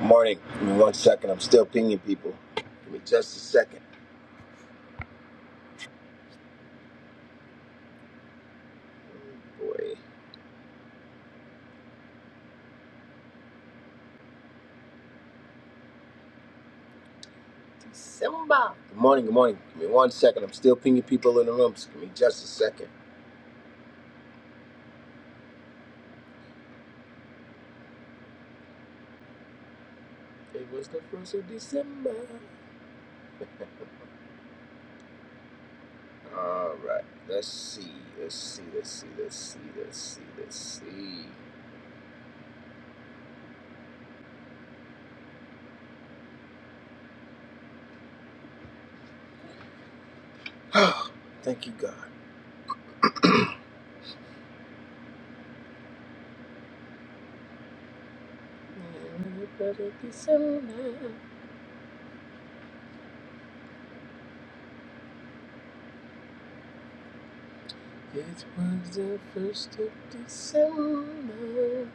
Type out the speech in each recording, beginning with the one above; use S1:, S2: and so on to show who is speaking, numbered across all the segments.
S1: Morning. Give me one second. I'm still pinging people. Give me just a second. Boy. Simba. Good morning. Good morning. Give me one second. I'm still pinging people in the room. So Give me just a second. It was the first of December. All right. Let's see. Let's see. Let's see. Let's see. Let's see. Let's see. Thank you, God. It was the first of December. It was the first of December.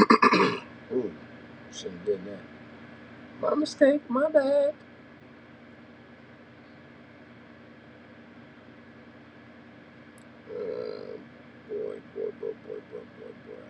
S1: Ooh, shouldn't have done that. My mistake, my bad. Uh, boy, boy, boy, boy, boy, boy, boy.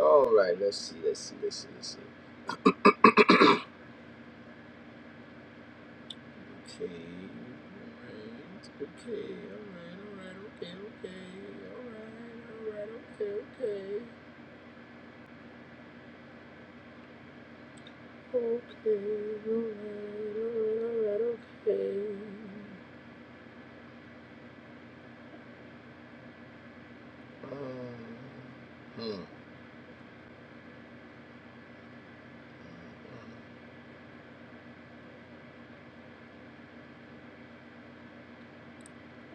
S1: All right, let's see, let's see, let's see, let's see. Okay, all right, okay, all right, all right, okay, okay, all right, all right, okay, okay, okay, all right, all right, all right, okay. Um, hmm. hmm, hmm.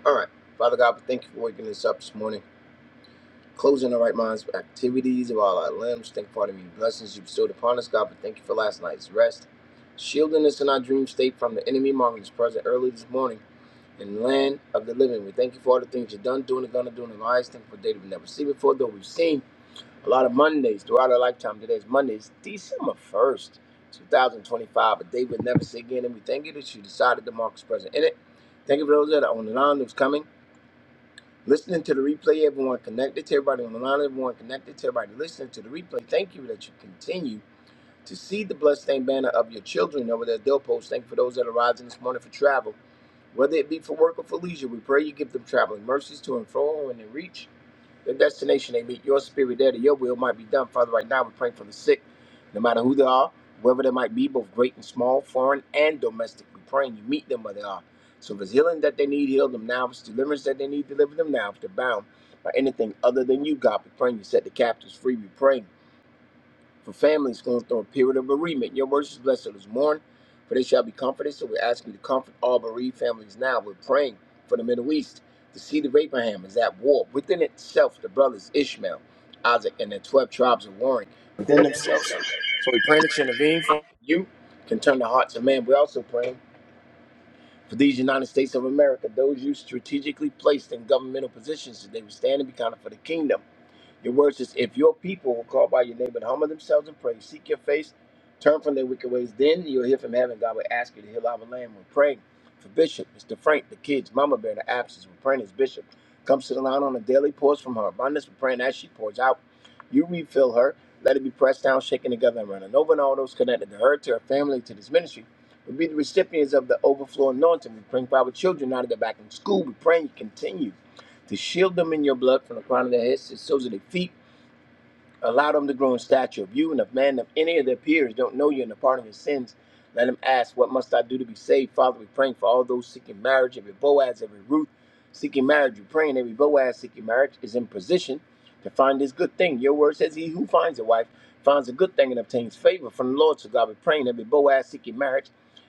S1: All right. Father God, we thank you for waking us up this morning. Closing the right minds with activities of all our limbs. Thank you for the many blessings you bestowed upon us, God. But thank you for last night's rest. Shielding us in our dream state from the enemy, marking us present early this morning in the land of the living. We thank you for all the things you've done, doing, and gonna do in our lives. Thank you for a day that we've never seen before, though we've seen a lot of Mondays throughout our lifetime. Today's Monday. It's December 1st, 2025, a day we'll never see again. And we thank you that you decided to mark us present in it. Thank you for those that are on the line that's coming listening to the replay, everyone connected to everybody on the line, everyone connected to everybody listening to the replay. Thank you that you continue to see the bloodstained banner of your children over their doorpost. Thank you for those that are rising this morning for travel, whether it be for work or for leisure. We pray you give them traveling mercies to and fro when they reach. The destination they meet, your spirit there, that your will might be done. Father, right now we're praying for the sick, no matter who they are, wherever they might be, both great and small, foreign and domestic. We're praying you meet them where they are. So if it's healing that they need, heal them now. If it's deliverance that they need, deliver them now. If they're bound by anything other than you, God, we're praying you set the captives free. We pray for families going through a period of bereavement. Your words is blessed to those who mourn, for they shall be comforted. So we're asking you to comfort all bereaved families now. We're praying for the Middle East. The seed of Abraham is at war within itself. The brothers Ishmael, Isaac, and the twelve tribes are warring
S2: within
S1: within
S2: themselves.
S1: themselves.
S2: So we pray that you intervene for
S1: You can turn the hearts of man. We're also praying for these United States of America, those you strategically placed in governmental positions, that they would stand and be counted for the kingdom. Your word says, If your people will call by your name and humble themselves and pray, seek your face, turn from their wicked ways, then you'll hear from heaven. God will ask you to heal our land. We're praying for Bishop, Mr. Frank, the kids, Mama Bear, the absence. We're praying as Bishop comes to the line on a daily pours from her abundance. We're praying as she pours out. You refill her. Let it be pressed down, shaken together, and running over. And all those connected to her, to her family, to this ministry will be the recipients of the overflow anointing. We're praying for our children now that they're back in school. We're praying you continue to shield them in your blood from the crown of their heads to the soles of their feet Allow them to grow in stature of you and of man. If any of their peers don't know you and the pardon of his sins, let them ask, What must I do to be saved? Father, we're praying for all those seeking marriage, every Boaz, every Ruth seeking marriage. We're praying every Boaz seeking marriage is in position to find this good thing. Your word says, He who finds a wife finds a good thing and obtains favor from the Lord. So God, we're praying every Boaz seeking marriage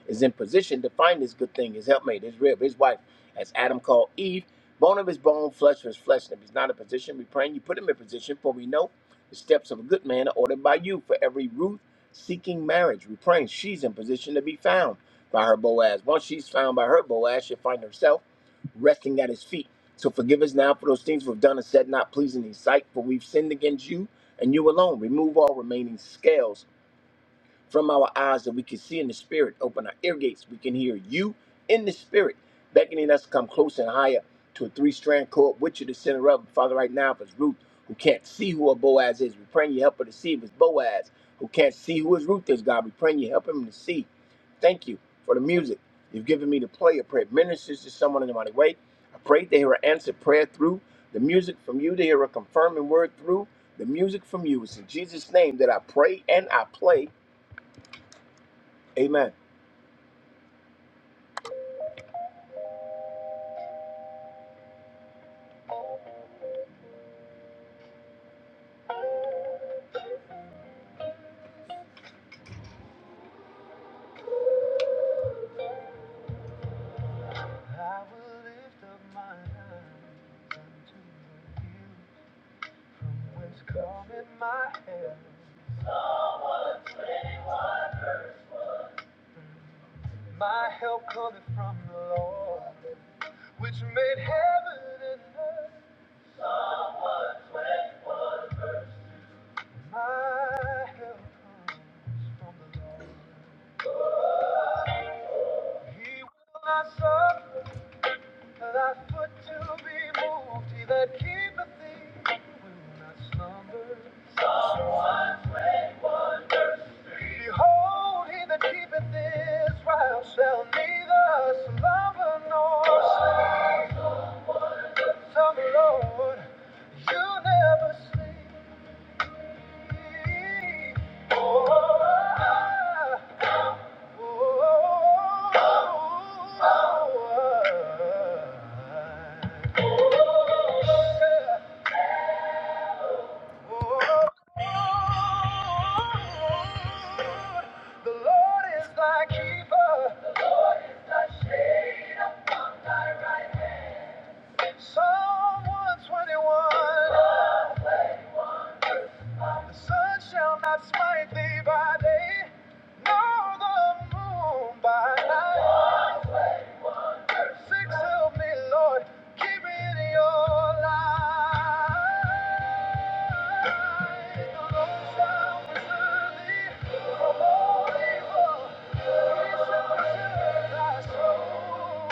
S1: is in position to find this good thing, his helpmate, his rib, his wife, as Adam called Eve. Bone of his bone, flesh of his flesh. And if he's not in position, we praying you put him in position, for we know the steps of a good man are ordered by you. For every Ruth seeking marriage, we pray she's in position to be found by her Boaz. Once she's found by her Boaz, she'll find herself resting at his feet. So forgive us now for those things we've done and said not pleasing in thy sight, for we've sinned against you and you alone. Remove all remaining scales from our eyes that we can see in the spirit. Open our ear gates. We can hear you in the spirit, beckoning us to come close and higher to a three strand cord with you to center up. Father, right now, if it's Ruth who can't see who a Boaz is, we praying you help her to see if it's Boaz who can't see who his Ruth is, God. We praying you help him to see. Thank you for the music you've given me to play. I pray it ministers to someone in the mighty way. I pray they hear an answered prayer through the music from you, they hear a confirming word through the music from you. It's in Jesus' name that I pray and I play. Amen. I will lift up my eyes unto the hills from whence cometh my help. My help cometh from the Lord, which made heaven and earth. My help comes from the Lord. He will not suffer thy foot to be moved. He that keepeth thee will not slumber. Behold, he that keepeth Israel shall neither slumber nor sleep. Tell the Lord, you never sleep. Oh, oh, oh, oh. oh, The Lord is thy keeper. Psalm 121. The sun shall not smite thee by day, nor the moon by night. Six, help me, Lord. Keep me in your light. The Lord shall preserve thee from all evil. He shall preserve thy soul.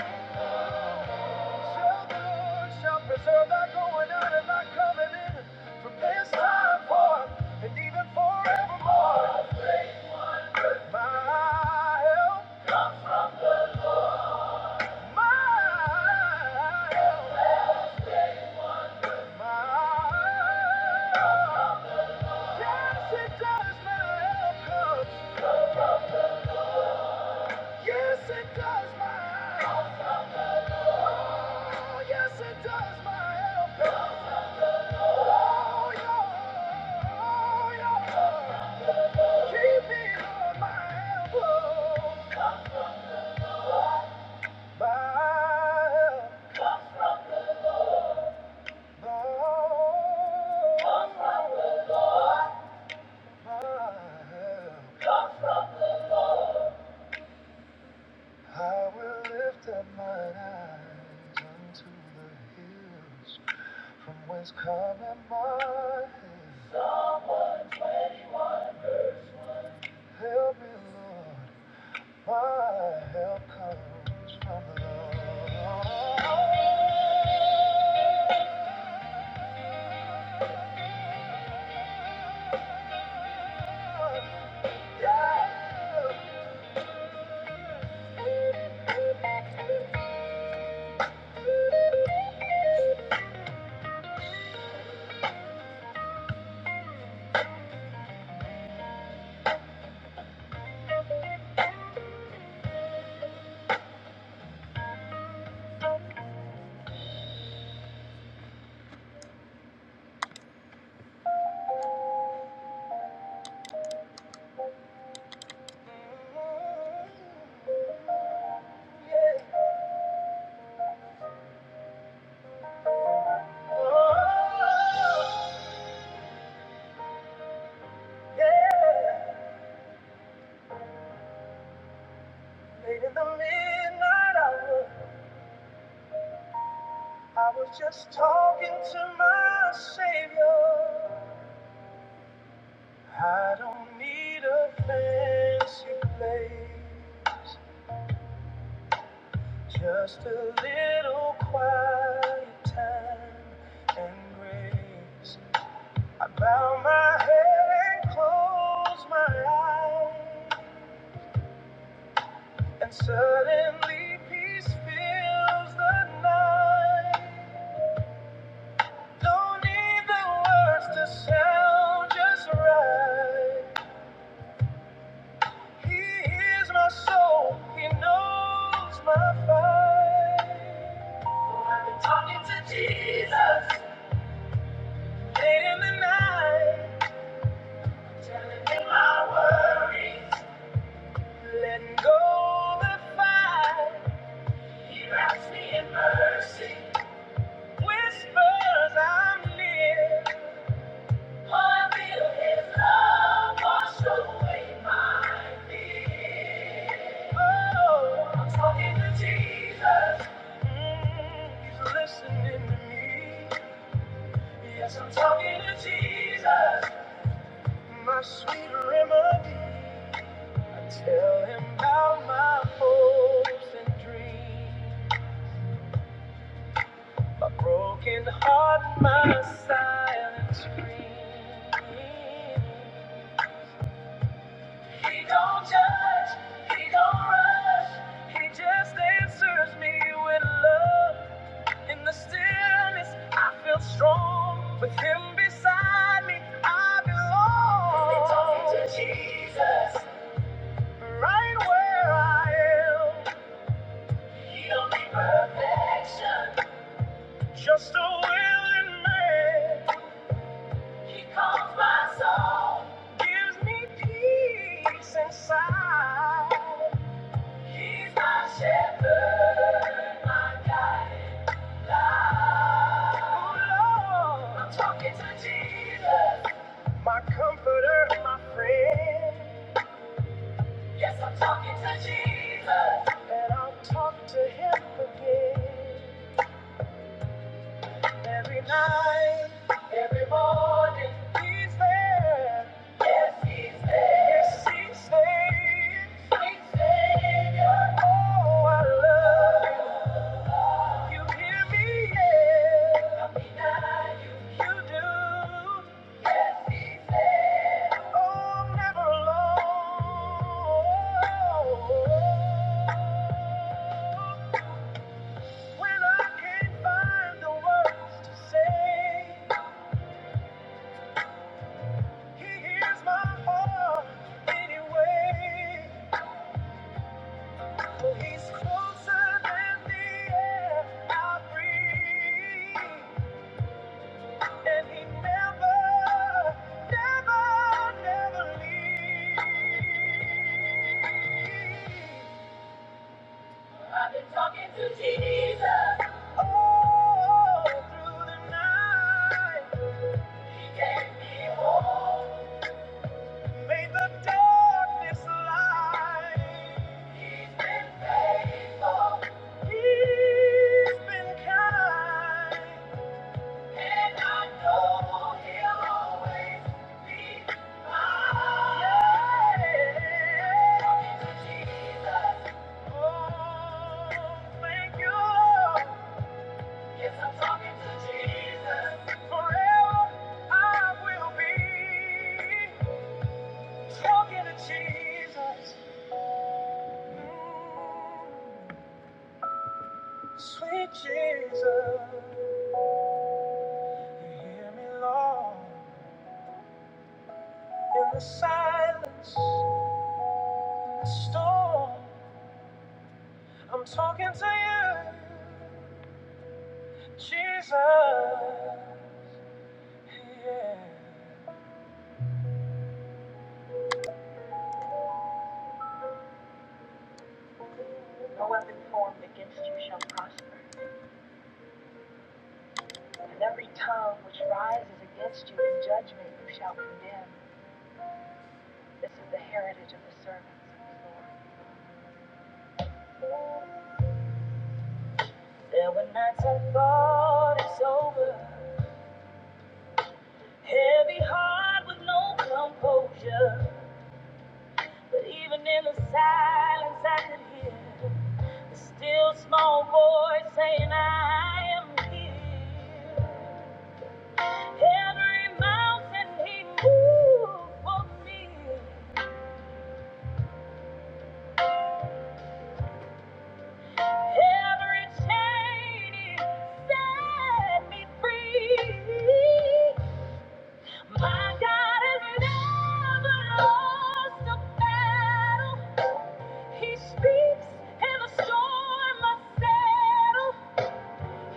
S1: the Lord shall preserve thy going out and thy coming in from this time forth and even forevermore. My help, my help. Yes, it does, my help comes. Yes, it does, my help. Oh, yes, it does, my help comes. Oh, yeah. Oh, yeah. Keep me on my help. Oh, my help. Oh, my help. I will lift up my eyes unto the hills, from whence cometh my help. Help me, Lord, my help comes from the Lord. Yeah. Oh, Yeah. Late in the midnight hour. I was just talking to my Savior. I don't need a fancy place, just a little quiet time and grace. I bow my head and close my eyes, and suddenly peace fills the night. Don't need the words to sound just right. He hears my soul, he knows my fight. Oh, I've been talking to Jesus late in the night, telling him my worries, letting go the fight. He wraps me in mercy, whispers I'm near. What will His love wash away my fears? Oh, I'm talking to Jesus. Mm, He's listening to me. Yes, I'm talking to Jesus, my sweet remedy. I tell him about my hopes and dreams, my broken heart, my silent scream. He don't judge, he don't rush, he just answers me with love. In the stillness, I feel strong. With him beside me, I belong. You're talking to Jesus, right where I am. He don't need perfection, just a willing man. He calms my soul, gives me peace inside. He's my shepherd, my guiding light. Oh Lord, I'm talking to Jesus, my comforter, my friend. Yes, I'm talking to Jesus, and I'll talk to him again. Every night, every morning, he's there. Yes, he's there. Yes, he's there. Sweet Savior, oh, I love you. You hear me, yeah. You do. Oh, I'm never alone. When I can't find the words to say, He hears my heart anyway. He's closer than the air I breathe. And he never, never, never leaves. I've been talking to Jesus all through the night. He gave me hope. Made the darkness light. He's been faithful. He's been kind. Jesus, Mm, sweet Jesus, you hear me, Lord. In the silence, in the storm, I'm talking to you, Jesus. Yeah. No weapon formed against you shall prosper, and every tongue which rises against you in judgment you shall condemn. This is the heritage of the servants of the Lord. There were nights I thought it's over, heavy heart with no composure. But even in the silence, I could hear the still small voice saying, I am here. Every mountain he moved for me, every chain he set me free. My God has never lost a battle. He speaks in the storm must settle.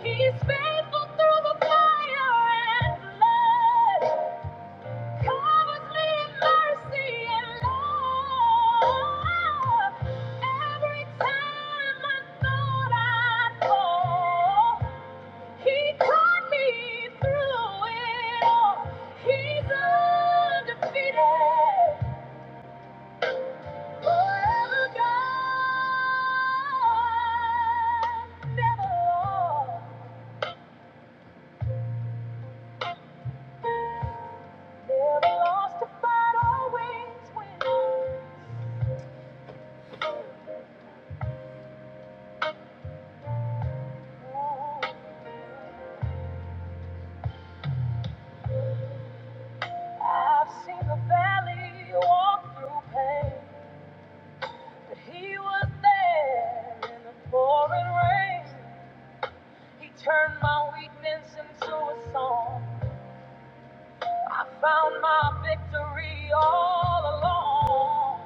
S1: He's faithful through the fire and blood, covers me in mercy and love. Every time I thought I'd fall, He caught me through it all. He's undefeated, forever God, never lost. Never lost a fight, always win. I've seen the valley walk through pain, but he was there in the pouring rain. He turned my weakness into a song. I found my victory all along.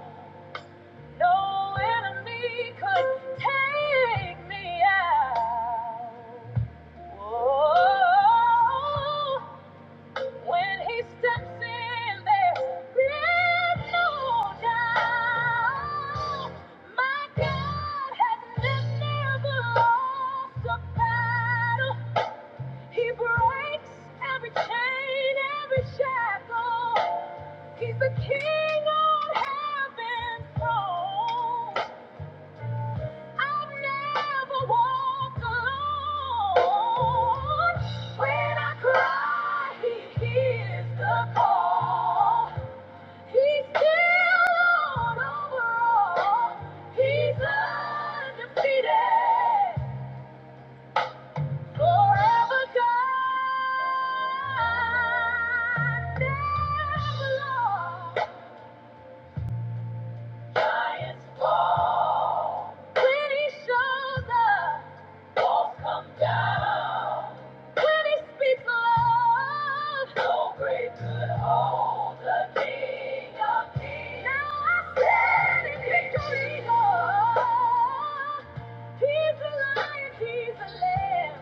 S1: No enemy could take me out. Whoa. When he steps in, there is no doubt. My God has never lost a battle. He breaks every chain, every shackle. He's the king on heaven's throne. I'll never walk alone. When I cry, He hears the call. He's still on overall. He's undefeated, forever God, never lost. Giants fall. When he shows up, walls come down. When he speaks love, no grave could hold the King of Kings. Now I stand in victory, Lord. He's the Lion, He's the Lamb.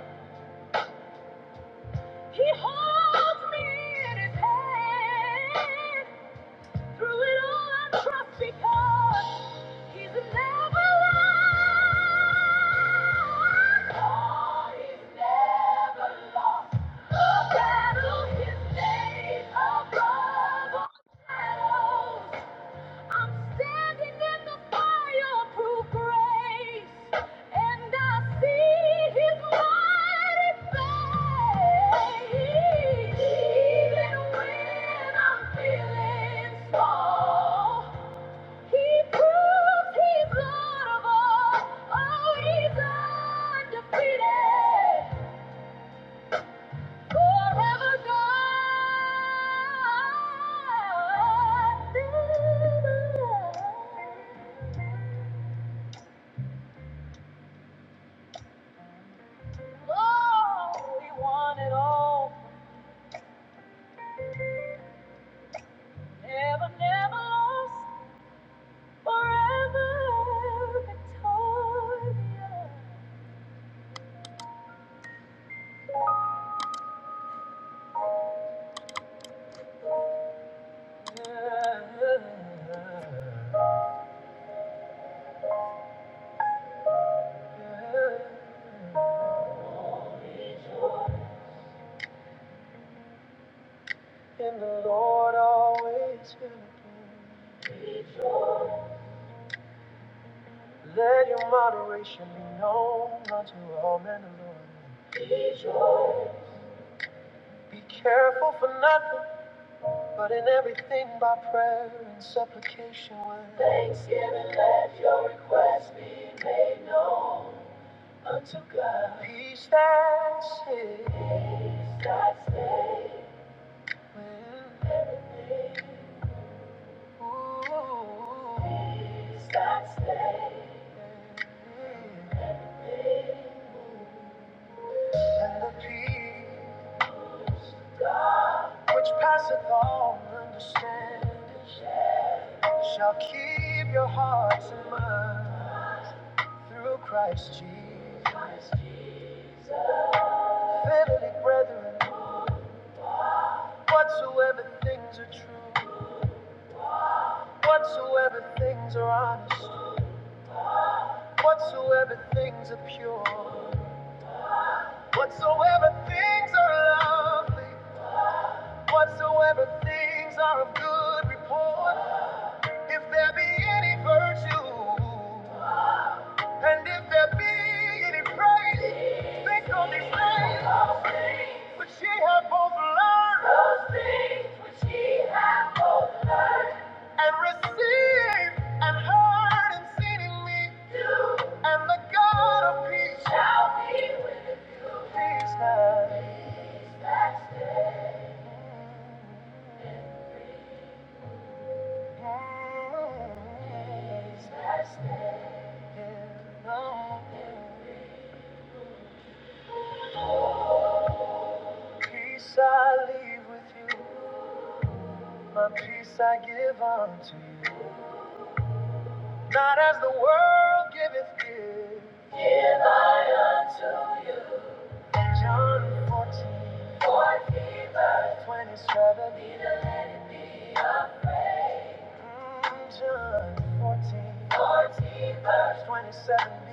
S1: He holds me in His hand. Through it all, I trust because He's never lost. God is never lost. The battle is made above all shadows. I'm standing in the fireproof grace, and I see His mighty face. Even when I'm feeling small, He proves He's Lord Oh, He's undefeated, forever God. Never. Oh, we want it all. Never, never lost. Forever victorious. In the Lord always fill Let your moderation be known unto all men alone. Be careful for nothing. But in everything by prayer and supplication with thanksgiving let your requests be made known unto God. Peace that saves. Peace that saves. Ooh. Peace that saves. And the peace which passeth all understanding shall keep your hearts and minds through Christ Jesus. Family, brethren, whatsoever things are true, whatsoever things are honest, whatsoever things are pure, whatsoever things are lovely, whatsoever things are of good report, if there be any virtue, and if there be any praise, think on these things. Which she had both learned those things which she had both learned and received and heard and seen in me, and the God of peace shall be with peace now. Peace I leave with you, my peace I give unto you. Not as the world giveth good. Give I unto you. John 14, 14 verse 27. Mm, John 14, 14 verse 27b.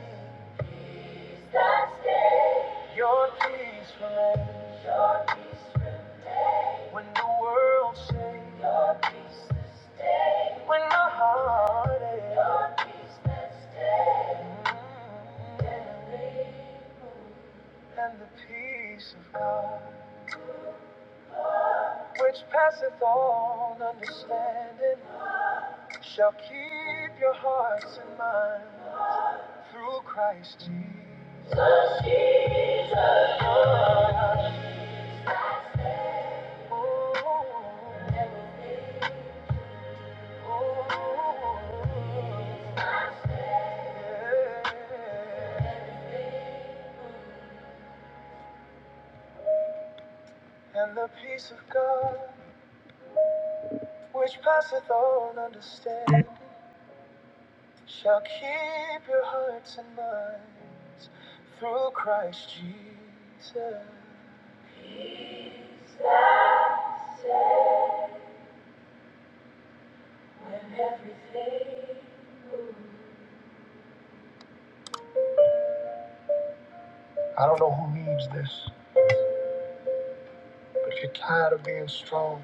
S1: That day your peace will reign. When the world shakes. Your peace is stayed. When the heart aches. Your peace. Mm, And the peace of God. which passeth all understanding, shall keep your hearts and minds through Christ Jesus. Oh, oh, oh, yeah. And the peace of God, which passeth all understanding, shall keep your hearts and minds through Christ Jesus. Peace that saves when everything moves. I don't know who needs this, but if you're tired of being strong,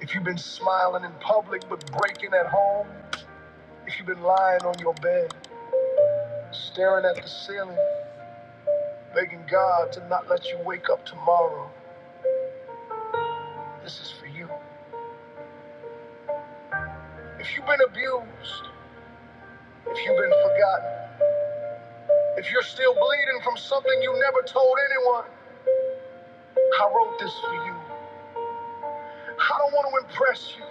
S1: if you've been smiling in public but breaking at home, if you've been lying on your bed, staring at the ceiling, begging God to not let you wake up tomorrow, this is for you. If you've been abused, If you've been forgotten, if you're still bleeding from something you never told anyone, I wrote this for you. I don't want to impress you.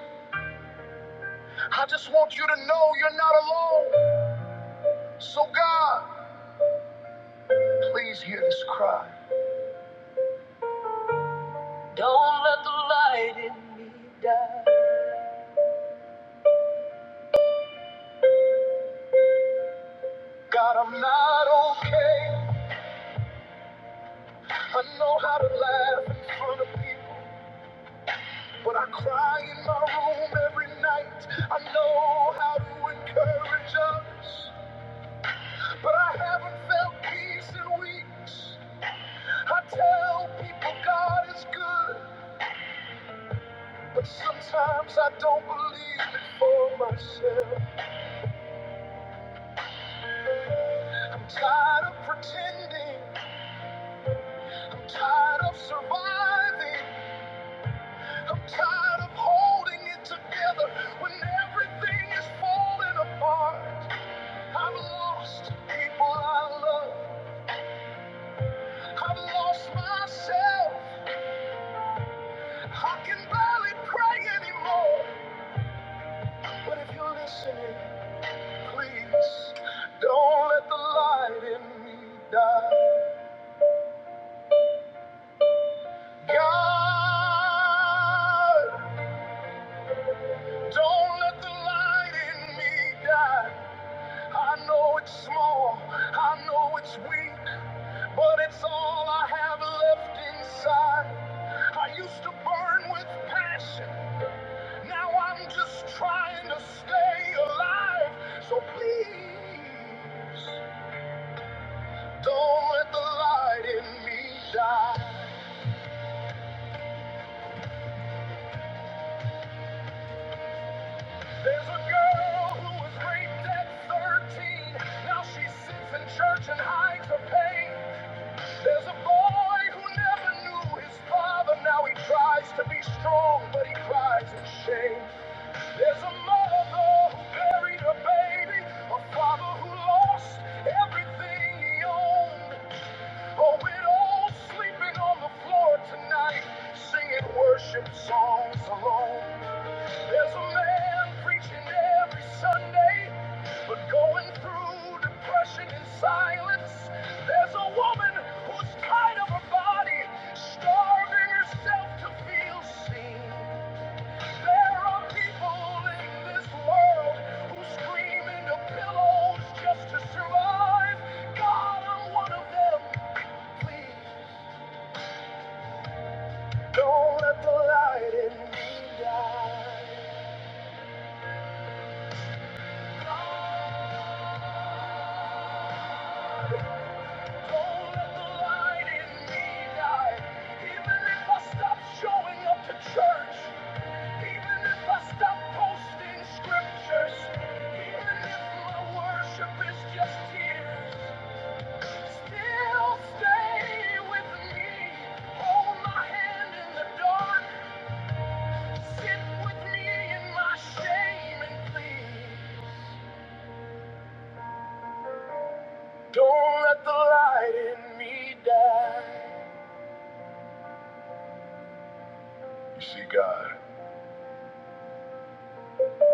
S1: I just want you to know you're not alone. So, God, please hear this cry. Don't let the light in me die. God, I'm not okay. I know how to laugh in front of people, but I cry in my room every night. I know how to encourage others. But I haven't felt peace in weeks. I tell people God is good, but sometimes I don't believe it for myself. I'm tired of pretending, I'm tired of surviving, I'm tired of holding it together when everything is falling apart. I've lost people I love, I've lost myself. I can barely pray anymore, but if you're listening, Please don't let the light in me die. God, don't let the light in me die. I know it's small, I know it's weak, but it's all I have left inside. I used to burn with passion, now I'm just trying to stay alive. So please, don't let the light in me die. There's a girl who was raped at 13. Now she sits in church and hides her pain. There's a boy who never knew his father. Now he tries to be strong, but he cries in shame. There's a mother who buried her baby. A father who lost everything he owned. A widow sleeping on the floor tonight, singing worship songs alone. There's a man preaching every Sunday, but going through depression and silence. There's a woman who's tired of her body, starving herself to feel seen. There are people in this world who scream into pillows just to survive. God, I'm one of them. Please don't let the light in me die. Don't let the light in me die. You see, God.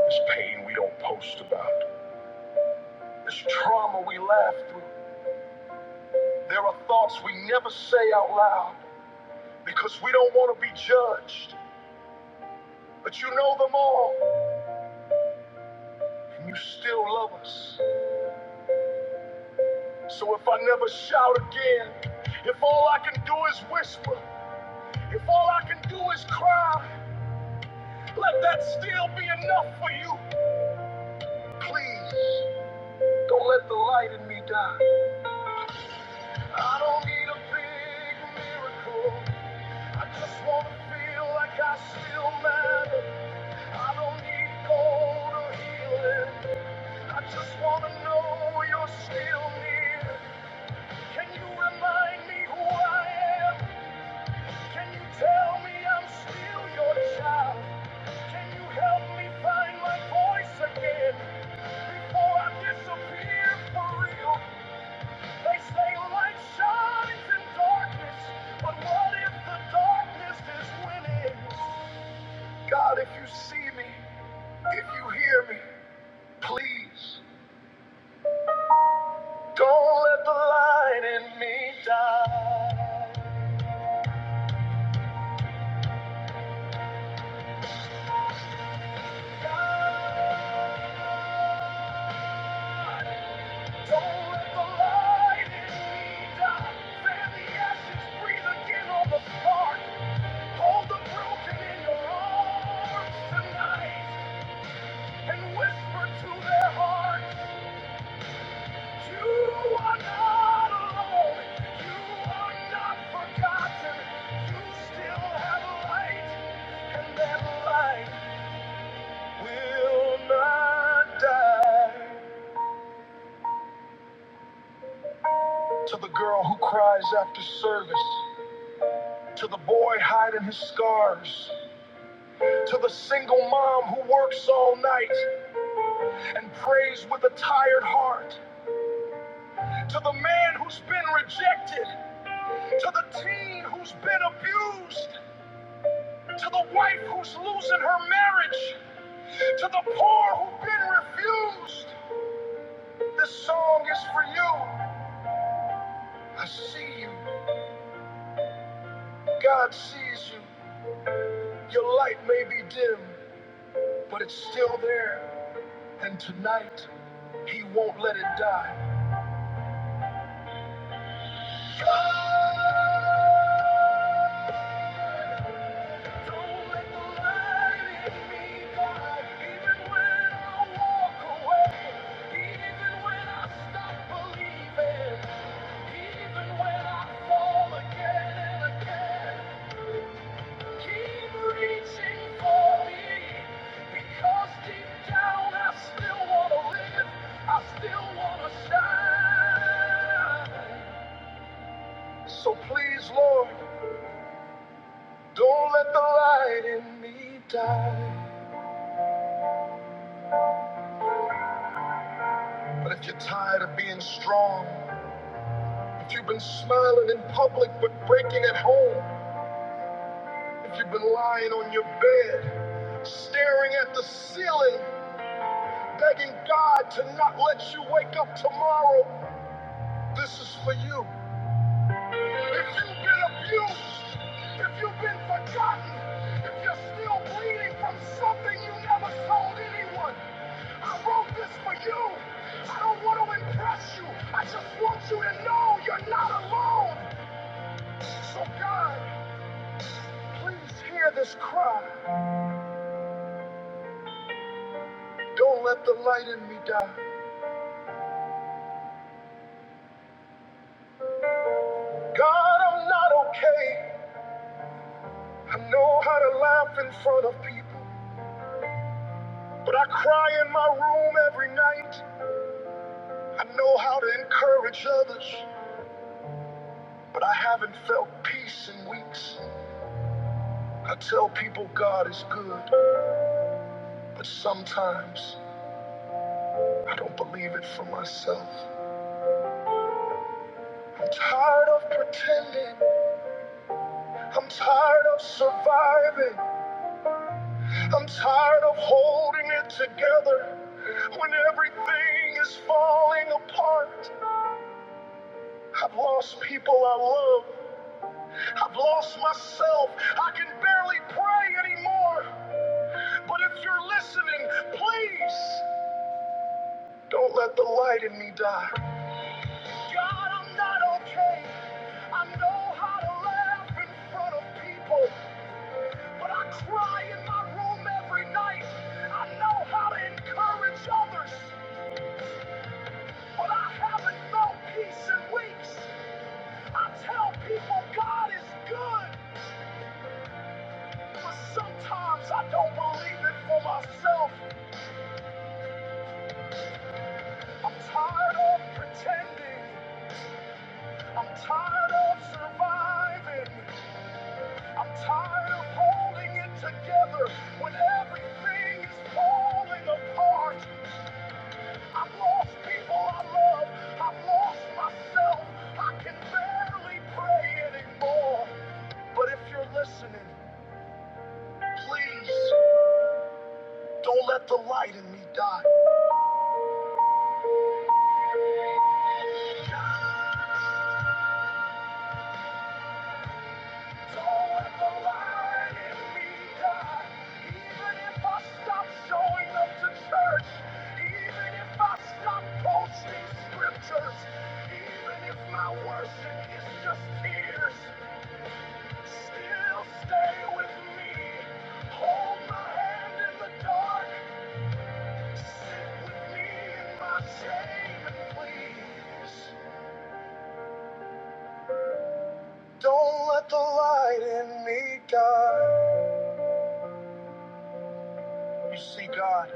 S1: This pain we don't post about. This trauma we laugh through. There are thoughts we never say out loud because we don't want to be judged. But you know them all, and you still love us. So if I never shout again, if all I can do is whisper, if all I can do is cry, let that still be enough for you. Please, don't let the light in me die. I don't need a big miracle. I just wanna feel like I still matter. I don't need gold or healing. I just wanna know you're still near. Can you remind me who I am? Can you tell me I'm still your child? Can you help me find my voice again before I disappear for real? They say light shines in darkness, but what if the darkness is winning? God, if you see me, if you hear me, please don't let the light in me die. God, don't let the light in me die. Fan the ashes, breathe again on the spark. Hold the broken in your arms tonight and whisper to their heart. To the girl who cries after service, to the boy hiding his scars, to the single mom who works all night and prays with a tired heart, to the man who's been rejected, to the teen who's been abused. to the wife who's losing her marriage, to the poor who've been refused. This song is for you. I see you. God sees you. Your light may be dim, but it's still there. And tonight, He won't let it die. God, don't let the light in me die, even when I walk away. So please, Lord, don't let the light in me die. But if you're tired of being strong, if you've been smiling in public but breaking at home, If you've been lying on your bed, staring at the ceiling, begging God to not let you wake up tomorrow, this is for you. If you've been abused, if you've been forgotten, if you're still bleeding from something you never told anyone, I wrote this for you. I don't want to impress you. I just want you to know you're not alone. So, God, please hear this cry. Don't let the light in me die. God, I'm not okay. I know how to laugh in front of people, but I cry in my room every night. I know how to encourage others, but I haven't felt peace in weeks. I tell people God is good, but sometimes I don't believe it for myself. I'm tired of pretending. I'm tired of surviving. I'm tired of holding it together when everything is falling apart. I've lost people I love. I've lost myself. I can barely pray anymore. But if you're listening, please don't let the light in me die. God, I'm not okay. I know how to laugh in front of people, but I cry in my room every night. I know how to encourage others, but I haven't felt peace in weeks. I tell people God is good. But sometimes I don't believe it for myself. I'm tired of pretending. I'm tired of surviving. I'm tired of holding it together when everything is falling apart. I've lost people I love. I've lost myself. I can barely pray anymore. But if you're listening, please don't let the light in me die. So if the light is being dark, even if I stop showing up to church, even if I stop posting scriptures, even if my worship is just tears, still stay with me. Hold my hand in the dark, sit with me in my shame, and please don't let the light in me die. You see, God.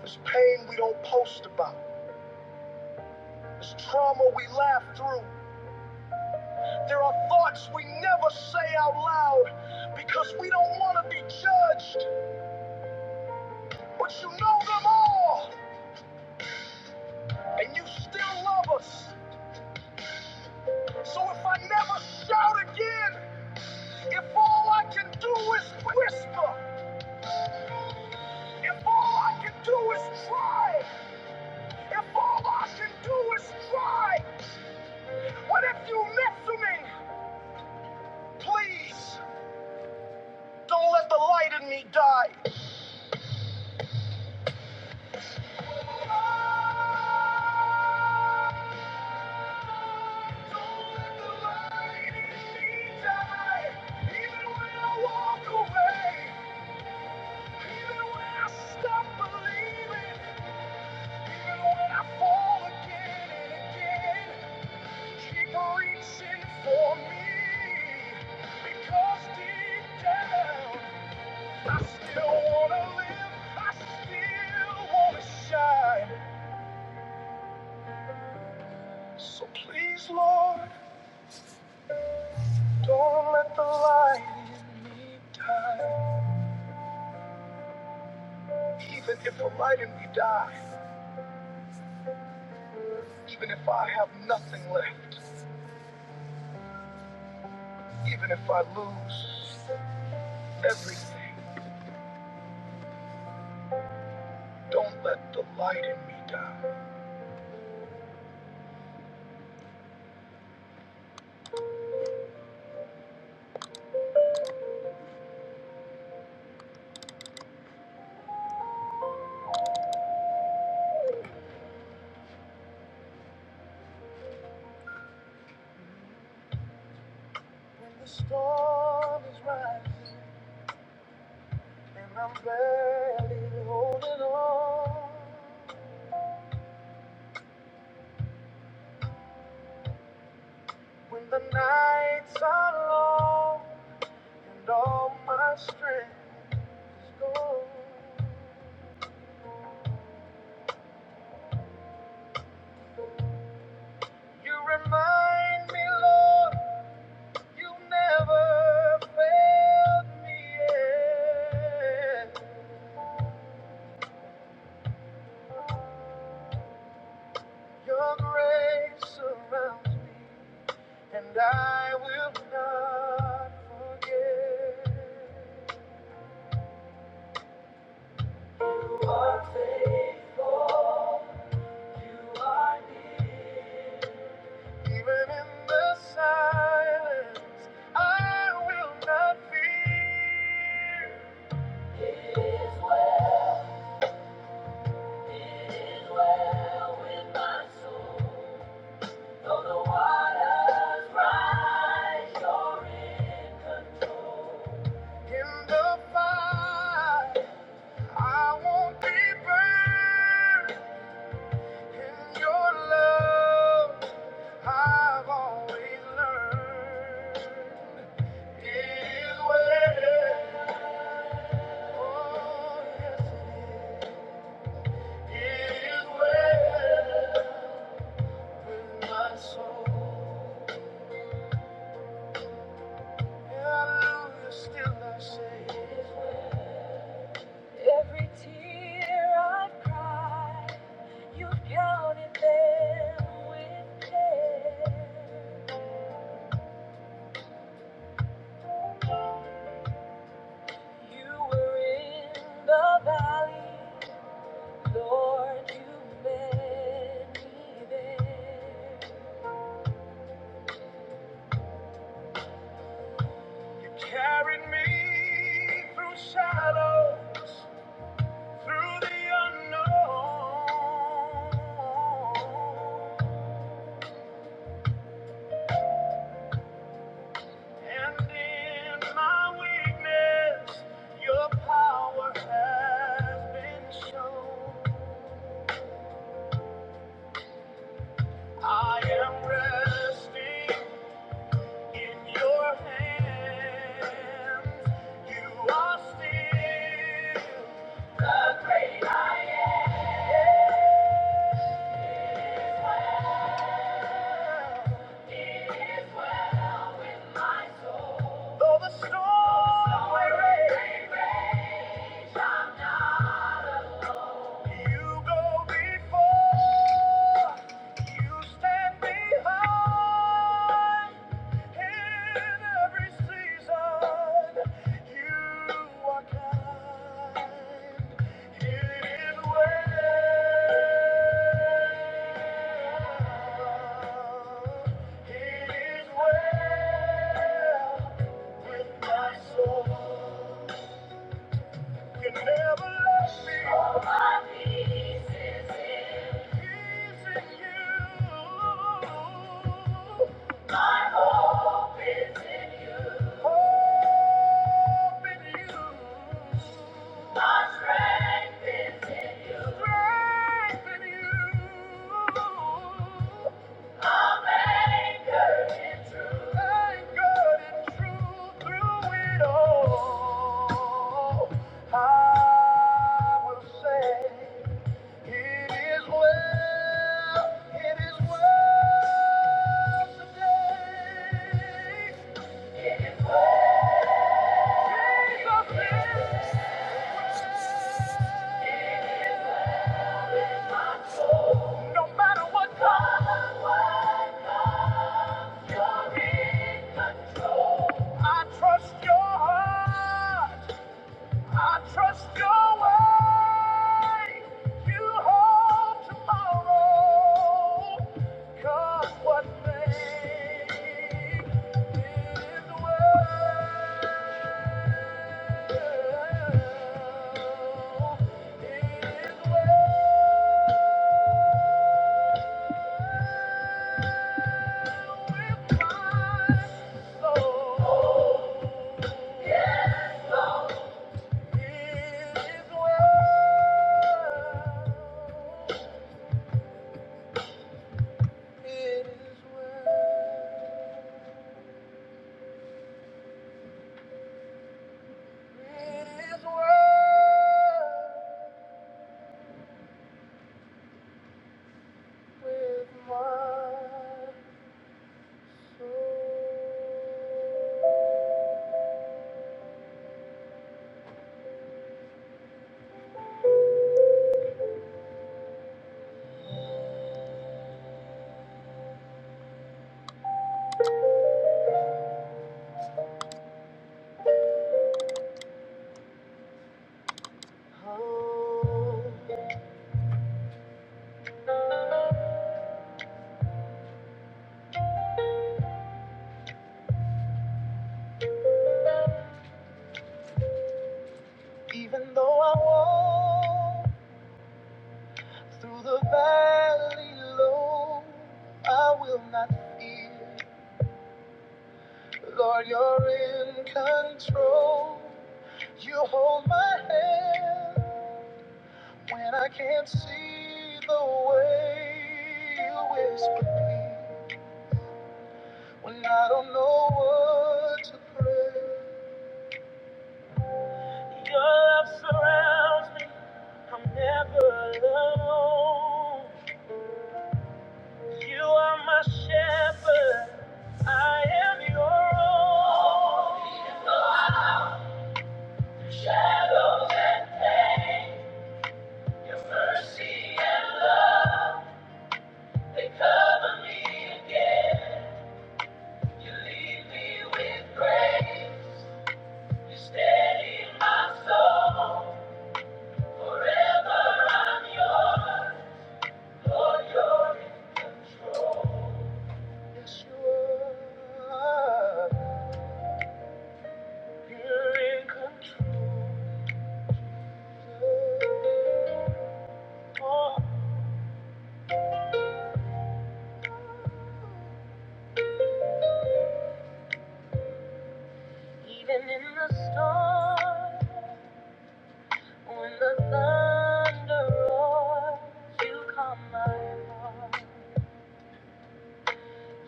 S1: There's pain we don't post about. There's trauma we laugh through. There are thoughts we never say out loud because we don't want to be judged. But you know them all, and you still love us. So if I never shout again, if all I can do is whisper, if all I can do is try, if all I can do is try, what if you miss me? Please, don't let the light in me die. So please, Lord, don't let the light in me die. Even if we're right and we die, even if I have nothing left, even if I lose everything, don't let the light in me die. When the storm is rising and I'm barely holding on, when the nights are long and all my strength is gone, you remind me, Lord. You never failed me yet. Your grace surrounds me, and I will not forget. Even in the silence, I will not fear. It is well, It is well. well with my soul. Though the waters rise, you're in control. In the fire, I won't be burned. In your love, I've always learned. It is where, oh yes it is. It is where with my soul. Hallelujah, still I say. Every tear I have cried, you counted them with care. You were in the valley, Lord, you met me there. You carried me through shadows, through the unknown. And in my weakness, your power has been shown. I am resting in your hands. You are still the great I am. Though the storm may rage, You go before, you stand behind. In every season, you are kind. It is well. It is well with my soul. You never left me. All my peace is in peace in you. Hope is in hope in you. My strength is in strength in you. No matter what comes, you're in control. I trust your heart. I trust your way. You hold tomorrow. Cause what may is well. Is well with my soul. It is well. It is well. it is well with my soul. Oh, even though I walk through the valley low, I will not fear. Lord, you're in control. You hold my hand. When I can't see the way, you whisper me. When I don't know what to pray, your love surrounds me. I'm never alone. You are my shepherd. I am your own. Oh, the Shadows and death, your mercy and love, they cover me. You lead me with grace. Steady my soul, Lord, you're Yes, you are. You're in control. Oh, even in the storm, when the thunder roars, you calm my heart.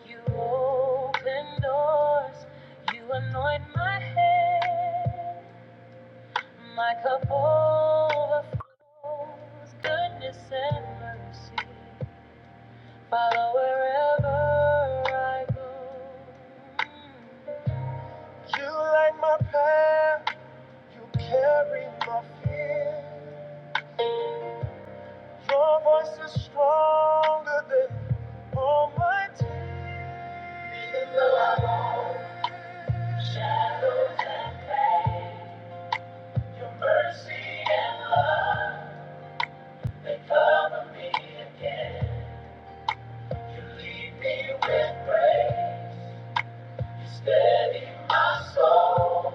S1: You open doors, you anoint my head. My cup overflows, goodness and mercy follow wherever I go. You light my path, you carry my fear. Your voice is stronger than all my tears. Though I shed mercy, they cover me again. lead with grace, steady my soul.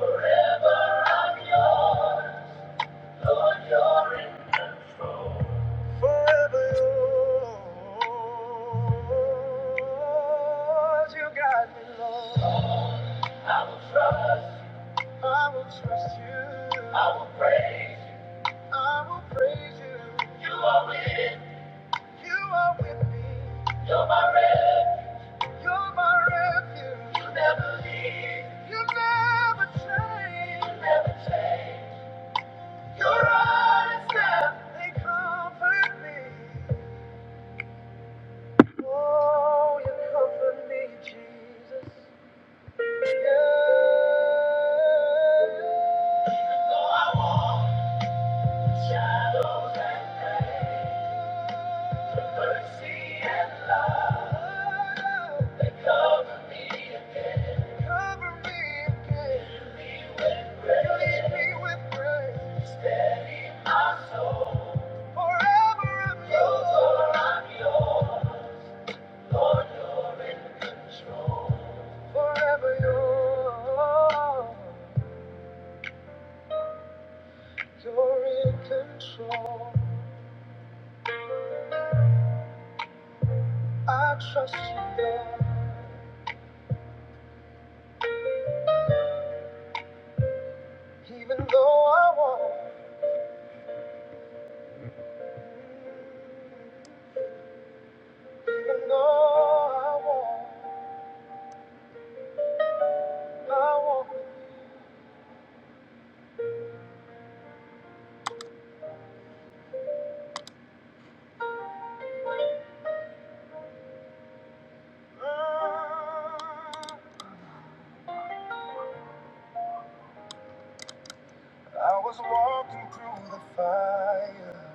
S1: You're my refuge. You never leave. You never change. Your eyes now, they comfort me. Oh, you comfort me, Jesus. Yeah. Even Though I walk in shadows and pain, your mercy and love, they cover me. Cover me again. You lead me with grace. Forever I'm yours. Forever I'm yours. Lord, you're in control. Forever you're, you're in control. I trust you, Lord. Even though I will even though I will I will Mm. I was walking through the fire,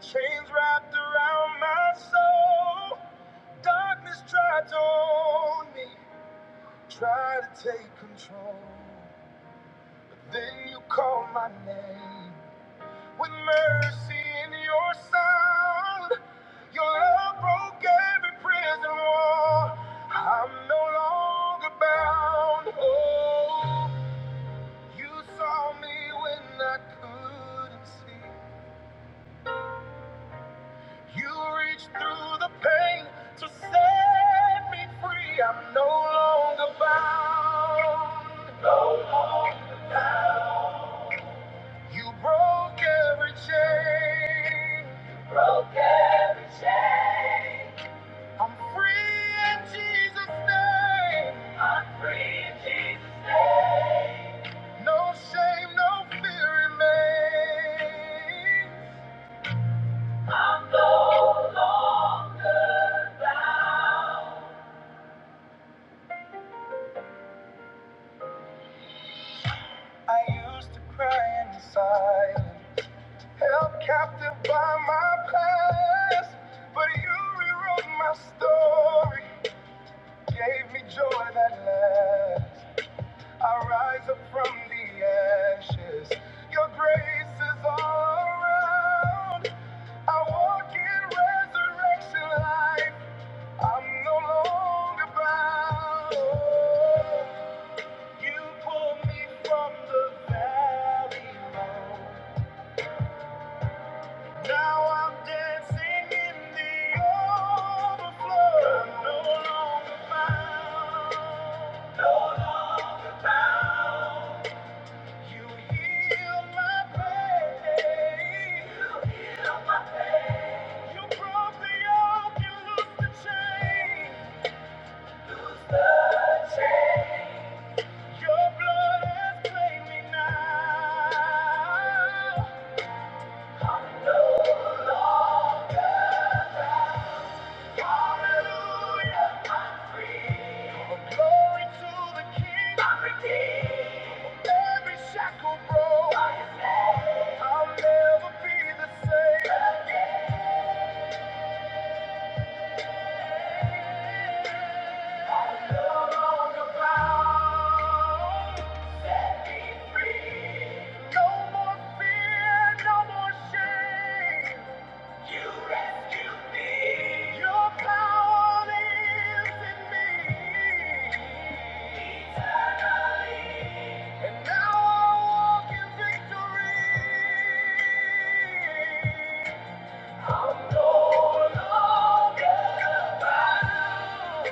S1: chains wrapped around my soul. Darkness tried to own me. Try to take control, but then you call my name. With mercy in your sound, your love broke every prison wall. I'm no longer bound. Oh, you saw me when I couldn't see. You reached through the pain to set me free. I'm no longer bound. You broke every chain. You Broke every chain. I'm free in Jesus' name. I'm free. No shame, no fear remains. I used to cry and decide, held captive by my past, but you rewrote my story, gave me joy that lasts. I rise up from the ashes. Your grace is all around. I walk in resurrection life. I'm no longer bound. You pulled me from the valley low. Now I'm dancing in the overflow. I'm no longer bound. No longer bound. You heal my pain. You broke the yoke and loosed the chain. Your blood has claimed me now. Hallelujah, I'm free. glory to the King. I'm Every shackle broke. I'll never be the same. And now I walk in victory. I'm no longer bound.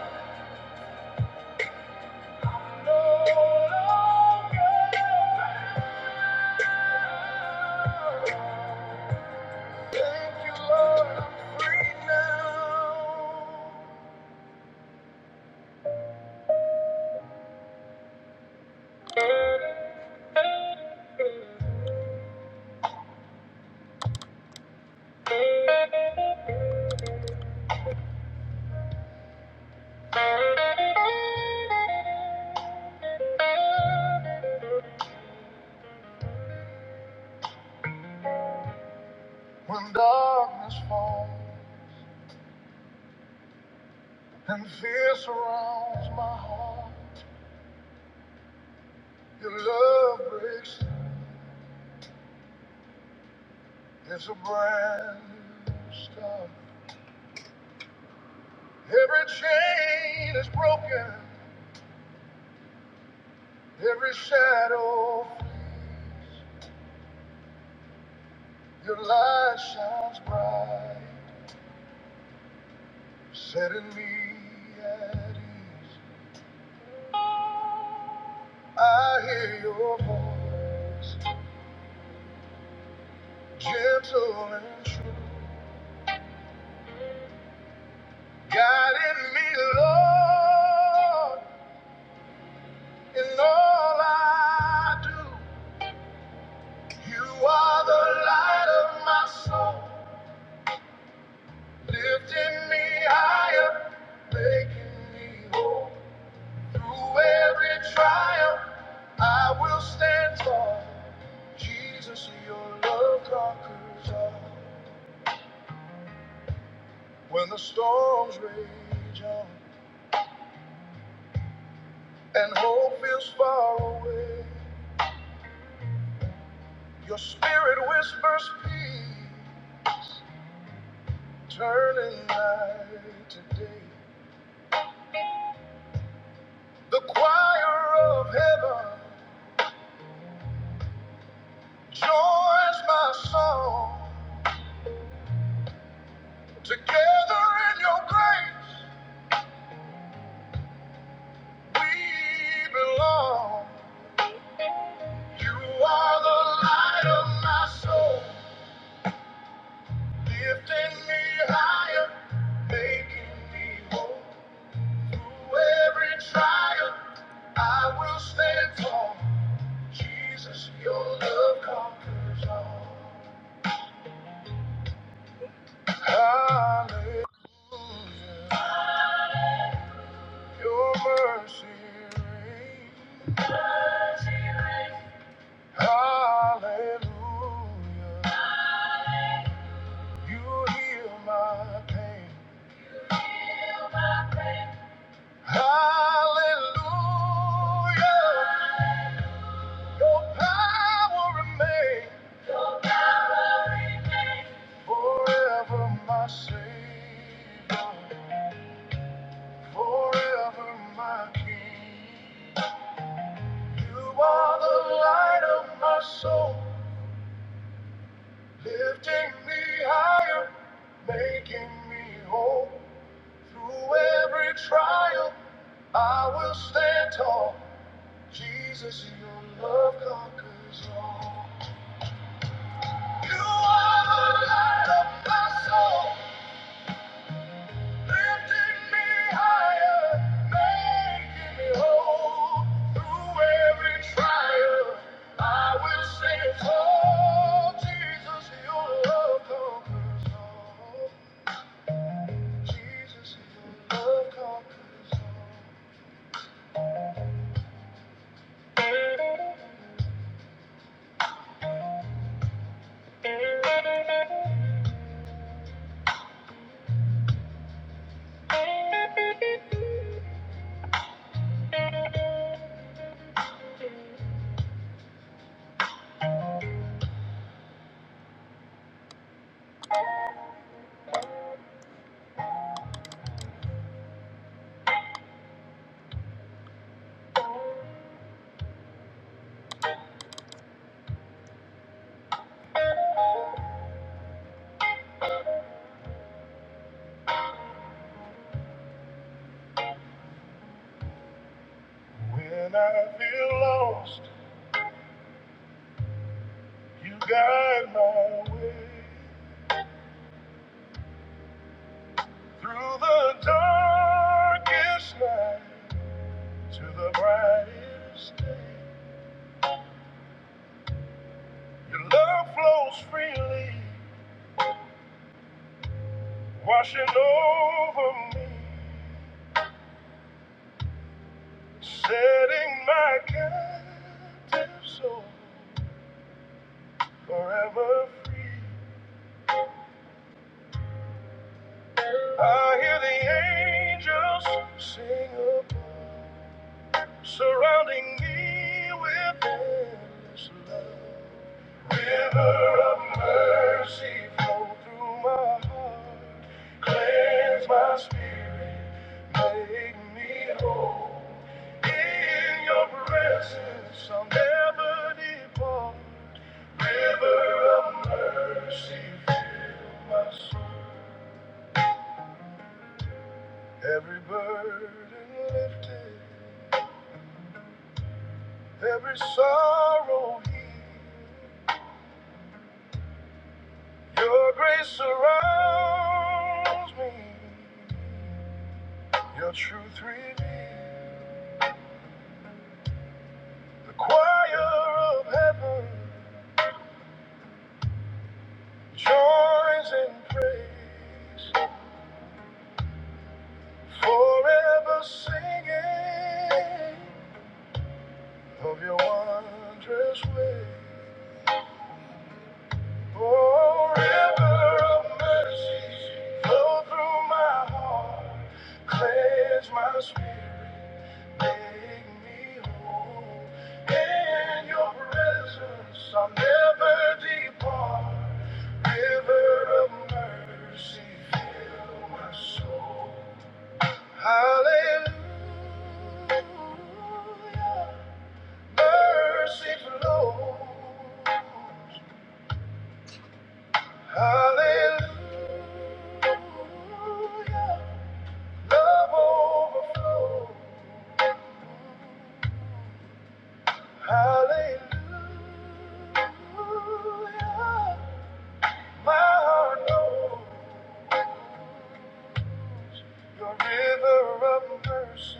S1: When darkness falls and fear surrounds my heart, your love breaks It's a brand new start. Every chain is broken, every shadow flees. Your light shines bright Setting me at ease. I hear your voice, gentle and true. Guiding me, Lord, in all I do. You are the light of my soul, lifting me higher, making me whole. Through every trial, I will stand tall. Jesus, your love conquers all. When the storms rage on and hope feels far away, your spirit whispers peace, turning night to day. The choir of heaven joins my song. Together in your grace, we belong. You are the light of my soul. Lifting me higher, making me whole. Through every trial, I will stand tall. Jesus, your love conquers all. Hallelujah, your mercy reigns. Hallelujah, you heal my pain. Heal my pain. Hallelujah. Your power remains forever, my Savior, forever, my King. You are the light of my soul, lifting me higher, making me whole. Through every trial, I will stand tall. Jesus, your love conquers all. You are the light of my soul, lifting me higher, making me whole. Through every trial, I will sing for Jesus. Your love conquers all. Jesus, your love conquers all. When I feel lost, you guide my way through the darkest night. to the brightest day. Your love flows freely, washing over me, setting my captive soul forever free. I hear the angels sing above. surrounding me with endless love. River of mercy flow through my heart, cleanse my spirit, make me whole. In your presence, I'll never depart. River of mercy, fill my soul. Every burden lifted, every sorrow healed. Your grace surrounds me. Your truth reveals. The choir of heaven joins in praise. Forever singing of your wondrous ways. Oh, river of mercy, flow through my heart, cleanse my spirit, make me whole. In your presence, I'll never depart. River of mercy, fill my soul. Hallelujah, mercy flows. Hallelujah. Love overflow. Hallelujah. My heart knows your river of mercy.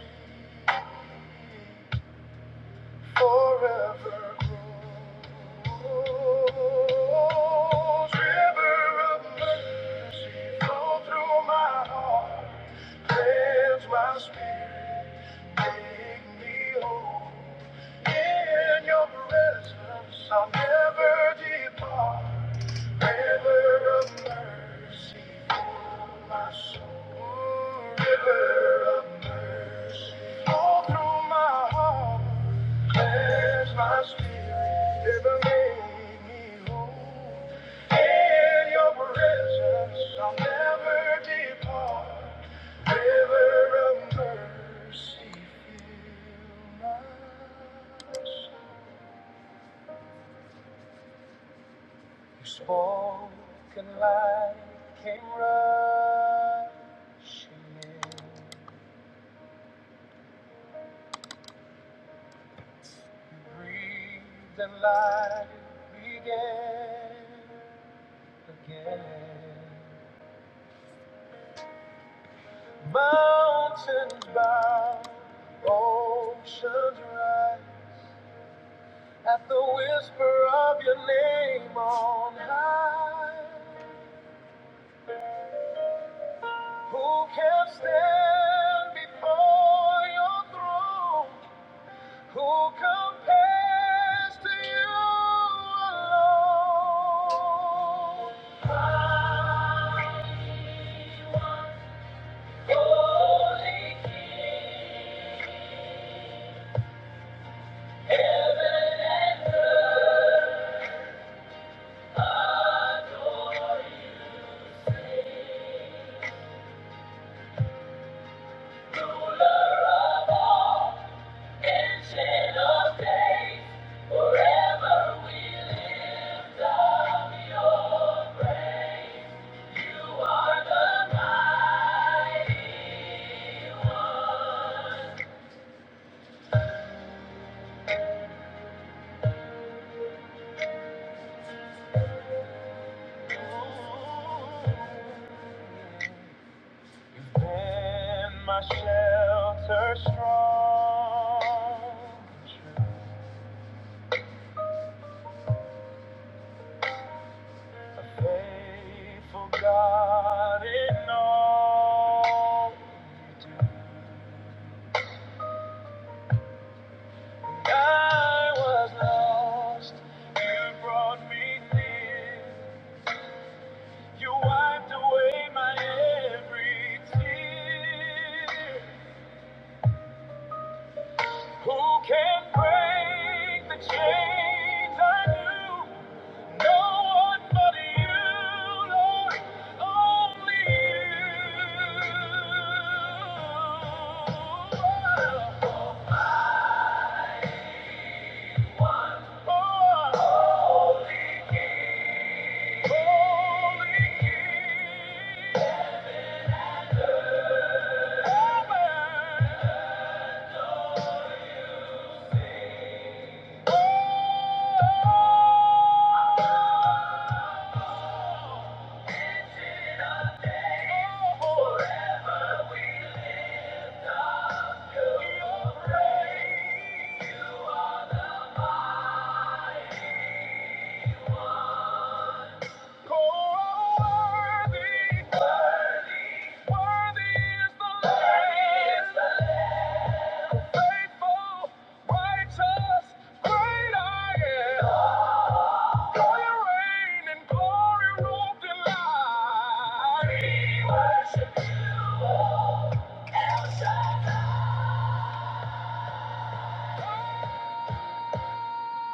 S1: Forever grows. River of mercy, flow through my heart. Cleanse my spirit. Make me whole. In your presence, I'll never depart. River of mercy for my soul. River of mercy. All through my heart. Cleanse my spirit. ever make me whole. In your presence, I'll never depart. River of mercy, fill my soul. Smoke and light came rushing in. You breathed and life began again. Mountains bow, oceans rise at the whisper of your name on high. Who can stand before your throne? Who compares to you alone? My holy King, heaven and adore you, ruler of all, ancient of days, forever we lift up your praise. You are the mighty one. In my shelter strong, a faithful God in all. I was lost, you brought me near. You wiped away my every tear. Who can break the chains I knew? Oh!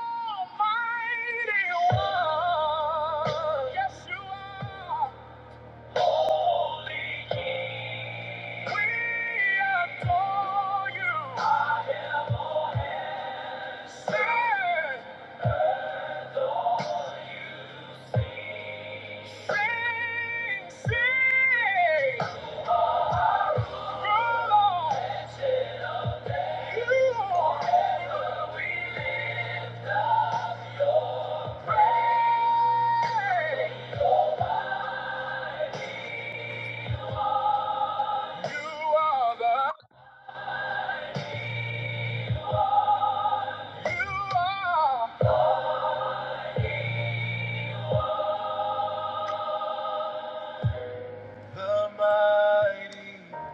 S1: Almighty one, yes you are. The mighty one.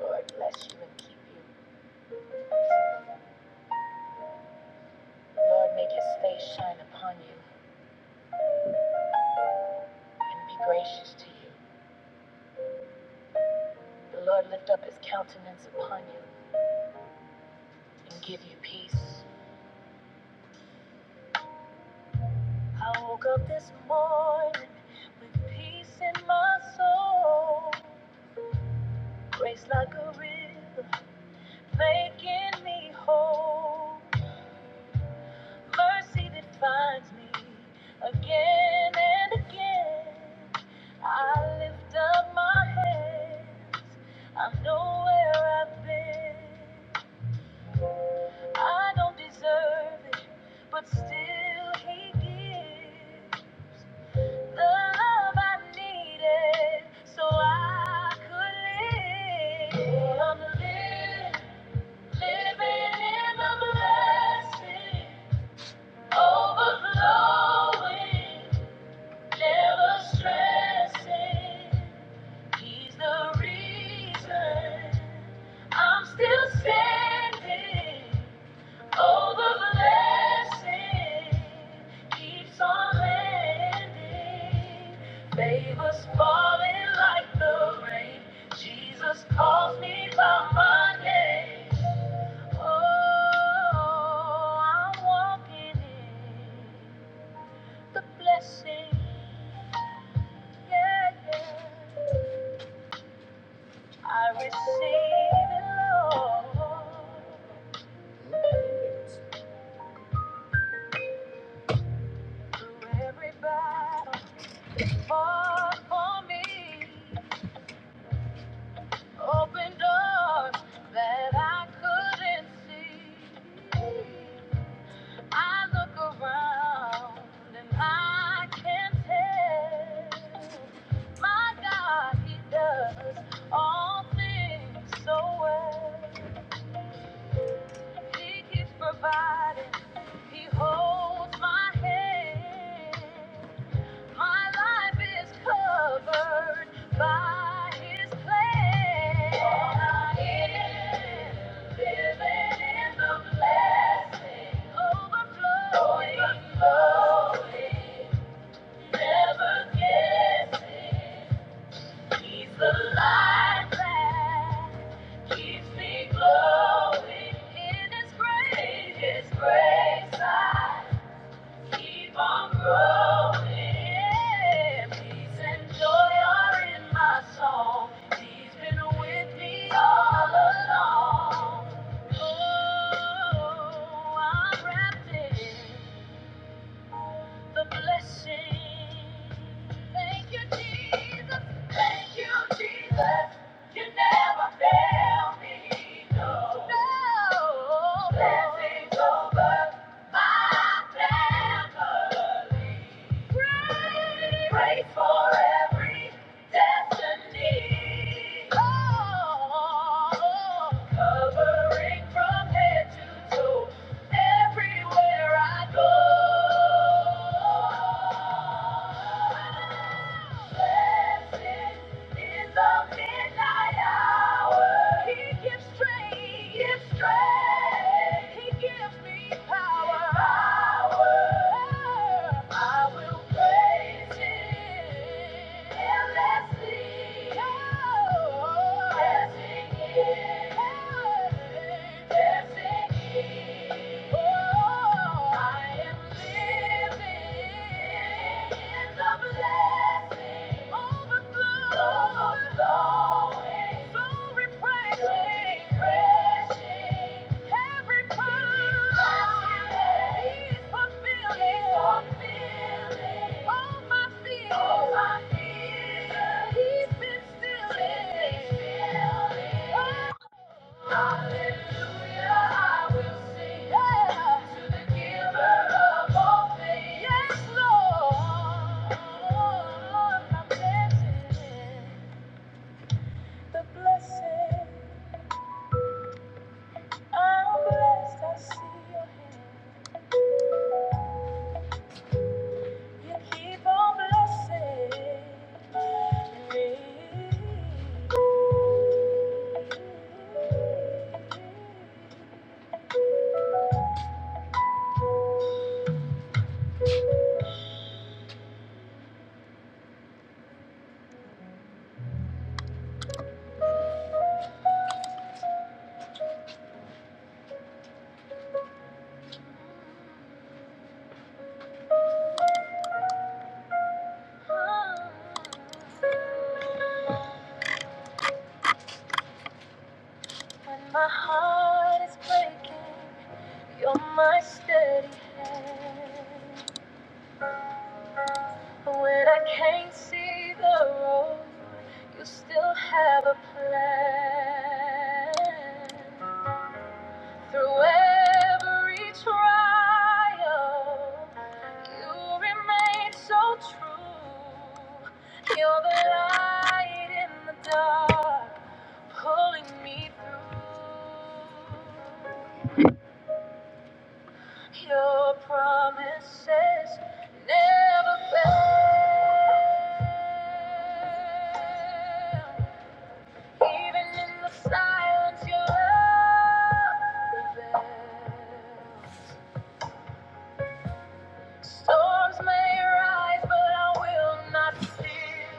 S1: Lord bless you and keep you. Lord, make his face shine upon you and be gracious to you. The Lord lift up his countenance upon you and give you peace. I woke up this morning with peace in my soul, grace like a river, making me whole. Mercy that finds me again and again. I lift up my hands, I know where I've been. I don't deserve it, but still he gives the love I needed so I could live. I'm living, living in the blessing, overflowing, never stressing. He's the reason I'm still standing. Oh, the blessing keeps on landing. Favors falling like the rain. Jesus calls me by my name. Oh, I'm walking in the blessing. Yeah, yeah. I receive it, Lord, through every battle. fought for me, opened doors that I couldn't see. I look around and I can not tell my God, He does all things so well. He keeps providing, He holds my hand. My life is covered by His plan. All I am living in the blessing, overflowing, overflowing, never guessing. He's the light that keeps me glowing. In His grace, in His grace, I Keep on growing. Peace and joy are in my soul. He's been with me all along. Oh, I'm wrapped in the blessing. Thank you, Jesus. Thank you, Jesus. You never fail me. No. No. Blessings over my family. Pray for every destiny. Oh, covering from head to toe, everywhere I go. Blessed is the midnight. Yeah. Every promise, He's fulfilling. All my fears, He's been still. Oh. Hallelujah, I will sing yeah. to the Giver of all things. Yes, Lord, I'm blessed. The blessed, I'm blessed. I see Your hand. You keep on blessing me. When my heart is breaking, you're my steady hand. When I can't see the road, you still have a plan. Through every trial, You remain so true. You're the light in the dark, pulling me through. Your promises never fail. Even in the silence, your love prevails. Storms may rise, but I will not fear.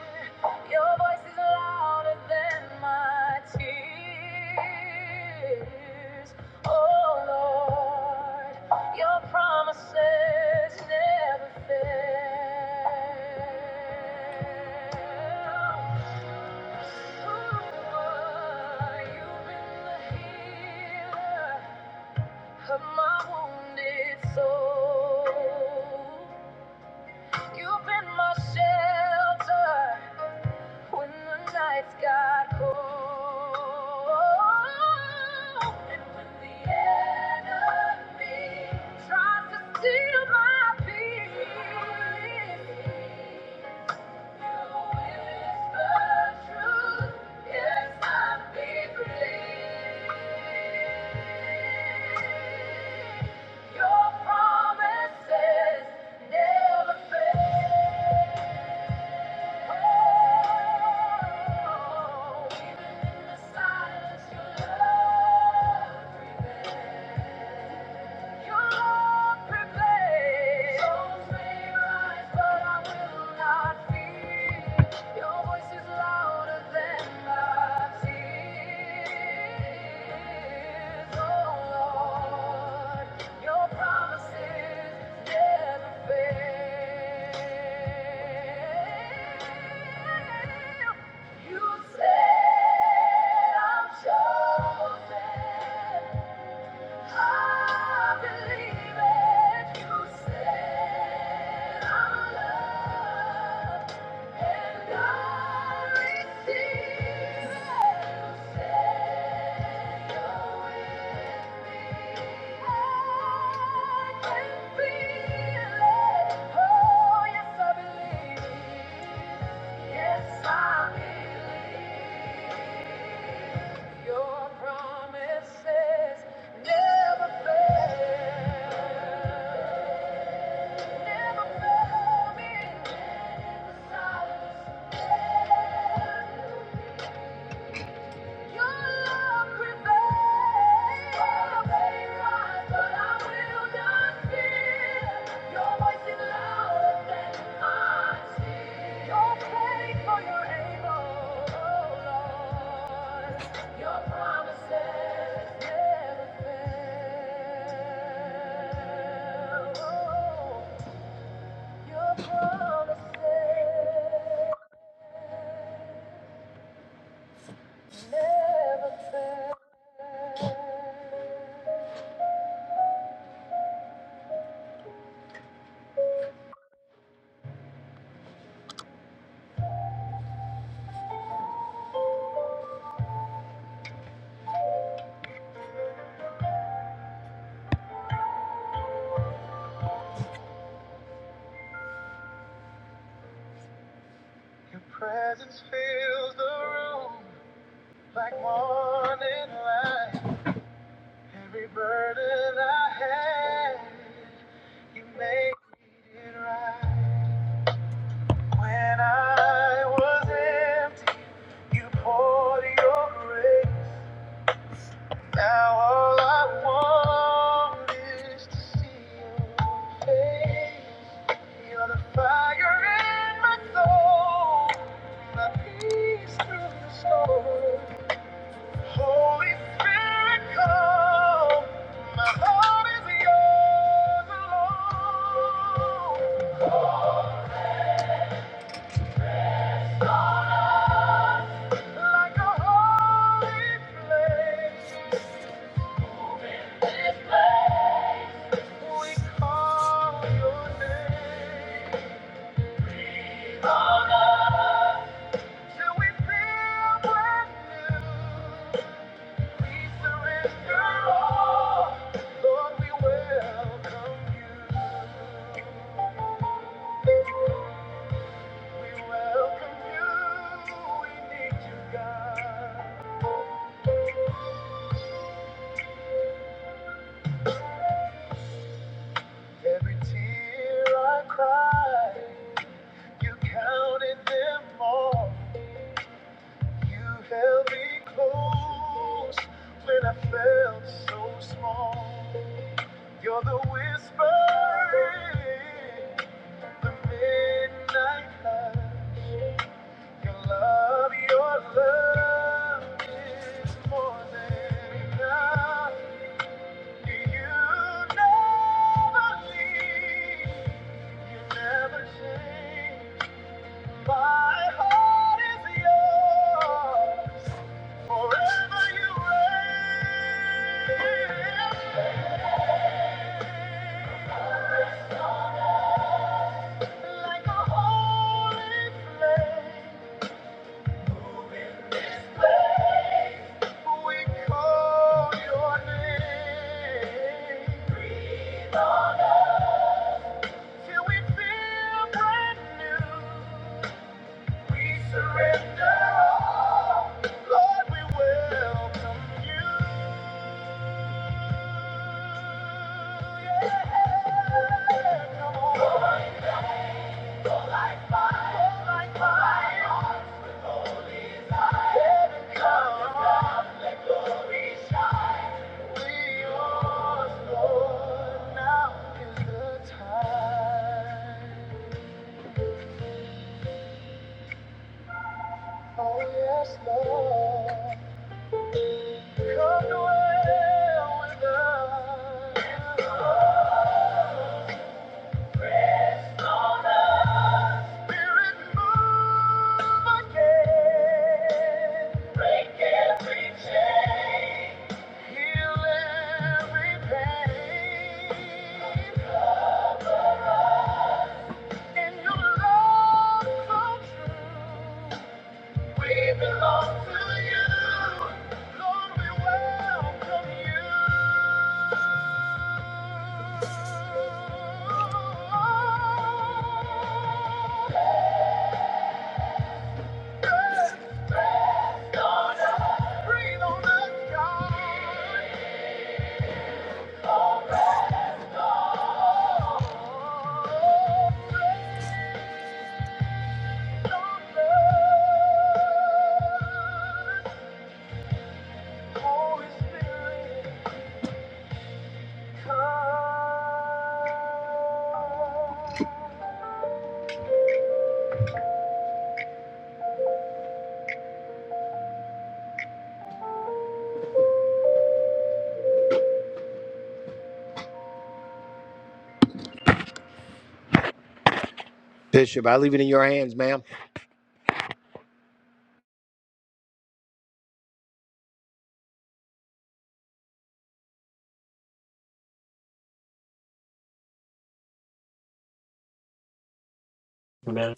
S1: Your voice is louder than my tears. Oh Lord, your promises never fail. Ooh, you've been the healer of my wounded soul. You've been my shelter when the nights got cold. And when the enemy tries to steal my peace, you whisper truth. Yes, I'll be free. Your promises never fail. Oh, even in the silence, your love. You Lord, prepare. Souls may rise, but I will not fear. Your voice is louder than my tears. Oh Lord, your promises never fail. You said I'm chosen. I believe it. You said I'm and I receive it. Oh, yeah, I can feel it. Oh, yes, I believe. Yes, I believe. Your promises never fail. Your promises never fail. Your promises never fail. Your presence fills the room like morning light. Every burden I had, you made it right. When I was empty, you poured your grace. Now all I want is to see your face. You're the fire in my soul, my peace through the storm. Holy Spirit, come. My heart is yours alone. Like a holy place, we call your name. Every tear I cry, you counted them all. You held me close when I felt so small. You're the whisper in the midnight hush. Your love, your love is more than enough. You never leave, you never change. My heart is yours. Forever you reign. Like a holy flame, we call your name. Till we feel brand new. We surrender all. Lord, we welcome you. Yeah, come on. Lord, like fire, Lord, like fire. Heaven come, glory shine. We yours, Lord. Now is the time. Oh, yes, Lord. Come dwell with us. Spirit, move again. Break every chain. Heal every pain. In your love so true, we belong to you. Lord, we welcome you. Bishop, I leave it in your hands, ma'am.
S3: Amen.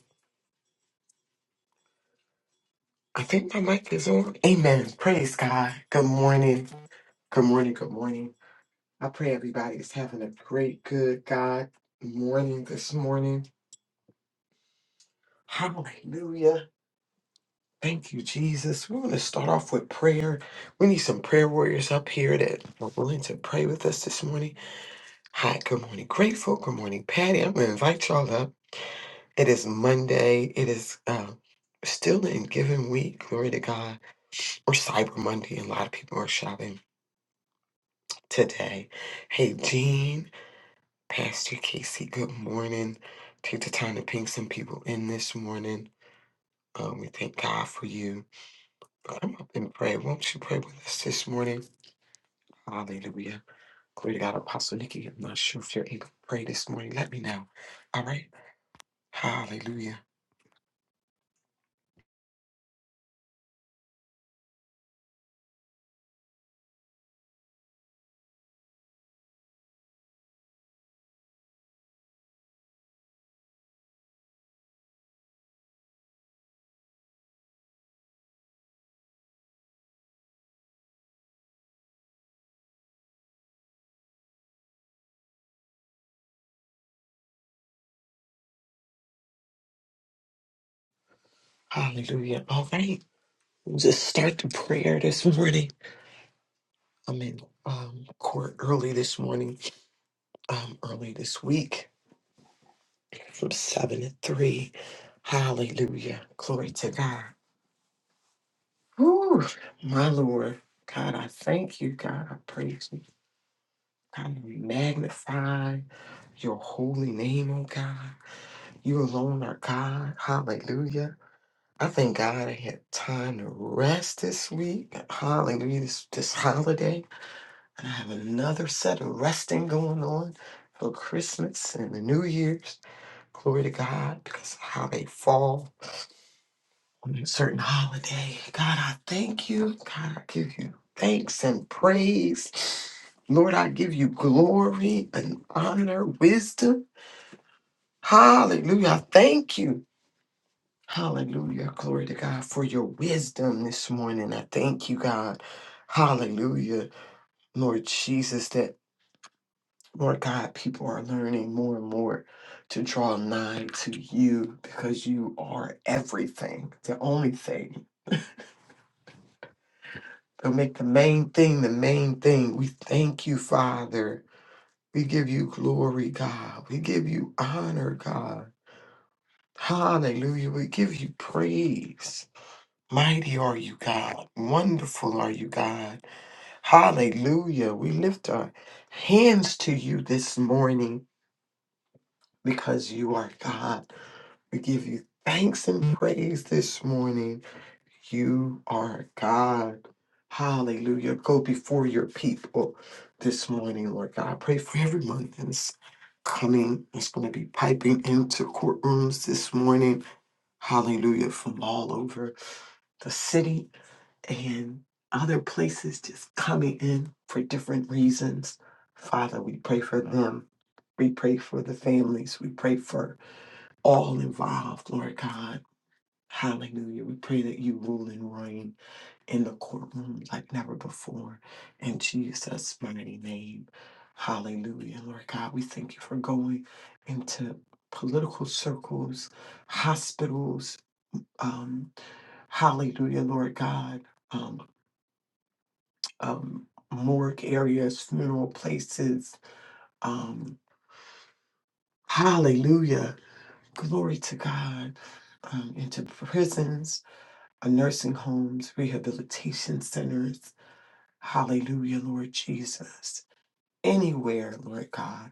S3: I think my mic is on. Amen. Praise God. Good morning. Good morning. Good morning. I pray everybody is having a great, good God morning this morning. Hallelujah. Thank you, Jesus. We're going to start off with prayer. We need some prayer warriors up here that are willing to pray with us this morning. Hi, good morning, Grateful. Good morning, Patty. I'm going to invite y'all up. It is Monday. It is uh, still in Giving Week. Glory to God. Or Cyber Monday. and A lot of people are shopping. today. Hey, Jean, Pastor Casey, good morning. Take the time to ping some people in this morning. Um, we thank God for you. Come up and pray. Won't you pray with us this morning? Hallelujah. Glory to God, Apostle Nikki. I'm not sure if you're able to pray this morning. Let me know. All right. Hallelujah. Hallelujah. All right. We'll just start the prayer this morning. I'm in um, court early this morning, um, early this week from seven to three. Hallelujah. Glory to God. Whew, my Lord. God, I thank you. God, I praise you. God, I magnify your holy name, oh God. You alone are God. Hallelujah. I thank God I had time to rest this week. Hallelujah. This, this holiday. And I have another set of resting going on for Christmas and the New Year's. Glory to God because of how they fall. on a certain holiday. God, I thank you. God, I give you thanks and praise. Lord, I give you glory and honor, wisdom. Hallelujah. I Thank you. Hallelujah. Glory to God for your wisdom this morning. I thank you, God. Hallelujah. Lord Jesus, that Lord God, people are learning more and more to draw nigh to you because you are everything, the only thing They'll make the main thing the main thing. We thank you, Father. We give you glory, God. We give you honor, God. Hallelujah. We give you praise. Mighty are you, God. Wonderful are you, God. Hallelujah. We lift our hands to you this morning because you are God. We give you thanks and praise this morning. You are God. Hallelujah. Go before your people this morning, Lord God. I pray for everyone that's coming, that's going to be piping into courtrooms this morning. Hallelujah. From all over the city and other places just coming in for different reasons. Father, we pray for them. We pray for the families. We pray for all involved, Lord God Hallelujah. We pray that you rule and reign in the courtroom like never before. In Jesus' mighty name. Hallelujah. Lord God, we thank you for going into political circles, hospitals. Um, hallelujah, Lord God. Um, um, morgue areas, funeral places. Um, hallelujah. Glory to God. Um, into prisons, our nursing homes, rehabilitation centers. Hallelujah, Lord Jesus. Anywhere, Lord God,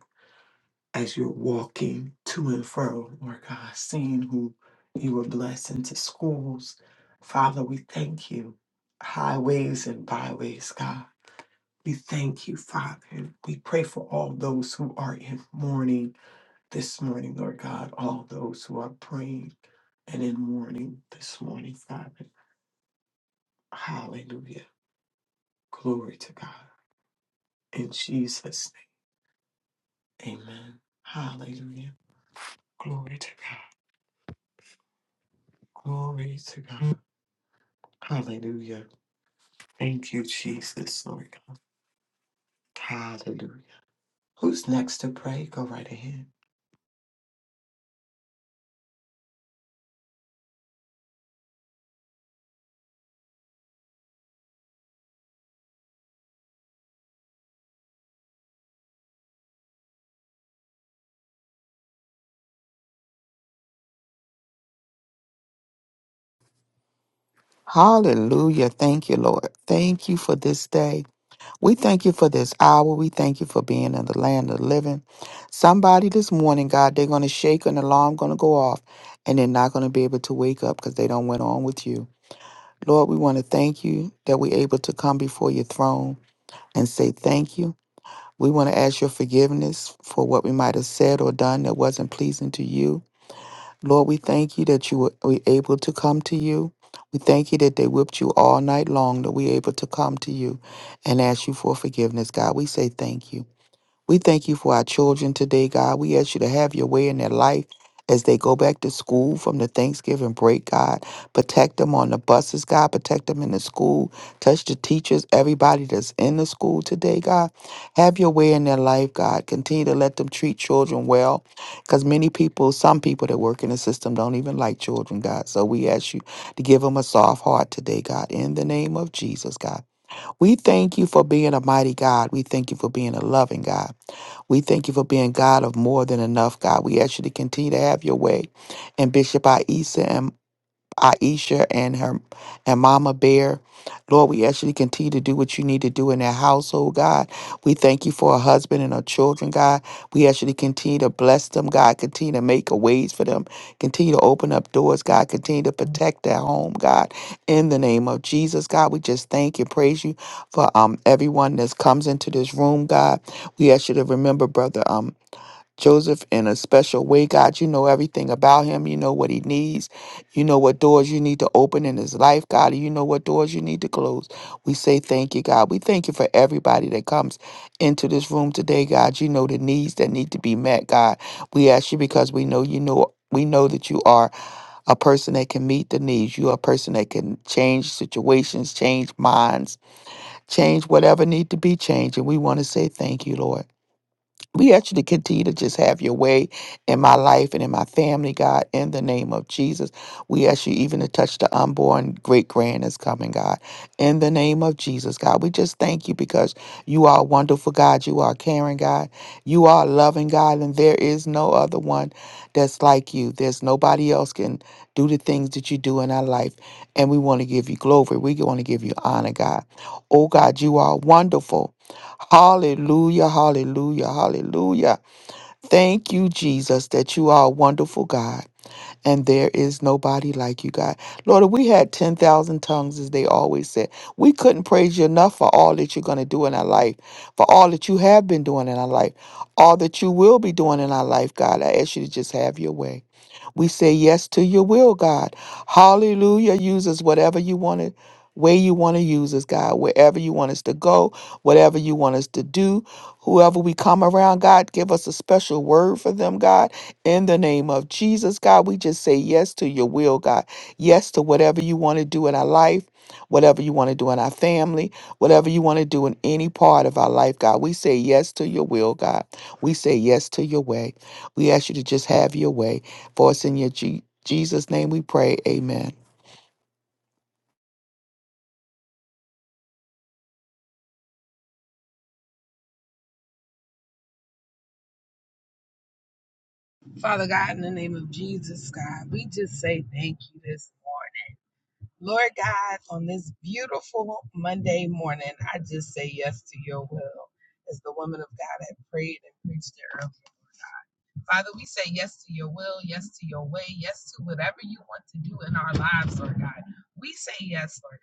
S3: as you're walking to and fro, Lord God, seeing who you were blessed into schools. Father, we thank you. Highways and byways, God. We thank you, Father. And we pray for all those who are in mourning this morning, Lord God, all those who are praying and in mourning this morning, Father. Hallelujah. Glory to God. In Jesus' name. Amen. Hallelujah. Glory to God. Glory to God. Hallelujah. Thank you, Jesus. Lord God. Hallelujah. Who's next to pray? Go right ahead.
S4: Hallelujah. Thank you, Lord. Thank you for this day. We thank you for this hour. We thank you for being in the land of the living. Somebody this morning, God, they're going to shake an alarm going to go off and they're not going to be able to wake up because they don't went on with you. Lord, we want to thank you that we're able to come before your throne and say thank you. We want to ask your forgiveness for what we might have said or done that wasn't pleasing to you. Lord, we thank you that you were were able to come to you. We thank you that they whipped you all night long, that we able to come to you and ask you for forgiveness. God, we say thank you. We thank you for our children today, God. We ask you to have your way in their life as they go back to school from the Thanksgiving break, God. Protect them on the buses, God. Protect them in the school. Touch the teachers, everybody that's in the school today, God. Have your way in their life, God. Continue to let them treat children well because many people, some people that work in the system don't even like children, God. So we ask you to give them a soft heart today, God, in the name of Jesus, God. We thank you for being a mighty God. We thank you for being a loving God. We thank you for being God of more than enough, God. We ask you to continue to have your way. And Bishop Aisa Aisha and her and Mama Bear. Lord, we actually continue to do what you need to do in that household, God. We thank you for a husband and her children, God. We actually continue to bless them, God. Continue to make a ways for them. Continue to open up doors, God. Continue to protect their home, God. In the name of Jesus, God, we just thank and praise you for um everyone that comes into this room, God. We ask you to remember, brother. Um, Joseph in a special way, God. You know everything about him. You know what he needs. You know what doors you need to open in his life, God. and You know what doors you need to close. We say thank you, God. We thank you for everybody that comes into this room today, God. You know the needs that need to be met, God. We ask you because we know you know. We know that you are a person that can meet the needs. You are a person that can change situations, change minds, change whatever need to be changed. And we want to say thank you, Lord we actually continue to just have your way in my life and in my family, God, in the name of Jesus. We ask you even to touch the unborn great grand that's coming, God. In the name of Jesus, God, we just thank you because you are wonderful God. You are caring God. You are loving God, and there is no other one that's like you. There's nobody else can do the things that you do in our life. And we want to give you glory. We want to give you honor, God. Oh, God, you are wonderful. Hallelujah, hallelujah, hallelujah. Thank you, Jesus, that you are a wonderful God and there is nobody like you, God. Lord, if we had 10,000 tongues, as they always said, we couldn't praise you enough for all that you're going to do in our life, for all that you have been doing in our life, all that you will be doing in our life, God. I ask you to just have your way. We say yes to your will, God. Hallelujah. Use us whatever you want to, way you want to use us, God. Wherever you want us to go, whatever you want us to do, whoever we come around, God, give us a special word for them, God. In the name of Jesus, God, we just say yes to your will, God. Yes to whatever you want to do in our life. Whatever you want to do in our family, whatever you want to do in any part of our life, God, we say yes to your will, God. We say yes to your way. We ask you to just have your way. For us in your Je- Jesus' name we pray. Amen.
S5: Father God, in the name of Jesus, God, we just say thank you this morning. Lord God, on this beautiful Monday morning, I just say yes to your will. As the woman of God had prayed and preached earlier. Father, we say yes to your will, yes to your way, yes to whatever you want to do in our lives, Lord God. We say yes, Lord.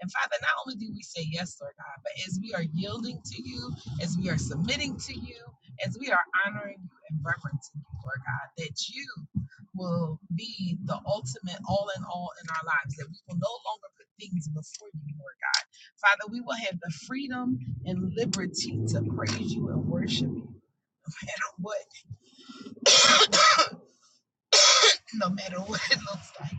S5: And Father, not only do we say yes, Lord God, but as we are yielding to you, as we are submitting to you, as we are honoring you and reverencing you, Lord God, that you will be the ultimate all in all in our lives, that we will no longer put things before you, Lord God. Father, we will have the freedom and liberty to praise you and worship you. No matter What, no matter what it looks like.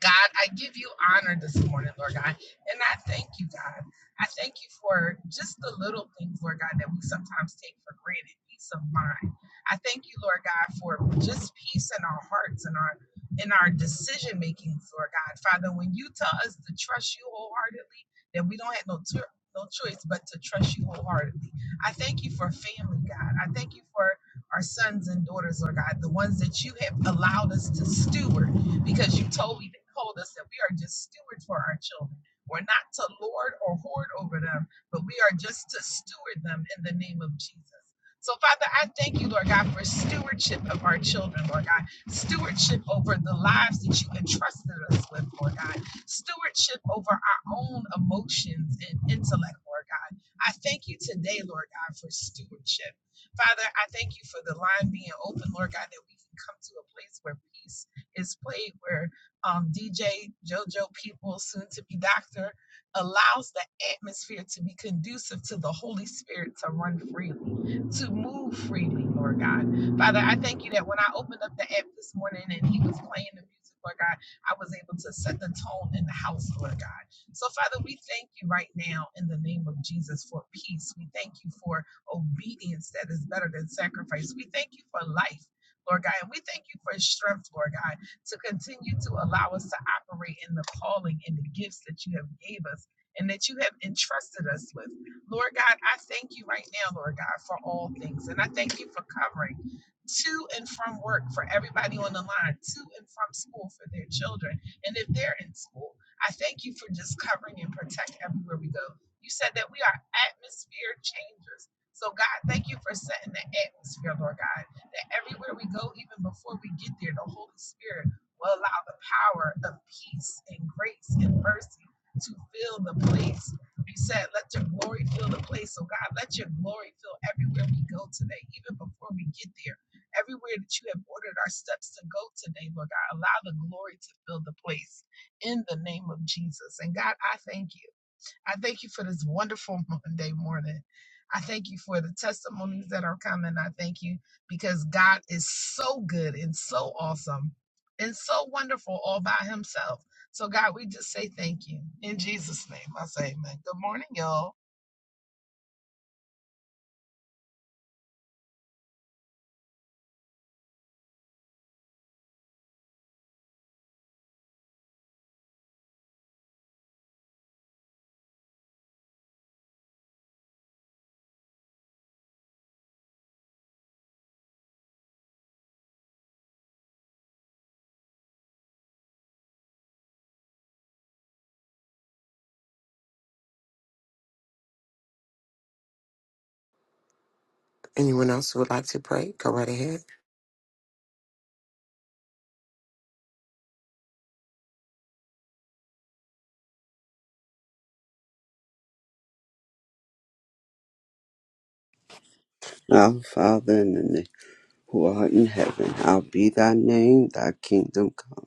S5: God, I give you honor this morning, Lord God. And I thank you, God. I thank you for just the little things, Lord God, that we sometimes take for granted peace of mind. I thank you, Lord God, for just peace in our hearts and our in our decision making, Lord God. Father, when you tell us to trust you wholeheartedly, then we don't have no cho- no choice but to trust you wholeheartedly. I thank you for family, God. I thank you for our sons and daughters, Lord God, the ones that you have allowed us to steward because you told me told us that we are just stewards for our children. We're not to lord or hoard over them, but we are just to steward them in the name of Jesus. So, Father, I thank you, Lord God, for stewardship of our children, Lord God. Stewardship over the lives that you entrusted us with, Lord God. Stewardship over our own emotions and intellect, Lord God. I thank you today, Lord God, for stewardship. Father, I thank you for the line being open, Lord God, that we can come to a place where peace is played where um, DJ JoJo People, soon to be Doctor, allows the atmosphere to be conducive to the Holy Spirit to run freely, to move freely, Lord God. Father, I thank you that when I opened up the app this morning and he was playing the music, Lord God, I was able to set the tone in the house, Lord God. So, Father, we thank you right now in the name of Jesus for peace. We thank you for obedience that is better than sacrifice. We thank you for life, Lord God. And we thank you for strength, Lord God to continue to allow us to operate in the calling and the gifts that you have gave us and that you have entrusted us with. Lord God, I thank you right now, Lord God, for all things. And I thank you for covering to and from work for everybody on the line, to and from school for their children. And if they're in school, I thank you for just covering and protect everywhere we go. You said that we are atmosphere changers. So God, thank you for setting the atmosphere, Lord God, that everywhere we go, even before we get there, the Holy Spirit will allow the power of peace and grace and mercy to fill the place. You said, let your glory fill the place. So, God, let your glory fill everywhere we go today, even before we get there. Everywhere that you have ordered our steps to go today, Lord God, allow the glory to fill the place in the name of Jesus. And God, I thank you. I thank you for this wonderful Monday morning. I thank you for the testimonies that are coming. I thank you because God is so good and so awesome and so wonderful all by himself. So, God, we just say thank you. In Jesus' name, I say amen. Good morning, y'all.
S3: Anyone else who would like to pray? Go right ahead.
S6: Our Father in the name who art in heaven, hallowed be thy name, thy kingdom come,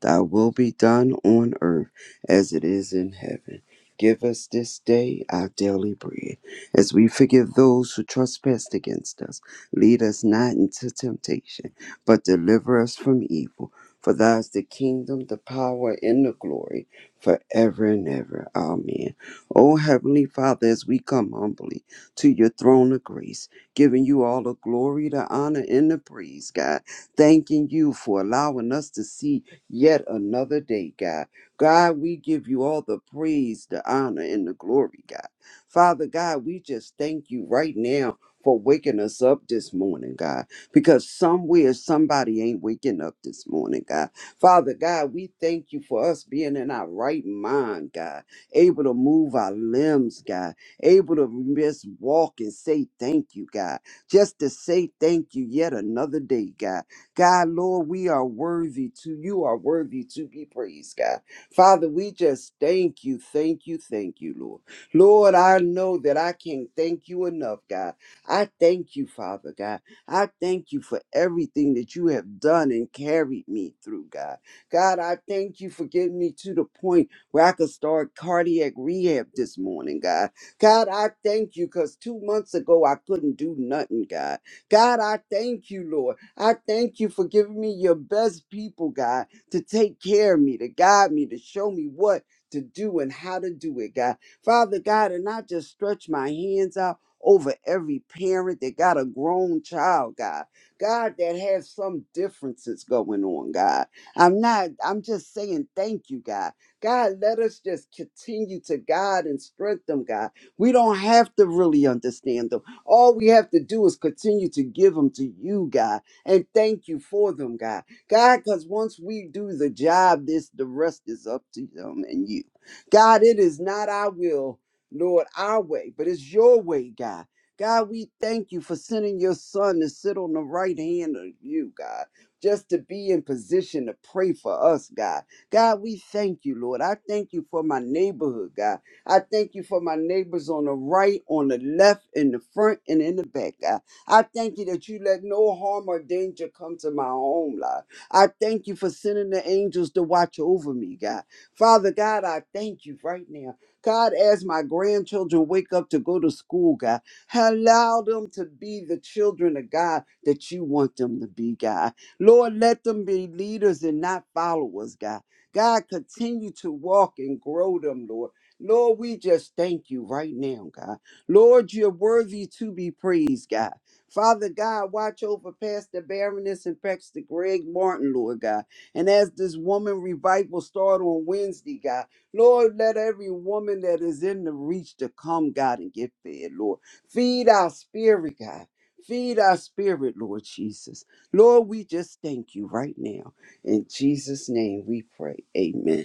S6: thy will be done on earth as it is in heaven. Give us this day our daily bread, as we forgive those who trespass against us. Lead us not into temptation, but deliver us from evil. For thine is the kingdom, the power, and the glory, forever and ever. Amen. O Heavenly Father, as we come humbly to your throne of grace, giving you all the glory, the honor, and the praise, God. Thanking you for allowing us to see yet another day, God. God, we give you all the praise, the honor, and the glory, God. Father God, we just thank you right now for waking us up this morning, God, because somewhere somebody ain't waking up this morning, God. Father God, we thank you for us being in our right mind, God, able to move our limbs, God, able to just walk and say thank you, God. Just to say thank you yet another day, God. God, Lord, we are worthy to, you are worthy to be praised, God. Father, we just thank you, thank you, thank you, Lord. Lord, I know that I can't thank you enough, God. I thank you, Father, God. I thank you for everything that you have done and carried me through, God. God, I thank you for getting me to the point where I could start cardiac rehab this morning, God. God, I thank you because two months ago I couldn't do nothing, God. God, I thank you, Lord. I thank you for giving me your best people, God, to take care of me, to guide me, to show me what to do and how to do it, God. Father God, and I just stretch my hands out over every parent that got a grown child, God. God, that has some differences going on, God. I'm not, I'm just saying thank you, God. God, let us just continue to guide and strengthen, them, God. We don't have to really understand them. All we have to do is continue to give them to you, God, and thank you for them, God. God, because once we do the job, this the rest is up to them and you. God, it is not our will, Lord, our way, but it's your way, God. God, we thank you for sending your son to sit on the right hand of you, God, just to be in position to pray for us, God. God, we thank you, Lord. I thank you for my neighborhood, God. I thank you for my neighbors on the right, on the left, in the front, and in the back, God. I thank you that you let no harm or danger come to my home, Lord. I thank you for sending the angels to watch over me, God. Father God, I thank you right now. God, as my grandchildren wake up to go to school, God, allow them to be the children of God that you want them to be, God. Lord, let them be leaders and not followers, God. God, continue to walk and grow them, Lord. Lord, we just thank you right now, God. Lord, you're worthy to be praised, God. Father God, watch over Pastor Baroness and Pastor Greg Martin, Lord God. And as this woman revival start on Wednesday, God, Lord, let every woman that is in the reach to come, God, and get fed, Lord. Feed our spirit, God. Feed our spirit, Lord Jesus. Lord, we just thank you right now. In Jesus' name we pray. Amen.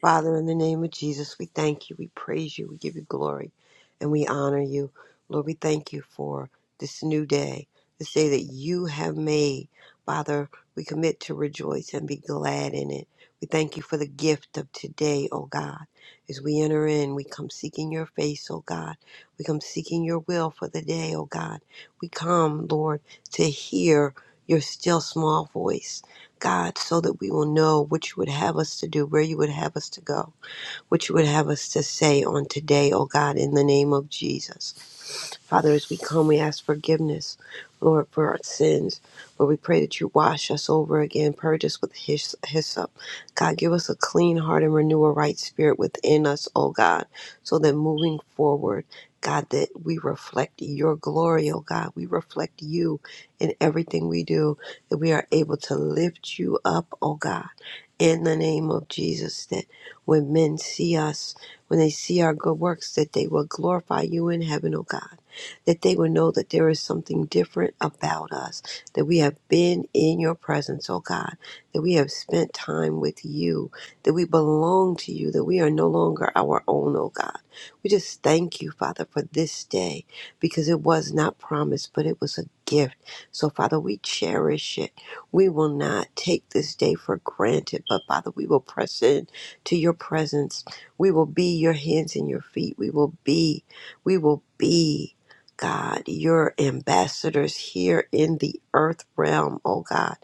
S7: Father, in the name of Jesus, we thank you, we praise you, we give you glory, and we honor you. Lord, we thank you for this new day, this day that you have made. Father, we commit to rejoice and be glad in it. We thank you for the gift of today, O God. As we enter in, we come seeking your face, O God. We come seeking your will for the day, O God. We come, Lord, to hear your still small voice. God, so that we will know what you would have us to do, where you would have us to go, what you would have us to say on today, oh God, in the name of Jesus. Father, as we come, we ask forgiveness, Lord, for our sins. Lord, we pray that you wash us over again, purge us with his- hyssop. God, give us a clean heart and renew a right spirit within us, oh God, so that moving forward, God, that we reflect your glory, oh God. We reflect you in everything we do, that we are able to lift you up, oh God in the name of Jesus, that when men see us, when they see our good works, that they will glorify you in heaven, oh God. That they will know that there is something different about us, that we have been in your presence, oh God, that we have spent time with you, that we belong to you, that we are no longer our own, oh God. We just thank you, Father, for this day because it was not promised, but it was a gift. So, Father, we cherish it. We will not take this day for granted, but Father, we will press in to your presence. We will be your hands and your feet. We will be, we will be, God, your ambassadors here in the earth realm, oh God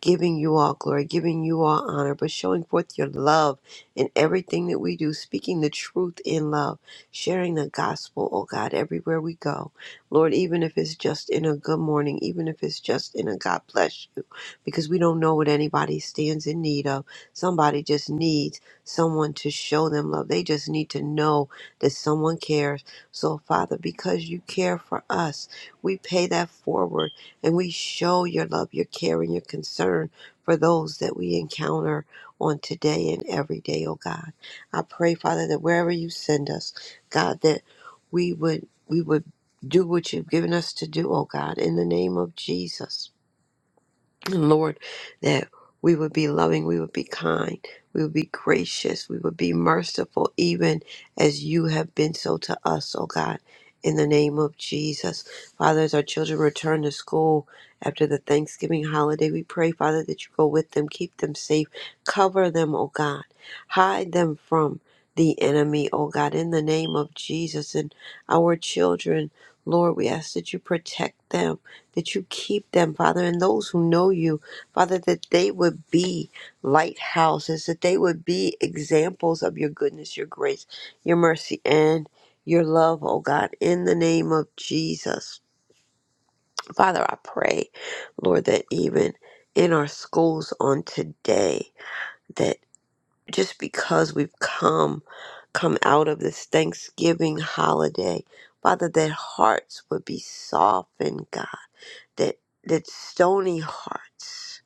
S7: giving you all glory, giving you all honor, but showing forth your love in everything that we do, speaking the truth in love, sharing the gospel, oh God, everywhere we go. Lord, even if it's just in a good morning, even if it's just in a God bless you, because we don't know what anybody stands in need of. Somebody just needs someone to show them love. They just need to know that someone cares. So, Father, because you care for us, we pay that forward and we show your love, your care, and your concern for those that we encounter on today and every day, oh God. I pray, Father, that wherever you send us, God, that we would we would do what you've given us to do, oh God, in the name of Jesus. And Lord, that we would be loving, we would be kind, we would be gracious, we would be merciful, even as you have been so to us, oh God, in the name of Jesus. Father, as our children return to school after the Thanksgiving holiday, we pray, Father, that you go with them, keep them safe, cover them, oh God, hide them from the enemy, oh God, in the name of Jesus. And our children, Lord, we ask that you protect them that you keep them, Father, and those who know you, Father, that they would be lighthouses, that they would be examples of your goodness, your grace, your mercy, and your love, oh God, in the name of Jesus. Father, I pray, Lord, that even in our schools on today, that just because we've come, come out of this Thanksgiving holiday, Father, that hearts would be softened, God that that stony hearts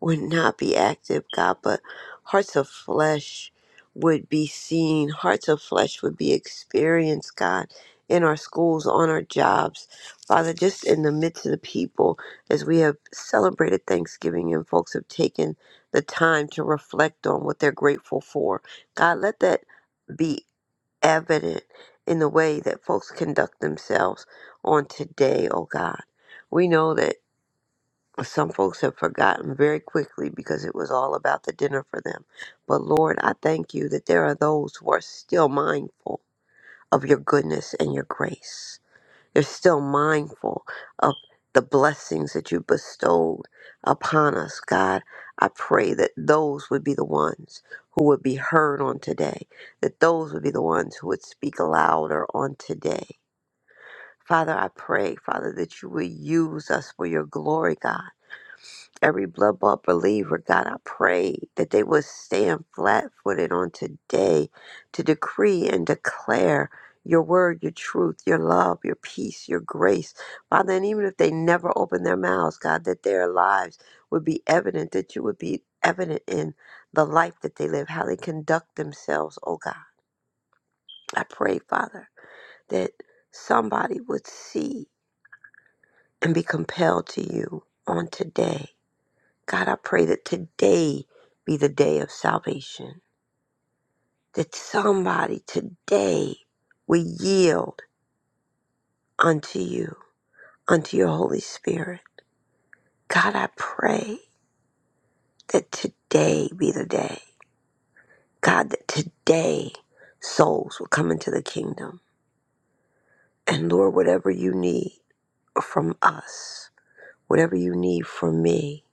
S7: would not be active, God, but hearts of flesh would be seen, hearts of flesh would be experienced, God, in our schools, on our jobs, Father, just in the midst of the people, as we have celebrated Thanksgiving and folks have taken the time to reflect on what they're grateful for. God, let that be evident in the way that folks conduct themselves on today, oh God. We know that some folks have forgotten very quickly because it was all about the dinner for them. But Lord, I thank you that there are those who are still mindful of your goodness and your grace. They're still mindful of the blessings that you bestowed upon us, God. I pray that those would be the ones who would be heard on today, that those would be the ones who would speak louder on today. Father, I pray, Father, that you would use us for your glory, God every blood bought believer, God, I pray that they would stand flat footed on today to decree and declare your word, your truth, your love, your peace, your grace. Father, and even if they never open their mouths, God, that their lives would be evident, that you would be evident in the life that they live, how they conduct themselves, oh God. I pray, Father, that somebody would see and be compelled to you on today God, I pray that today be the day of salvation. That somebody today will yield unto you, unto your Holy Spirit. God, I pray that today be the day. God, that today souls will come into the kingdom. And Lord, whatever you need from us, whatever you need from me,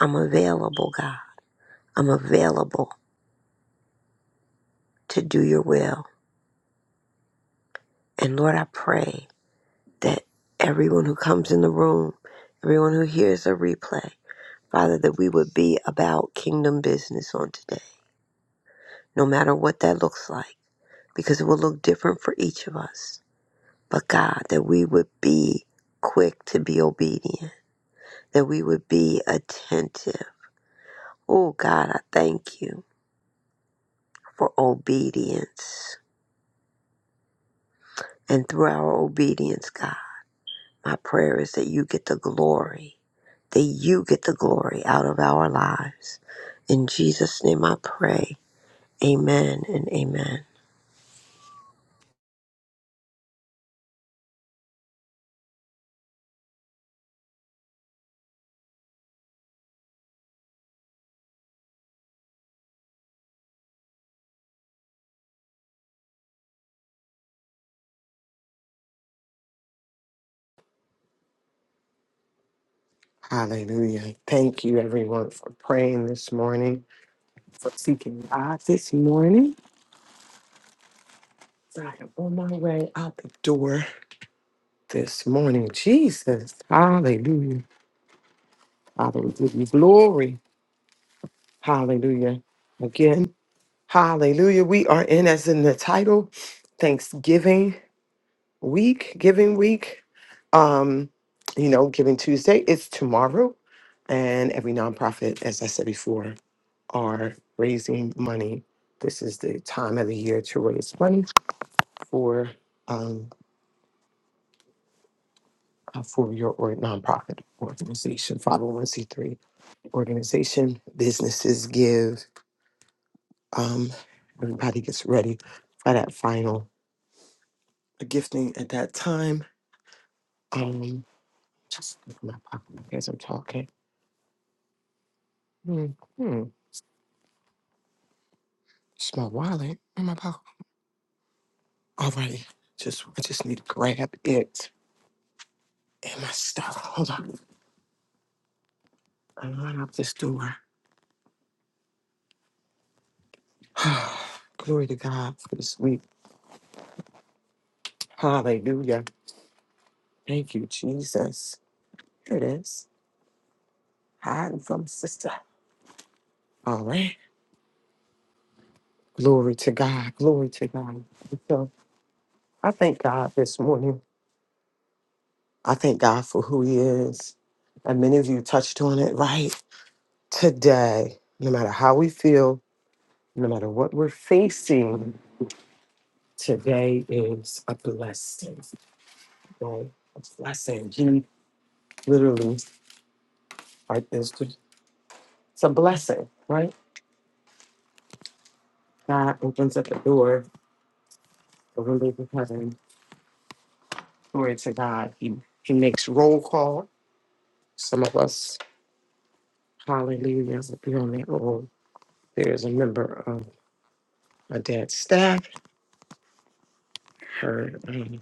S7: I'm available, God. I'm available to do your will. And Lord, I pray that everyone who comes in the room, everyone who hears a replay, Father, that we would be about kingdom business on today, no matter what that looks like, because it will look different for each of us. But God, that we would be quick to be obedient, that we would be attentive. Oh, God, I thank you for obedience. And through our obedience, God. My prayer is that you get the glory, that you get the glory out of our lives. In Jesus' name I pray. Amen and amen.
S3: Hallelujah. Thank you, everyone, for praying this morning, for seeking God this morning. I am on my way out the door this morning. Jesus. Hallelujah. Father, we give you glory. Hallelujah. Again, hallelujah. We are in, as in the title, Thanksgiving week, giving week. Um, you know, Giving Tuesday is tomorrow. And every nonprofit, as I said before, are raising money. This is the time of the year to raise money for um, uh, for your or nonprofit organization, 501c3 organization. Businesses give. Um, everybody gets ready for that final a gifting at that time. Um, just look in my pocket as I'm talking. Hmm, hmm. It's my wallet in my pocket. All right, just I just need to grab it and my stuff. Hold on, I run out this door. Glory to God for this week. Hallelujah. Thank you, Jesus. Here it is. Hiding from sister. All right. Glory to God. Glory to God. So I thank God this morning I thank God for who He is. And many of you touched on it right today. No matter how we feel, no matter what we're facing, today is a blessing. Right? A blessing. He literally, right, is it's a blessing, right? God opens up the door, the windows of heaven. Glory to God. He, he makes roll call. Some of us, hallelujah, if you're on that roll, there is a member of my dad's staff. Her. um,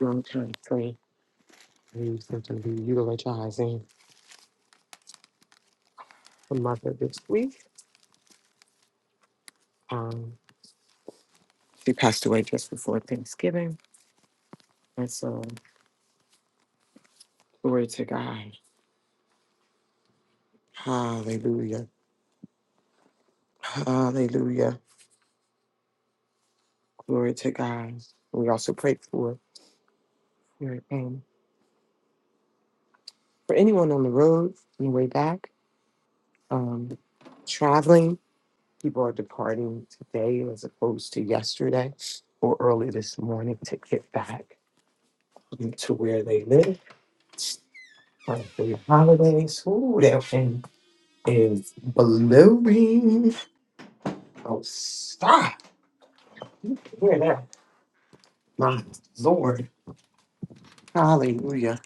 S3: long time frame who's going to be utilizing the mother this week. Um, she passed away just before Thanksgiving. And so, glory to God. Hallelujah. Hallelujah. Glory to God. We also prayed for for, um, for anyone on the road on the way back, um, traveling. People are departing today as opposed to yesterday or early this morning to get back to where they live Um, for your holidays. Ooh, that thing is blowing. Oh, stop. Hear that? My Lord. Hallelujah.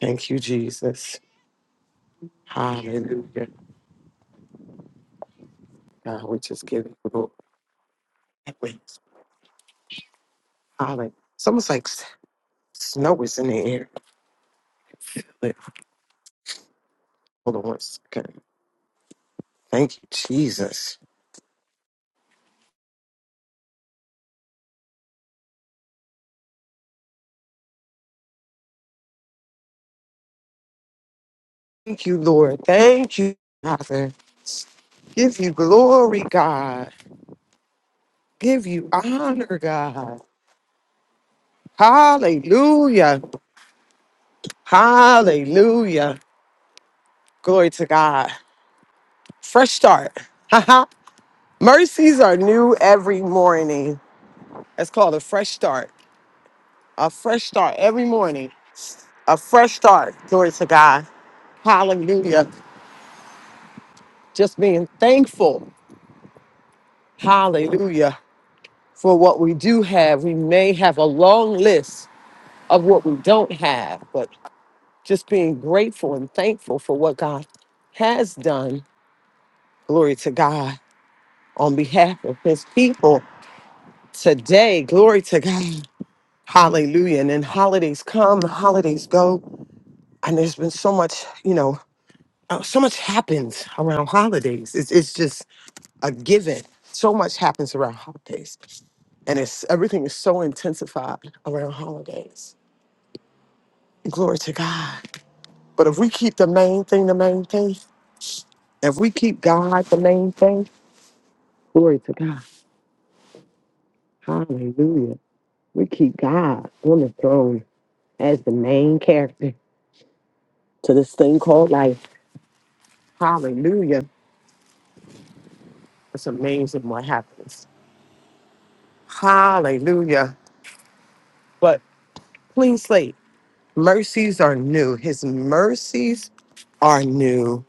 S3: Thank you, Jesus. Hallelujah. God, we just give you the glory. Hallelujah. It's almost like s- snow is in the air. Wait, Hold on one second. Thank you, Jesus. Thank you, Lord. Thank you, Father. Give you glory, God. Give you honor, God. Hallelujah. Hallelujah. Glory to God. Fresh start. Haha. Mercies are new every morning. That's called a fresh start. A fresh start every morning. A fresh start. Glory to God. Hallelujah. Just being thankful. Hallelujah. For what we do have. We may have a long list of what we don't have, but just being grateful and thankful for what God has done. Glory to God on behalf of his people. Today, glory to God. Hallelujah. And then holidays come, the holidays go. And there's been so much, you know, uh, so much happens around holidays. It's, it's just a given. So much happens around holidays. And it's everything is so intensified around holidays. Glory to God. But if we keep the main thing, the main thing, if we keep God the main thing, glory to God. Hallelujah. We keep God on the throne as the main character to this thing called life Hallelujah. It's amazing what happens. Hallelujah. But clean slate. Mercies are new. His mercies are new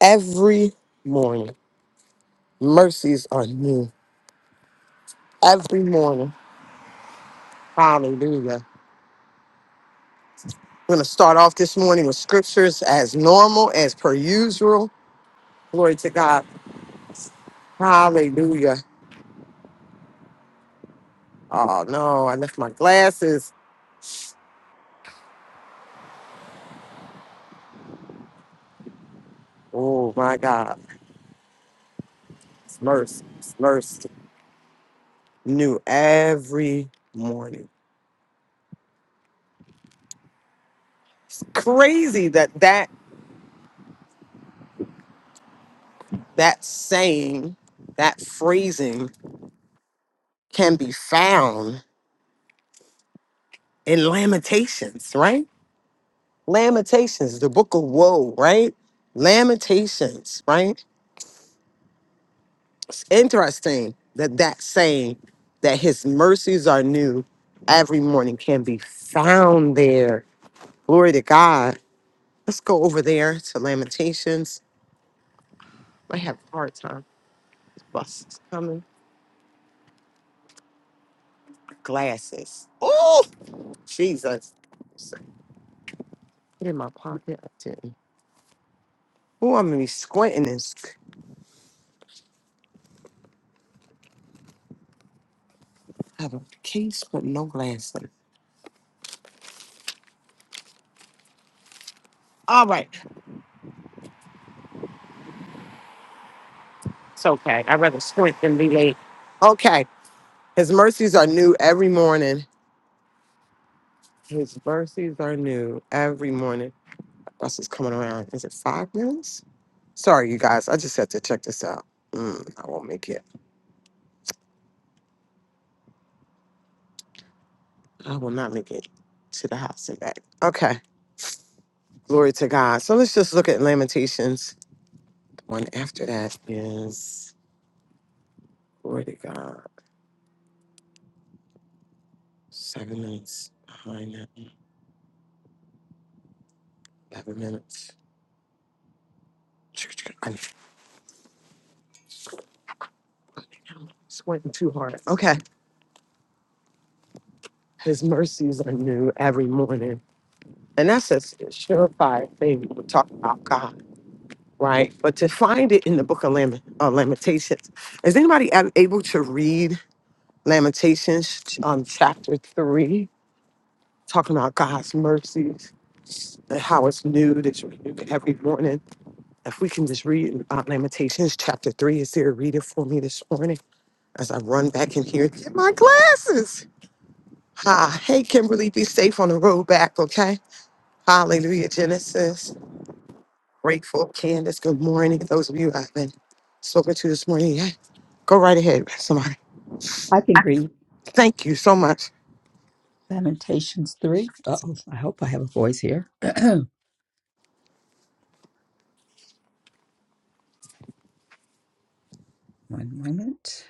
S3: every morning. Mercies are new every morning. Hallelujah. We're going to start off this morning with scriptures as normal, as per usual. Glory to God. Hallelujah. Oh, no, I left my glasses. Oh, my God. It's mercy. It's mercy. new every morning. Crazy that that that saying, that phrasing can be found in Lamentations, right? Lamentations, the book of woe, right? Lamentations, right? It's interesting that that saying that his mercies are new every morning can be found there. Glory to God. Let's go over there to Lamentations. I have a hard time. This bus is coming. glasses. Oh, Jesus. Put it in my pocket. Oh, I'm going to be squinting this. sc- have a case with no glasses. All right. It's okay. I'd rather squint than be late. Okay. His mercies are new every morning. His mercies are new every morning. Bus is coming around. Is it five minutes? Sorry, you guys. I just had to check this out. Mm, I won't make it. I will not make it to the house and back. Okay. Glory to God. So let's just look at Lamentations One after that is, glory to God, seven minutes behind that, 11 minutes. I'm sweating too hard. Okay. His mercies are new every morning. And that's a surefire thing when we talk about God, right? But to find it in the book of Lament, uh, Lamentations, is anybody ab- able to read Lamentations um, chapter three, talking about God's mercies and how it's new, that's renewed every morning? If we can just read about Lamentations chapter 3, is there a reader for me this morning as I run back in here to get my glasses? Ha, hey, Kimberly, be safe on the road back, okay? Hallelujah, Genesis. Grateful, Candace, good morning. Those of you I've been spoken to this morning, yeah, go right ahead, somebody.
S8: I can read
S3: Thank you so much.
S8: Lamentations 3. Uh-oh, I hope I have a voice here. One moment.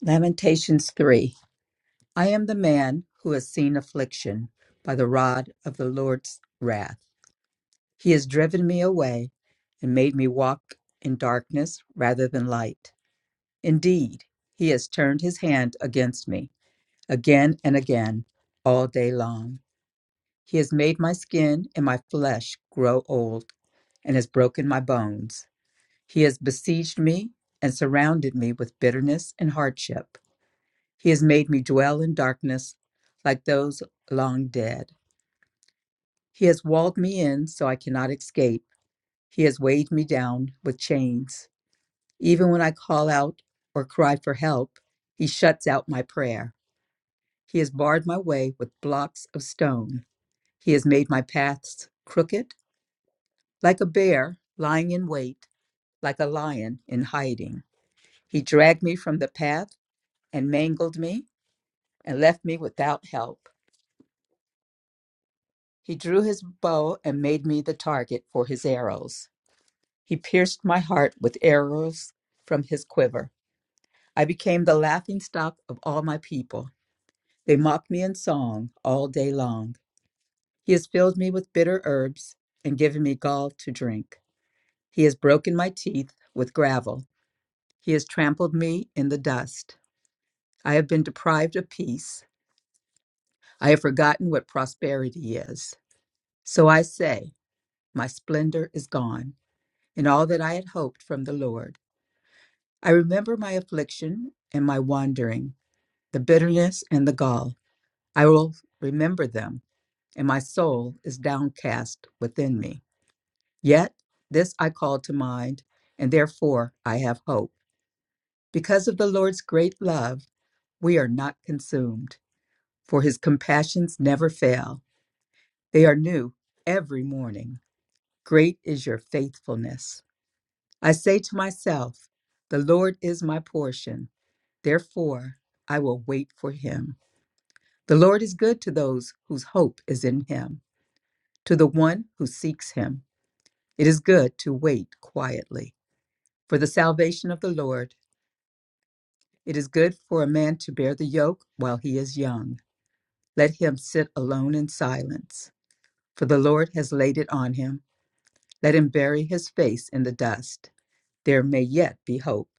S8: Lamentations 3. I am the man who has seen affliction by the rod of the Lord's wrath. He has driven me away and made me walk in darkness rather than light. Indeed, he has turned his hand against me again and again all day long. He has made my skin and my flesh grow old and has broken my bones. He has besieged me and surrounded me with bitterness and hardship. He has made me dwell in darkness like those long dead. He has walled me in so I cannot escape. He has weighed me down with chains. Even when I call out or cry for help, he shuts out my prayer. He has barred my way with blocks of stone. He has made my paths crooked, like a bear lying in wait, like a lion in hiding. He dragged me from the path and mangled me and left me without help. He drew his bow and made me the target for his arrows. He pierced my heart with arrows from his quiver. I became the laughing stock of all my people. They mocked me in song all day long. He has filled me with bitter herbs and given me gall to drink. He has broken my teeth with gravel. He has trampled me in the dust. I have been deprived of peace. I have forgotten what prosperity is. So I say, My splendor is gone, and all that I had hoped from the Lord. I remember my affliction and my wandering, the bitterness and the gall. I will remember them, and my soul is downcast within me. Yet this I call to mind, and therefore I have hope. Because of the Lord's great love, we are not consumed, for his compassions never fail. They are new every morning. Great is your faithfulness. I say to myself, The Lord is my portion. Therefore, I will wait for him. The Lord is good to those whose hope is in him, to the one who seeks him. It is good to wait quietly for the salvation of the Lord. It is good for a man to bear the yoke while he is young. Let him sit alone in silence, for the Lord has laid it on him. Let him bury his face in the dust. There may yet be hope.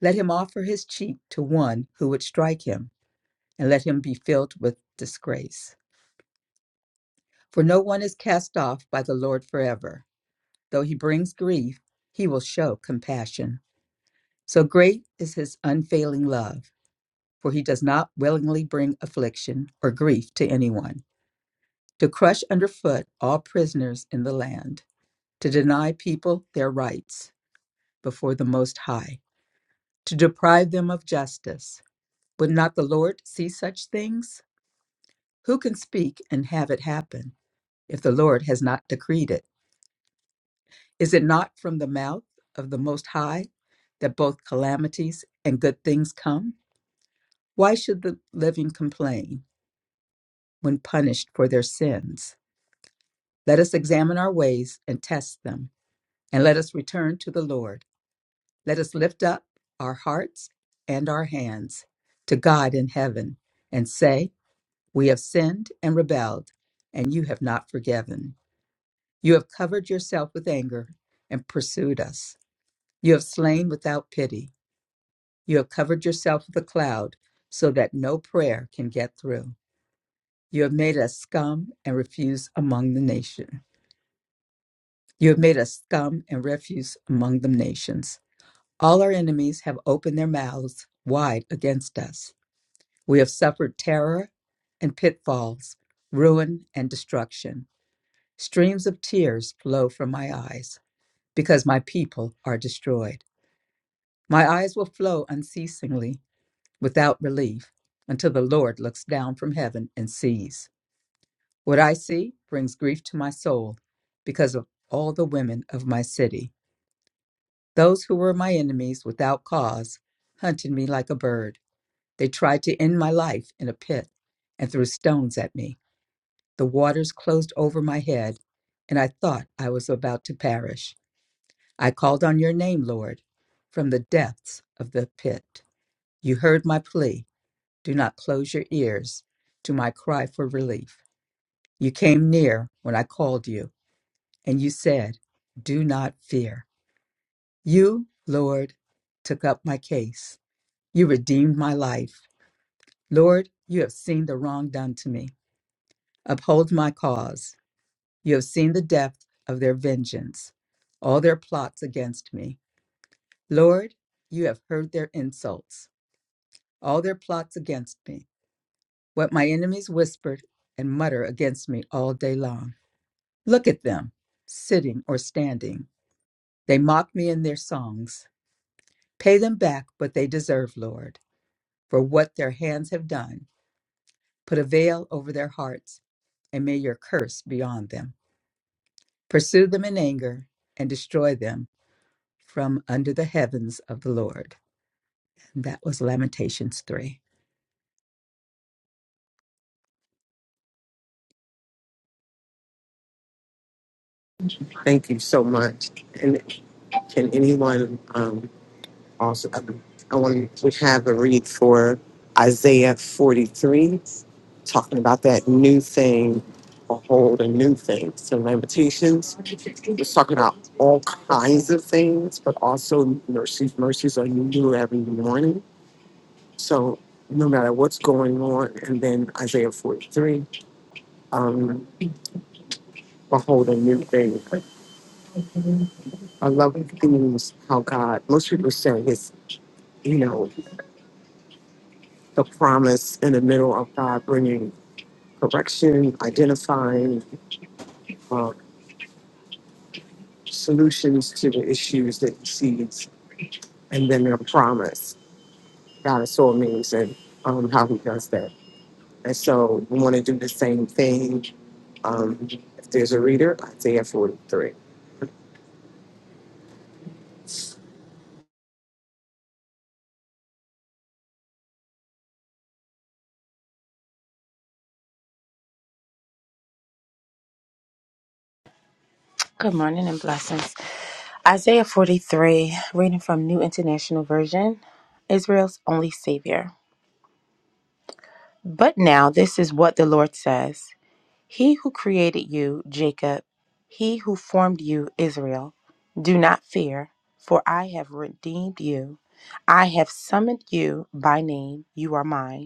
S8: Let him offer his cheek to one who would strike him, and let him be filled with disgrace. For no one is cast off by the Lord forever. Though he brings grief, he will show compassion. So great is his unfailing love, for he does not willingly bring affliction or grief to anyone, to crush underfoot all prisoners in the land, to deny people their rights before the Most High, to deprive them of justice. Would not the Lord see such things? Who can speak and have it happen if the Lord has not decreed it? Is it not from the mouth of the Most High that both calamities and good things come? Why should the living complain when punished for their sins? Let us examine our ways and test them, and let us return to the Lord. Let us lift up our hearts and our hands to God in heaven and say, We have sinned and rebelled, and you have not forgiven. You have covered yourself with anger and pursued us. You have slain without pity. You have covered yourself with a cloud so that no prayer can get through. You have made us scum and refuse among the nations. You have made us scum and refuse among the nations. All our enemies have opened their mouths wide against us. We have suffered terror and pitfalls, ruin and destruction. Streams of tears flow from my eyes because my people are destroyed. My eyes will flow unceasingly without relief until the Lord looks down from heaven and sees. What I see brings grief to my soul because of all the women of my city. Those who were my enemies without cause hunted me like a bird. They tried to end my life in a pit and threw stones at me. The waters closed over my head, and I thought I was about to perish. I called on your name, Lord, from the depths of the pit. You heard my plea Do not close your ears to my cry for relief. You came near when I called you, and you said, Do not fear. You, Lord, took up my case. You redeemed my life. Lord, you have seen the wrong done to me. Uphold my cause. You have seen the depth of their vengeance, all their plots against me. Lord, you have heard their insults, all their plots against me, what my enemies whispered and mutter against me all day long. Look at them, sitting or standing. They mock me in their songs. Pay them back what they deserve, Lord, for what their hands have done. Put a veil over their hearts, and may your curse be on them. Pursue them in anger and destroy them from under the heavens of the Lord. And that was Lamentations 3.
S3: Thank you so much. And can anyone? um, Also, I want to have a read for Isaiah 43, talking about that new thing, behold, a new thing. So, Lamentations, it's talking about all kinds of things, but also mercies. Mercies are new every morning. So, no matter what's going on, and then Isaiah 43, um, behold, a new thing. I love themes, how God, most people say it's, you know, the promise in the middle of God bringing correction, identifying uh, solutions to the issues that he sees, and then their promise. God is so amazing um, how he does that. And so we want to do the same thing. Um, if there's a reader, Isaiah 43.
S9: Good morning and blessings. Isaiah 43, reading from New International Version, Israel's only Savior. But now this is what the Lord says He who created you, Jacob, he who formed you, Israel, do not fear, for I have redeemed you. I have summoned you by name. You are mine.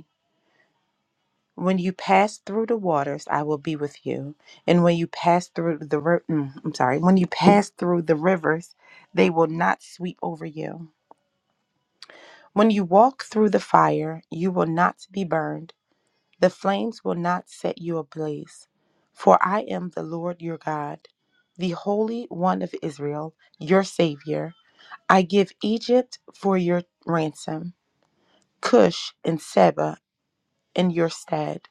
S9: When you pass through the waters, I will be with you. And when you pass through the ri- mm, I'm sorry, when you pass through the rivers, they will not sweep over you. When you walk through the fire, you will not be burned. The flames will not set you ablaze. For I am the Lord your God, the Holy One of Israel, your Savior. I give Egypt for your ransom, Cush and Seba in your stead.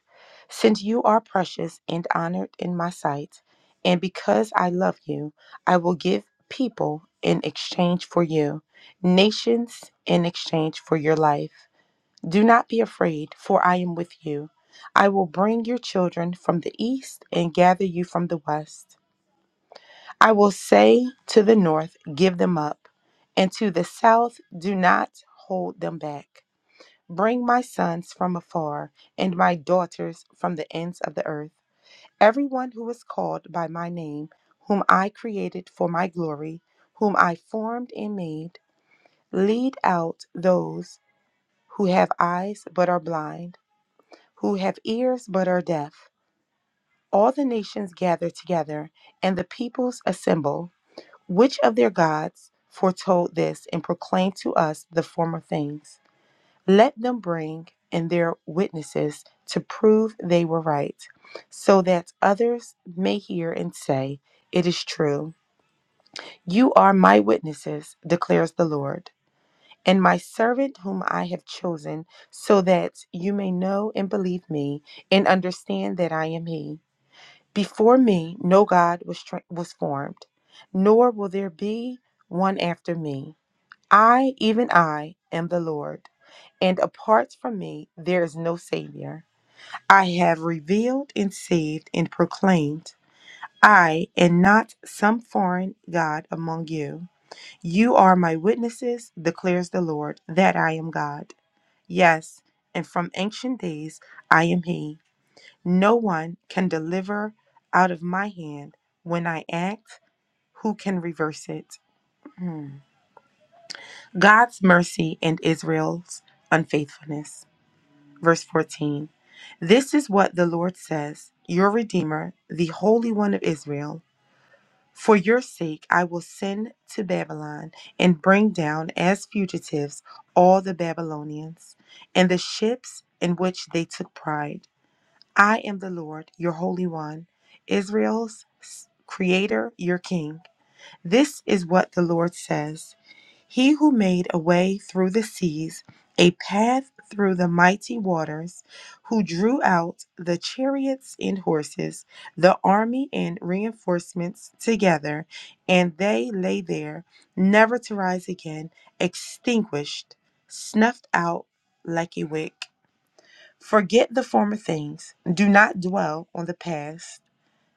S9: Since you are precious and honored in my sight, and because I love you, I will give people in exchange for you, nations in exchange for your life. Do not be afraid, for I am with you. I will bring your children from the east and gather you from the west. I will say to the north, Give them up, and to the south, Do not hold them back. Bring my sons from afar and my daughters from the ends of the earth. Everyone who is called by my name, whom I created for my glory, whom I formed and made, lead out those who have eyes but are blind, who have ears but are deaf. All the nations gather together and the peoples assemble. Which of their gods foretold this and proclaimed to us the former things? Let them bring in their witnesses to prove they were right, so that others may hear and say, It is true. You are my witnesses, declares the Lord, and my servant whom I have chosen, so that you may know and believe me and understand that I am He. Before me, no God was, tra- was formed, nor will there be one after me. I, even I, am the Lord, and apart from me there is no Savior. I have revealed and saved and proclaimed, I am not some foreign God among you. You are my witnesses, declares the Lord, that I am God. Yes, and from ancient days I am He. No one can deliver out of my hand. When I act, who can reverse it? Hmm. God's mercy and Israel's unfaithfulness. Verse 14 This is what the Lord says, your Redeemer, the Holy One of Israel. For your sake, I will send to Babylon and bring down as fugitives all the Babylonians and the ships in which they took pride. I am the Lord, your Holy One, Israel's Creator, your King. This is what the Lord says. He who made a way through the seas, a path through the mighty waters, who drew out the chariots and horses, the army and reinforcements together, and they lay there, never to rise again, extinguished, snuffed out like a wick. Forget the former things, do not dwell on the past.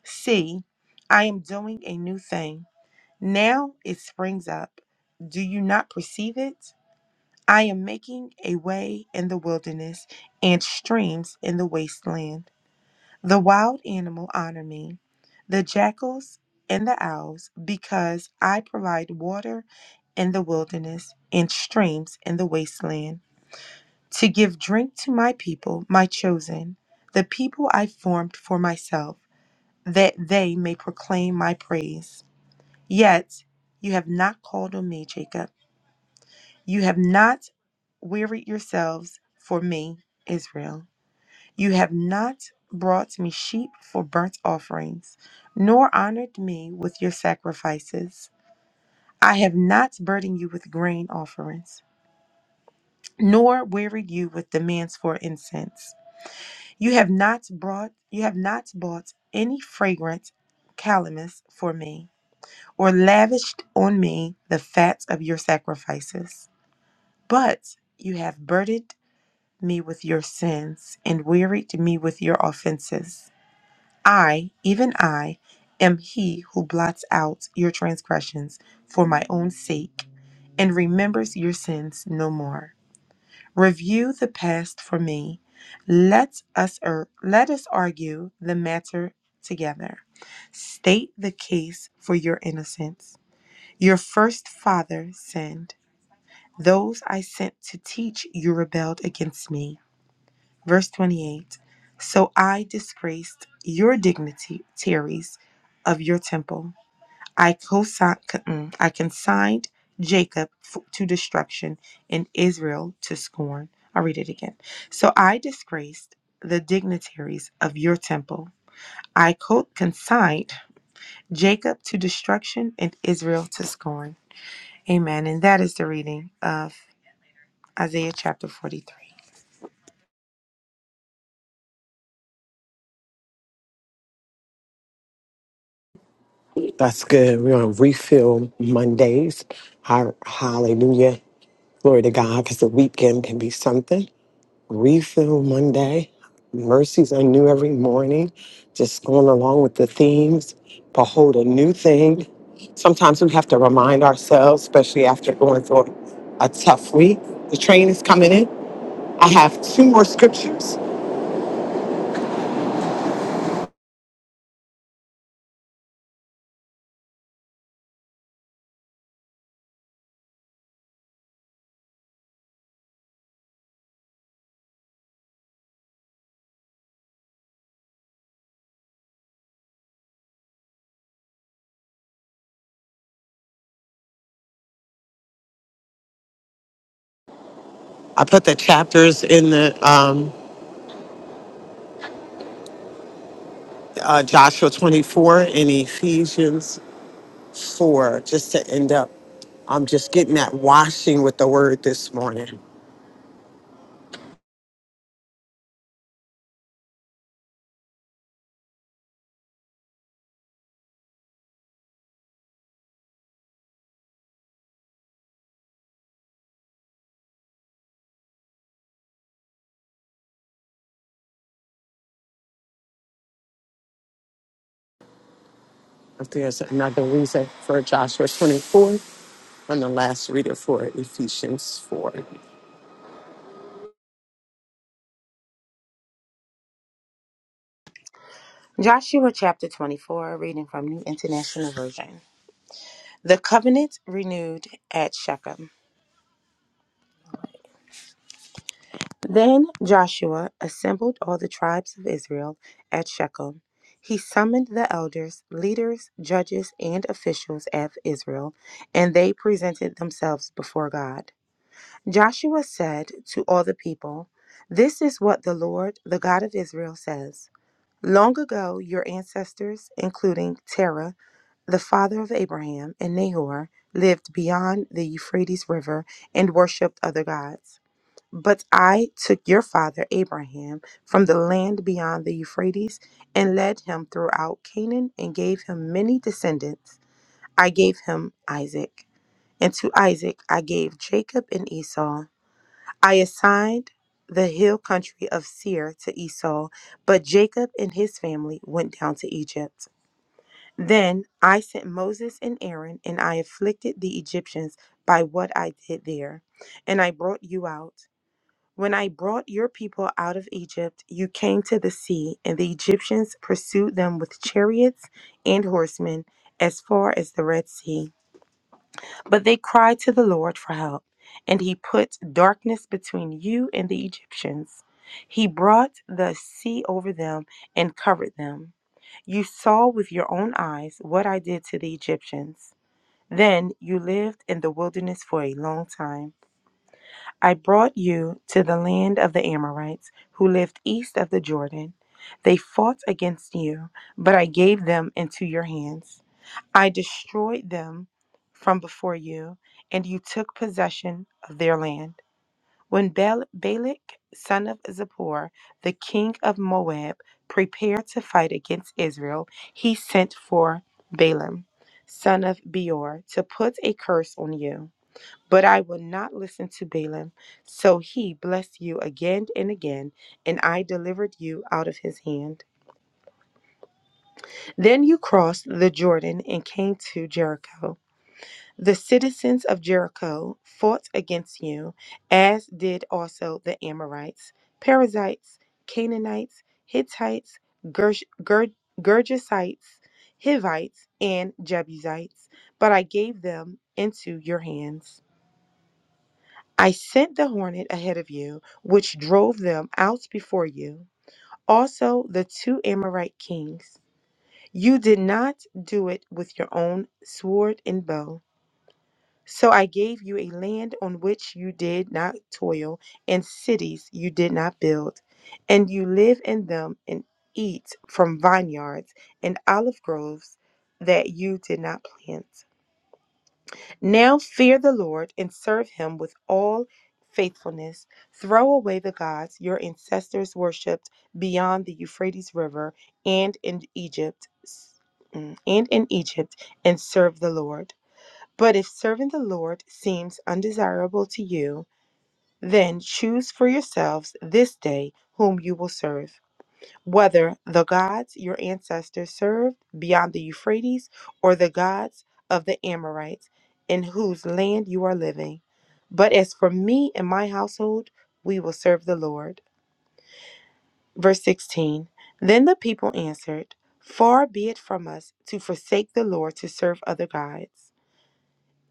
S9: See, I am doing a new thing. Now it springs up. Do you not perceive it? I am making a way in the wilderness and streams in the wasteland. The wild animal honor me, the jackals and the owls, because I provide water in the wilderness and streams in the wasteland, to give drink to my people, my chosen, the people I formed for myself, that they may proclaim my praise. Yet you have not called on me, Jacob you have not wearied yourselves for me, Israel. You have not brought me sheep for burnt offerings, nor honored me with your sacrifices. I have not burdened you with grain offerings, nor wearied you with demands for incense. You have not brought you have not bought any fragrant calamus for me, or lavished on me the fat of your sacrifices. But you have burdened me with your sins, and wearied me with your offenses. I, even I, am he who blots out your transgressions for my own sake, and remembers your sins no more. Review the past for me. Let us er, let us argue the matter together. State the case for your innocence. Your first father sinned. Those I sent to teach you rebelled against me. Verse 28 So I disgraced your dignitaries of your temple. I, consi- mm, I consigned Jacob f- to destruction and Israel to scorn. I'll read it again. So I disgraced the dignitaries of your temple. I co- consigned Jacob to destruction and Israel to scorn. Amen. And that is the reading of Isaiah chapter 43.
S3: That's good. We're on refill Mondays. Har- Hallelujah. Glory to God, because the weekend can be something. Refill Monday. Mercies are new every morning. Just going along with the themes. Behold a new thing. Sometimes we have to remind ourselves, especially after going through a tough week. The train is coming in. I have two more scriptures. I put the chapters in the um, uh, Joshua 24 and Ephesians 4 just to end up I'm just getting that washing with the word this morning. If there's another reason for Joshua 24, from the last reader for Ephesians 4.
S9: Joshua chapter 24, reading from New International Version. The covenant renewed at Shechem. Then Joshua assembled all the tribes of Israel at Shechem. He summoned the elders, leaders, judges, and officials of Israel, and they presented themselves before God. Joshua said to all the people, This is what the Lord, the God of Israel, says. Long ago, your ancestors, including Terah, the father of Abraham and Nahor, lived beyond the Euphrates River and worshipped other gods. But I took your father Abraham from the land beyond the Euphrates and led him throughout Canaan and gave him many descendants. I gave him Isaac, and to Isaac I gave Jacob and Esau. I assigned the hill country of Seir to Esau, but Jacob and his family went down to Egypt. Then I sent Moses and Aaron, and I afflicted the Egyptians by what I did there, and I brought you out. When I brought your people out of Egypt, you came to the sea, and the Egyptians pursued them with chariots and horsemen as far as the Red Sea. But they cried to the Lord for help, and he put darkness between you and the Egyptians. He brought the sea over them and covered them. You saw with your own eyes what I did to the Egyptians. Then you lived in the wilderness for a long time. I brought you to the land of the Amorites, who lived east of the Jordan. They fought against you, but I gave them into your hands. I destroyed them from before you, and you took possession of their land. When Bal- Balak, son of Zippor, the king of Moab, prepared to fight against Israel, he sent for Balaam, son of Beor, to put a curse on you. But I will not listen to Balaam. So he blessed you again and again, and I delivered you out of his hand. Then you crossed the Jordan and came to Jericho. The citizens of Jericho fought against you, as did also the Amorites, Perizzites, Canaanites, Hittites, Gersh- Ger- Gergesites, Hivites, and Jebusites, but I gave them into your hands. I sent the hornet ahead of you, which drove them out before you, also the two Amorite kings. You did not do it with your own sword and bow. So I gave you a land on which you did not toil, and cities you did not build, and you live in them and eat from vineyards and olive groves that you did not plant. Now fear the Lord and serve him with all faithfulness. Throw away the gods your ancestors worshipped beyond the Euphrates River and in Egypt. And in Egypt, and serve the Lord. But if serving the Lord seems undesirable to you, then choose for yourselves this day whom you will serve, whether the gods your ancestors served beyond the Euphrates or the gods of the Amorites in whose land you are living. But as for me and my household, we will serve the Lord. Verse 16 Then the people answered, Far be it from us to forsake the Lord to serve other gods.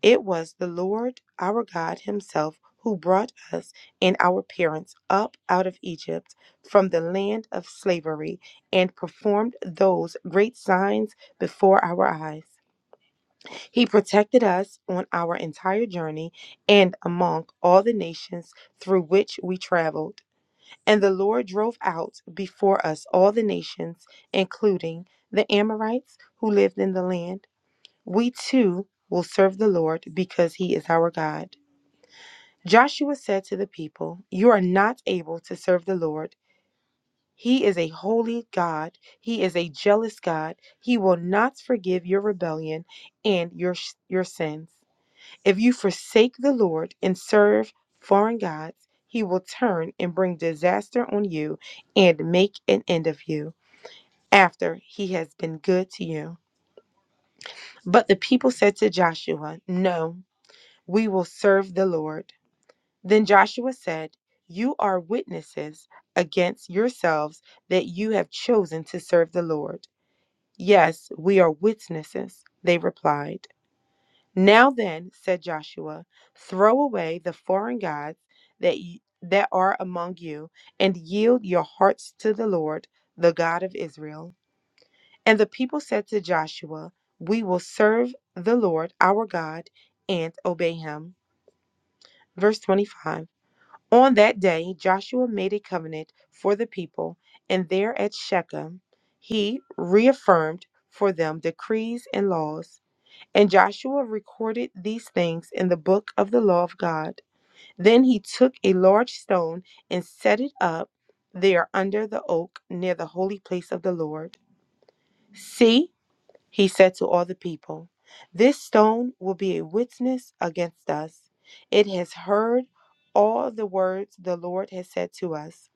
S9: It was the Lord our God Himself who brought us and our parents up out of Egypt from the land of slavery and performed those great signs before our eyes. He protected us on our entire journey and among all the nations through which we traveled. And the Lord drove out before us all the nations, including the Amorites who lived in the land we too will serve the Lord because he is our God. Joshua said to the people, You are not able to serve the Lord. He is a holy God. He is a jealous God. He will not forgive your rebellion and your, your sins. If you forsake the Lord and serve foreign gods, he will turn and bring disaster on you and make an end of you after he has been good to you. But the people said to Joshua, No. We will serve the Lord. Then Joshua said, You are witnesses against yourselves that you have chosen to serve the Lord. Yes, we are witnesses, they replied. Now then, said Joshua, throw away the foreign gods that, y- that are among you and yield your hearts to the Lord, the God of Israel. And the people said to Joshua, We will serve the Lord our God and obey him. Verse 25. On that day, Joshua made a covenant for the people, and there at Shechem, he reaffirmed for them decrees and laws. And Joshua recorded these things in the book of the law of God. Then he took a large stone and set it up there under the oak near the holy place of the Lord. See, he said to all the people, This stone will be a witness against us. It has heard all the words the Lord has said to us.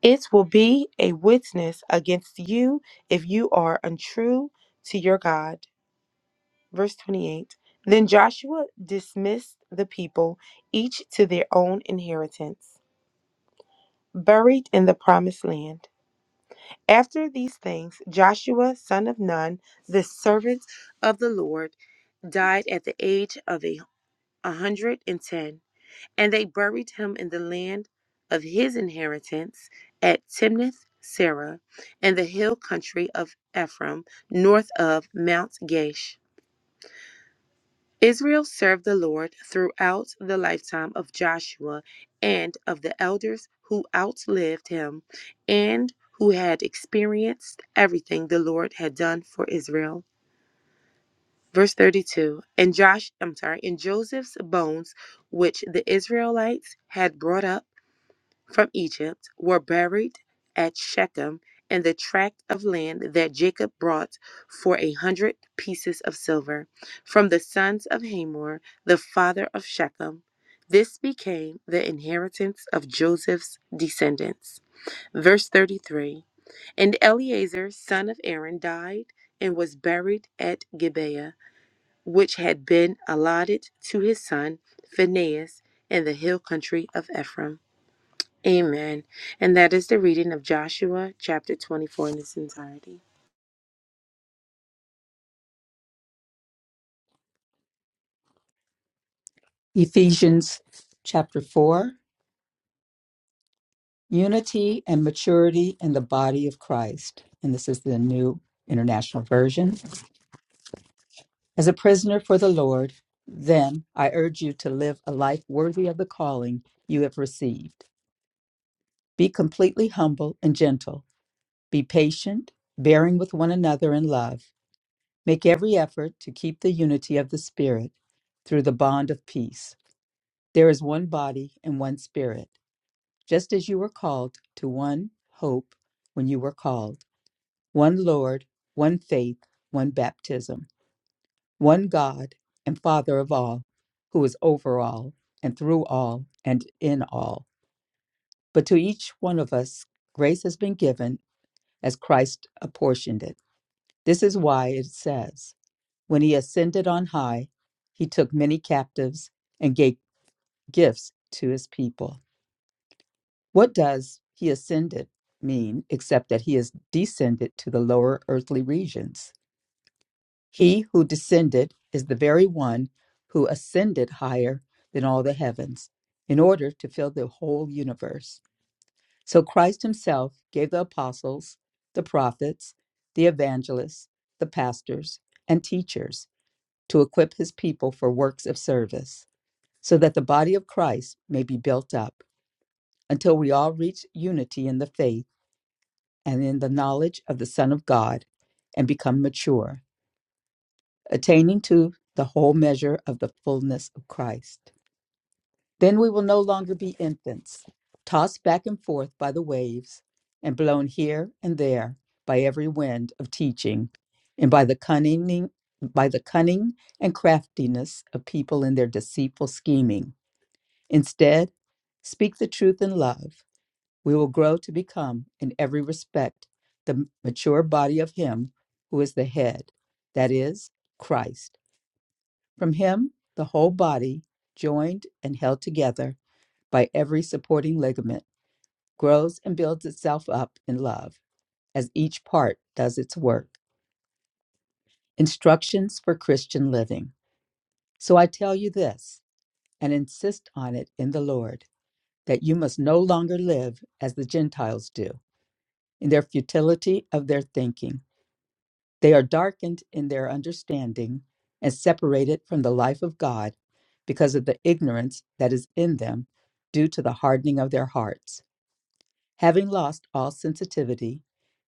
S9: It will be a witness against you if you are untrue to your God. Verse 28 Then Joshua dismissed the people, each to their own inheritance, buried in the promised land. After these things, Joshua, son of Nun, the servant of the Lord, died at the age of a a hundred and ten, and they buried him in the land of his inheritance at Timnath Sarah, in the hill country of Ephraim, north of Mount Gash. Israel served the Lord throughout the lifetime of Joshua and of the elders who outlived him and who had experienced everything the Lord had done for Israel. Verse 32 And Josh, I'm sorry, in Joseph's bones, which the Israelites had brought up from Egypt were buried at Shechem in the tract of land that Jacob brought for a hundred pieces of silver from the sons of Hamor, the father of Shechem. This became the inheritance of Joseph's descendants. Verse 33 And Eleazar, son of Aaron, died and was buried at Gibeah, which had been allotted to his son Phinehas in the hill country of Ephraim. Amen. And that is the reading of Joshua chapter 24 in its entirety.
S8: Ephesians chapter 4, unity and maturity in the body of Christ. And this is the New International Version. As a prisoner for the Lord, then I urge you to live a life worthy of the calling you have received. Be completely humble and gentle. Be patient, bearing with one another in love. Make every effort to keep the unity of the Spirit through the bond of peace. There is one body and one Spirit, just as you were called to one hope when you were called, one Lord, one faith, one baptism, one God and Father of all, who is over all and through all and in all. But to each one of us, grace has been given as Christ apportioned it. This is why it says, When he ascended on high, he took many captives and gave gifts to his people. What does he ascended mean except that he is descended to the lower earthly regions? He who descended is the very one who ascended higher than all the heavens in order to fill the whole universe. So Christ himself gave the apostles, the prophets, the evangelists, the pastors, and teachers to equip his people for works of service, so that the body of Christ may be built up until we all reach unity in the faith and in the knowledge of the Son of God and become mature, attaining to the whole measure of the fullness of Christ. Then we will no longer be infants, tossed back and forth by the waves and blown here and there by every wind of teaching and by the cunning by the cunning and craftiness of people in their deceitful scheming. Instead, speak the truth in love. We will grow to become in every respect the mature body of him who is the head, that is Christ. From him, the whole body, joined and held together by every supporting ligament, grows and builds itself up in love as each part does its work. Instructions for Christian living. So I tell you this, and insist on it in the Lord, that you must no longer live as the Gentiles do, in their futility of their thinking. They are darkened in their understanding and separated from the life of God because of the ignorance that is in them due to the hardening of their hearts. Having lost all sensitivity,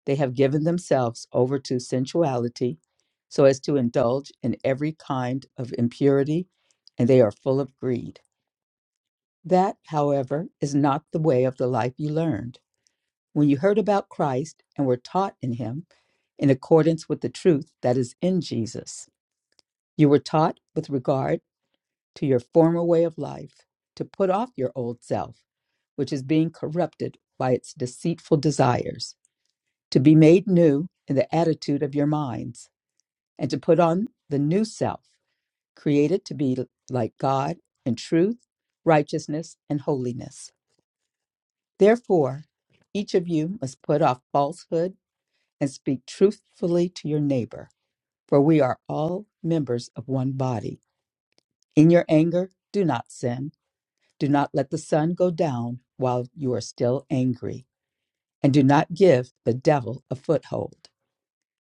S8: they have given themselves over to sensuality so as to indulge in every kind of impurity, and they are full of greed. That, however, is not the way of the life you learned. When you heard about Christ and were taught in him in accordance with the truth that is in Jesus You were taught with regard to your former way of life to put off your old self, which is being corrupted by its deceitful desires, to be made new in the attitude of your minds, and to put on the new self, created to be like God in truth, righteousness, and holiness. Therefore, each of you must put off falsehood and speak truthfully to your neighbor, for we are all members of one body. In your anger, do not sin. Do not let the sun go down while you are still angry, and do not give the devil a foothold.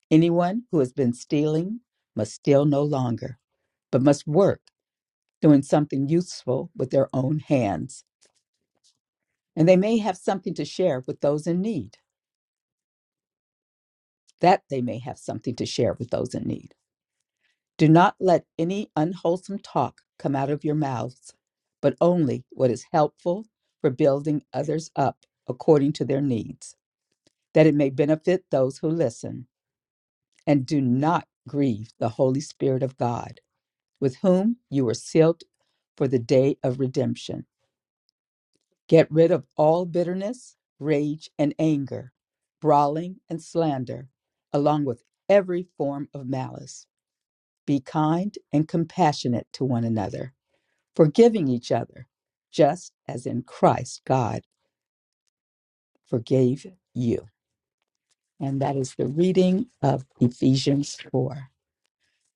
S8: Anyone who has been stealing must steal no longer, but must work, doing something useful with their own hands. And they may have something to share with those in need, that they may have something to share with those in need. Do not let any unwholesome talk come out of your mouths, but only what is helpful for building others up according to their needs that it may benefit those who listen. And do not grieve the Holy Spirit of God, with whom you were sealed for the day of redemption. Get rid of all bitterness, rage, and anger, brawling and slander, along with every form of malice. Be kind and compassionate to one another, forgiving each other, just as in Christ God forgave you. And that is the reading of Ephesians 4.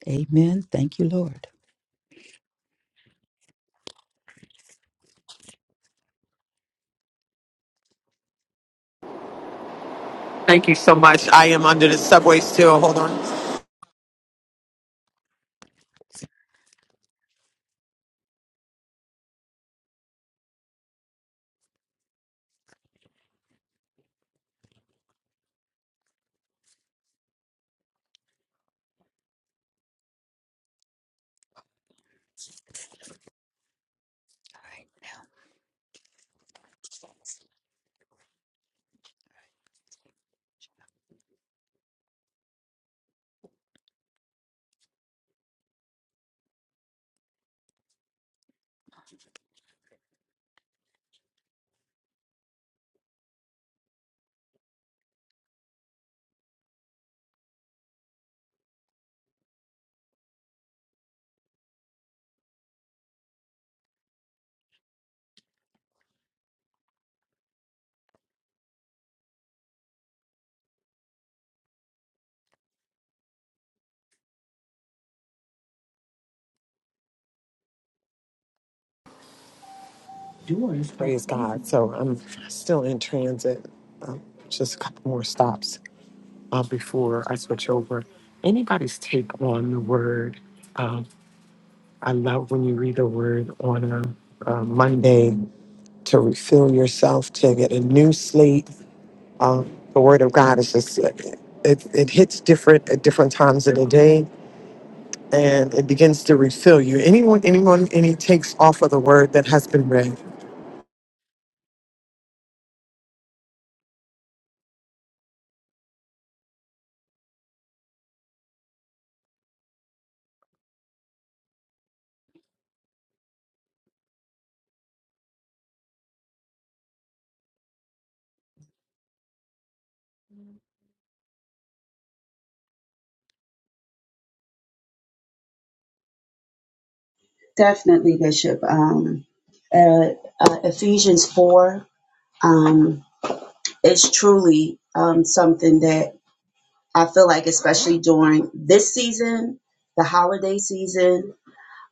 S8: Amen. Thank you, Lord.
S3: Thank you so much. I am under the subway still. Hold on.
S8: All right.
S3: Doors. Praise God. So I'm still in transit. Um, just a couple more stops uh, before I switch over. Anybody's take on the word? Um, I love when you read the word on a, a Monday to refill yourself, to get a new slate. Um, the word of God is just, it, it, it hits different at different times of the day. and it begins to refill you. Anyone, anyone, any takes off of the word that has been read.
S10: Definitely, Bishop. Um, uh, uh, Ephesians 4 um, is truly um, something that I feel like, especially during this season, the holiday season,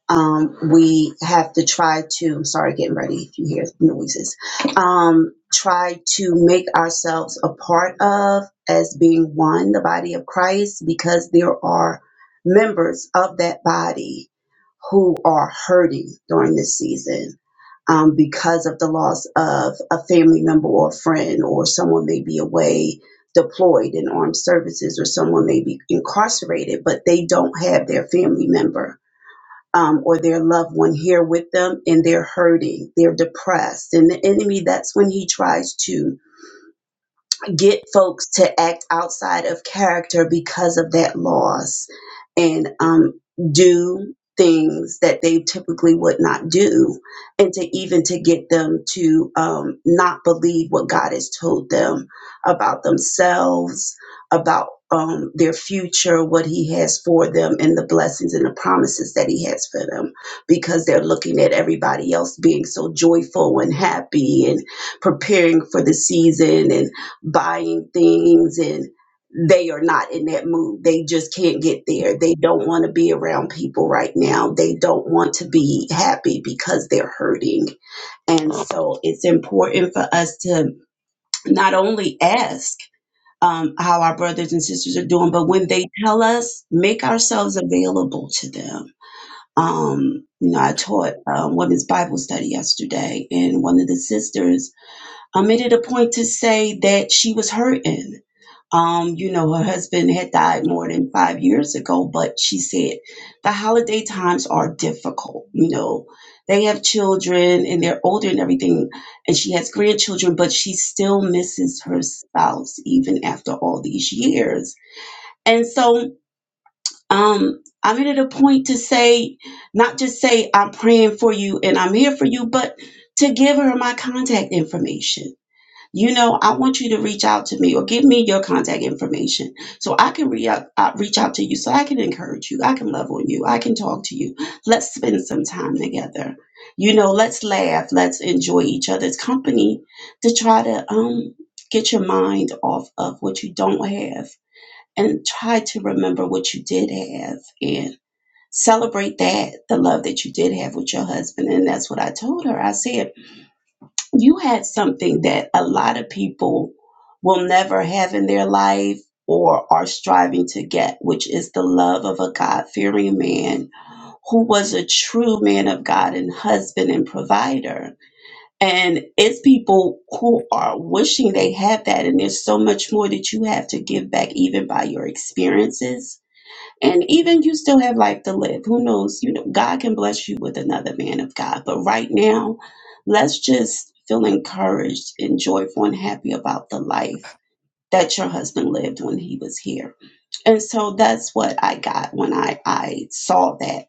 S10: um, we have to try to, I'm sorry, getting ready if you hear noises, um, try to make ourselves a part of as being one, the body of Christ, because there are members of that body who are hurting during this season um, because of the loss of a family member or friend, or someone may be away deployed in armed services, or someone may be incarcerated, but they don't have their family member um, or their loved one here with them and they're hurting, they're depressed. And the enemy, that's when he tries to get folks to act outside of character because of that loss and um, do things that they typically would not do and to even to get them to um, not believe what god has told them about themselves about um, their future what he has for them and the blessings and the promises that he has for them because they're looking at everybody else being so joyful and happy and preparing for the season and buying things and they are not in that mood. They just can't get there. They don't want to be around people right now. They don't want to be happy because they're hurting. And so it's important for us to not only ask um, how our brothers and sisters are doing, but when they tell us, make ourselves available to them. Um, you know, I taught um, women's Bible study yesterday, and one of the sisters um, made it a point to say that she was hurting um, you know, her husband had died more than five years ago, but she said the holiday times are difficult. You know, they have children and they're older and everything, and she has grandchildren, but she still misses her spouse even after all these years. And so, um, I'm at a point to say, not just say, I'm praying for you and I'm here for you, but to give her my contact information you know, I want you to reach out to me or give me your contact information so I can re- out- uh, reach out to you, so I can encourage you, I can love on you, I can talk to you. Let's spend some time together. You know, let's laugh, let's enjoy each other's company to try to um, get your mind off of what you don't have and try to remember what you did have and celebrate that, the love that you did have with your husband. And that's what I told her. I said, you had something that a lot of people will never have in their life or are striving to get, which is the love of a God fearing man who was a true man of God and husband and provider. And it's people who are wishing they had that. And there's so much more that you have to give back, even by your experiences and even you still have life to live. Who knows? You know, God can bless you with another man of God. But right now, let's just feel encouraged and joyful and happy about the life that your husband lived when he was here. And so that's what I got when I, I saw that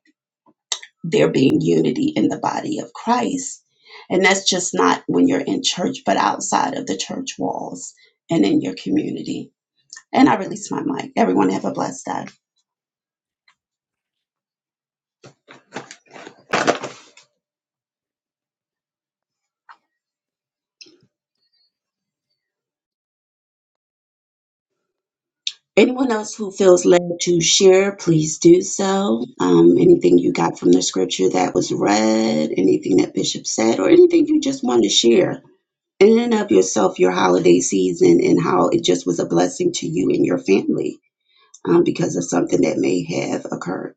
S10: there being unity in the body of Christ. And that's just not when you're in church, but outside of the church walls and in your community. And I release my mic. Everyone have a blessed day. Anyone else who feels led to share, please do so. Um, anything you got from the scripture that was read, anything that Bishop said, or anything you just want to share in and of yourself, your holiday season, and how it just was a blessing to you and your family um, because of something that may have occurred.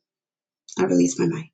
S10: I release my mic.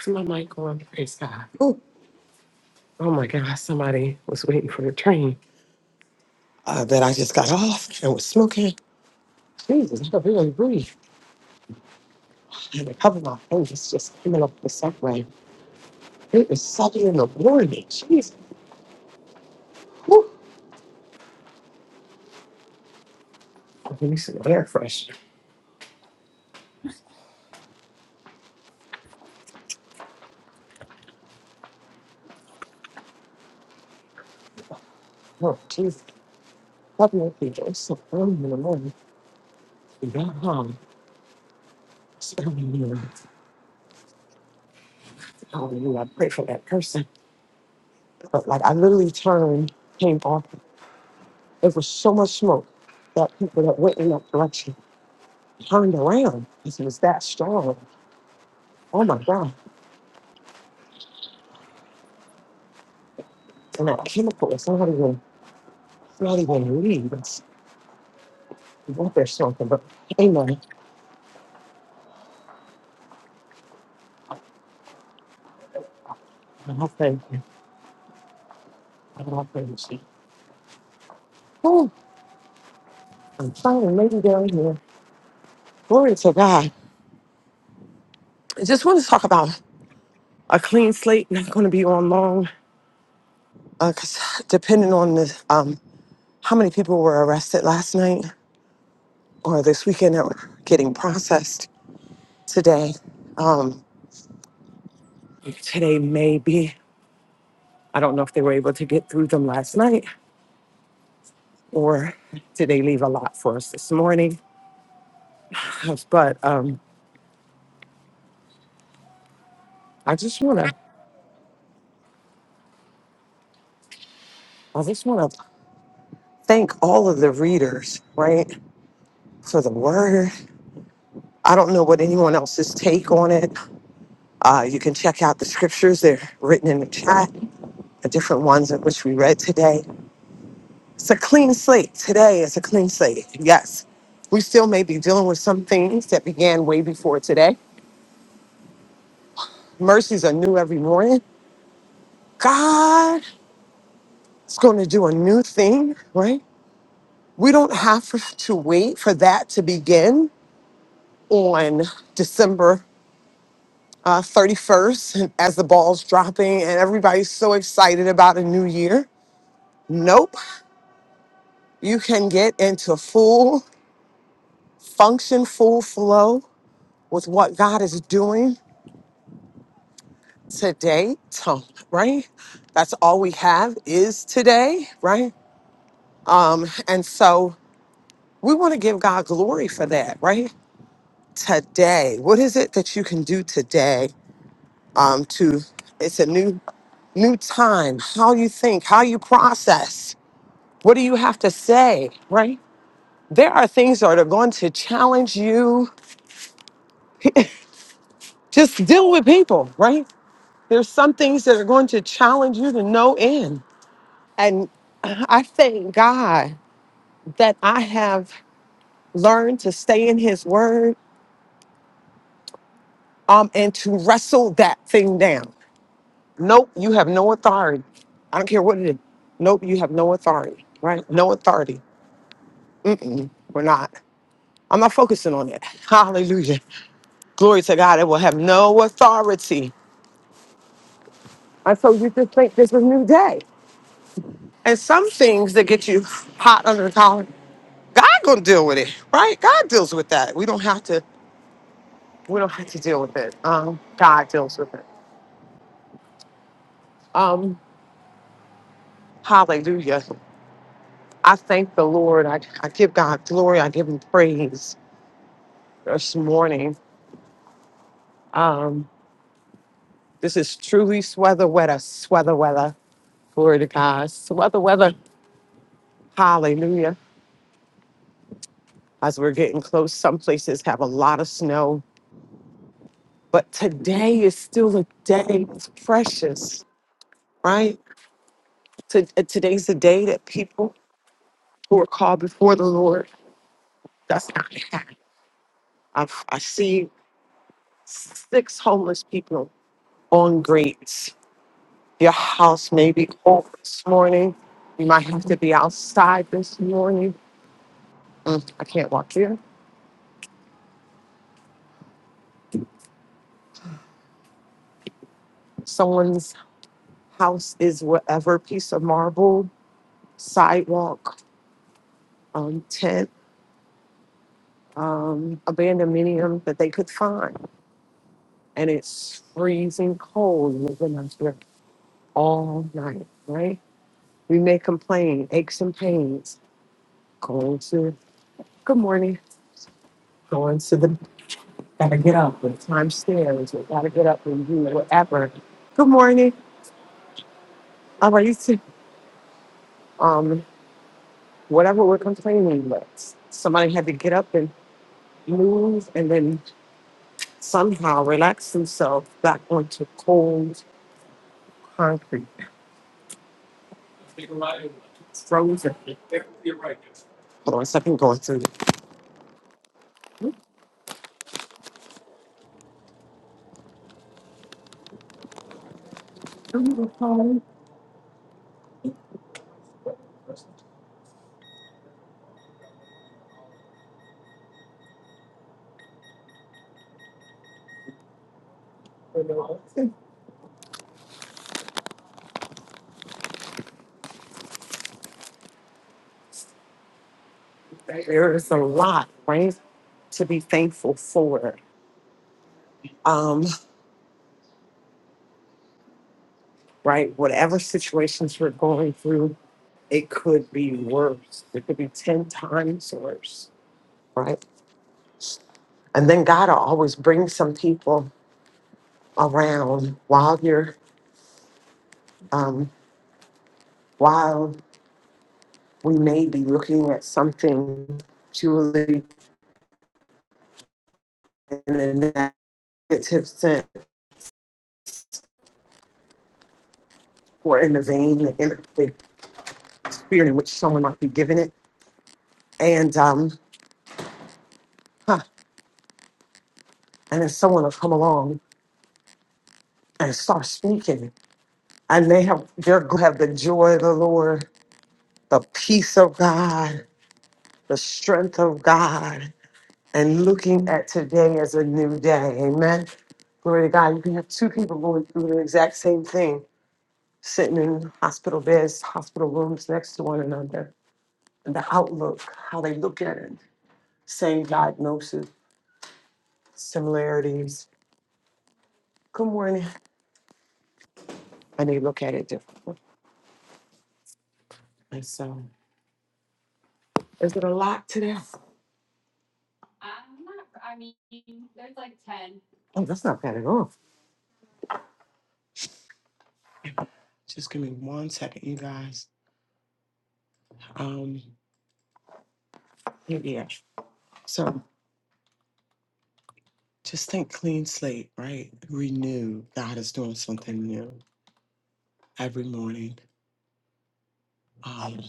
S3: Is my mic on? Praise God. Ooh. Oh my God, somebody was waiting for the train uh, that I just got off and was smoking. Jesus, I could really breathe. I had to cover my face just coming off the subway. It was seven in the morning. Jesus. Whew. I need some air fresh. Oh, Jesus. Love me with people. It's so early in the morning. You got home. It's early in the morning. Hallelujah. I pray for that person. But like I literally turned, came off. It was so much smoke that people that went in that direction turned around because it was that strong. Oh my God. And that chemical is not even it's not even leave. It's up there something. But amen. I thank you. I thank you. Oh, I'm finally maybe down here. Glory to God. I just want to talk about a clean slate, not going to be on long, because depending on the, um, how many people were arrested last night, or this weekend that were getting processed today. Um, today may be, I don't know if they were able to get through them last night or did they leave a lot for us this morning? But um, I just wanna, I just wanna thank all of the readers, right? For the word. I don't know what anyone else's take on it. Uh, you can check out the scriptures. They're written in the chat, the different ones in which we read today. It's a clean slate. Today is a clean slate. Yes, we still may be dealing with some things that began way before today. Mercies are new every morning. God is going to do a new thing, right? We don't have to wait for that to begin on December uh, 31st as the ball's dropping and everybody's so excited about a new year. Nope. You can get into full function, full flow with what God is doing today, so, right? That's all we have is today, right? Um, and so we want to give God glory for that, right? Today, what is it that you can do today? Um, to it's a new new time. How you think, how you process, what do you have to say, right? There are things that are going to challenge you. Just deal with people, right? There's some things that are going to challenge you to no end, and I thank God. that I have learned to stay in his word um, and to wrestle that thing down. Nope, you have no authority. I don't care what it is. Nope, you have no authority, right? No authority. Mm-mm, we're not. I'm not focusing on it. Hallelujah. Glory to God. It will have no authority. And so you just think this is a new day. And some things that get you hot under the collar, God gonna deal with it, right? God deals with that. We don't have to, we don't have to deal with it. Um, God deals with it. Um, Hallelujah. I thank the Lord. I, I give God glory. I give him praise this morning. Um, this is truly sweather weather, sweather weather. Glory to God. Sweather weather. Hallelujah. As we're getting close, some places have a lot of snow, but today is still a day. It's precious, right? To, uh, today's the day that people who are called before the Lord, that's not I, I see six homeless people on grates Your house may be cold this morning. You might have to be outside this morning. Mm, I can't walk here. Someone's house is whatever piece of marble, sidewalk, um, tent, um, abandoned minium that they could find. And it's freezing cold. and We've been out there all night, right? We may complain, aches and pains. Going to, good morning. Going to the. Gotta get up and climb stairs. Or gotta get up and do whatever. Good morning. Um, I used to, um, whatever we're complaining with, somebody had to get up and move and then somehow relax themselves back onto cold concrete. It's frozen. Hold on a second, going through. There is a lot, right, to be thankful for. Um, right? Whatever situations we're going through, it could be worse. It could be 10 times worse, right? And then God will always bring some people around while you're, um, while we may be looking at something, Julie, in a negative sense or in the vein, in the spirit in which someone might be giving it. And, um, huh, and then someone will come along and start speaking. And they have, they have the joy of the Lord the peace of God, the strength of God, and looking at today as a new day. Amen. Glory to God. You can have two people going through the exact same thing, sitting in hospital beds, hospital rooms next to one another. And the outlook, how they look at it, same diagnosis, similarities. Good morning. And they look at it differently. And so, is it a lot today? Oh, that's not bad at all. Just give me one second, you guys. Um, yeah. So just think clean slate, right? Renew. God is doing something new every morning. Um,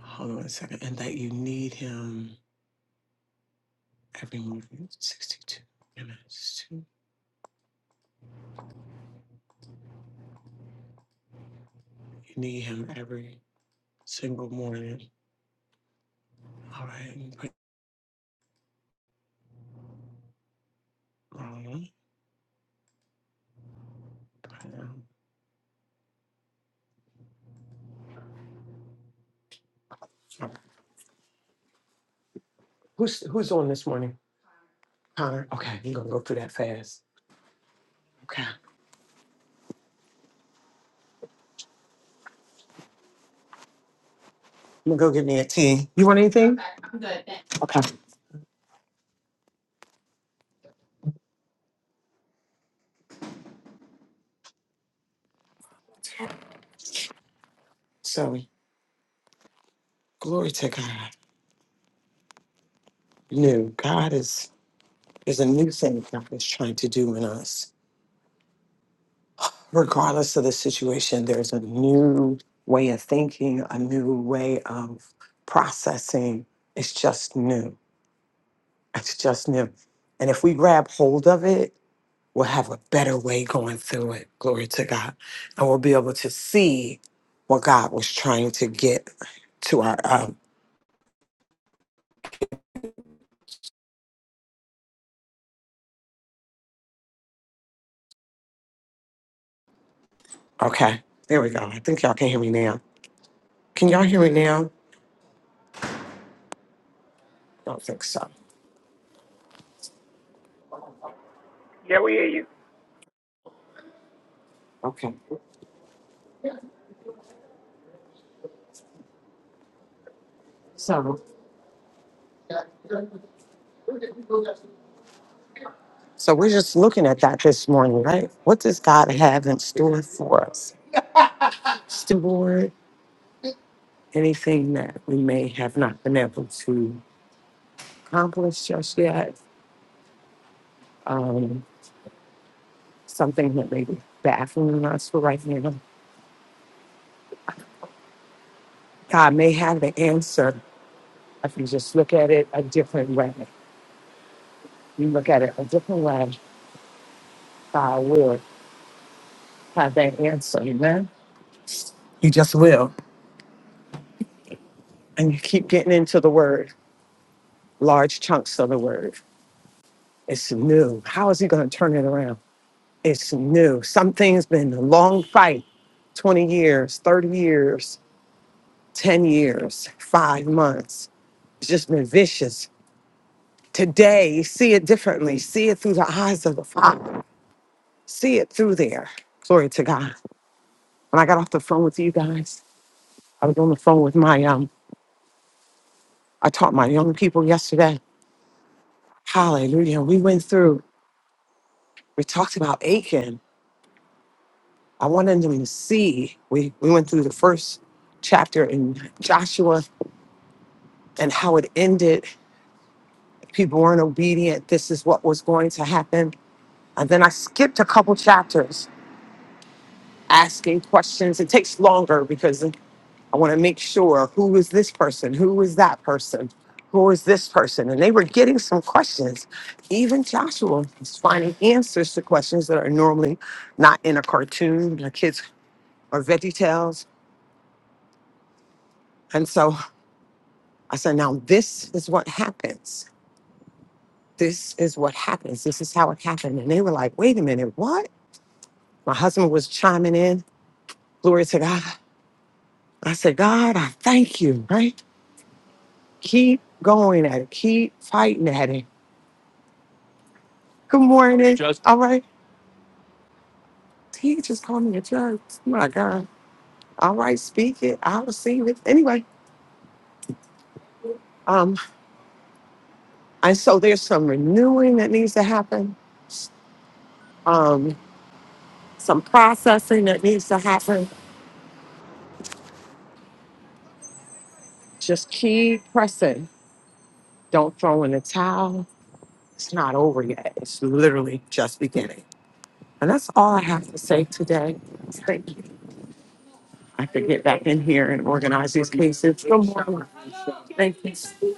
S3: hold on a second. And that you need Him every morning. 62 minutes. You need Him every single morning. All right. and put- um, um, Who's, who's on this morning? Connor. Okay. You're going to go through that fast. Okay. I'm going to go get me a tea. You want anything? Okay. So, glory to God. New. God is. There's a new thing God is trying to do in us. Regardless of the situation, there's a new way of thinking, a new way of processing. It's just new. It's just new. And if we grab hold of it, we'll have a better way going through it. Glory to God. And we'll be able to see what God was trying to get to our. Um, okay, there we go. I think y'all can hear me now. Can y'all hear me now? don't think so.
S2: Yeah, we hear you.
S3: Okay. So. So we're just looking at that this morning, right? What does God have in store for us? Steward anything that we may have not been able to accomplish just yet, um, something that may be baffling us for right now. God may have the answer if you just look at it a different way. You look at it a different way, God will have that answer, amen? You just will. And you keep getting into the word, large chunks of the word. It's new. How is he going to turn it around? It's new. Something's been a long fight 20 years, 30 years, 10 years, five months. It's just been vicious. Today, see it differently. See it through the eyes of the Father. See it through there. Glory to God. When I got off the phone with you guys, I was on the phone with my, um, I taught my young people yesterday. Hallelujah. We went through, we talked about Achan I wanted them to see. We, we went through the first chapter in Joshua and how it ended. People weren't obedient. This is what was going to happen. And then I skipped a couple chapters asking questions. It takes longer because I want to make sure who is this person? Who is that person? Who is this person? And they were getting some questions. Even Joshua is finding answers to questions that are normally not in a cartoon. The kids are veggie tales. And so I said, now this is what happens. This is what happens. This is how it happened. And they were like, wait a minute, what? My husband was chiming in. Glory to God. I said, God, I thank you, right? Keep going at it. Keep fighting at it. Good morning. Judge. All right. He just called me a judge. My God. All right, speak it. I'll receive it. Anyway, um, and so there's some renewing that needs to happen. Um, some processing that needs to happen. Just keep pressing Don't throw in the towel. It's not over yet. It's literally just beginning. And that's all I have to say today. Thank you. I could get back in here and organize these cases. Good morning. Thank you.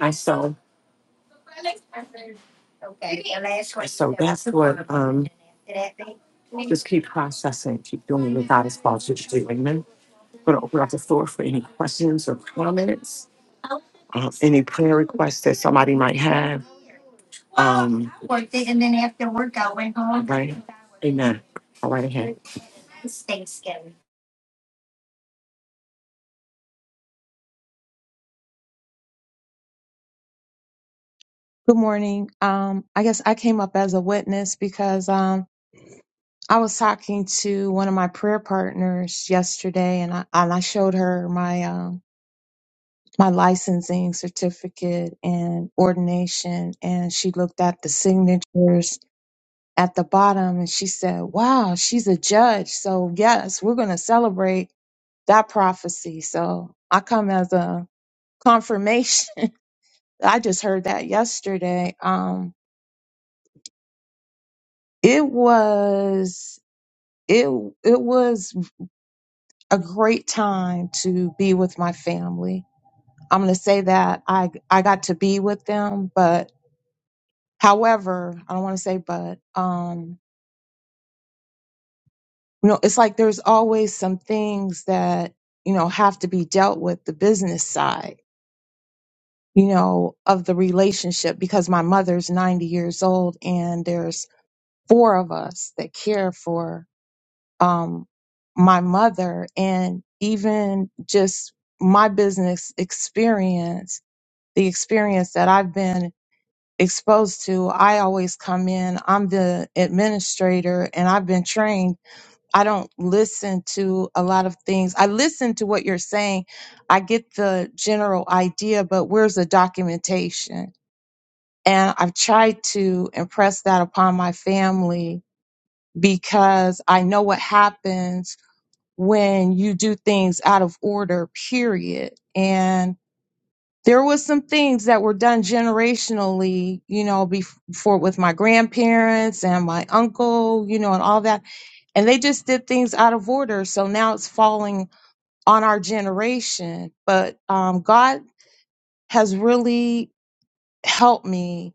S3: I so, I so that's what, um, just keep processing, keep doing what God has called you to do. Amen. Going to open up the floor for any questions or comments, uh, any prayer requests that somebody might have. Um, Worked it, and then after work, I went home. right. Amen. all right ahead. It's Thanksgiving.
S11: Good morning. Um, I guess I came up as a witness because um, I was talking to one of my prayer partners yesterday, and I and I showed her my um, my licensing certificate and ordination, and she looked at the signatures at the bottom, and she said, "Wow, she's a judge." So yes, we're going to celebrate that prophecy. So I come as a confirmation. I just heard that yesterday. Um, it was. it it was a great time to be with my family. I'm going to say that I I got to be with them, but however, I don't want to say but um you know, it's like there's always some things that, you know, have to be dealt with the business side, you know, of the relationship because my mother's 90 years old and there's four of us that care for um, my mother and even just my business experience, the experience that I've been exposed to, I always come in, I'm the administrator and I've been trained. I don't listen to a lot of things. I listen to what you're saying. I get the general idea, but where's the documentation? And I've tried to impress that upon my family because I know what happens when you do things out of order, period. And there was some things that were done generationally, you know, bef- before with my grandparents and my uncle, you know, and all that. And they just did things out of order. So now it's falling on our generation. But um, God has really helped me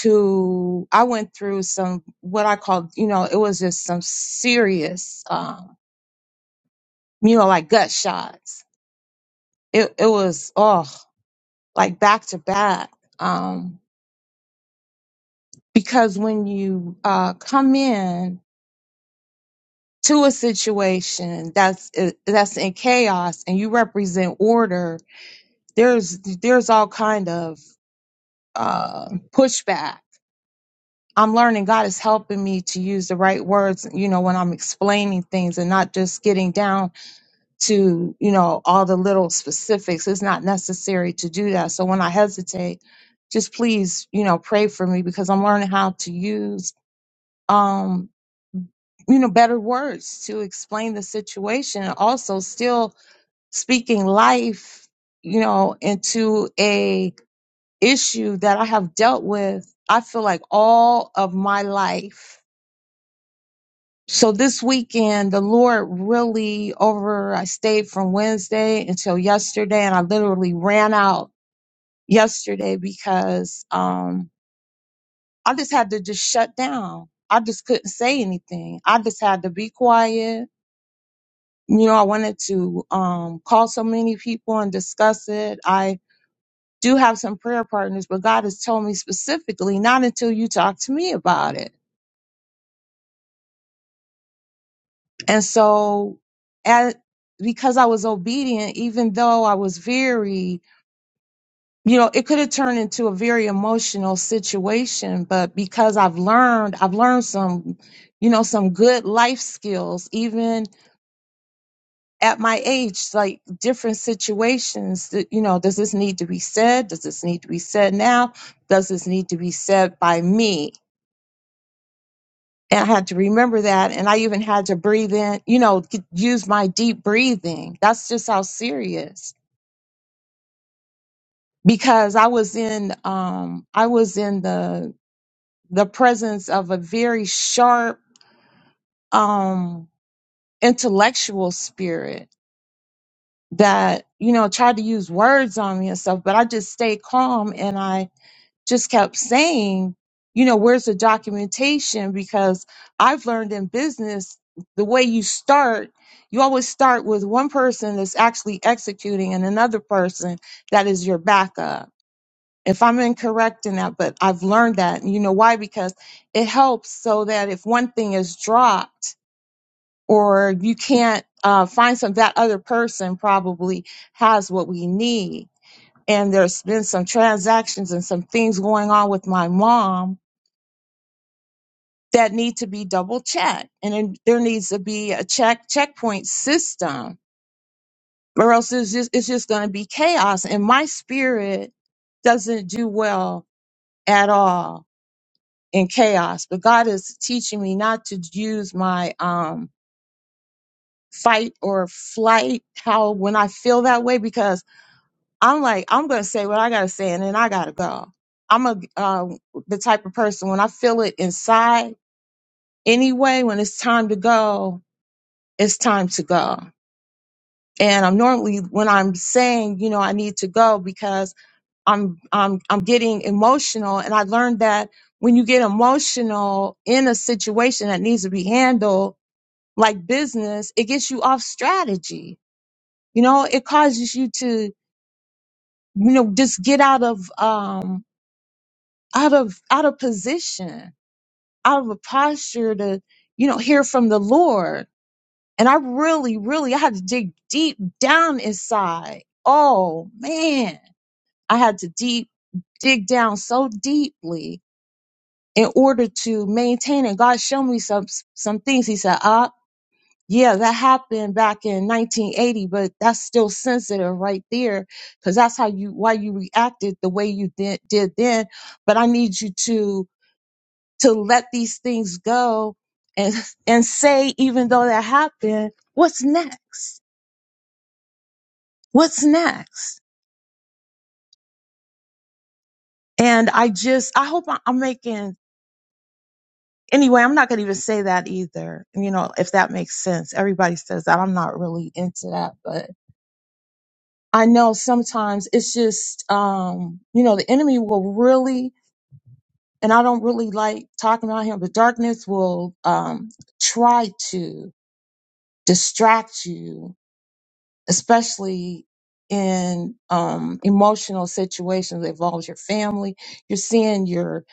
S11: to, I went through some, what I called, you know, it was just some serious, um, you know, like gut shots it it was oh like back to back um because when you uh come in to a situation that's uh, that's in chaos and you represent order there's there's all kind of uh pushback i'm learning god is helping me to use the right words you know when i'm explaining things and not just getting down to you know all the little specifics it's not necessary to do that so when i hesitate just please you know pray for me because i'm learning how to use um you know better words to explain the situation and also still speaking life you know into a issue that i have dealt with i feel like all of my life So this weekend, the Lord really over, I stayed from Wednesday until yesterday and I literally ran out yesterday because, um, I just had to just shut down. I just couldn't say anything. I just had to be quiet. You know, I wanted to, um, call so many people and discuss it. I do have some prayer partners, but God has told me specifically not until you talk to me about it And so, as, because I was obedient, even though I was very, you know, it could have turned into a very emotional situation, but because I've learned, I've learned some, you know, some good life skills, even at my age, like different situations that, you know, does this need to be said? Does this need to be said now? Does this need to be said by me? And I had to remember that. And I even had to breathe in, you know, g- use my deep breathing. That's just how serious because I was in, um, I was in the, the presence of a very sharp, um, intellectual spirit that, you know, tried to use words on me and stuff, but I just stayed calm and I. just kept saying, you know, where's the documentation? Because I've learned in business, the way you start, you always start with one person that's actually executing and another person that is your backup. If I'm incorrect in that, but I've learned that, and you know why? Because it helps so that if one thing is dropped or you can't uh, find some, that other person probably has what we need and there's been some transactions and some things going on with my mom that need to be double checked and then there needs to be a check checkpoint system or else it's just it's just going to be chaos and my spirit doesn't do well at all in chaos but god is teaching me not to use my um fight or flight how when i feel that way because I'm like, I'm gonna say what I gotta say, and then I gotta go. I'm a um, the type of person when I feel it inside anyway. When it's time to go, it's time to go. And I'm normally when I'm saying, you know, I need to go because I'm I'm I'm getting emotional, and I learned that when you get emotional in a situation that needs to be handled like business, it gets you off strategy. You know, it causes you to you know just get out of um out of out of position, out of a posture to, you know, hear from the Lord. And I really, really I had to dig deep down inside. Oh man, I had to deep dig down so deeply in order to maintain it. God showed me some some things. He said, "Ah, yeah, that happened back in 1980, but that's still sensitive right there because that's how you why you reacted the way you did, did then. But I need you to to let these things go and and say even though that happened what's next what's next and i just i hope I- i'm making anyway i'm not going to even say that either you know if that makes sense everybody says that i'm not really into that but i know sometimes it's just um you know the enemy will really and i don't really like talking about him but darkness will um try to distract you especially in um, emotional situations that involves your family. You're seeing your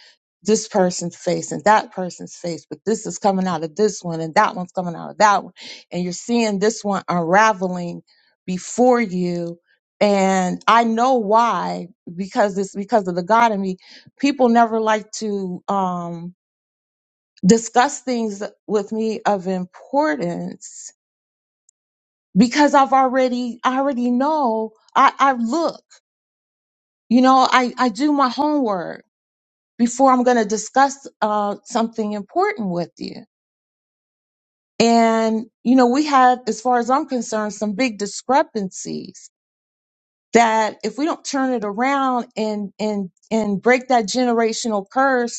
S11: this person's face and that person's face, but this is coming out of this one and that one's coming out of that one, and you're seeing this one unraveling before you. And I know why because it's because of the God in me. People never like to um, discuss things with me of importance because I've already, I already know. I, I look, you know, I, I do my homework before I'm going to discuss uh, something important with you. And, you know, we had, as far as I'm concerned, some big discrepancies that if we don't turn it around and, and, and break that generational curse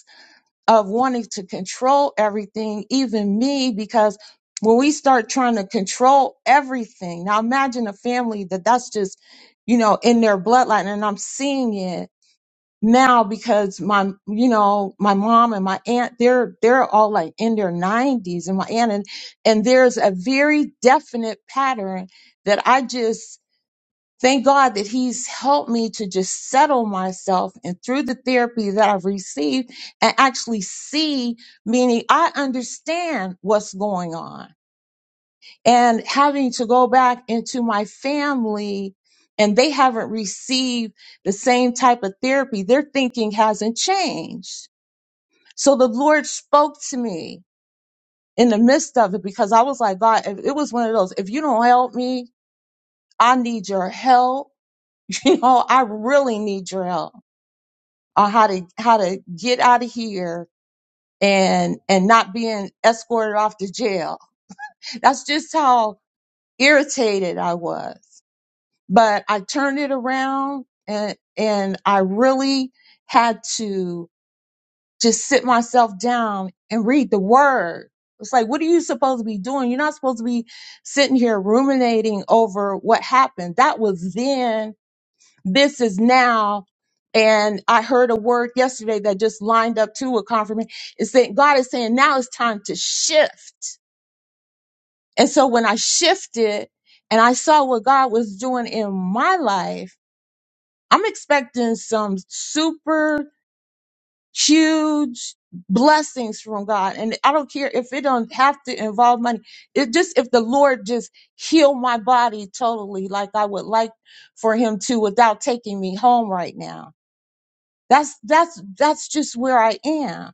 S11: of wanting to control everything, even me, because when we start trying to control everything, now imagine a family that that's just, you know, in their bloodline. And I'm seeing it now because my, you know, my mom and my aunt, they're, they're all like in their nineties and my aunt and, and there's a very definite pattern that I just Thank God that He's helped me to just settle myself and through the therapy that I've received and actually see, meaning I understand what's going on. And having to go back into my family and they haven't received the same type of therapy, their thinking hasn't changed. So the Lord spoke to me in the midst of it because I was like, God, if- it was one of those, if you don't help me, I need your help. You know, I really need your help. on how to how to get out of here and and not being escorted off to jail. That's just how irritated I was. But I turned it around and and I really had to just sit myself down and read the word. It's like, what are you supposed to be doing? You're not supposed to be sitting here ruminating over what happened. That was then this is now. And I heard a word yesterday that just lined up to a confirmation. It's that God is saying now it's time to shift. And so when I shifted and I saw what God was doing in my life, I'm expecting some super huge blessings from God. And I don't care if it don't have to involve money. It just, if the Lord just heal my body totally, like I would like for him to without taking me home right now That's that's that's just where I am.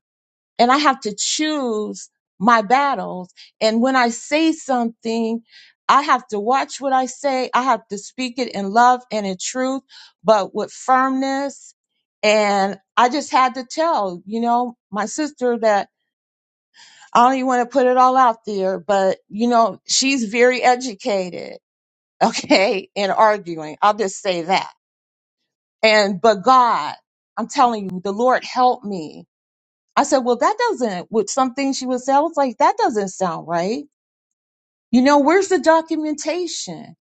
S11: And I have to choose my battles. And when I say something, I have to watch what I say. I have to speak it in love and in truth, but with firmness. And I just had to tell, you know, my sister that I don't even want to put it all out there, but you know, she's very educated, okay, in arguing. I'll just say that. And but God, I'm telling you, the Lord helped me I said, well, that doesn't, with some things she would say, I was like, that doesn't sound right. You know, where's the documentation?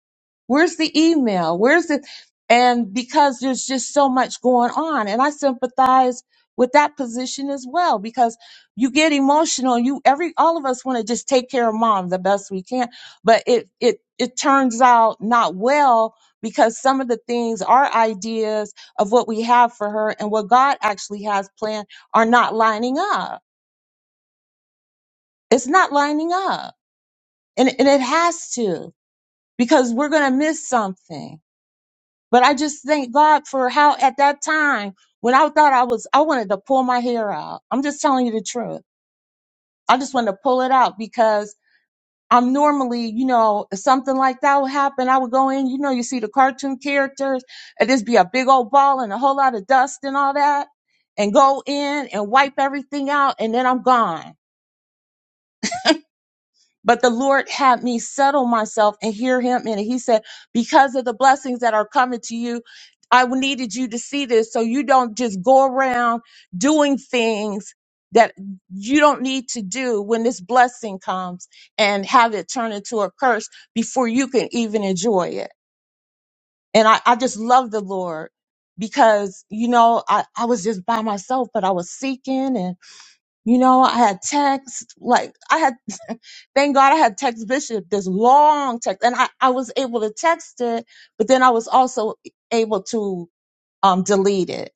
S11: Where's the email? Where's the, and because there's just so much going on. And I sympathize with that position as well, because you get emotional. You, every, all of us want to just take care of mom the best we can, but it, it, it turns out not well because some of the things, our ideas of what we have for her and what God actually has planned are not lining up It's not lining up. And, and it has to because we're going to miss something. But I just thank God for how at that time when I thought I was, I wanted to pull my hair out. I'm just telling you the truth. I just wanted to pull it out because I'm normally, you know, if something like that would happen, I would go in, you know, you see the cartoon characters and just be a big old ball and a whole lot of dust and all that and go in and wipe everything out and then I'm gone But the Lord had me settle myself and hear him. And he said, Because of the blessings that are coming to you, I needed you to see this so you don't just go around doing things that you don't need to do when this blessing comes and have it turn into a curse before you can even enjoy it. And I, I just love the Lord because, you know, I, I was just by myself, but I was seeking and, you know, I had texts, like I had Thank God I had text Bishop this long text, and I, I was able to text it, but then I was also able to um, delete it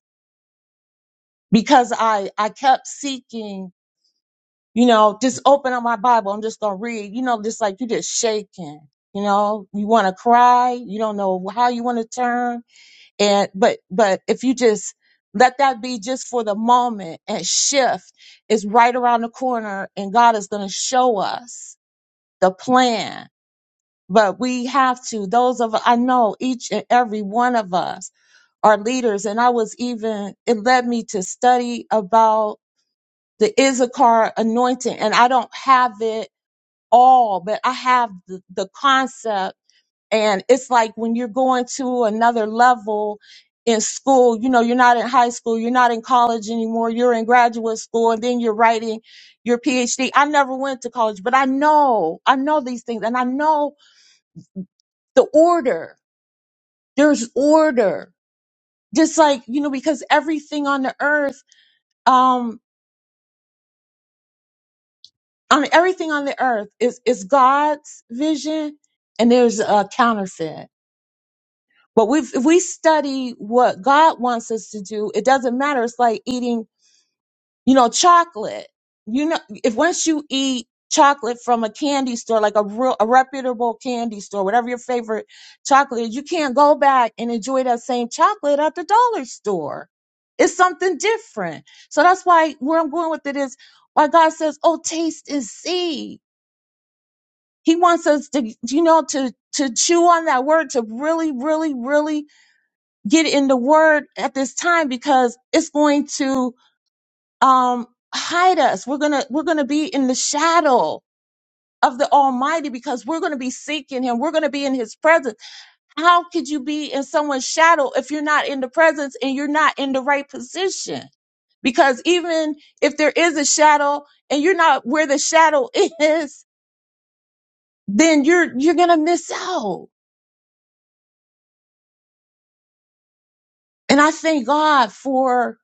S11: because I I kept seeking, you know, just open up my Bible. I'm just gonna read, you know, just like you just shaking, you know, you want to cry, you don't know how you want to turn, and but but if you just let that be just for the moment and shift, it's right around the corner, and God is gonna show us the plan but we have to those of i know each and every one of us are leaders and i was even it led me to study about the issachar anointing and i don't have it all but i have the, the concept and it's like when you're going to another level in school you know you're not in high school you're not in college anymore you're in graduate school and then you're writing your phd i never went to college but i know i know these things and i know the order there's order just like you know because everything on the earth um on everything on the earth is is god's vision and there's a counterfeit but we if we study what god wants us to do it doesn't matter it's like eating you know chocolate you know if once you eat chocolate from a candy store like a real a reputable candy store whatever your favorite chocolate is you can't go back and enjoy that same chocolate at the dollar store it's something different so that's why where i'm going with it is why god says oh taste and see he wants us to you know to to chew on that word to really really really get in the word at this time because it's going to um hide us we're gonna we're gonna be in the shadow of the almighty because we're gonna be seeking him we're gonna be in his presence how could you be in someone's shadow if you're not in the presence and you're not in the right position because even if there is a shadow and you're not where the shadow is then you're you're gonna miss out and i thank god for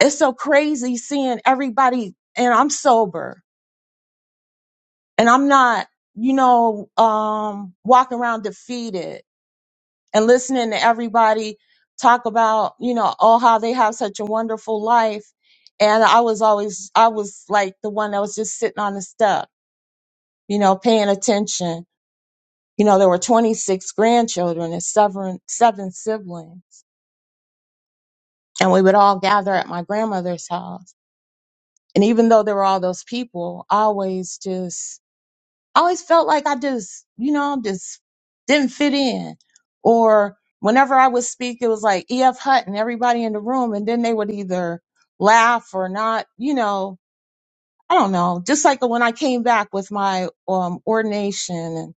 S11: it's so crazy seeing everybody and i'm sober and I'm not, you know, um, walking around defeated and listening to everybody talk about, you know, oh, how they have such a wonderful life. And I was always, I was like the one that was just sitting on the step, you know, paying attention. You know, there were 26 grandchildren and seven, seven siblings. And we would all gather at my grandmother's house. And even though there were all those people, I always just I always felt like I just, you know, just didn't fit in. Or whenever I would speak, it was like E.F. and everybody in the room, and then they would either laugh or not, you know, I don't know. Just like when I came back with my um, ordination and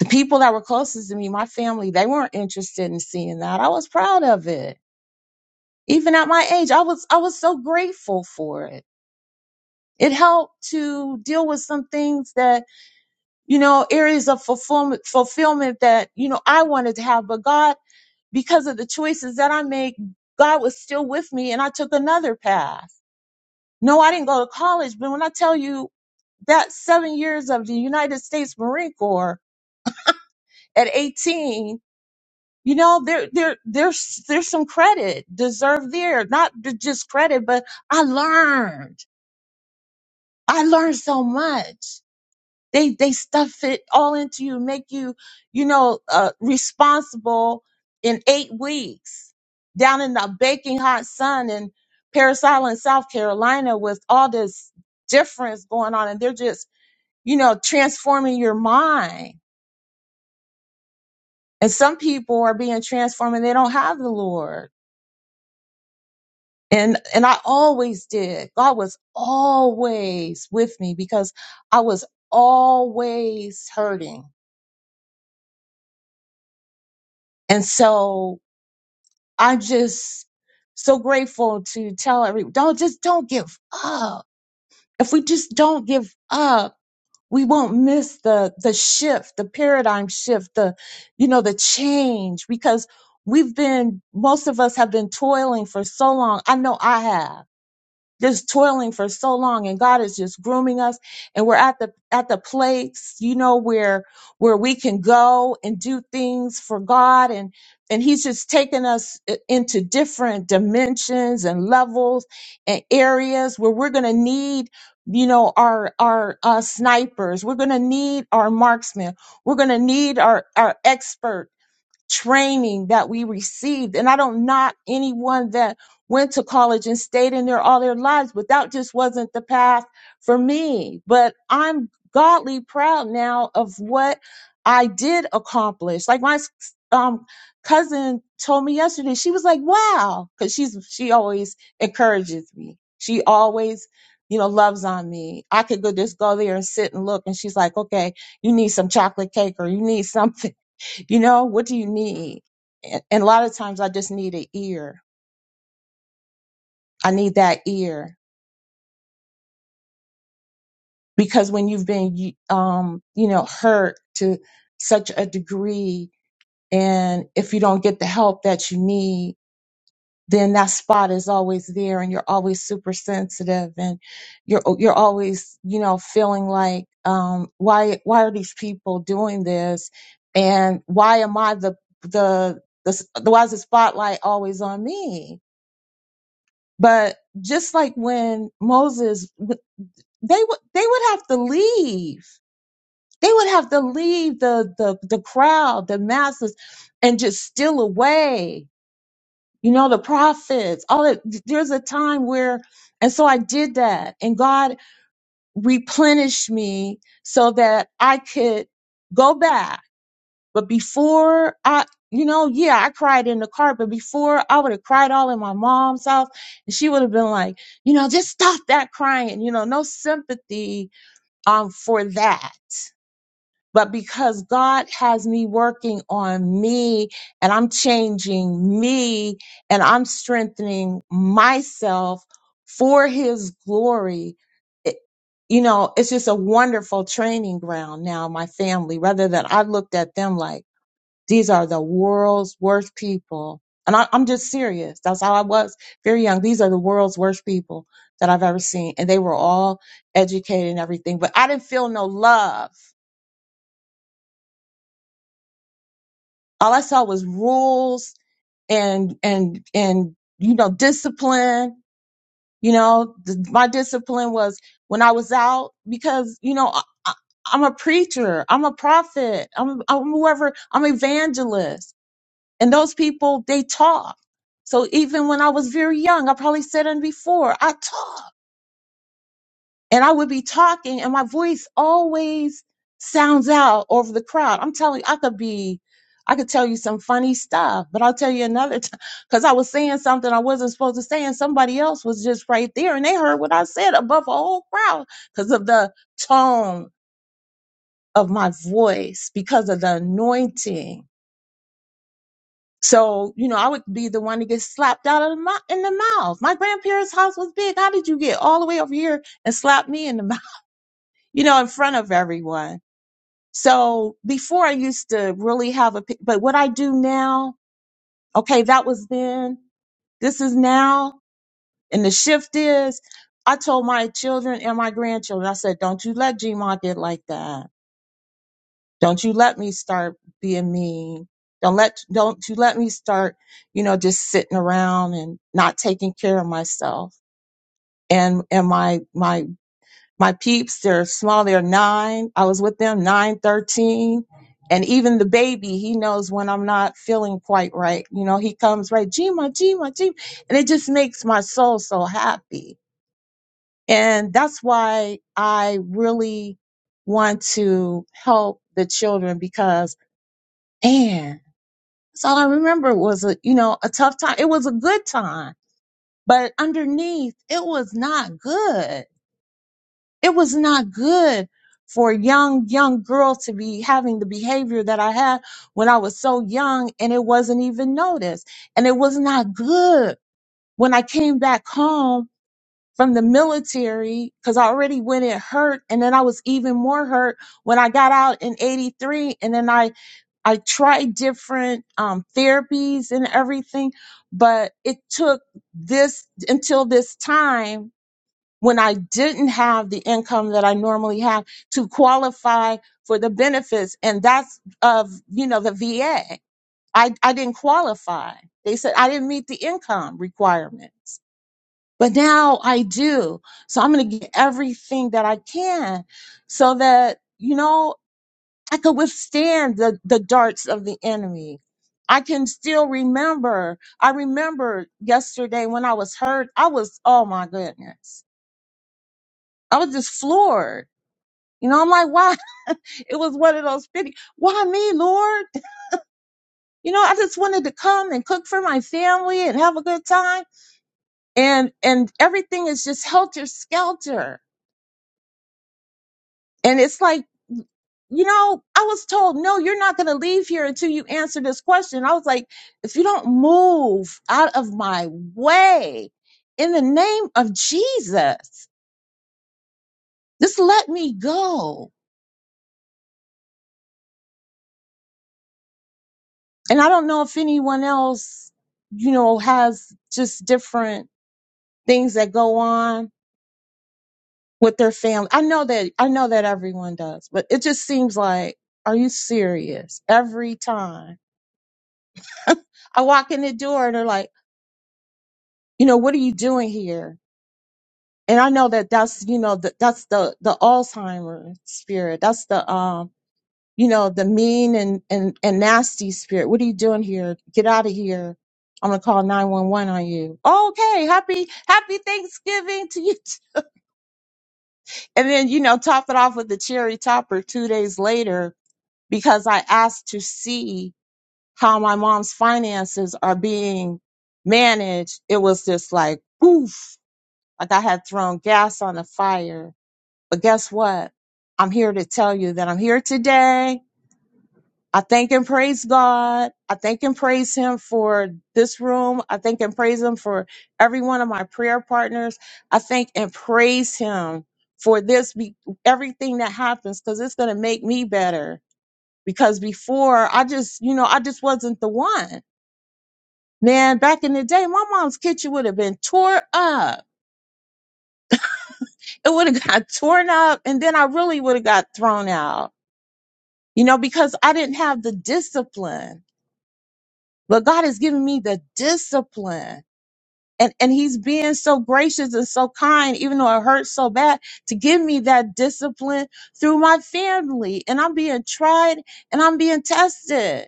S11: the people that were closest to me, my family, they weren't interested in seeing that. I was proud of it. Even at my age, I was I was so grateful for it. It helped to deal with some things that you know, areas of fulfillment, fulfillment that, you know, I wanted to have. But God, because of the choices that I make, God was still with me and I took another path. No, I didn't go to college, but when I tell you that seven years of the United States Marine Corps at 18, you know, there, there, there's, there's some credit deserved there, not j- just credit, but I learned. I learned so much. They they stuff it all into you, make you, you know, uh, responsible in eight weeks down in the baking hot sun in Paris Island, South Carolina, with all this difference going on, and they're just, you know, transforming your mind. And some people are being transformed, and they don't have the Lord. And and I always did. God was always with me because I was always hurting. And so I'm just so grateful to tell everyone, don't just don't give up. If we just don't give up, we won't miss the the shift, the paradigm shift, the you know, the change because we've been most of us have been toiling for so long. I know I have just toiling for so long and God is just grooming us and we're at the at the place you know where where we can go and do things for God and and he's just taking us i- into different dimensions and levels and areas where we're going to need you know our our uh, snipers we're going to need our marksmen we're going to need our our experts training that we received. And I don't knock anyone that went to college and stayed in there all their lives, but that just wasn't the path for me. But I'm godly proud now of what I did accomplish. Like my s- um, cousin told me yesterday, she was like, wow, because she's she always encourages me. She always you know, loves on me. I could go just go there and sit and look. And she's like, okay, you need some chocolate cake or you need something you know, what do you need? And, and a lot of times I just need an ear. I need that ear because when you've been, y- um, you know, hurt to such a degree and if you don't get the help that you need, then that spot is always there and you're always super sensitive and you're, oh, you're always, you know, feeling like, um, why, why are these people doing this? And why am I the, the, the, why is the spotlight always on me? But just like when Moses, w- they would they would have to leave. They would have to leave the the the crowd, the masses, and just steal away. You know, the prophets. All that. There's a time where, and so I did that, and God replenished me so that I could go back but before I, you know, yeah, I cried in the car, but before I would have cried all in my mom's house and she would have been like, you know, just stop that crying, you know, no sympathy um for that. But because God has me working on me and I'm changing me and I'm strengthening myself for his glory, it- you know, it's just a wonderful training ground now, my family, rather than I looked at them like, these are the world's worst people. And I, I'm just serious. That's how I was very young. These are the world's worst people that I've ever seen. And they were all educated and everything, but I didn't feel no love. All I saw was rules and, and, and, you know, discipline. You know, th- my discipline was when I was out because, you know, I, I- I'm a preacher. I'm a prophet. I'm, I'm whoever, I'm evangelist. And those people, they talk. So even when I was very young, I probably said it before, I talk. And I would be talking and my voice always sounds out over the crowd. I'm telling you, I could be, I could tell you some funny stuff, but I'll tell you another time because I was saying something I wasn't supposed to say and somebody else was just right there and they heard what I said above a whole crowd because of the tone of my voice, because of the anointing So, you know, I would be the one to get slapped out of the mouth in the mouth. My grandparents' house was big. How did you get all the way over here and slap me in the mouth, you know, in front of everyone? So before I used to really have a, pi- but what I do now, okay, that was then, this is now. And the shift is I told my children and my grandchildren, I said, don't you let GMA get like that Don't you let me start being mean. Don't let don't you let me start, you know, just sitting around and not taking care of myself. And and my my my peeps, they're small, they're nine. I was with them nine, thirteen. And even the baby, he knows when I'm not feeling quite right. You know, he comes right, Gima, Gima, Gima. And it just makes my soul so happy. And that's why I really want to help the children because man So all I remember was a you know a tough time. It was a good time, but underneath it was not good. It was not good for a young young girl to be having the behavior that I had when I was so young and it wasn't even noticed. And it was not good when I came back home from the military because I already went it hurt and then I was even more hurt when I got out in 83 and then I I tried different um, therapies and everything, but it took this until this time when I didn't have the income that I normally have to qualify for the benefits, and that's of you know the VA. I I didn't qualify. They said I didn't meet the income requirements, but now I do. So I'm going to get everything that I can, so that. You know, I could withstand the, the darts of the enemy. I can still remember. I remember yesterday when I was hurt, I was, oh my goodness. I was just floored. You know, I'm like, why? It was one of those pity. Why me, Lord? You know, I just wanted to come and cook for my family and have a good time. And, and everything is just helter skelter. And it's like, you know, I was told, no, you're not going to leave here until you answer this question. I was like, if you don't move out of my way in the name of Jesus, just let me go. And I don't know if anyone else, you know, has just different things that go on with their family. I know that, I know that everyone does, but it just seems like, are you serious? Every time I walk in the door, they're like, you know, what are you doing here? and I know that that's you know that that's the the Alzheimer spirit. That's the um you know the mean and and and nasty spirit. What are you doing here? Get out of here! I'm gonna call nine one one on you. Okay, happy happy Thanksgiving to you. And then you know top it off with the cherry topper two days later because I asked to see how my mom's finances are being managed. It was just like oof, like I had thrown gas on the fire But guess what? I'm here to tell you that I'm here today. I thank and praise God. I thank and praise Him for this room. I thank and praise Him for every one of my prayer partners. I thank and praise Him for this, be- everything that happens, because it's going to make me better. Because before, I just, you know, I just wasn't the one. Man, back in the day, my mom's kitchen would have been tore up. It would have got torn up, and then I really would have got thrown out you know, because I didn't have the discipline. But God has given me the discipline. And, and he's being so gracious and so kind, even though it hurts so bad, to give me that discipline through my family. And I'm being tried and I'm being tested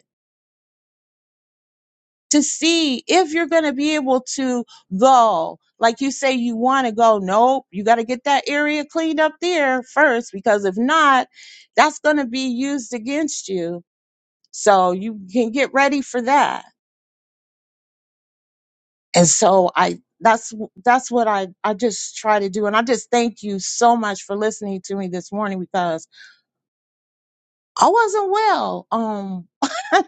S11: to see if you're going to be able to go. Like you say, you want to go. Nope. You got to get that area cleaned up there first, because if not, that's going to be used against you. So you can get ready for that and so i that's that's what i i just try to do and i just thank you so much for listening to me this morning because i wasn't well um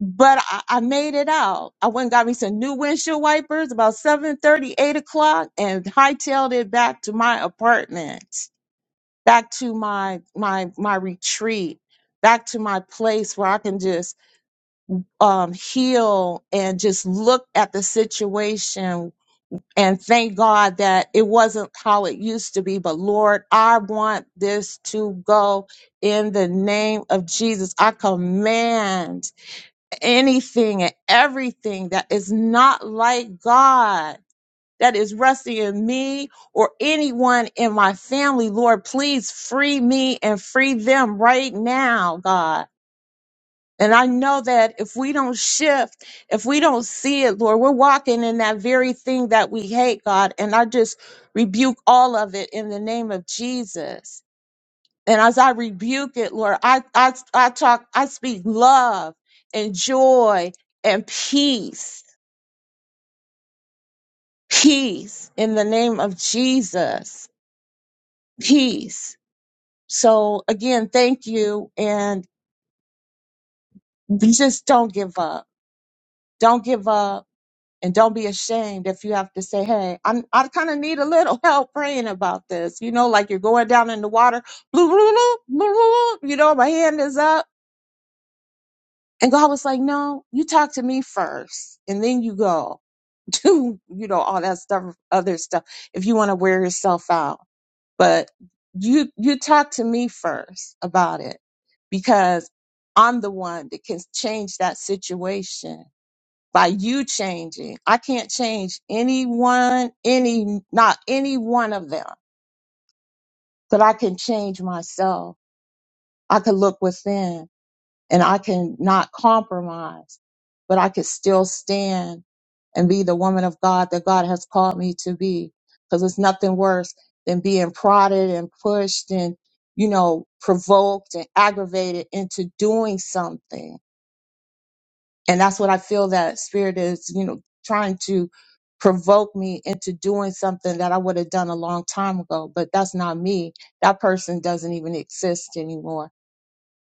S11: but I, I made it out i went and got me some new windshield wipers about seven thirty, eight o'clock and hightailed it back to my apartment back to my my my retreat back to my place where i can just um heal and just look at the situation And thank God that it wasn't how it used to be, but Lord, I want this to go in the name of Jesus. I command anything and everything that is not like God, that is resting in me or anyone in my family, Lord, please free me and free them right now, God. And I know that if we don't shift, if we don't see it, Lord, we're walking in that very thing that we hate, God. And I just rebuke all of it in the name of Jesus. And as I rebuke it, Lord, I, I, I talk, I speak love and joy and peace, peace in the name of Jesus, peace. So again, thank you. And just don't give up. Don't give up And don't be ashamed if you have to say, hey, I'm, I kind of need a little help praying about this. You know, like you're going down in the water, blue, blue, blue, blue, blue, you know, my hand is up. And God was like, no, you talk to me first and then you go do, you know, all that stuff, other stuff, if you want to wear yourself out. But you, you talk to me first about it because I'm the one that can change that situation by you changing. I can't change anyone, any, not any one of them, but I can change myself. I can look within and I can not compromise, but I can still stand and be the woman of God that God has called me to be. Cause it's nothing worse than being prodded and pushed and, you know, provoked and aggravated into doing something and that's what I feel that spirit is, you know, trying to provoke me into doing something that I would have done a long time ago, but that's not me. That person doesn't even exist anymore.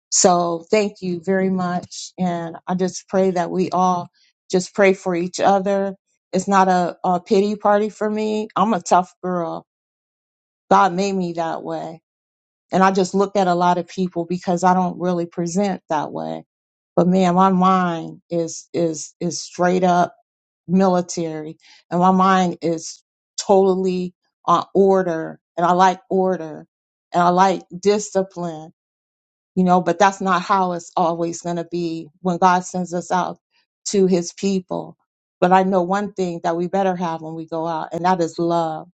S11: So thank you very much. And I just pray that we all just pray for each other. It's not a, a pity party for me. I'm a tough girl. God made me that way. And I just look at a lot of people because I don't really present that way. But man, my mind is is is straight up military and my mind is totally on order and I like order and I like discipline, you know, but that's not how it's always going to be when God sends us out to his people. But I know one thing that we better have when we go out and that is love.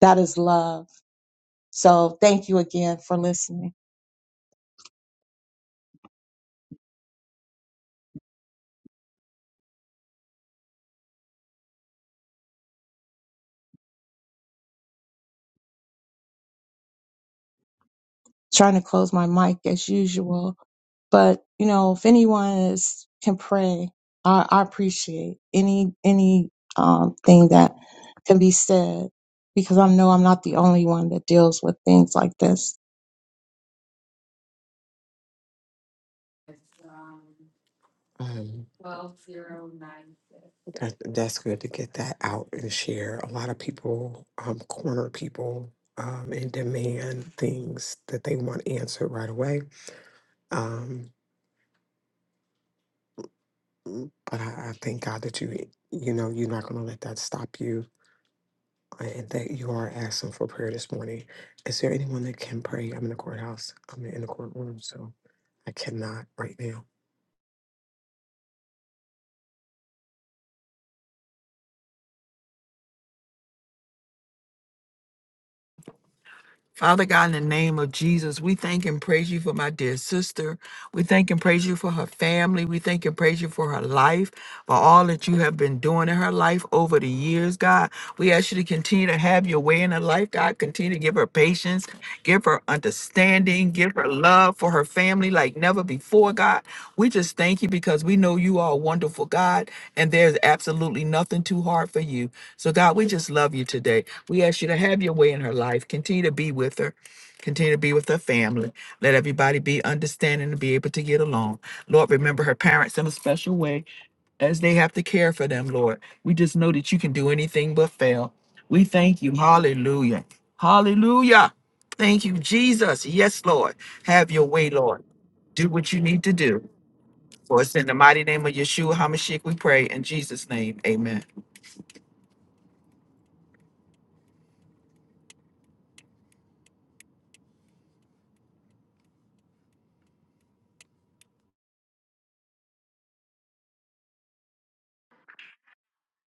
S11: That is love. So thank you again for listening. trying to close my mic as usual. But you know, if anyone is can pray, I, I appreciate any any um, thing that can be said because I know I'm not the only one that deals with things like this.
S3: Um, that, that's good to get that out and share. A lot of people um, corner people um, and demand things that they want answered right away. Um, but I, I thank God that you, you know, you're not going to let that stop you. uh, and that you are asking for prayer this morning. Is there anyone that can pray? I'm in the courthouse. I'm in the courtroom, so I cannot right now.
S4: Father God, in the name of Jesus, we thank and praise you for my dear sister. We thank and praise you for her family. We thank and praise you for her life, for all that you have been doing in her life over the years, God. We ask you to continue to have your way in her life, God. Continue to give her patience. Give her understanding. Give her love for her family like never before, God. We just thank you because we know you are a wonderful God and there's absolutely nothing too hard for you. So, God, we just love you today. We ask you to have your way in her life. Continue to be with her. Continue to be with her family. Let everybody be understanding and be able to get along. Lord, remember her parents in a special way as they have to care for them, Lord. We just know that you can do anything but fail. We thank you. Hallelujah. Hallelujah. Thank you, Jesus. Yes, Lord. Have your way, Lord. Do what you need to do. For it's in the mighty name of Yeshua HaMashiach we pray. In Jesus' name, amen.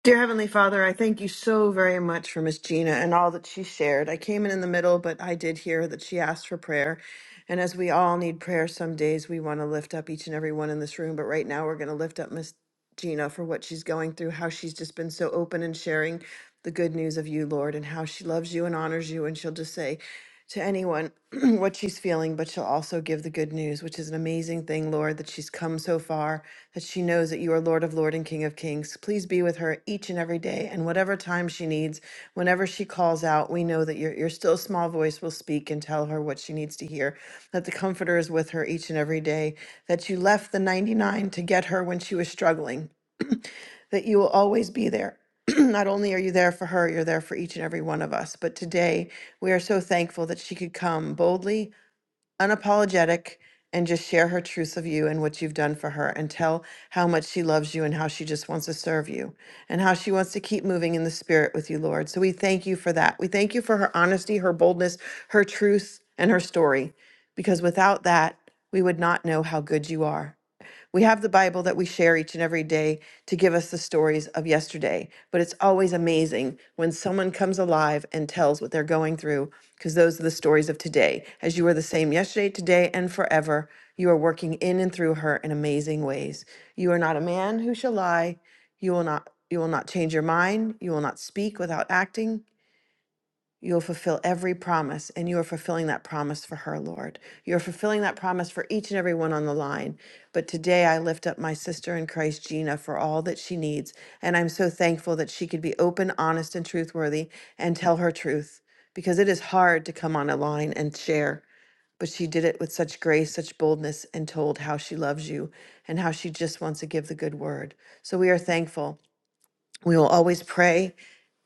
S12: Dear Heavenly Father, I thank you so very much for Miss Gina and all that she shared. I came in in the middle, but I did hear that she asked for prayer. And as we all need prayer, some days we want to lift up each and every one in this room. But right now, we're going to lift up Miss Gina for what she's going through, how she's just been so open and sharing the good news of you, Lord, and how she loves you and honors you. And she'll just say, to anyone what she's feeling, but she'll also give the good news, which is an amazing thing, Lord, that she's come so far, that she knows that you are Lord of Lord and King of Kings. Please be with her each and every day, and whatever time she needs, whenever she calls out, we know that your, your still small voice will speak and tell her what she needs to hear, that the Comforter is with her each and every day, that you left the 99 to get her when she was struggling that you will always be there. Not only are you there for her, you're there for each and every one of us. But today, we are so thankful that she could come boldly, unapologetic, and just share her truth of you and what you've done for her and tell how much she loves you and how she just wants to serve you and how she wants to keep moving in the spirit with you, Lord. So we thank you for that. We thank you for her honesty, her boldness, her truth, and her story, because without that, we would not know how good you are. We have the Bible that we share each and every day to give us the stories of yesterday, but it's always amazing when someone comes alive and tells what they're going through because those are the stories of today. As you are the same yesterday, today, and forever, you are working in and through her in amazing ways. You are not a man who shall lie. You will not you will not change your mind. You will not speak without acting. You will fulfill every promise, and you are fulfilling that promise for her, Lord. You are fulfilling that promise for each and every one on the line. But today I lift up my sister in Christ, Gina, for all that she needs. And I'm so thankful that she could be open, honest, and truthworthy and tell her truth because it is hard to come on a line and share. But she did it with such grace, such boldness, and told how she loves you and how she just wants to give the good word. So we are thankful. We will always pray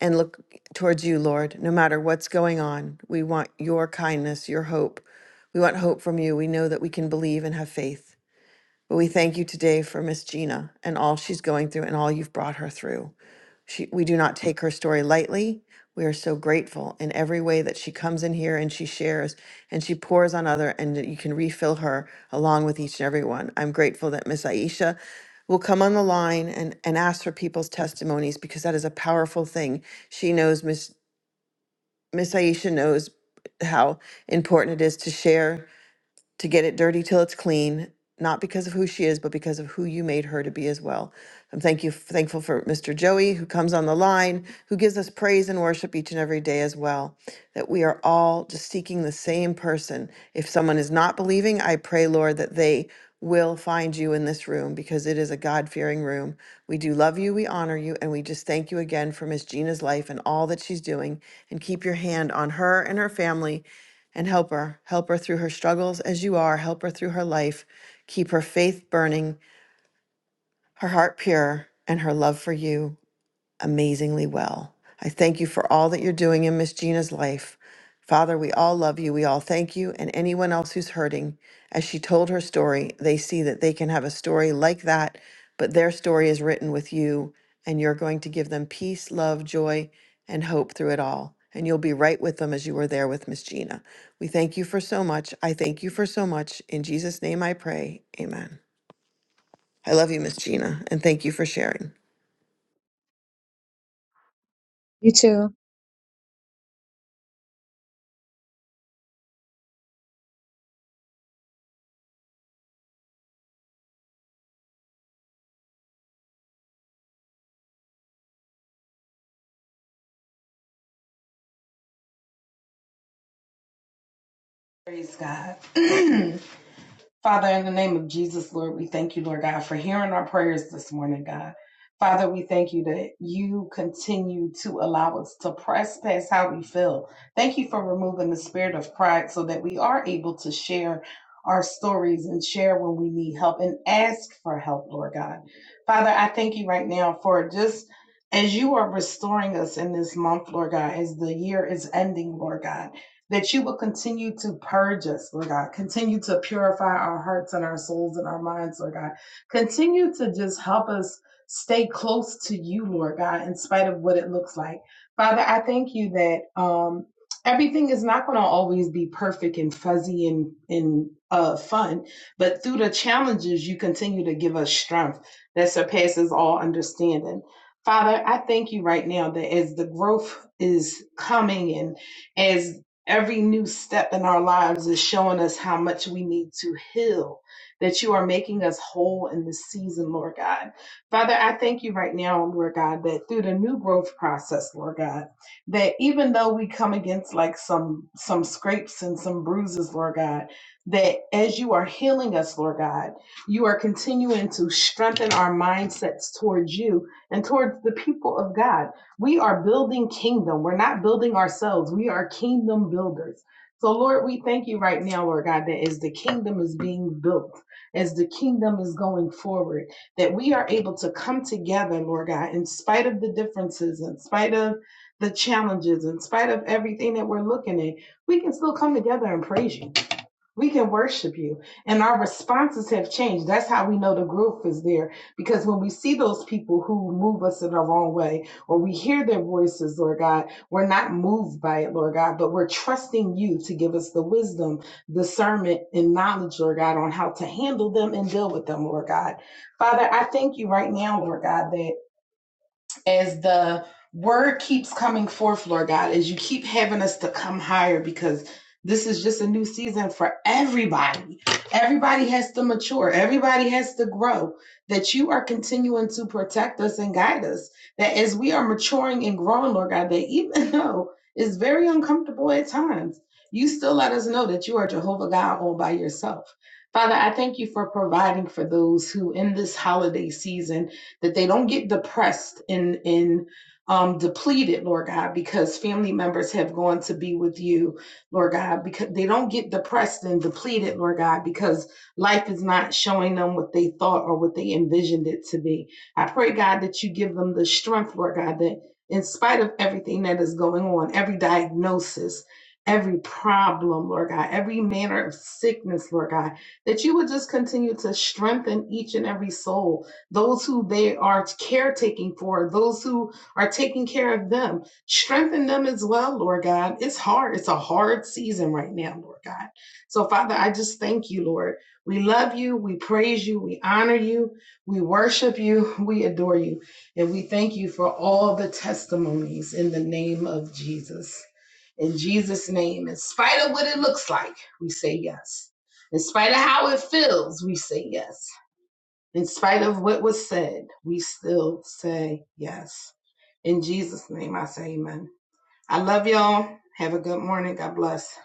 S12: and look towards you, Lord, no matter what's going on. We want your kindness, your hope. We want hope from you. We know that we can believe and have faith. But we thank you today for Miss Gina and all she's going through and all you've brought her through. She, we do not take her story lightly. We are so grateful in every way that she comes in here and she shares and she pours on other and that you can refill her along with each and every one. I'm grateful that Miss Aisha will come on the line and, and ask for people's testimonies because that is a powerful thing. She knows Miss Miss Aisha knows how important it is to share to get it dirty till it's clean, not because of who she is, but because of who you made her to be as well. I'm thank you thankful for Mr. Joey who comes on the line, who gives us praise and worship each and every day as well. That we are all just seeking the same person. If someone is not believing, I pray, Lord, that they will find you in this room because it is a God-fearing room. We do love you, we honor you, and we just thank you again for Miss Gina's life and all that she's doing and keep your hand on her and her family and help her. Help her through her struggles as you are. Help her through her life. Keep her faith burning, her heart pure, and her love for you amazingly well. I thank you for all that you're doing in Miss Gina's life. Father, we all love you. We all thank you. And anyone else who's hurting, as she told her story, they see that they can have a story like that, but their story is written with you, and you're going to give them peace, love, joy, and hope through it all. And you'll be right with them as you were there with Miss Gina. We thank you for so much. I thank you for so much. In Jesus' name I pray. Amen. I love you, Miss Gina, and thank you for sharing.
S5: Praise God. Father, in the name of Jesus, Lord, we thank you, Lord God, for hearing our prayers this morning, God. Father, we thank you that you continue to allow us to press past how we feel. Thank you for removing the spirit of pride so that we are able to share our stories and share when we need help and ask for help, Lord God. Father, I thank you right now for just as you are restoring us in this month, Lord God, as the year is ending, Lord God that you will continue to purge us, Lord God. Continue to purify our hearts and our souls and our minds, Lord God. Continue to just help us stay close to you, Lord God, in spite of what it looks like. Father, I thank you that um, everything is not going to always be perfect and fuzzy and, and uh, fun, but through the challenges, you continue to give us strength that surpasses all understanding. Father, I thank you right now that as the growth is coming and as Every new step in our lives is showing us how much we need to heal, that you are making us whole in this season, Lord God. Father, I thank you right now, Lord God, that through the new growth process, Lord God, that even though we come against like some some scrapes and some bruises, Lord God, that as you are healing us, Lord God, you are continuing to strengthen our mindsets towards you and towards the people of God. We are building kingdom. We're not building ourselves. We are kingdom builders. So, Lord, we thank you right now, Lord God, that as the kingdom is being built, as the kingdom is going forward, that we are able to come together, Lord God, in spite of the differences, in spite of the challenges, in spite of everything that we're looking at, we can still come together and praise you we can worship you. And our responses have changed. That's how we know the growth is there. Because when we see those people who move us in the wrong way, or we hear their voices, Lord God, we're not moved by it, Lord God, but we're trusting you to give us the wisdom, discernment, and knowledge, Lord God, on how to handle them and deal with them, Lord God. Father, I thank you right now, Lord God, that as the word keeps coming forth, Lord God, as you keep having us to come higher because this is just a new season for everybody. Everybody has to mature, everybody has to grow. That you are continuing to protect us and guide us. That as we are maturing and growing, Lord God, that even though it's very uncomfortable at times, you still let us know that you are Jehovah God all by yourself. Father, I thank you for providing for those who in this holiday season that they don't get depressed and and um, depleted, Lord God, because family members have gone to be with you, Lord God, because they don't get depressed and depleted, Lord God, because life is not showing them what they thought or what they envisioned it to be. I pray, God, that you give them the strength, Lord God, that in spite of everything that is going on, every diagnosis, every problem, Lord God, every manner of sickness, Lord God, that you would just continue to strengthen each and every soul those who they are caretaking for, those who are taking care of them. Strengthen them as well, Lord God. It's hard. It's a hard season right now, Lord God. So, Father, I just thank you, Lord. We love you. We praise you. We honor you. We worship you. We adore you. And we thank you for all the testimonies in the name of Jesus. In Jesus' name, in spite of what it looks like, we say yes. In spite of how it feels, we say yes. In spite of what was said, we still say yes. In Jesus' name, I say amen. I love y'all. Have a good morning. God bless.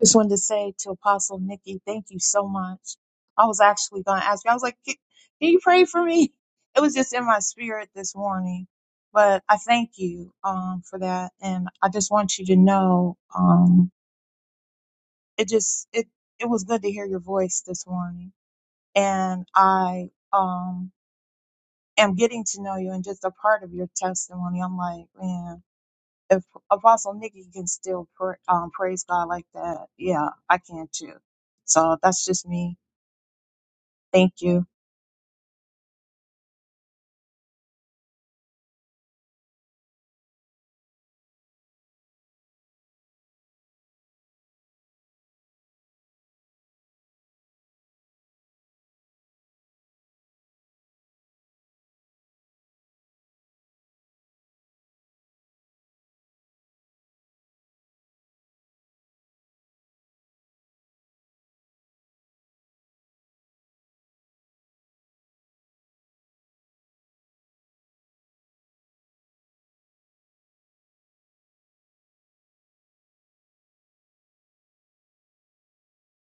S11: Just wanted to say to Apostle Nikki, thank you so much. I was actually going to ask you, I was like, can, can you pray for me? It was just in my spirit this morning. But I thank you um, for that. And I just want you to know um, it just, it, it was good to hear your voice this morning. And I um, am getting to know you and just a part of your testimony. I'm like, man if Apostle Nikki can still pr- um, praise God like that, yeah, I can too. So that's just me. Thank you.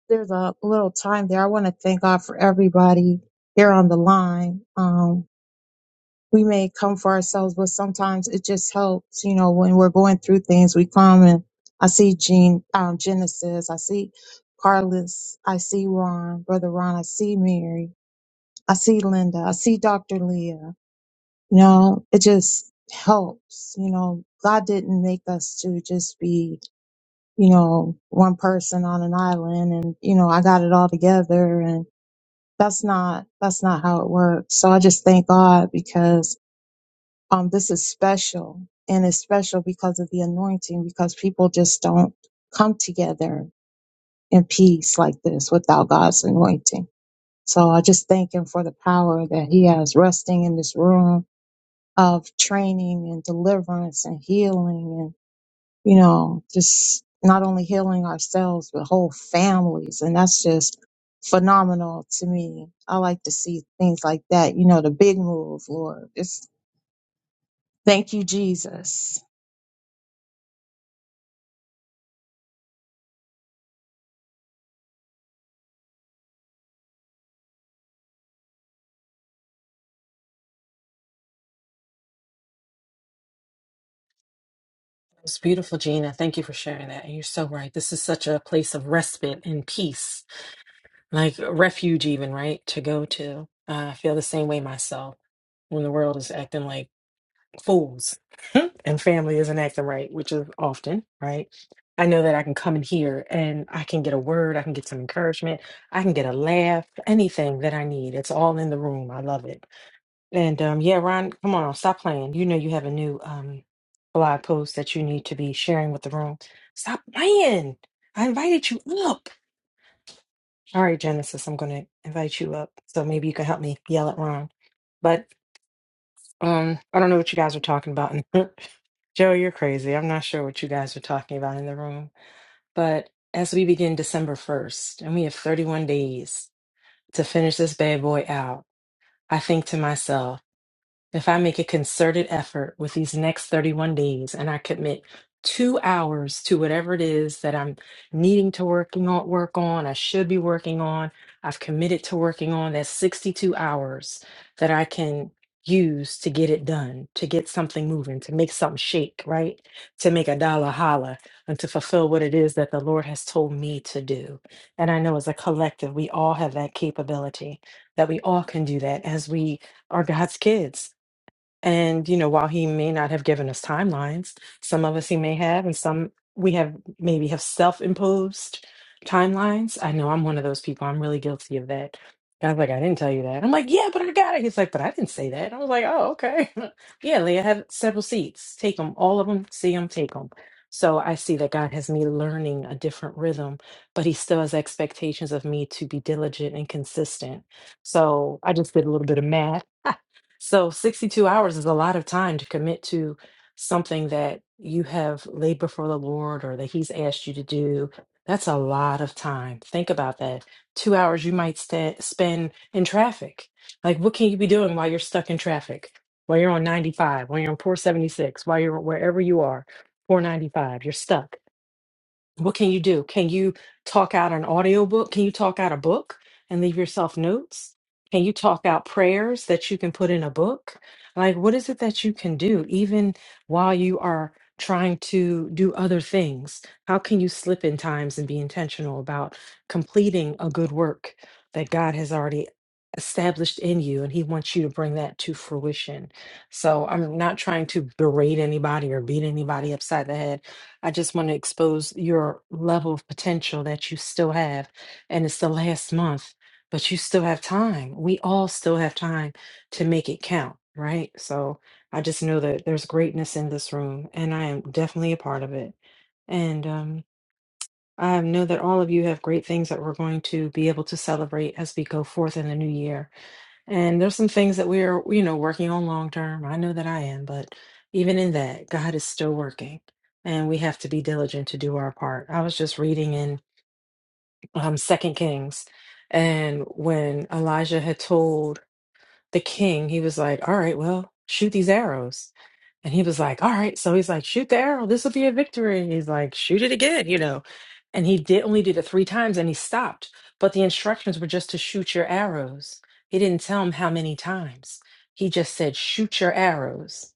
S11: There's a little time there. I want to thank God for everybody here on the line. Um, we may come for ourselves, but sometimes it just helps, you know, when we're going through things, we come and I see Gene, um, Genesis. I see Carlos. I see Ron, Brother Ron. I see Mary. I see Linda. I see Dr. Leah. You know, it just helps. You know, God didn't make us to just be, you know, one person on an island and, you know, I got it all together and that's not, that's not how it works. So I just thank God because, um, this is special and it's special because of the anointing because people just don't come together in peace like this without God's anointing. So I just thank him for the power that he has resting in this room of training and deliverance and healing and, you know, just not only healing ourselves, but whole families. And that's just phenomenal to me. I like to see things like that, you know, the big move, Lord. Just thank you, Jesus.
S13: It's beautiful, Gina. Thank you for sharing that. And you're so right. This is such a place of respite and peace, like a refuge, even, right? To go to. Uh, I feel the same way myself when the world is acting like fools and family isn't acting right, which is often, right? I know that I can come in here and I can get a word, I can get some encouragement, I can get a laugh, anything that I need. It's all in the room. I love it. And um, yeah, Ron, come on, stop playing. You know you have a new um, blog post that you need to be sharing with the room. Stop playing. I invited you up. All right, Genesis, I'm going to invite you up. So maybe you can help me yell at Ron. But um, I don't know what you guys are talking about. Joe, you're crazy. I'm not sure what you guys are talking about in the room. But as we begin December 1st, and we have 31 days to finish this bad boy out, I think to myself, If I make a concerted effort with these next 31 days and I commit two hours to whatever it is that I'm needing to working on, work on, I should be working on, I've committed to working on, that's 62 hours that I can use to get it done, to get something moving, to make something shake, right? To make a dollar holla and to fulfill what it is that the Lord has told me to do. And I know as a collective, we all have that capability, that we all can do that as we are God's kids and, you know, while he may not have given us timelines, some of us he may have, and some we have maybe have self imposed timelines. I know I'm one of those people. I'm really guilty of that. God's like, I didn't tell you that. I'm like, yeah, but I got it. He's like, but I didn't say that. I was like, oh, okay. yeah, Leah, have several seats. Take them, all of them, see them, take them. So I see that God has me learning a different rhythm, but he still has expectations of me to be diligent and consistent. So I just did a little bit of math so 62 hours is a lot of time to commit to something that you have laid before the Lord or that He's asked you to do. That's a lot of time. Think about that. Two hours you might sta spend in traffic. Like, what can you be doing while you're stuck in traffic? While you're on 95, while you're on 476, while you're wherever you are, 495, you're stuck. What can you do? Can you talk out an audiobook? Can you talk out a book and leave yourself notes? Can you talk out prayers that you can put in a book? Like, what is it that you can do even while you are trying to do other things? How can you slip in times and be intentional about completing a good work that God has already established in you and He wants you to bring that to fruition? So, I'm not trying to berate anybody or beat anybody upside the head I just want to expose your level of potential that you still have. And it's the last month, but you still have time. We all still have time to make it count, right? So I just know that there's greatness in this room, and I am definitely a part of it. And um, I know that all of you have great things that we're going to be able to celebrate as we go forth in the new year. And there's some things that we are, you know, working on long term. I know that I am, but even in that, God is still working, and we have to be diligent to do our part. I was just reading in um, Second Kings, and when Elijah had told the king, he was like, All right, well, shoot these arrows. And he was like, All right. So he's like, Shoot the arrow. This will be a victory. And he's like, Shoot it again, you know. And he did only did it three times and he stopped. But the instructions were just to shoot your arrows. He didn't tell him how many times. He just said, Shoot your arrows.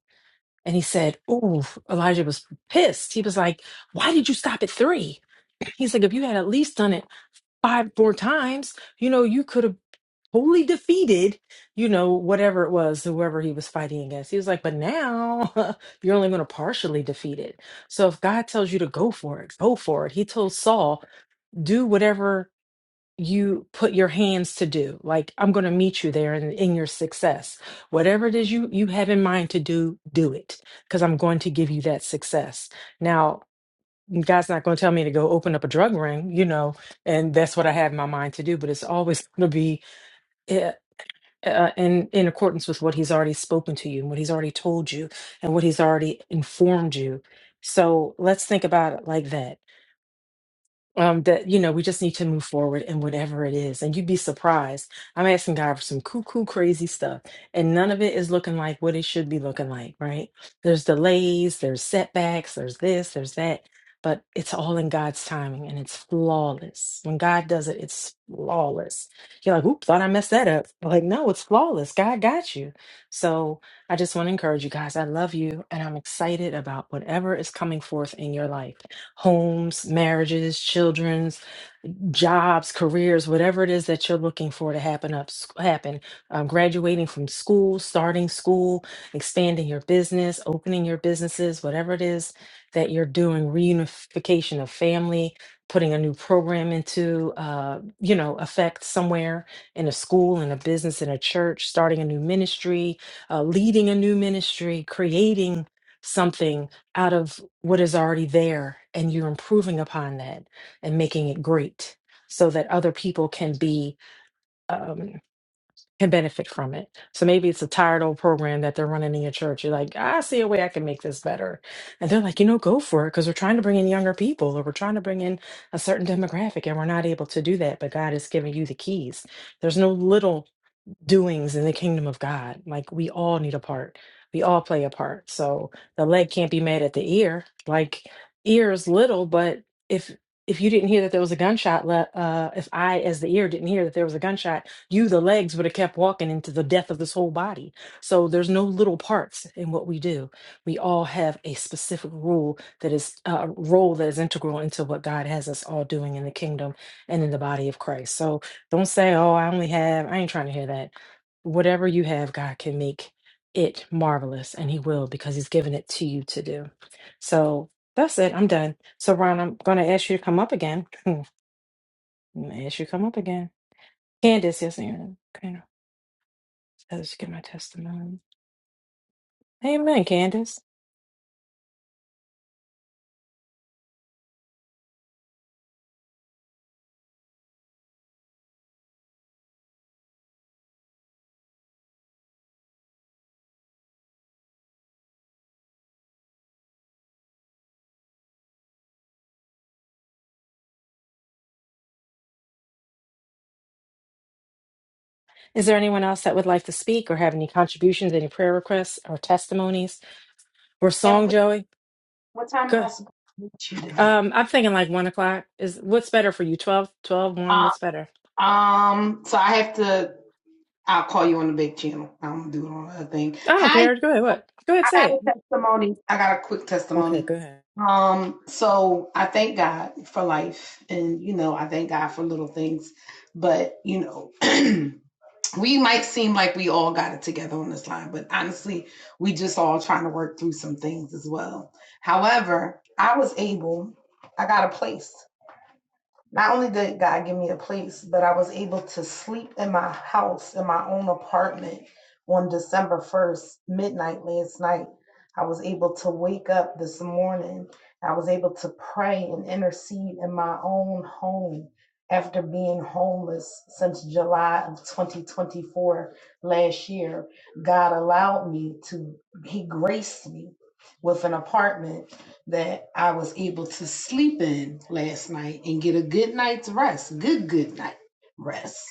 S13: And he said, Ooh, Elijah was pissed. He was like, Why did you stop at three? He's like, If you had at least done it five more times, you know, you could have totally defeated, you know, whatever it was, whoever he was fighting against. He was like, but now you're only going to partially defeat it. So if God tells you to go for it, go for it. He told Saul, do whatever you put your hands to do. Like, I'm going to meet you there in, in your success. Whatever it is you, you have in mind to do, do it because I'm going to give you that success. Now, God's not going to tell me to go open up a drug ring, you know, and that's what I have in my mind to do. But it's always going to be eh, uh, in in accordance with what He's already spoken to you and what He's already told you and what He's already informed you. So let's think about it like that um, that you know we just need to move forward in whatever it is and you'd be surprised i'm asking god for some cuckoo crazy stuff and none of it is looking like what it should be looking like right there's delays there's setbacks there's this there's that but it's all in god's timing and it's flawless when god does it it's flawless you're like oops thought i messed that up But, like no it's flawless god got you so i just want to encourage you guys i love you and i'm excited about whatever is coming forth in your life homes, marriages, children, jobs, careers, whatever it is that you're looking for to happen up happen, um, graduating from school, starting school, expanding your business, opening your businesses, whatever it is that you're doing, reunification of family, putting a new program into uh, you know effect somewhere in a school, in a business, in a church, starting a new ministry, uh, leading a new ministry, creating something out of what is already there, and you're improving upon that and making it great so that other people can be um, can benefit from it. So maybe it's a tired old program that they're running in your church. You're like, I see a way I can make this better, and they're like, you know, go for it because we're trying to bring in younger people or we're trying to bring in a certain demographic, and we're not able to do that. But God is giving you the keys. There's no little doings in the kingdom of God. Like we all need a part. We all play a part. So the leg can't be mad at the ear. Like ears little, but if if you didn't hear that there was a gunshot, le- uh, if I, as the ear, didn't hear that there was a gunshot, you, the legs, would have kept walking into the death of this whole body. So there's no little parts in what we do. We all have a specific rule that is a uh, role that is integral into what God has us all doing in the kingdom and in the body of Christ. So don't say, "Oh, I only have." I ain't trying to hear that whatever you have, God can make it marvelous, and He will because He's given it to you to do. So that's it. I'm done. So, Ron, I'm going to ask you to come up again. I'm going to ask you to come up again. Candace, yes, ma'am. okay. Let's get my testimony. Amen, Candace. Is there anyone else that would like to speak or have any contributions, any prayer requests or testimonies or
S5: And
S13: song,
S5: what
S13: Joey?
S5: time am I
S13: Good.
S5: supposed to meet you today?
S13: Um, I'm thinking like one o'clock. Is what's better for you? Twelve, twelve, one.
S5: Uh,
S13: what's better?
S5: um, so I have to. I'll call you on the big channel. i don't do it on other thing.
S13: I don't
S5: Hi,
S13: care. Go ahead. What? Go ahead,
S5: I
S13: say
S5: got
S13: it.
S5: a testimony. I got a quick
S13: Okay,
S5: testimony.
S13: go ahead.
S5: Um, so I thank God for life, and you know, I thank God for little things, but you know. we might seem like we all got it together on this line, but honestly, we just all trying to work through some things as well. However, I was able, I got a place not only did God give me a place, but I was able to sleep in my house, in my own apartment on December 1st, midnight last night. I was able to wake up this morning. I was able to pray and intercede in my own home after being homeless since July of 2024 last year. God allowed me to, He graced me with an apartment that I was able to sleep in last night and get a good night's rest, good, good night rest.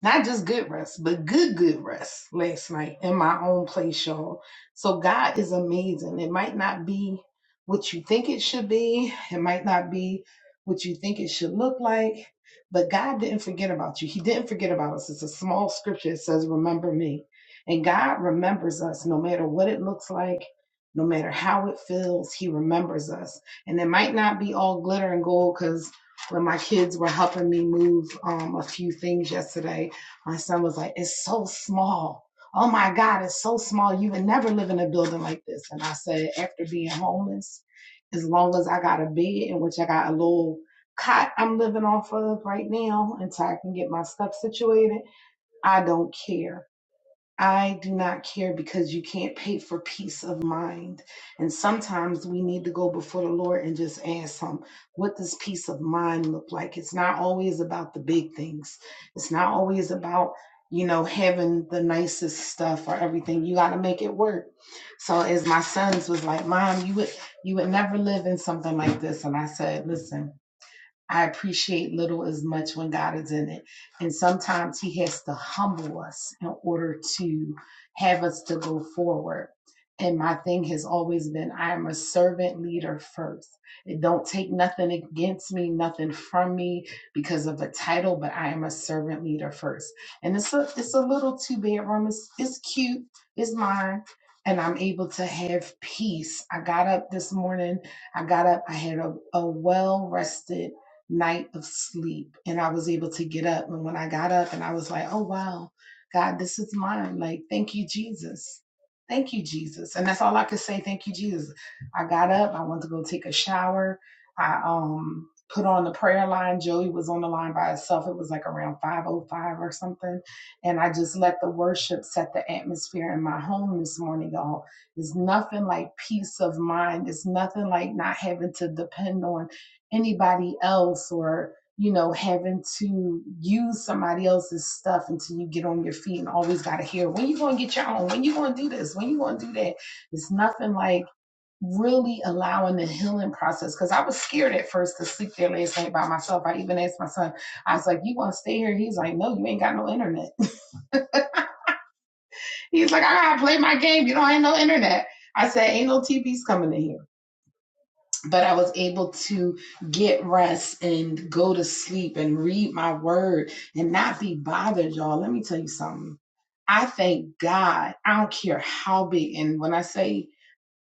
S5: Not just good rest, but good, good rest last night in my own place, y'all. So God is amazing. It might not be what you think it should be, it might not be what you think it should look like, but God didn't forget about you. He didn't forget about us. It's a small scripture. It says, Remember me. And God remembers us no matter what it looks like. No matter how it feels, he remembers us. And it might not be all glitter and gold because when my kids were helping me move um, a few things yesterday, my son was like, It's so small. Oh my God, it's so small. You would never live in a building like this. And I said, After being homeless, as long as I got a bed in which I got a little cot I'm living off of right now until I can get my stuff situated, I don't care I do not care because you can't pay for peace of mind. And sometimes we need to go before the Lord and just ask Him, what does peace of mind look like? It's not always about the big things, it's not always about, you know, having the nicest stuff or everything. You got to make it work. So, as my sons was like, Mom, you would, you would never live in something like this. And I said, Listen. I appreciate little as much when God is in it. And sometimes He has to humble us in order to have us to go forward. And my thing has always been I am a servant leader first. It don't take nothing against me, nothing from me because of a title, but I am a servant leader first. And it's a it's a little two bedroom. It's it's cute. It's mine. And I'm able to have peace. I got up this morning. I got up. I had a, a well rested night of sleep and I was able to get up. And when I got up and I was like, oh, wow, God, this is mine. Like, thank you, Jesus. Thank you, Jesus. And that's all I could say. Thank you, Jesus. I got up. I went to go take a shower. I um put on the prayer line. Joey was on the line by herself. It was like around 505 or something. And I just let the worship set the atmosphere in my home this morning, y'all. It's nothing like peace of mind. It's nothing like not having to depend on anybody else or you know having to use somebody else's stuff until you get on your feet and always got to hear when you going to get your own when you going to do this when you going to do that it's nothing like really allowing the healing process because i was scared at first to sleep there last night by myself i even asked my son i was like you want to stay here he's like no you ain't got no internet he's like i gotta play my game you don't have no internet i said ain't no tvs coming in here but I was able to get rest and go to sleep and read my word and not be bothered, y'all. Let me tell you something. I thank God. I don't care how big. And when I say,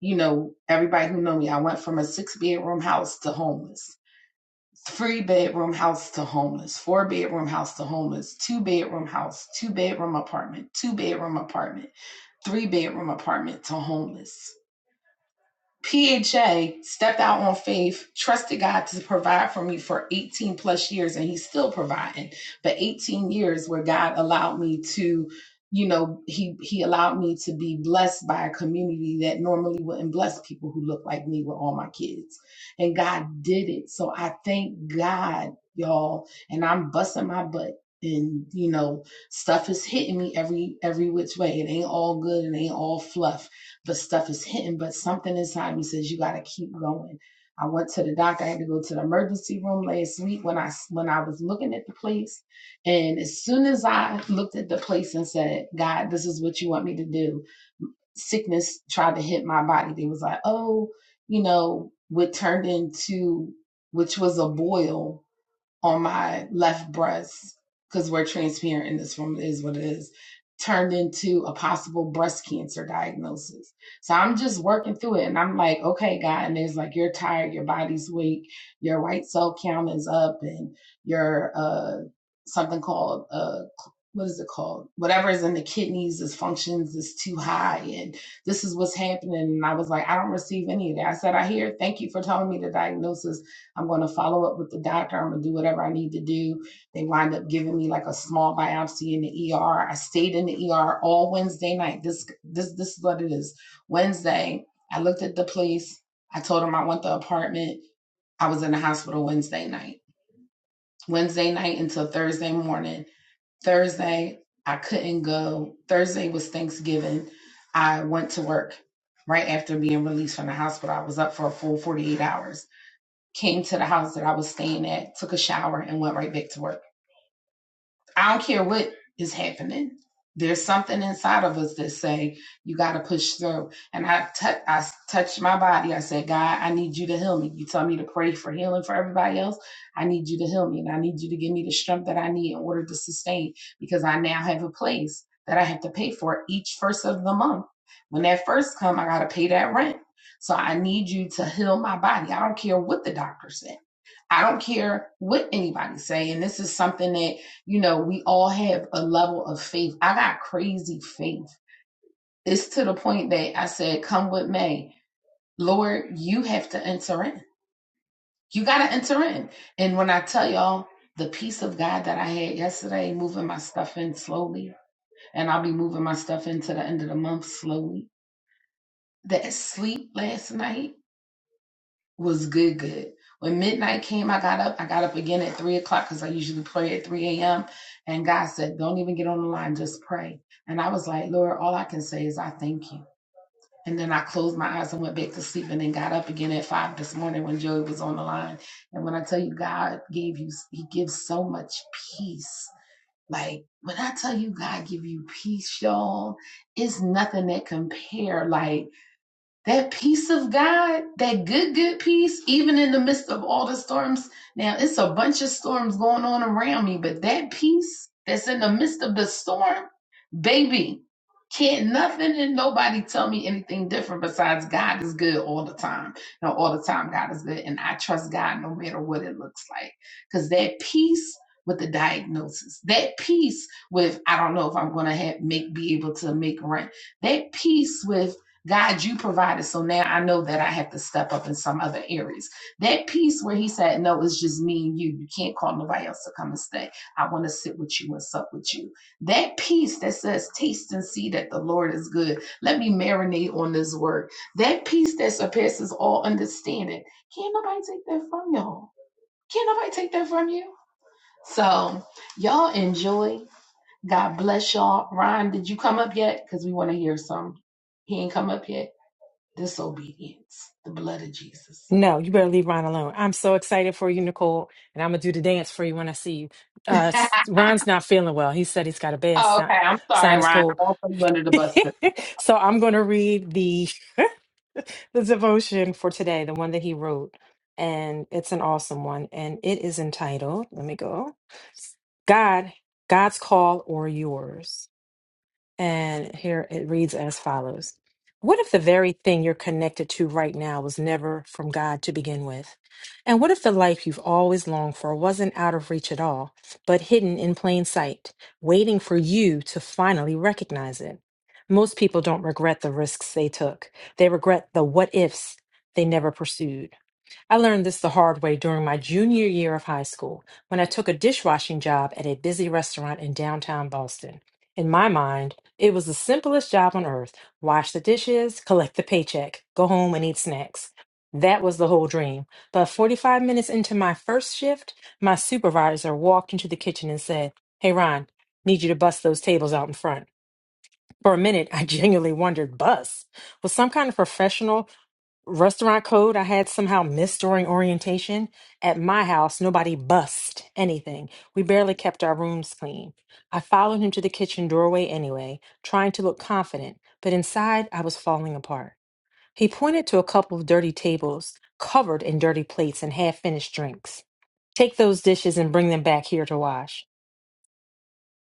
S5: you know, everybody who know me, I went from a six bedroom house to homeless, three bedroom house to homeless, four bedroom house to homeless, two bedroom house, two bedroom apartment, two bedroom apartment, three bedroom apartment to homeless. PHA stepped out on faith, trusted God to provide for me for 18 plus years, and he's still providing. But 18 years where God allowed me to, you know, he he allowed me to be blessed by a community that normally wouldn't bless people who look like me with all my kids. And God did it. So I thank God, y'all. And I'm busting my butt. And you know, stuff is hitting me every every which way. It ain't all good. It ain't all fluff the stuff is hitting, but something inside me says you got to keep going. I went to the doctor. I had to go to the emergency room last week when I when I was looking at the place, and as soon as I looked at the place and said, "God, this is what you want me to do," sickness tried to hit my body. They was like, "Oh, you know, what turned into which was a boil on my left breast, because we're transparent in this room, it is what it is, turned into a possible breast cancer diagnosis. So I'm just working through it. And I'm like, okay, God. And it's like, you're tired, your body's weak, your white cell count is up, and your uh, something called, uh, what is it called? Whatever is in the kidneys, is functions is too high. And this is what's happening. And I was like, I don't receive any of that. I said, I hear, thank you for telling me the diagnosis I'm going to follow up with the doctor. I'm going to do whatever I need to do. They wind up giving me like a small biopsy in the ER. I stayed in the ER all Wednesday night. This this this is what it is. Wednesday, I looked at the police. I told them I want the apartment. I was in the hospital Wednesday night. Wednesday night until Thursday morning. Thursday, I couldn't go. Thursday was Thanksgiving. I went to work right after being released from the hospital. I was up for a full 48 hours came to the house that I was staying at, took a shower, and went right back to work. I don't care what is happening. There's something inside of us that say you got to push through. And I tou- touched my body. I said, God, I need you to heal me. You tell me to pray for healing for everybody else. I need you to heal me, and I need you to give me the strength that I need in order to sustain because I now have a place that I have to pay for each first of the month. When that first come, I got to pay that rent. So I need you to heal my body. I don't care what the doctor said. I don't care what anybody say. And this is something that, you know, we all have a level of faith. I got crazy faith. It's to the point that I said, come with me. Lord, you have to enter in. You got to enter in. And when I tell y'all the peace of God that I had yesterday, moving my stuff in slowly, and I'll be moving my stuff into the end of the month slowly. That sleep last night was good, good. When midnight came, I got up. I got up again at three o'clock because I usually pray at 3 a.m. And God said, Don't even get on the line, just pray. And I was like, Lord, all I can say is I thank you. And then I closed my eyes and went back to sleep and then got up again at five this morning when Joey was on the line. And when I tell you God gave you, he gives so much peace. Like when I tell you God give you peace, y'all, it's nothing that compare. Like that peace of God, that good, good peace, even in the midst of all the storms. Now, it's a bunch of storms going on around me, but that peace that's in the midst of the storm, baby, can't nothing and nobody tell me anything different besides God is good all the time. No, all the time, God is good. And I trust God no matter what it looks like. Because that peace with the diagnosis, that peace with, I don't know if I'm going to have, make, be able to make rent, that peace with, God, you provided. So now I know that I have to step up in some other areas. That piece where he said, No, it's just me and you. You can't call nobody else to come and stay. I want to sit with you and sup with you. That piece that says, Taste and see that the Lord is good. Let me marinate on this word. That piece that surpasses all understanding. Can't nobody take that from y'all. Can't nobody take that from you. So y'all enjoy. God bless y'all. Ron, did you come up yet? Because we want to hear some. He ain't come up yet. Disobedience. The blood of Jesus.
S13: No, you better leave Ron alone. I'm so excited for you, Nicole, and I'm gonna do the dance for you when I see you. Uh, s- Ron's not feeling well. He said he's got a bad
S5: Oh, okay,
S13: si-
S5: I'm sorry,
S13: sinus
S5: Ryan.
S13: cold,
S5: I won't put you under the bus. today.
S13: so I'm gonna read the the devotion for today, the one that he wrote, and it's an awesome one, and it is entitled. Let me go. God, God's call or yours. And here it reads as follows What if the very thing you're connected to right now was never from God to begin with? And what if the life you've always longed for wasn't out of reach at all, but hidden in plain sight, waiting for you to finally recognize it? Most people don't regret the risks they took, they regret the what ifs they never pursued. I learned this the hard way during my junior year of high school when I took a dishwashing job at a busy restaurant in downtown Boston. In my mind, it was the simplest job on earth wash the dishes, collect the paycheck, go home and eat snacks. That was the whole dream. But 45 minutes into my first shift, my supervisor walked into the kitchen and said, Hey, Ron, need you to bust those tables out in front. For a minute, I genuinely wondered, bus? Was some kind of professional restaurant code I had somehow missed during orientation. At my house, nobody bussed anything. We barely kept our rooms clean. I followed him to the kitchen doorway anyway, trying to look confident, but inside I was falling apart. He pointed to a couple of dirty tables covered in dirty plates and half finished drinks. Take those dishes and bring them back here to wash.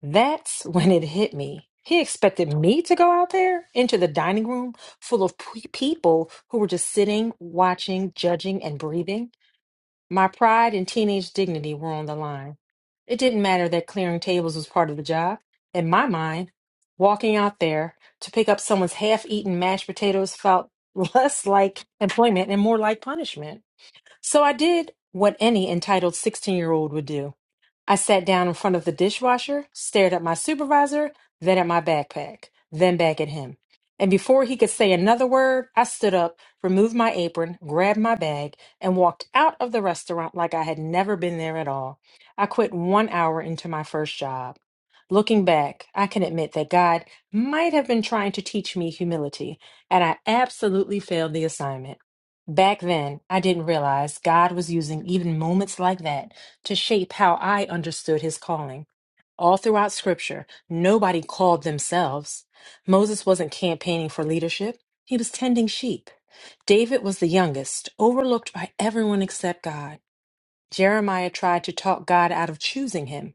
S13: That's when it hit me. He expected me to go out there into the dining room full of p- people who were just sitting, watching, judging, and breathing. My pride and teenage dignity were on the line. It didn't matter that clearing tables was part of the job. In my mind, walking out there to pick up someone's half eaten mashed potatoes felt less like employment and more like punishment. So I did what any entitled 16 year old would do. I sat down in front of the dishwasher, stared at my supervisor, then at my backpack, then back at him. And before he could say another word, I stood up, removed my apron, grabbed my bag, and walked out of the restaurant like I had never been there at all. I quit one hour into my first job. Looking back, I can admit that God might have been trying to teach me humility, and I absolutely failed the assignment. Back then, I didn't realize God was using even moments like that to shape how I understood his calling. All throughout scripture, nobody called themselves. Moses wasn't campaigning for leadership, he was tending sheep. David was the youngest, overlooked by everyone except God. Jeremiah tried to talk God out of choosing him.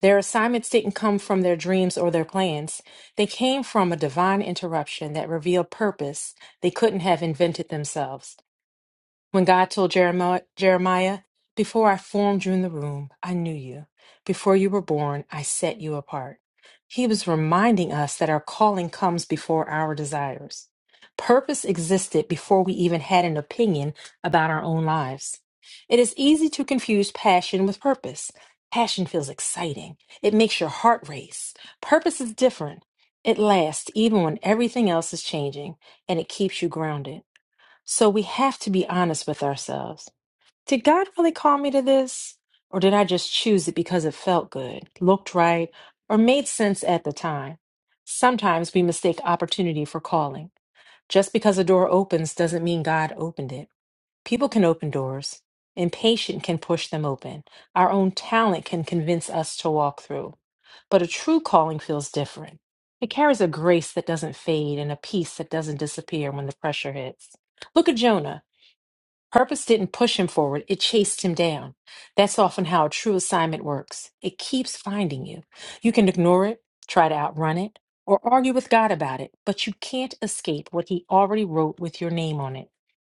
S13: Their assignments didn't come from their dreams or their plans. They came from a divine interruption that revealed purpose they couldn't have invented themselves. When God told Jeremiah, Jeremiah, Before I formed you in the womb, I knew you. Before you were born, I set you apart. He was reminding us that our calling comes before our desires. Purpose existed before we even had an opinion about our own lives. It is easy to confuse passion with purpose. Passion feels exciting, it makes your heart race. Purpose is different. It lasts even when everything else is changing, and it keeps you grounded. So we have to be honest with ourselves. Did God really call me to this? Or did I just choose it because it felt good, looked right, or made sense at the time? Sometimes we mistake opportunity for calling. Just because a door opens doesn't mean God opened it. People can open doors. Impatient can push them open. Our own talent can convince us to walk through. But a true calling feels different. It carries a grace that doesn't fade and a peace that doesn't disappear when the pressure hits. Look at Jonah. Purpose didn't push him forward, it chased him down. That's often how a true assignment works it keeps finding you. You can ignore it, try to outrun it, or argue with God about it, but you can't escape what He already wrote with your name on it.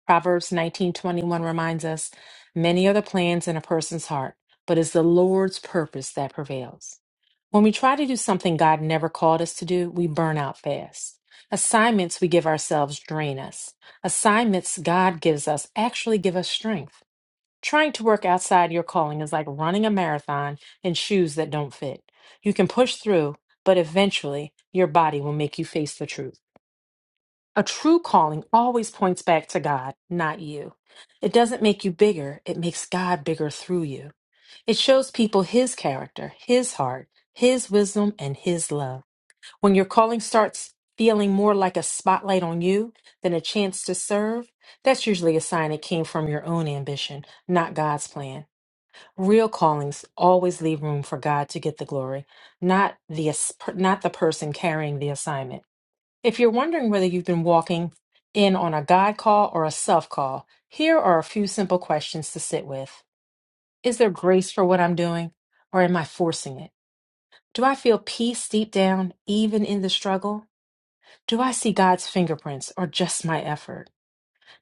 S13: Proverbs 19:21 reminds us, many are the plans in a person's heart, but it's the Lord's purpose that prevails. When we try to do something God never called us to do, we burn out fast. Assignments we give ourselves drain us. Assignments God gives us actually give us strength. Trying to work outside your calling is like running a marathon in shoes that don't fit. You can push through, but eventually your body will make you face the truth. A true calling always points back to God, not you. It doesn't make you bigger, it makes God bigger through you. It shows people His character, His heart, His wisdom, and His love. When your calling starts feeling more like a spotlight on you than a chance to serve, that's usually a sign it came from your own ambition, not God's plan. Real callings always leave room for God to get the glory, not the ass- not the person carrying the assignment. If you're wondering whether you've been walking in on a God call or a self call, here are a few simple questions to sit with. Is there grace for what I'm doing, or am I forcing it? Do I feel peace deep down, even in the struggle? Do I see God's fingerprints, or just my effort?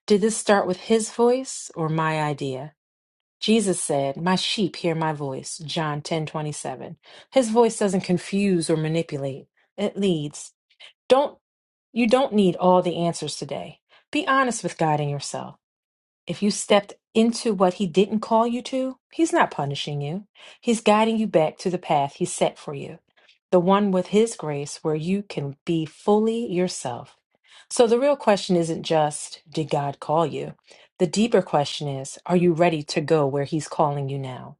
S13: Did this start with His voice or my idea? Jesus said, My sheep hear my voice, John ten twenty seven. His voice doesn't confuse or manipulate, it leads. Don't you don't need all the answers today. Be honest with God and yourself. If you stepped into what he didn't call you to, he's not punishing you. He's guiding you back to the path he set for you. The one with his grace where you can be fully yourself. So the real question isn't just did God call you? The deeper question is are you ready to go where he's calling you now?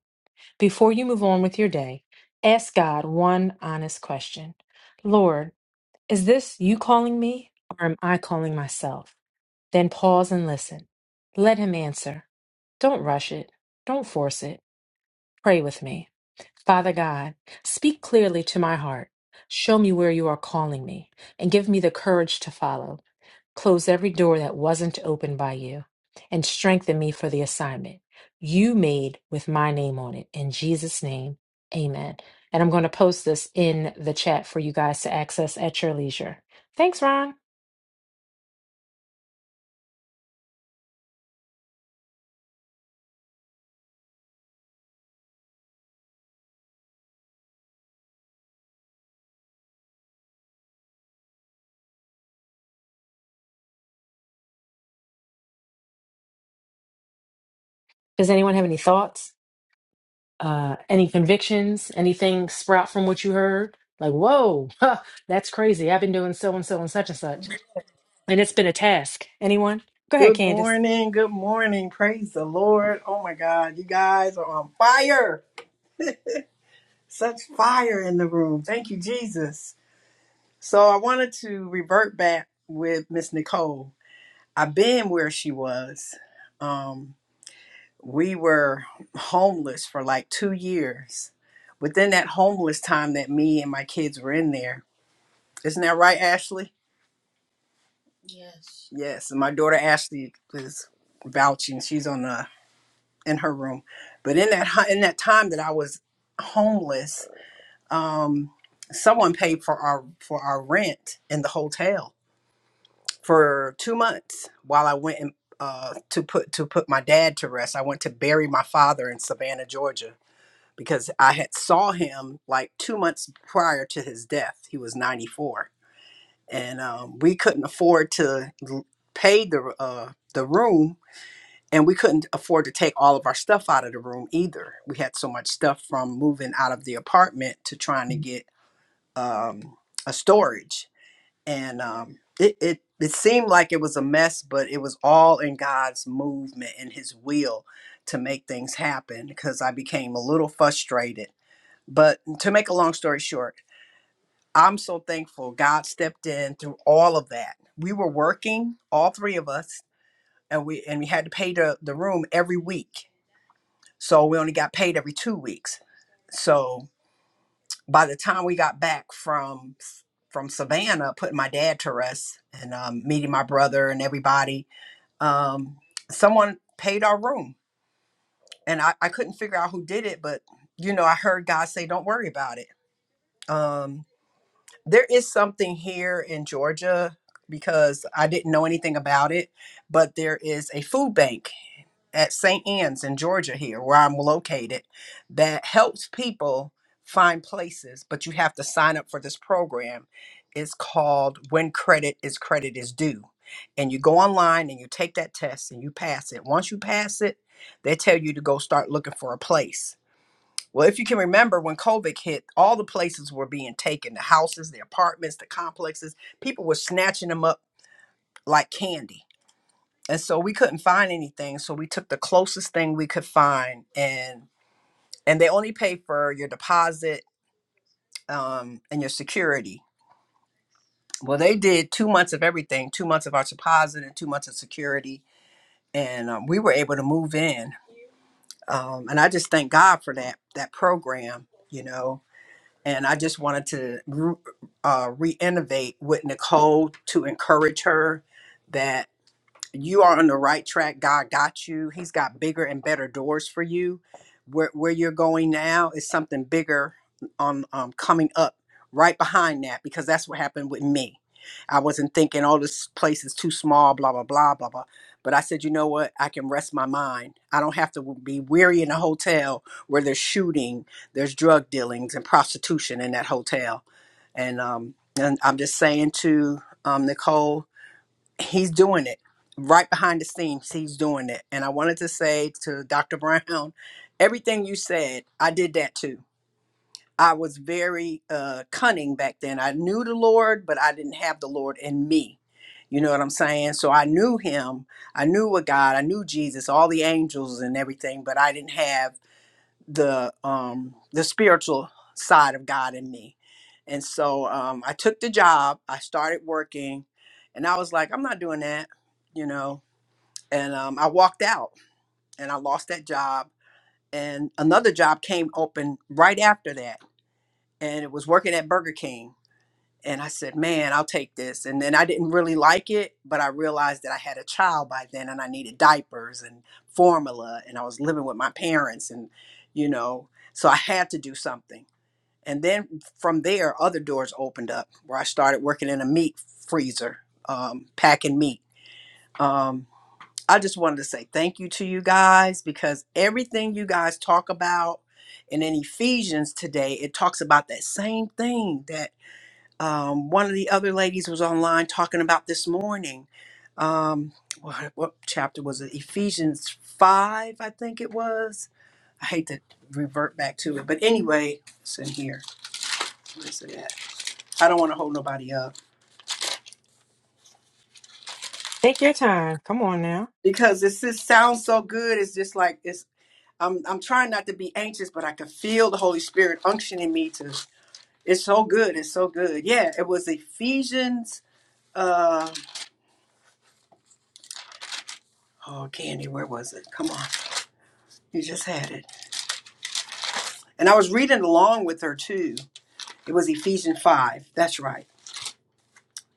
S13: Before you move on with your day, ask God one honest question. Lord, is this you calling me, or am I calling myself? Then pause and listen. Let him answer. Don't rush it. Don't force it. Pray with me. Father God, speak clearly to my heart. Show me where you are calling me and give me the courage to follow. Close every door that wasn't opened by you and strengthen me for the assignment you made with my name on it. In Jesus' name, amen. And I'm going to post this in the chat for you guys to access at your leisure. Thanks, Ron. Does anyone have any thoughts? uh any convictions anything sprout from what you heard like whoa that's crazy i've been doing so and so and such and such and it's been a task anyone go ahead
S14: Good
S13: candace
S14: morning. Good morning. Praise the Lord. Oh my God. You guys are on fire. Such fire in the room. Thank you, Jesus. So I wanted to revert back with Miss Nicole. I've been where she was. Um, we were homeless for like two years. Within that homeless time that me and my kids were in there. Isn't that right, Ashley? Yes. And my daughter Ashley is vouching. She's on the in her room. But in that hu- in that time that I was homeless, um, someone paid for our for our rent in the hotel for two months while I went and uh, to put to put my dad to rest. I went to bury my father in Savannah, Georgia, because I had saw him like two months prior to his death. He was ninety four, and um, we couldn't afford to l- pay the uh, the room and we couldn't afford to take all of our stuff out of the room either. We had so much stuff from moving out of the apartment to trying to get um, a storage, and um, it, it it seemed like it was a mess, but it was all in God's movement and His will to make things happen. Because I became a little frustrated, but to make a long story short, I'm so thankful God stepped in through all of that. We were working, all three of us, and we and we had to pay the, the room every week so we only got paid every two weeks. So by the time we got back from from Savannah, putting my dad to rest and um, meeting my brother and everybody, um, someone paid our room, and I, I couldn't figure out who did it, but you know I heard God say, "Don't worry about it." Um, there is something here in Georgia because I didn't know anything about it, but there is a food bank at St. Anne's in Georgia here, where I'm located, that helps people find places, but you have to sign up for this program. It's called When Credit is Credit is Due. And you go online and you take that test and you pass it. Once you pass it, they tell you to go start looking for a place. Well, if you can remember when COVID hit, all the places were being taken the houses, the apartments, the complexes. People were snatching them up like candy and so we couldn't find anything so we took the closest thing we could find and and they only pay for your deposit um, and your security well they did two months of everything two months of our deposit and two months of security and um, we were able to move in um, and i just thank god for that that program you know and i just wanted to re- uh, re-innovate with nicole to encourage her that. you are on the right track. God got you. He's got bigger and better doors for you. Where where you're going now is something bigger on um, coming up right behind that because that's what happened with me. I wasn't thinking, oh, this place is too small, blah blah blah blah blah. But I said, you know what? I can rest my mind. I don't have to be weary in a hotel where there's shooting, there's drug dealings and prostitution in that hotel. And um, and I'm just saying to um, Nicole, he's doing it right behind the scenes he's doing it and i wanted to say to dr brown everything you said i did that too i was very uh cunning back then i knew the lord but i didn't have the lord in me you know what i'm saying so i knew him i knew a god i knew jesus all the angels and everything but i didn't have the um the spiritual side of God in me. And so um I took the job, I started working, and I was like, I'm not doing that, you know. And um I walked out and I lost that job and another job came open right after that and it was working at Burger King. And I said, man, I'll take this. And then I didn't really like it, but I realized that I had a child by then and I needed diapers and formula and I was living with my parents and you know, so I had to do something and then from there other doors opened up where i started working in a meat freezer um, packing meat um, i just wanted to say thank you to you guys because everything you guys talk about and in ephesians today it talks about that same thing that um, one of the other ladies was online talking about this morning um, what, what chapter was it ephesians 5 i think it was i hate to revert back to it but anyway it's in here Where is it at? I don't want to hold nobody up
S13: take your time come on now
S14: because it just sounds so good. It's just like it's. I'm I'm trying not to be anxious, but I can feel the Holy Spirit unctioning me to. It's so good. It's so good. Yeah, it was Ephesians. Uh, oh, Candy, where was it? Come on, you just had it. And I was reading along with her too. It was Ephesians five. That's right.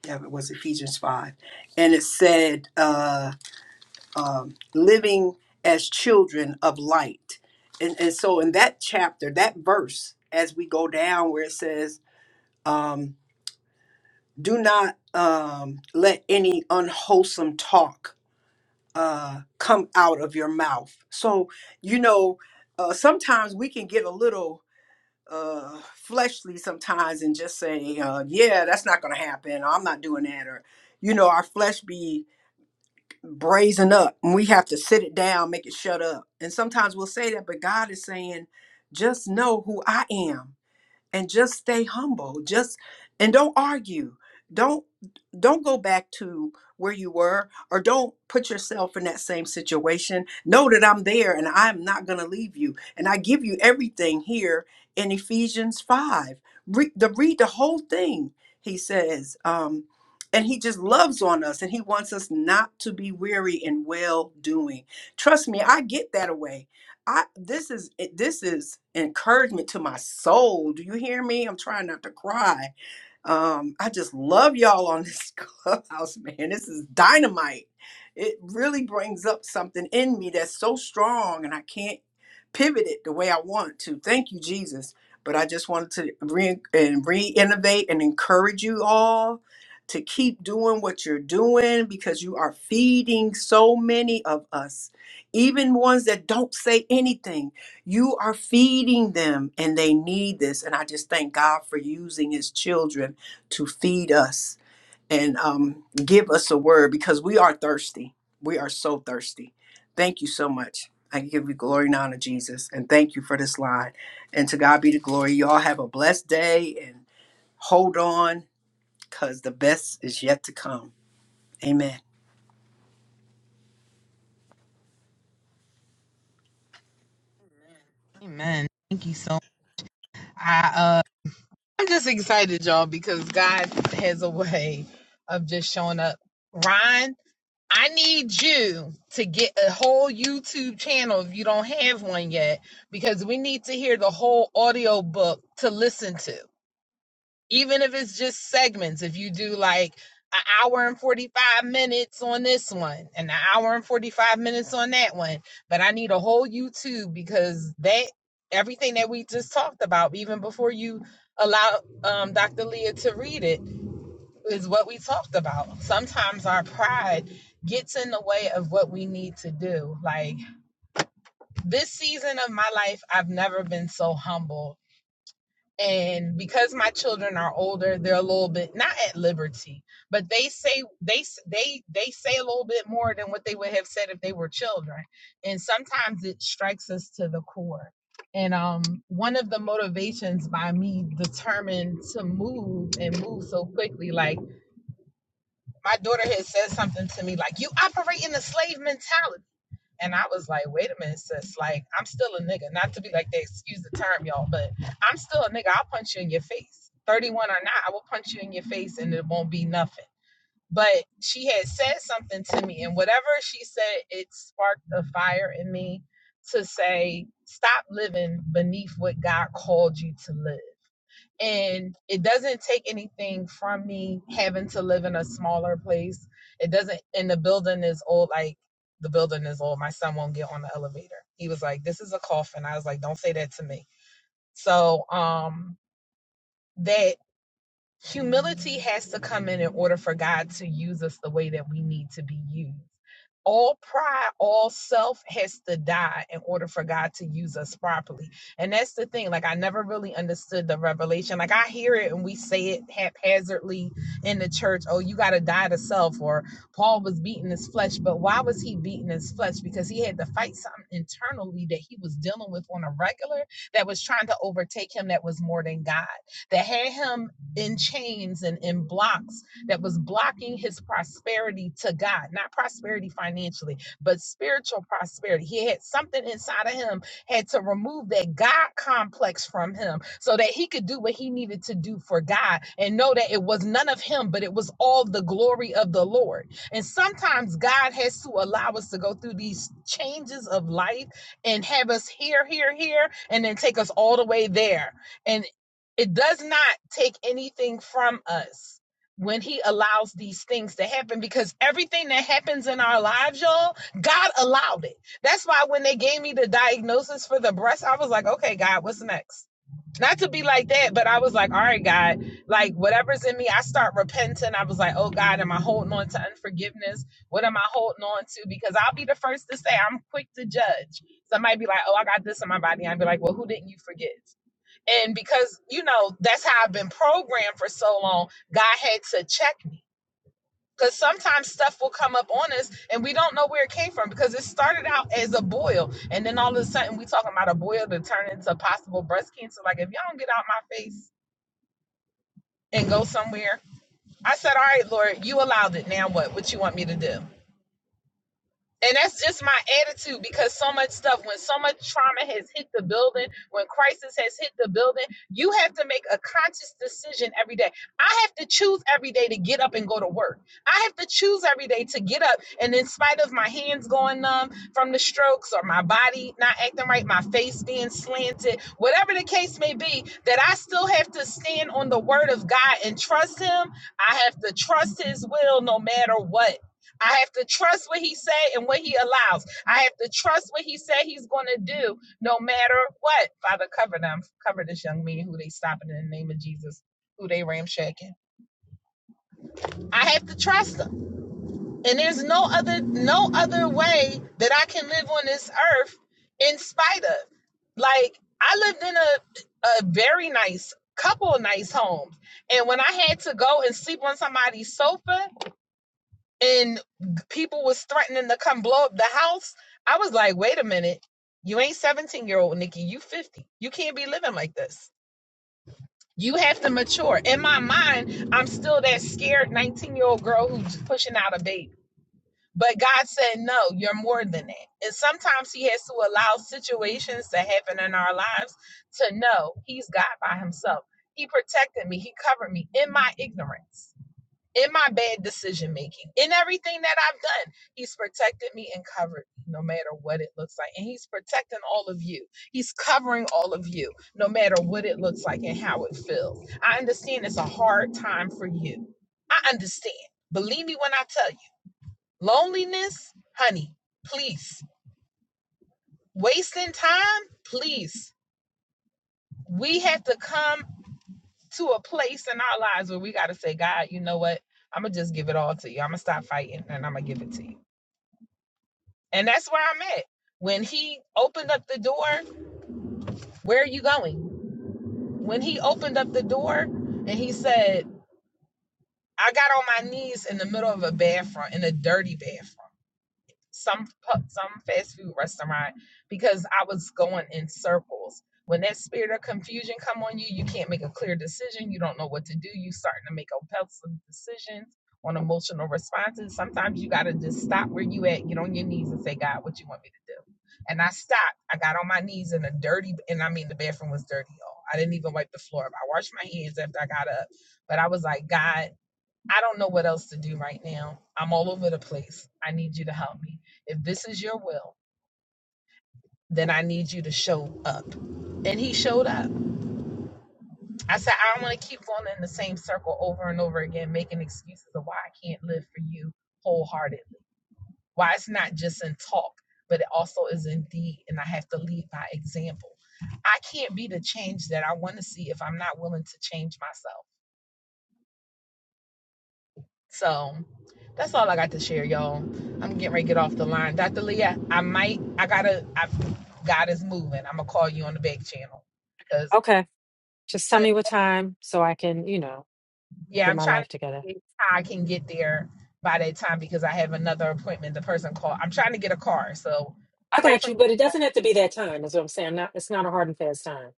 S14: Yeah, it was Ephesians five, and it said. Uh, um, living as children of light. And, and so, in that chapter, that verse, as we go down where it says, um, do not um, let any unwholesome talk uh, come out of your mouth. So, you know, uh, sometimes we can get a little uh, fleshly sometimes and just say, uh, yeah, that's not going to happen. I'm not doing that. Or, you know, our flesh be brazen up and we have to sit it down make it shut up and sometimes we'll say that but god is saying just know who i am and just stay humble just and don't argue don't don't go back to where you were or don't put yourself in that same situation know that i'm there and i'm not going to leave you and i give you everything here in ephesians 5 read the, read the whole thing he says um, and he just loves on us and he wants us not to be weary in well doing trust me i get that away I this is it- this is encouragement to my soul. Do you hear me? I'm trying not to cry um, I just love y'all on this clubhouse, man. This is dynamite. It really brings up something in me that's so strong, and I can't pivot it the way I want to. Thank you, Jesus. But I just wanted to re and reinnovate and encourage you all to keep doing what you're doing because you are feeding so many of us, even ones that don't say anything. You are feeding them, and they need this. And I just thank God for using His children to feed us and um, give us a word because we are thirsty. We are so thirsty. Thank you so much. I give you glory and honor, Jesus, and thank you for this line. And to God be the glory. Y'all have a blessed day and hold on because the best is yet to come. Amen.
S5: Amen. Thank you so much. I uh I'm just excited, y'all, because God has a way of just showing up. Ryan, I need you to get a whole YouTube channel if you don't have one yet, because we need to hear the whole audio book to listen to. even if it's just segments if you do like an hour and 45 minutes on this one and an hour and 45 minutes on that one but i need a whole youtube because that everything that we just talked about even before you allow um, dr leah to read it is what we talked about sometimes our pride gets in the way of what we need to do like this season of my life i've never been so humble and because my children are older they're a little bit not at liberty but they say they they they say a little bit more than what they would have said if they were children and sometimes it strikes us to the core and um one of the motivations by me determined to move and move so quickly like my daughter had said something to me like you operate in a slave mentality and I was like, wait a minute, sis. Like, I'm still a nigga. Not to be like they excuse the term, y'all, but I'm still a nigga. I'll punch you in your face. 31 or not, I will punch you in your face and it won't be nothing. But she had said something to me, and whatever she said, it sparked a fire in me to say, stop living beneath what God called you to live and it doesn't take anything from me having to live in a smaller place it doesn't and the building is old like the building is old my son won't get on the elevator he was like this is a coffin i was like don't say that to me so um that Humility has to come in in order for God to use us the way that we need to be used. All pride, all self has to die in order for God to use us properly. And that's the thing. Like, I never really understood the revelation. Like, I hear it and we say it haphazardly in the church oh, you got to die to self, or Paul was beating his flesh. But why was he beating his flesh? Because he had to fight something internally that he was dealing with on a regular that was trying to overtake him that was more than God that had him in chains and in blocks that was blocking his prosperity to God, not prosperity financially, but spiritual prosperity. He had something inside of him, had to remove that God complex from him so that he could do what he needed to do for God and know that it was none of him, but it was all the glory of the Lord. And sometimes God has to allow us to go through these changes of life and have us here, here, here, and then take us all the way there it does not take anything from us when he allows these things to happen because everything that happens in our lives y'all god allowed it that's why when they gave me the diagnosis for the breast i was like okay god what's next not to be like that but i was like all right god like whatever's in me i start repenting i was like oh god am i holding on to unforgiveness what am i holding on to because i'll be the first to say i'm quick to judge somebody be like oh i got this in my body i'd be like well who didn't you forgive and because, you know, that's how I've been programmed for so long, God had to check me. Because sometimes stuff will come up on us and we don't know where it came from because it started out as a boil. And then all of a sudden, we talking about a boil to turn into possible breast cancer. Like, if y'all don't get out my face and go somewhere, I said, All right, Lord, you allowed it. Now what? What you want me to do? And that's just my attitude because so much stuff, when so much trauma has hit the building, when crisis has hit the building, you have to make a conscious decision every day. I have to choose every day to get up and go to work. I have to choose every day to get up. And in spite of my hands going numb from the strokes or my body not acting right, my face being slanted, whatever the case may be, that I still have to stand on the word of God and trust Him. I have to trust His will no matter what I have to trust what he say and what he allows. I have to trust what he say he's going to do, no matter what. Father, cover them. Cover this young man who they stopping in the name of Jesus, who they ramshacking. I have to trust them, and there's no other no other way that I can live on this earth in spite of. Like I lived in a a very nice couple of nice homes, and when I had to go and sleep on somebody's sofa and people was threatening to come blow up the house. I was like, wait a minute. You ain't 17 year old Nikki, you 50. You can't be living like this. You have to mature. In my mind, I'm still that scared 19 year old girl who's pushing out a baby. But God said, no, you're more than that. And sometimes He has to allow situations to happen in our lives to know He's God by Himself. He protected me, He covered me in my ignorance in my bad decision making, in everything that I've done. He's protected me and covered me, no matter what it looks like. And He's protecting all of you. He's covering all of you, no matter what it looks like and how it feels. I understand it's a hard time for you. I understand. Believe me when I tell you loneliness, honey, please. Wasting time, please. We have to come to a place in our lives where we got to say, God, you know what? I'm going to just give it all to you. I'm going to stop fighting and I'm going to give it to you. And that's where I'm at. When he opened up the door, where are you going? When he opened up the door and he said, I got on my knees in the middle of a bathroom, in a dirty bathroom. some pu- some fast food restaurant because I was going in circles. When that spirit of confusion come on you, you can't make a clear decision. You don't know what to do. You starting to make impulsive decisions on emotional responses. Sometimes you gotta just stop where you at, get on your knees and say, God, what you want me to do? And I stopped. I got on my knees in a dirty and I mean the bathroom was dirty, y'all. I didn't even wipe the floor up. I washed my hands after I got up. But I was like, God, I don't know what else to do right now. I'm all over the place. I need you to help me. If this is your will, then I need you to show up. And he up. I said, I don't want to keep going in the same circle over and over again, making excuses of why I can't live for you wholeheartedly. Why it's not just in talk, but it also is in deed, and I have to lead by example. I can't be the change that I want to see if I'm not willing to change myself. So. That's all I got to share, y'all. I'm getting ready to get off the line. Dr. Leah, I might, I gotta, I, God is moving. I'm gonna call you on the back channel. Cause,
S13: Okay. Just tell me what time so I can, you know,
S5: yeah,
S13: get
S5: I'm
S13: my
S5: trying to
S13: life together.
S5: see how I can get there by that time because I have another appointment. The person called, I'm trying to get a car. So
S13: I
S5: pray
S13: got
S5: for
S13: you,
S5: me.
S13: but it doesn't have to be that time, is what I'm saying. Not, it's not a hard and fast time.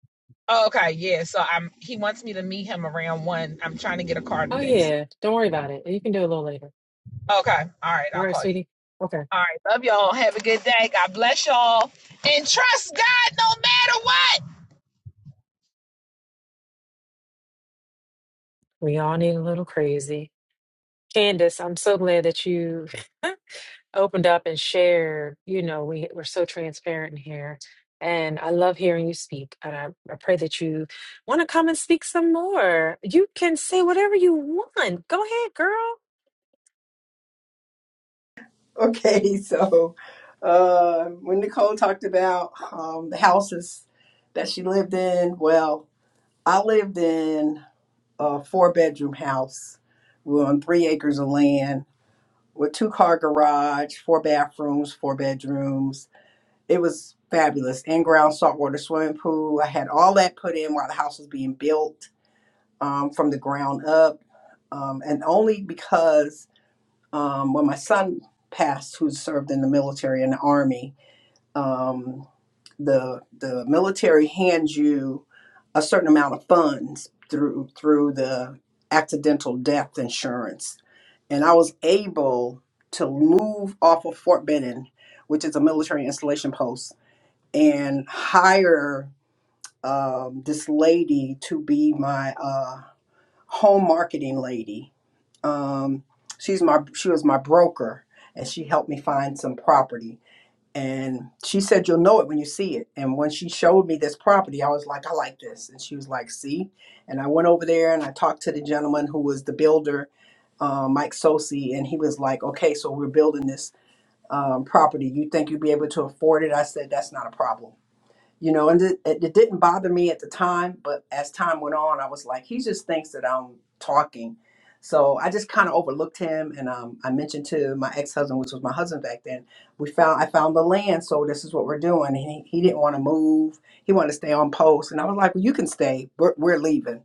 S5: Oh, okay. Yeah. So I'm, he wants me to meet him around one. I'm trying to get a car
S13: Oh,
S5: today. So,
S13: yeah. Don't worry
S5: okay.
S13: about it. You can do it a little later.
S5: All right.
S13: All
S5: I'll
S13: right,
S5: call you.
S13: sweetie. Okay.
S5: All right. Love y'all. Have a good day. God bless y'all. And trust God no matter what.
S13: We all need a little crazy. Candace, I'm so glad that you opened up and shared, you know, we, we're so transparent in here. And I love hearing you speak. And I, I pray that you want to come and speak some more. You can say whatever you want. Go ahead, girl.
S14: Okay, so uh, when Nicole talked about um, the houses that she lived in, well, I lived in a four bedroom house. We were on three acres of land with two car garage, four bathrooms, four bedrooms. It was fabulous. In ground saltwater swimming pool. I had all that put in while the house was being built um, from the ground up. Um, and only because um, when my son passed, who served in the military and the army, um, the the military hands you a certain amount of funds through through the accidental death insurance and I was able to move off of Fort Benning, which is a military installation post, and hire um, this lady to be my uh, home marketing lady. Um, she's my she was my broker, and she helped me find some property and she said, You'll know it when you see it. And when she showed me this property, I was like, I like this. And she was like, See? And I went over there and I talked to the gentleman who was the builder, uh, Mike Sosi. And he was like, Okay, so we're building this um, property. You think you'll be able to afford it? I said, That's not a problem you know and it, it, didn't bother me at the time but as time went on i was like he just thinks that i'm talking so i just kind of overlooked him and um, i mentioned to my ex-husband which was my husband back then we found i found the land so this is what we're doing and he, he didn't want to move he wanted to stay on post and i was like well you can stay we're, we're leaving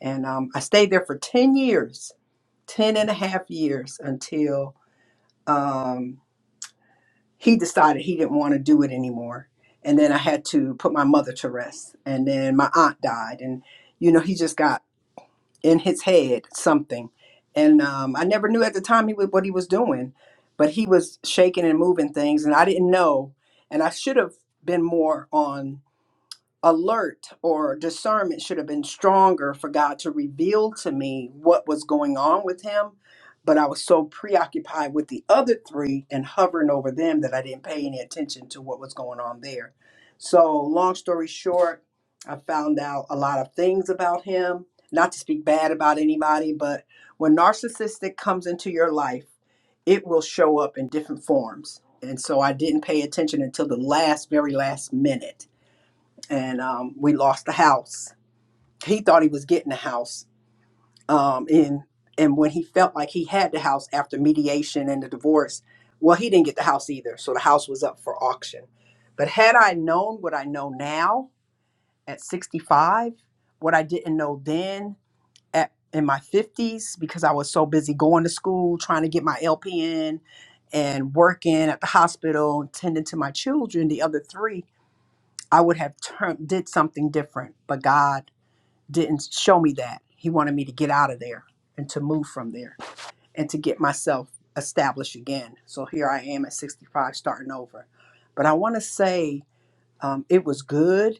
S14: and um, i stayed there for 10 years 10 and a half years until um, he decided he didn't want to do it anymore. And then I had to put my mother to rest. And then my aunt died. And, you know, he just got in his head something. And um, I never knew at the time he was, what he was doing, but he was shaking and moving things. And I didn't know. And I should have been more on alert or discernment should have been stronger for God to reveal to me what was going on with him. But I was so preoccupied with the other three and hovering over them that I didn't pay any attention to what was going on there. So, long story short, I found out a lot of things about him. Not to speak bad about anybody, but when narcissistic comes into your life, it will show up in different forms. And so I didn't pay attention until the last, very last minute and um, we lost the house. He thought he was getting the house, um, and and when he felt like he had the house after mediation and the divorce, well, he didn't get the house either. So the house was up for auction. But had I known what I know now at 65, what I didn't know then at in my 50s, because I was so busy going to school, trying to get my LPN, and working at the hospital, and tending to my children, the other three, I would have turned did something different. But God didn't show me that. He wanted me to get out of there and to move from there and to get myself established again. So here I am at 65 starting over. But I want to say um, it was good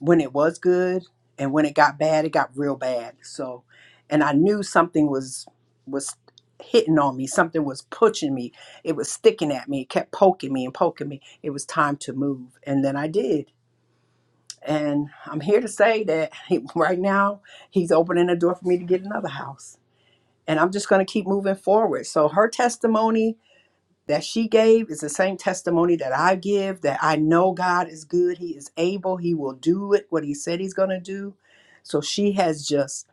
S14: when it was good and when it got bad, it got real bad. So and I knew something was was hitting on me, something was pushing me. It was sticking at me, it kept poking me and poking me. It was time to move and then I did and I'm here to say that he, right now, he's opening a door for me to get another house. And I'm just going to keep moving forward. So her testimony that she gave is the same testimony that I give that I know God is good. He is able. He will do it, what He said He's going to do. So she has just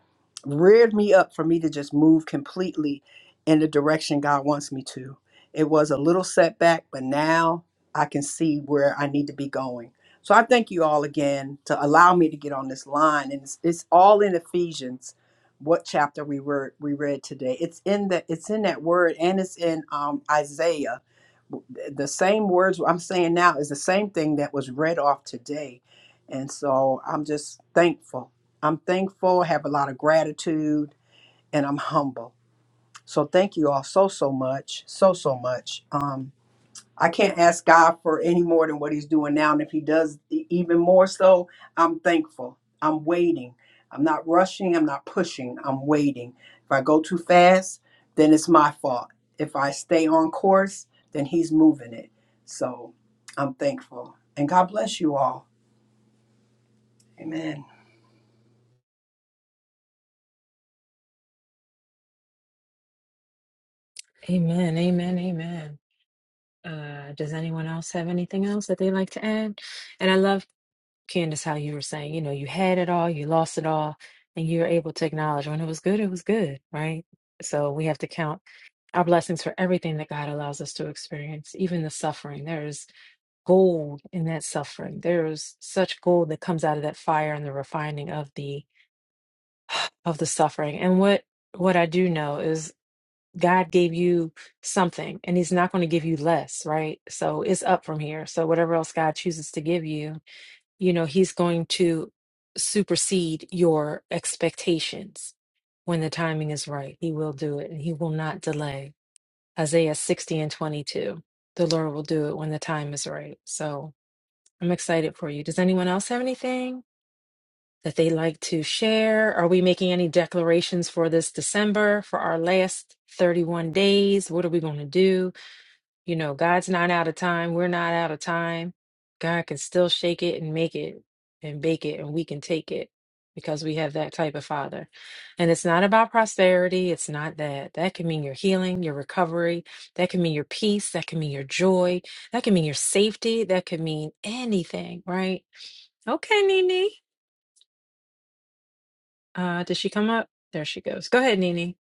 S14: reared me up for me to just move completely in the direction God wants me to. It was a little setback, but now I can see where I need to be going. So I thank you all again to allow me to get on this line. And it's, it's all in Ephesians what chapter we were we read today. It's in the it's in that word and it's in um Isaiah. The same words I'm saying now is the same thing that was read off today. And so I'm just thankful. I'm thankful, have a lot of gratitude, and I'm humble. So thank you all so so much, so so much. Um, I can't ask God for any more than what He's doing now. And if He does e- even more so, I'm thankful. I'm waiting. I'm not rushing. I'm not pushing. I'm waiting. If I go too fast, then it's my fault. If I stay on course, then He's moving it. So I'm thankful. And God bless you all. Amen.
S13: Amen. Amen. Amen. Uh, does anyone else have anything else that they like to add? And I love. Candace, how you were saying, you know, you had it all, you lost it all, and you're able to acknowledge when it was good, it was good, right? So we have to count our blessings for everything that God allows us to experience, even the suffering. There's gold in that suffering. There's such gold that comes out of that fire and the refining of the of the suffering. And what what I do know is God gave you something and he's not going to give you less, right? So it's up from here. So whatever else God chooses to give you, you know, he's going to supersede your expectations when the timing is right. He will do it and he will not delay. Isaiah 60 and 22. The Lord will do it when the time is right. So I'm excited for you. Does anyone else have anything that they'd like to share? Are we making any declarations for this December, for our last 31 days? What are we going to do? You know, God's not out of time. We're not out of time. God can still shake it and make it and bake it, and we can take it because we have that type of father. And it's not about prosperity. It's not that. That can mean your healing, your recovery. That can mean your peace. That can mean your joy. That can mean your safety. That could mean anything, right? Okay, Nene. Uh, did she come up? There she goes. Go ahead, Nene.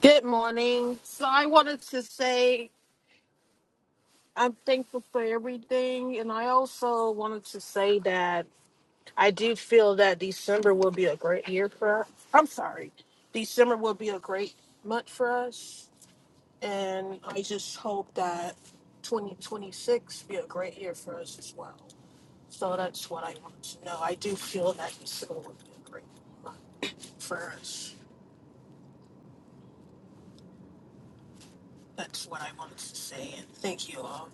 S15: Good morning. So I wanted to say I'm thankful for everything, and I also wanted to say that I do feel that December will be a great year for us. I'm sorry, December will be a great month for us, and I just hope that 2026 be a great year for us as well. So that's what I want to know. I do feel that December will be a great month for us. That's what I wanted to say, and thank you all.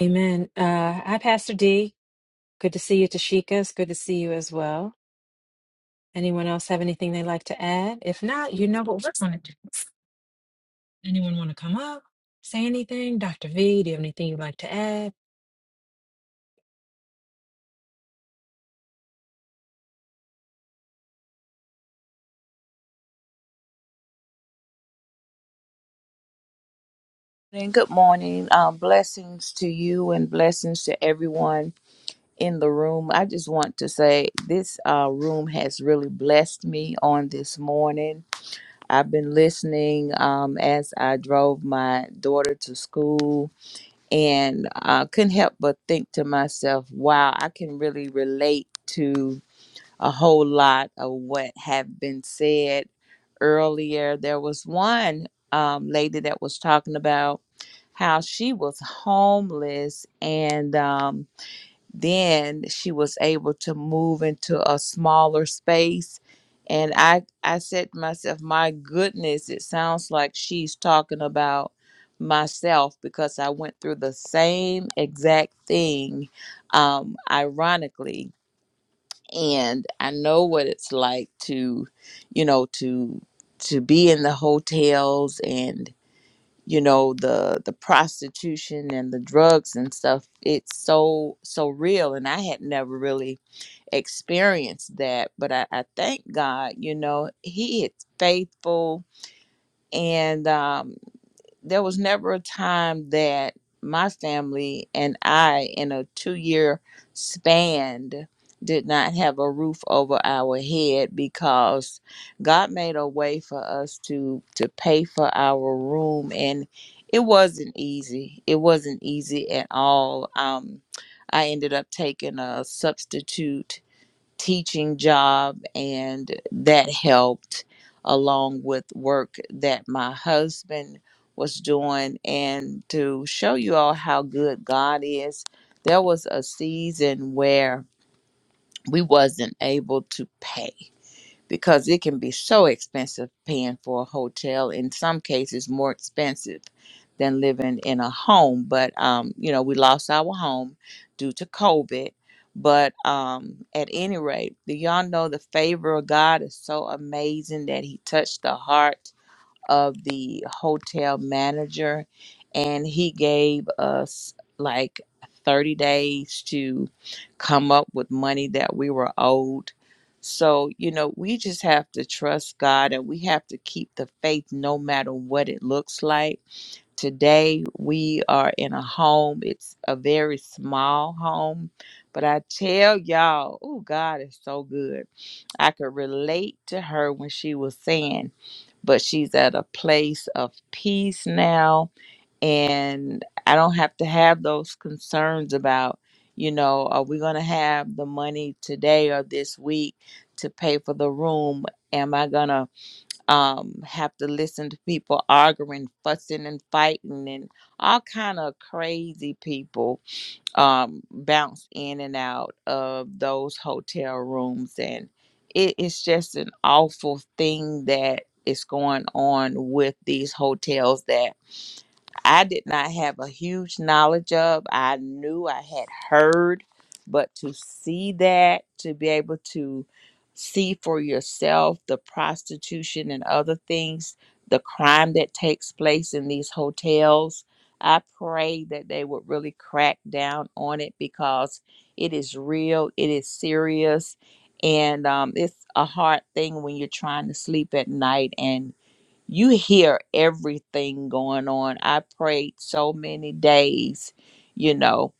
S13: Amen. Uh, hi, Pastor D. Good to see you, Tashika. It's good to see you as well. Anyone else have anything they'd like to add? If not, you know what we're going to do. Anyone want to come up, say anything? Dr. V, do you have anything you'd like to add?
S16: And good morning. Um, blessings to you and blessings to everyone in the room. I just want to say this uh, room has really blessed me on this morning. I've been listening um, as I drove my daughter to school and I couldn't help but think to myself, wow, I can really relate to a whole lot of what have been said earlier there was one um, lady that was talking about how she was homeless and um, then she was able to move into a smaller space and i i said to myself my goodness it sounds like she's talking about myself because i went through the same exact thing um, ironically and I know what it's like to, you know, to to be in the hotels and you know the the prostitution and the drugs and stuff. It's so so real, and I had never really experienced that, but I, I thank God, you know, He is faithful, and um there was never a time that my family and I, in a two year span, did not have a roof over our head because God made a way for us to to pay for our room and it wasn't easy. It wasn't easy at all. Um I ended up taking a substitute teaching job and that helped along with work that my husband was doing and to show you all how good God is there was a season where we wasn't able to pay because it can be so expensive paying for a hotel in some cases more expensive than living in a home but um, you know we lost our home due to covid but um, at any rate do y'all know the favor of god is so amazing that he touched the heart of the hotel manager and he gave us like 30 days to come up with money that we were owed. So, you know, we just have to trust God and we have to keep the faith no matter what it looks like. Today, we are in a home. It's a very small home, but I tell y'all, oh, God is so good I could relate to her when she was saying, but she's at a place of peace now. And I don't have to have those concerns about, you know, are we going to have the money today or this week to pay for the room? Am I going to um, have to listen to people arguing, fussing, and fighting, and all kind of crazy people? um, bounce in and out of those hotel rooms. And it is just an awful thing that is going on with these hotels that I did not have a huge knowledge of. I knew I had heard, but to see that, to be able to see for yourself the prostitution and other things, the crime that takes place in these hotels, I pray that they would really crack down on it because it is real, it is serious, and um, it's a hard thing when you're trying to sleep at night and you hear everything going on. I prayed so many days, you know,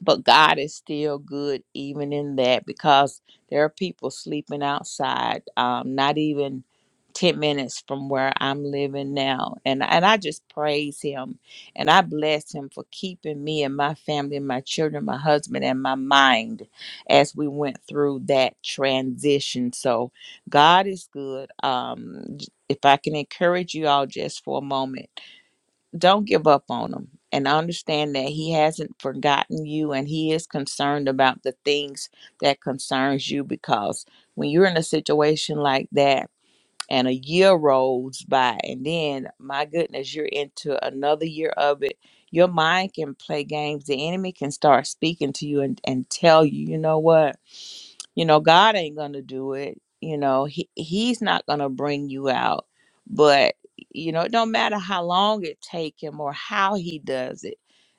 S16: but God is still good even in that because there are people sleeping outside, um, not even 10 minutes from where I'm living now. And, and I just praise Him and I bless Him for keeping me and my family and my children, my husband, and my mind as we went through that transition. So God is good. Um, j- if I can encourage you all just for a moment, don't give up on him and understand that he hasn't forgotten you and he is concerned about the things that concerns you because when you're in a situation like that and a year rolls by and then my goodness you're into another year of it your mind can play games the enemy can start speaking to you and, and tell you you know what you know god ain't gonna do it you know he, he's not gonna bring you out but you know it don't matter how long it take him or how he does it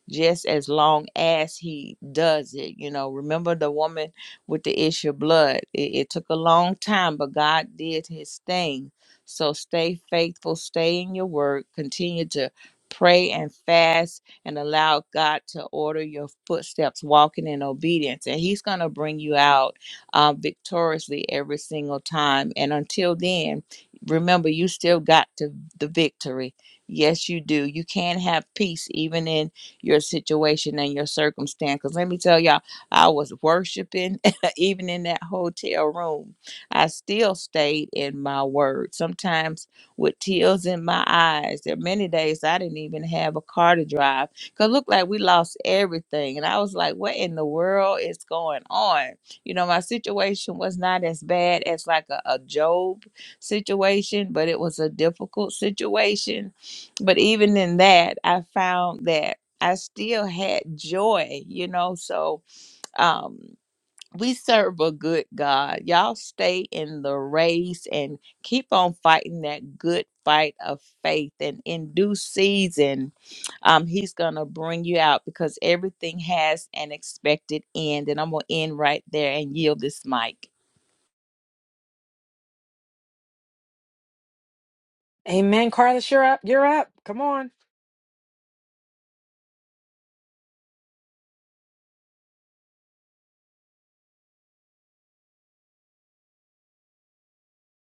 S16: just as long as he does it you know remember the woman with the issue of blood it, it took a long time but god did his thing so stay faithful stay in your work continue to pray and fast and allow god to order your footsteps walking in obedience and he's gonna bring you out uh, victoriously every single time. And until then, remember, you still got to the victory. Yes, you do. You can have peace even in your situation and your circumstance. Because let me tell y'all, I was worshiping even in that hotel room. I still stayed in my word, sometimes with tears in my eyes. There are many days I didn't even have a car to drive because looked like we lost everything. And I was like, what in the world is going on? You know, my situation was not as bad as like a, a Job situation, but it was a difficult situation. But even in that, I found that I still had joy, you know, so um we serve a good God. Y'all stay in the race and keep on fighting that good fight of faith. And in due season, um, He's going to bring you out because everything has an expected end. And I'm going to end right there and yield this mic.
S13: Amen. Carlos, you're up. You're up. Come on.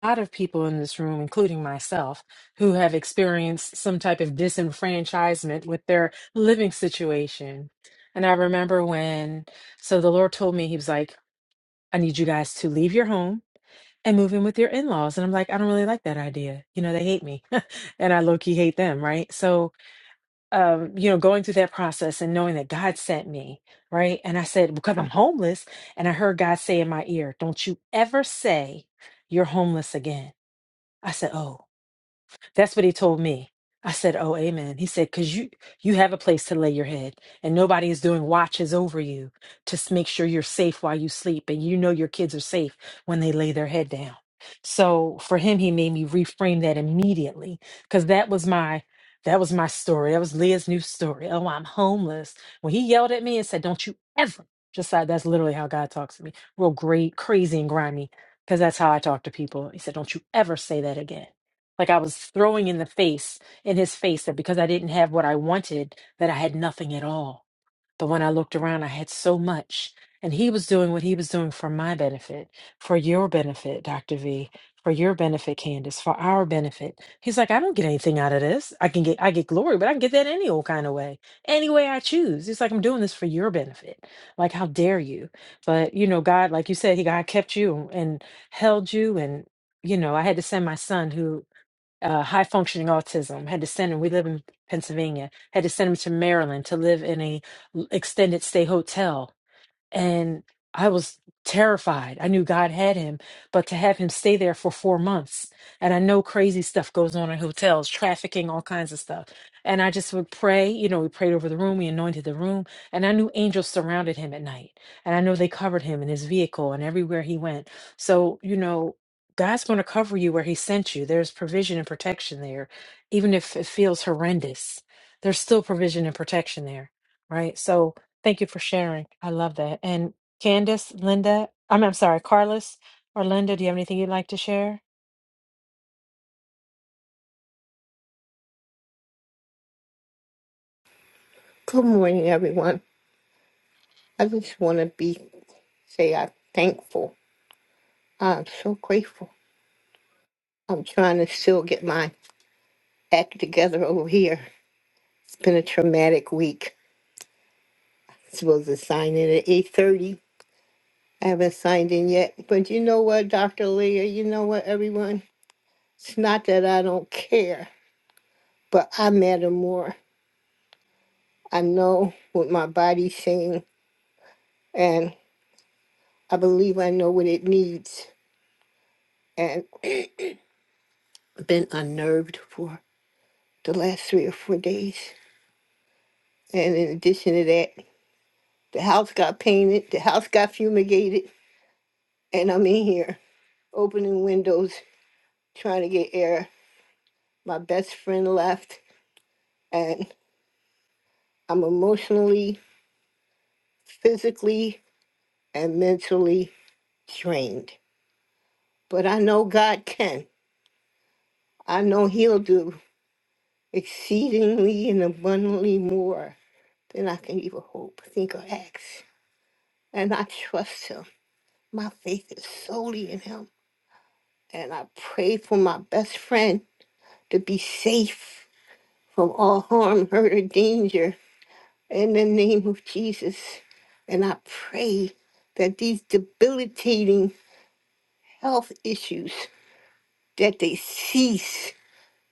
S13: A lot of people in this room, including myself, who have experienced some type of disenfranchisement with their living situation. And I remember when, so the Lord told me, He was like, I need you guys to leave your home and move in with your in laws. And I'm like, I don't really like that idea. You know, they hate me and I low key hate them, right? So, um, you know, going through that process and knowing that God sent me, right? And I said, because I'm homeless. And I heard God say in my ear, don't you ever say you're homeless again. I said, oh. That's what he told me. I said, "Oh, amen." He said, "Cause you you have a place to lay your head, and nobody is doing watches over you to s- make sure you're safe while you sleep, and you know your kids are safe when they lay their head down." So for him, he made me reframe that immediately, cause that was my that was my story. That was Leah's new story. Oh, I'm homeless. When he yelled at me and said, "Don't you ever," just like that's literally how God talks to me, real great, crazy, and grimy, cause that's how I talk to people. He said, "Don't you ever say that again." like I was throwing in the face in his face that because I didn't have what I wanted that I had nothing at all. But when I looked around I had so much and he was doing what he was doing for my benefit, for your benefit, Dr. V, for your benefit, Candace, for our benefit. He's like, I don't get anything out of this. I can get I get glory, but I can get that any old kind of way. Any way I choose. He's like, I'm doing this for your benefit. Like, how dare you? But you know, God, like you said, he God kept you and held you and you know, I had to send my son who uh, high functioning autism, had to send him, we live in Pennsylvania, had to send him to Maryland to live in a l- extended stay hotel and I was terrified. I knew God had him, but to have him stay there for four months, and I know crazy stuff goes on in hotels, trafficking, all kinds of stuff. And I just would pray, you know, we prayed over the room, we anointed the room, and I knew angels surrounded him at night. And I know they covered him in his vehicle and everywhere he went. So, you know, God's going to cover you where he sent you. There's provision and protection there, even if it feels horrendous. There's still provision and protection there, right? So, Thank you for sharing. I love that. And Candace, Linda, I'm, I'm sorry, Carlos or Linda, do you have anything you'd like to share?
S17: Good morning, everyone. I just want to be say I'm thankful. I'm so grateful. I'm trying to still get my act together over here. It's been a traumatic week. supposed to sign in at eight thirty. I haven't signed in yet, but you know what, Doctor Leah? You know what, everyone? It's not that I don't care, but I matter more. I know what my body's saying, and I believe I know what it needs. And been unnerved for. the last three or four days. And in addition to that, the house got painted, the house got fumigated, and I'm in here opening windows, trying to get air. My best friend left, and I'm emotionally, physically, and mentally drained. But I know God can. I know He'll do exceedingly and abundantly more than I can even hope, think, or ask. And I trust Him. My faith is solely in Him. And I pray for my best friend to be safe from all harm, hurt, or danger in the name of Jesus. And I pray that these debilitating health issues that they cease.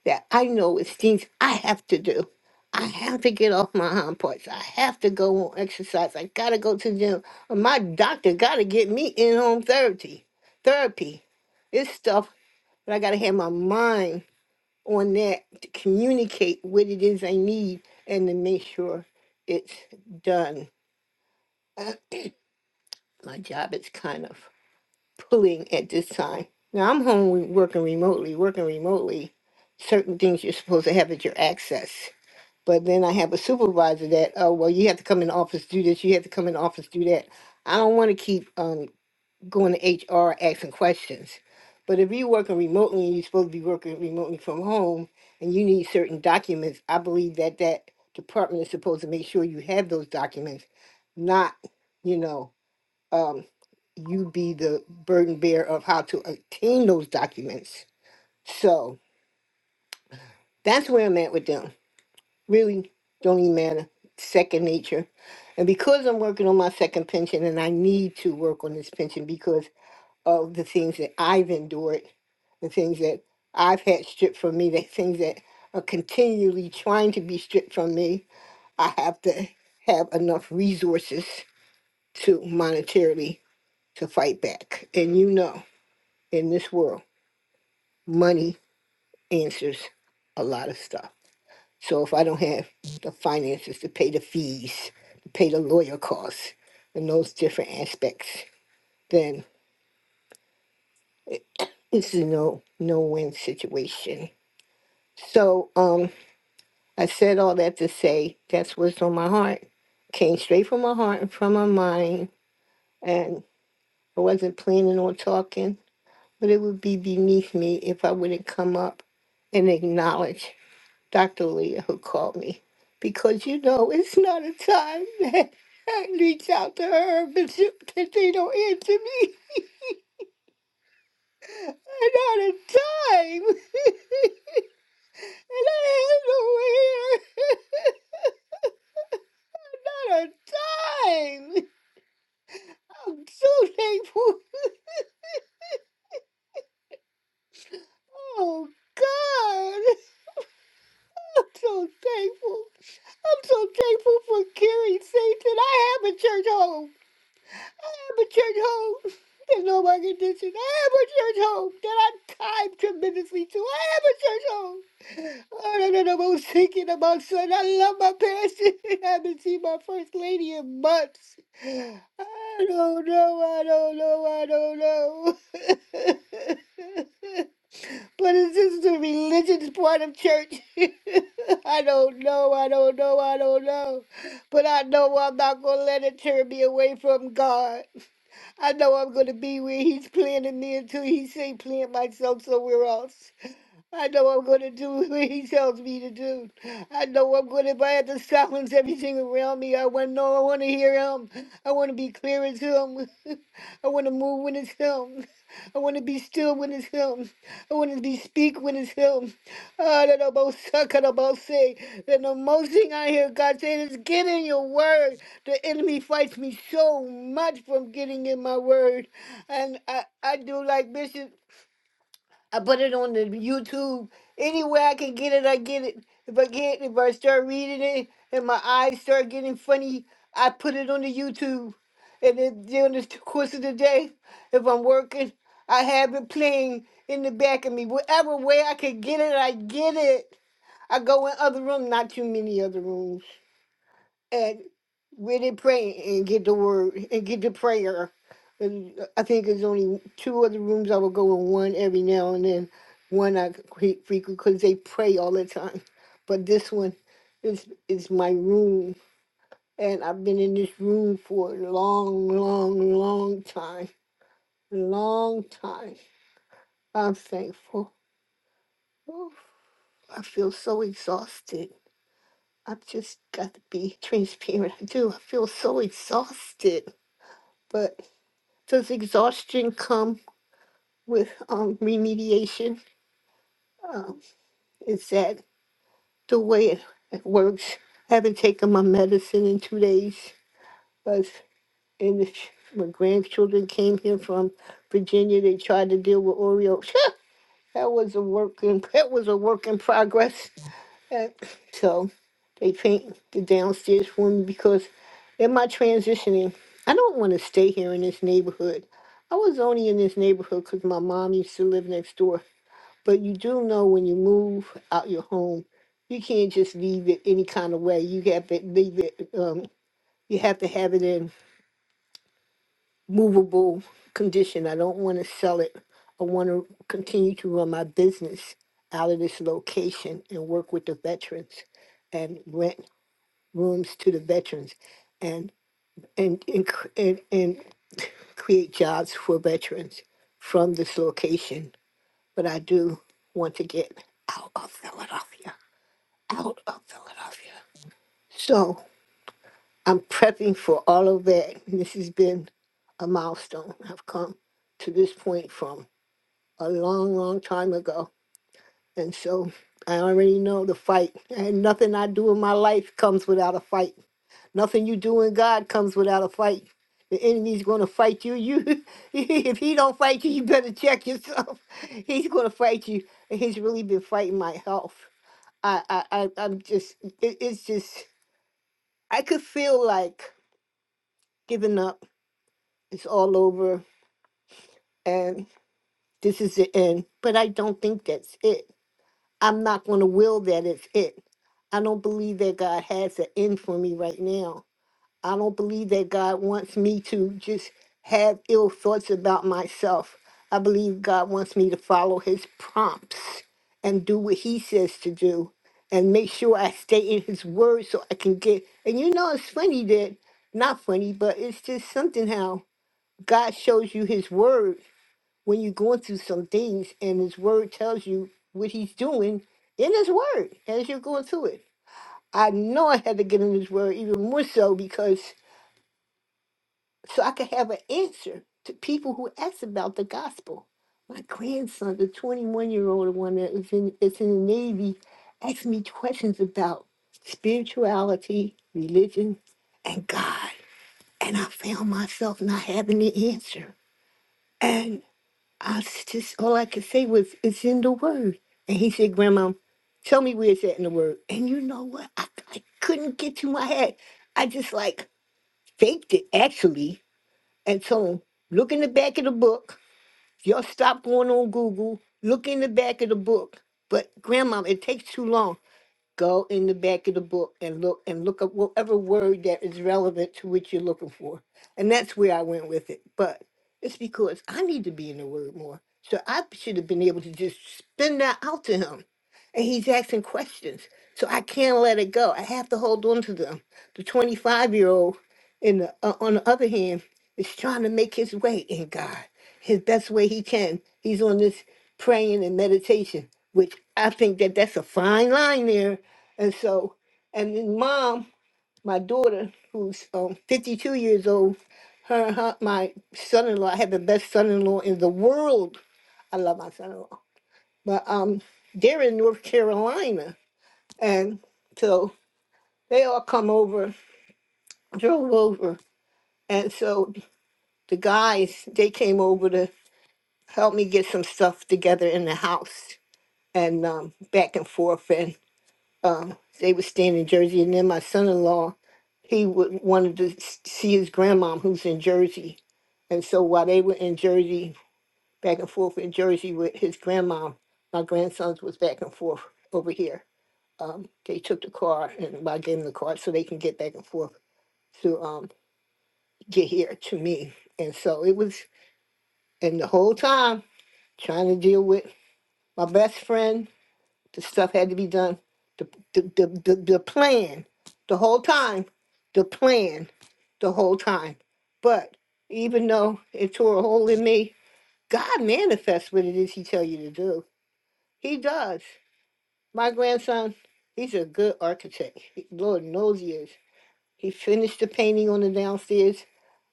S17: That I know it's things I have to do. I have to get off my hind parts. I have to go on exercise. I gotta go to the gym. My doctor gotta get me in home therapy. Therapy. It's stuff that I gotta have my mind on that to communicate what it is I need and to make sure it's done. My job is kind of pulling at this time. Now I'm home with- working remotely, working remotely. Certain things you're supposed to have at your access. But then I have a supervisor that, oh, well, you have to come in the office, do this, you have to come in the office, do that. I don't want to keep um going to HR asking questions. But if you're working remotely and you're supposed to be working remotely from home and you need certain documents, I believe that that department is supposed to make sure you have those documents, not, you know, um, you be the burden bearer of how to obtain those documents. So that's where I'm at with them. Really don't even matter. Second nature. And because I'm working on my second pension and I need to work on this pension because. of the things that I've endured, the things that I've had stripped from me, the things that are continually trying to be stripped from me. I have to have enough resources to monetarily to fight back. And you know, in this world, money answers a lot of stuff. So if I don't have the finances to pay the fees, to pay the lawyer costs, and those different aspects, then it's a no no win situation. So um I said all that to say that's what's on my heart. Came straight from my heart and from my mind. And I wasn't planning on talking, but it would be beneath me if I wouldn't come up and acknowledge Dr. Leah who called me. Because, you know, it's not a time that I reach out to her, but she- that they don't answer me. Not a time. and I have no hair. Not a time. I'm so thankful. Oh God, I'm so thankful. I'm so thankful for Carrie Saints and I have a church home. I have a church home. There's no my condition. I have a church home that I time tremendously to. I have a church home. Oh, no, no, no, I was thinking about son. I love my pastor. I haven't seen my first lady in months. I don't know. I don't know. I don't know. But is this the religious part of church? I don't know, I don't know, I don't know. But I know I'm not going to let it turn me away from God. I know I'm going to be where He's planning me until He say plant myself somewhere else. I know I'm going to do what He tells me to do. I know I'm going to, if I have to silence everything around me, I want to know, I want to hear Him. I want to be clear as Him. I want to move when it's Him. I want to be still when it's Him. I want to be speak when it's Him. Ah, that about suck it about say. And the most thing I hear God saying is, "Get in your word." The enemy fights me so much from getting in my word, and I I do like Bishop. I put it on the YouTube. Anywhere I can get it, I get it. If I get if I start reading it and my eyes start getting funny, I put it on the YouTube. And then during the course of the day, if I'm working, I have it playing in the back of me. Whatever way I can get it, I get it. I go in other rooms. not too many other rooms and really pray and get the word and get the prayer. And I think there's only two other rooms I will go in, one every now and then, one I create frequent because they pray all the time. But this one is is my room, and I've been in this room for a long, long, long time, long time. I'm thankful. Oh, I feel so exhausted. I've just got to be transparent. I do. I feel so exhausted, but Does exhaustion come with um, remediation? Is that the way it, it works? I haven't taken my medicine in two days. But and if my grandchildren came here from Virginia, they tried to deal with Oreo. that was a work in that was a work in progress. And so they paint the downstairs for me because in my transitioning, I don't want to stay here in this neighborhood. I was only in this neighborhood because my mom used to live next door. But you do know when you move out your home, you can't just leave it any kind of way. You have to leave it. Um, you have to have it in movable condition. I don't want to sell it. I want to continue to run my business out of this location and work with the veterans and rent rooms to the veterans and and and cr- and, and create jobs for veterans from this location. But I do want to get out of Philadelphia. out of Philadelphia. So I'm prepping for all of that. This has been a milestone. I've come to this point from a long, long time ago. And so I already know the fight. And nothing I do in my life comes without a fight. Nothing you do in God comes without a fight. The enemy's going to fight you. You, if he don't fight you, you better check yourself. He's going to fight you. And he's really been fighting my health. I, I, I I'm just, it, it's just I could feel like giving up, it's all over, and this is the end. But I don't think that's it. I'm not going to will that it's it. I don't believe that God has an end for me right now. I don't believe that God wants me to just have ill thoughts about myself. I believe God wants me to follow his prompts and do what he says to do and make sure I stay in his word so I can get. And you know, it's funny that, not funny, but it's just something how God shows you his word when you're going through some things and his word tells you what he's doing in his word as you're going through it. I know I had to get in his word even more so because so I could have an answer to people who ask about the gospel. My grandson, the 21 year old one that is in, is in the Navy, asked me questions about spirituality, religion, and God. And I found myself not having the answer. And I was just, all I could say was, it's in the Word. And he said, Grandma, tell me where it's at in the Word. And you know what? I, I couldn't get to my head. I just like faked it, actually and so look in the back of the book. Y'all stop going on Google. Look in the back of the book. But grandma, it takes too long. Go in the back of the book and look and look up whatever word that is relevant to what you're looking for. And that's where I went with it. But it's because I need to be in the word more. So I should have been able to just spin that out to him. And he's asking questions. So I can't let it go. I have to hold on to them. The 25 year old, in the, uh, on the other hand, is trying to make his way in God, his best way he can. He's on this praying and meditation, which I think that that's a fine line there and so, and then mom, my daughter, who's um, 52 years old, her, her my son-in-law, I have the best son-in-law in the world. I love my son-in-law. But um, they're in North Carolina. And so they all come over, drove over. And so the guys, they came over to help me get some stuff together in the house and um, back and forth. and. um, they were staying in Jersey, and then my son-in-law, he would, wanted to s- see his grandmom who's in Jersey, and so while they were in Jersey, back and forth in Jersey with his grandmom, my grandsons was back and forth over here. Um, they took the car, and I gave them the car so they can get back and forth to um, get here to me, and so it was, and the whole time trying to deal with my best friend the stuff had to be done. The, the, the, the, the plan, the whole time, the plan, the whole time. But even though it tore a hole in me, God manifests what it is He tell you to do. He does. My grandson, he's a good architect. He- Lord knows he is. He finished the painting on the downstairs.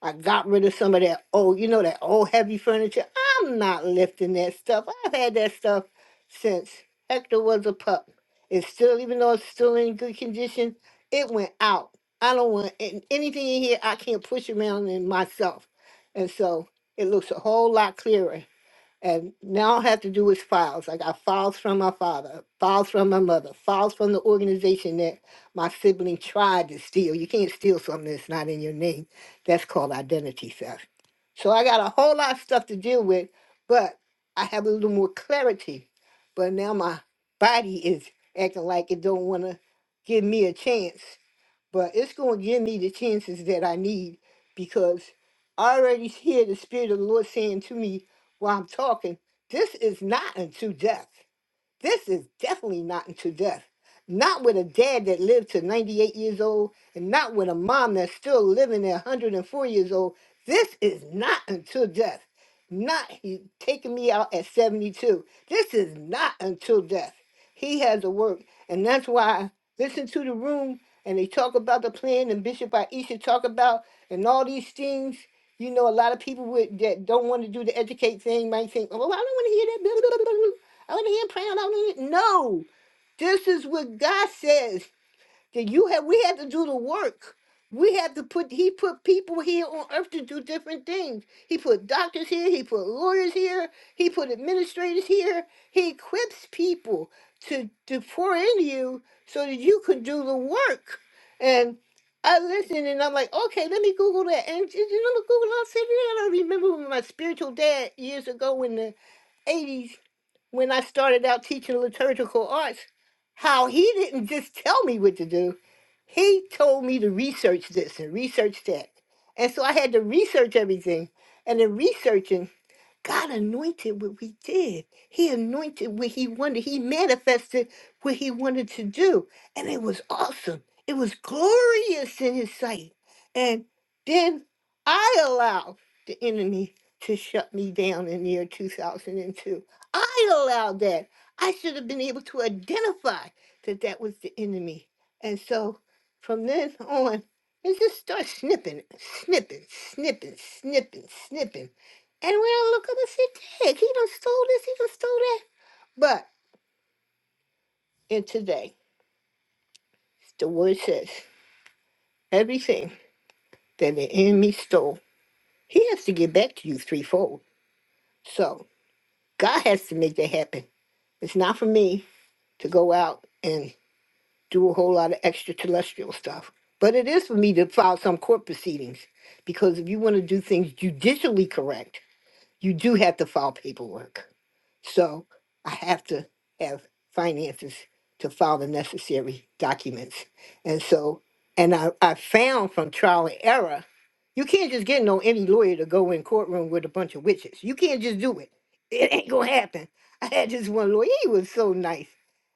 S17: I got rid of some of that old, you know, that old heavy furniture. I'm not lifting that stuff. I've had that stuff since Hector was a pup. It's still, even though it's still in good condition, it went out. I don't want an- anything in here I can't push around in myself. And so it looks a whole lot clearer. And now all I have to do with files. I got files from my father, files from my mother, files from the organization that my sibling tried to steal. You can't steal something that's not in your name. That's called identity theft. So I got a whole lot of stuff to deal with, but I have a little more clarity. But now my body is acting like it don't want to give me a chance but it's going to give me the chances that I need because I already hear the Spirit of the Lord saying to me while I'm talking, This is not unto death. This is definitely not unto death. Not with a dad that lived to 98 years old, and not with a mom that's still living at 104 years old. This is not until death. Not he taking me out at 72. This is not until death. He has to work. And that's why I listen to the room and they talk about the plan and Bishop Aisha talk about and all these things. You know, a lot of people with, that don't want to do the educate thing might think, oh, I don't want to hear that. I wasn't here praying. I don't need it. No, this is what God says that you have. We have to do the work. We have to put. He put people here on earth to do different things. He put doctors here. He put lawyers here. He put administrators here. He equips people to to pour into you so that you could do the work. And I listen and I'm like, okay, let me Google that. And you know, Google, I said, I don't remember when my spiritual dad years ago in the 80s when I started out teaching liturgical arts, how he didn't just tell me what to do. He told me to research this and research that. And so I had to research everything. And in researching, God anointed what we did. He anointed what he wanted. He manifested what he wanted to do. And it was awesome. It was glorious in his sight. And then I allowed the enemy to shut me down in the year 2002. I allowed that. I should have been able to identify that that was the enemy. And so from then on, it just starts snipping, snipping, snipping, snipping, snipping. And when I look up and say, Dick, he done stole this, he done stole that. But in today, the word says, everything that the enemy stole, he has to give back to you threefold. So God has to make that happen. It's not for me to go out and do a whole lot of extraterrestrial stuff. But it is for me to file some court proceedings. Because if you want to do things judicially correct, you do have to file paperwork. So I have to have finances to file the necessary documents. And so, and I, I found from trial and error, you can't just get no any lawyer to go in courtroom with a bunch of witches. You can't just do it. It ain't gonna happen. I had this one lawyer, he was so nice.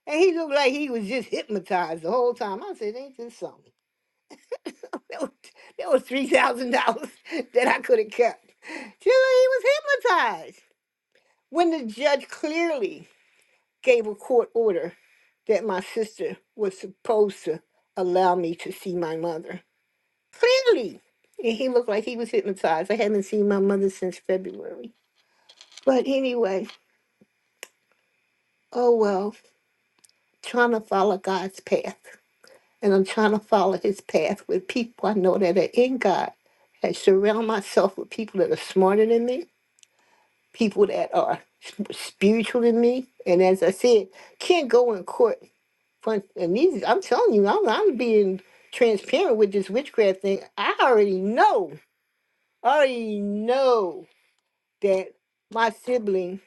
S17: And he looked like he was just hypnotized the whole time. I said, ain't this something? That was, that was $3,000 that I could have kept. Just like he was hypnotized. When the judge clearly gave a court order that my sister was supposed to allow me to see my mother. Finally! And he looked like he was hypnotized. I haven't seen my mother since February. But anyway, oh well, trying to follow God's path. And I'm trying to follow his path with people I know that are in God and surround myself with people that are smarter than me, people that are s- spiritual than me. And as I said, can't go in court fun and these I'm telling you, I'm I'm being transparent with this witchcraft thing. I already know, I already know that my sibling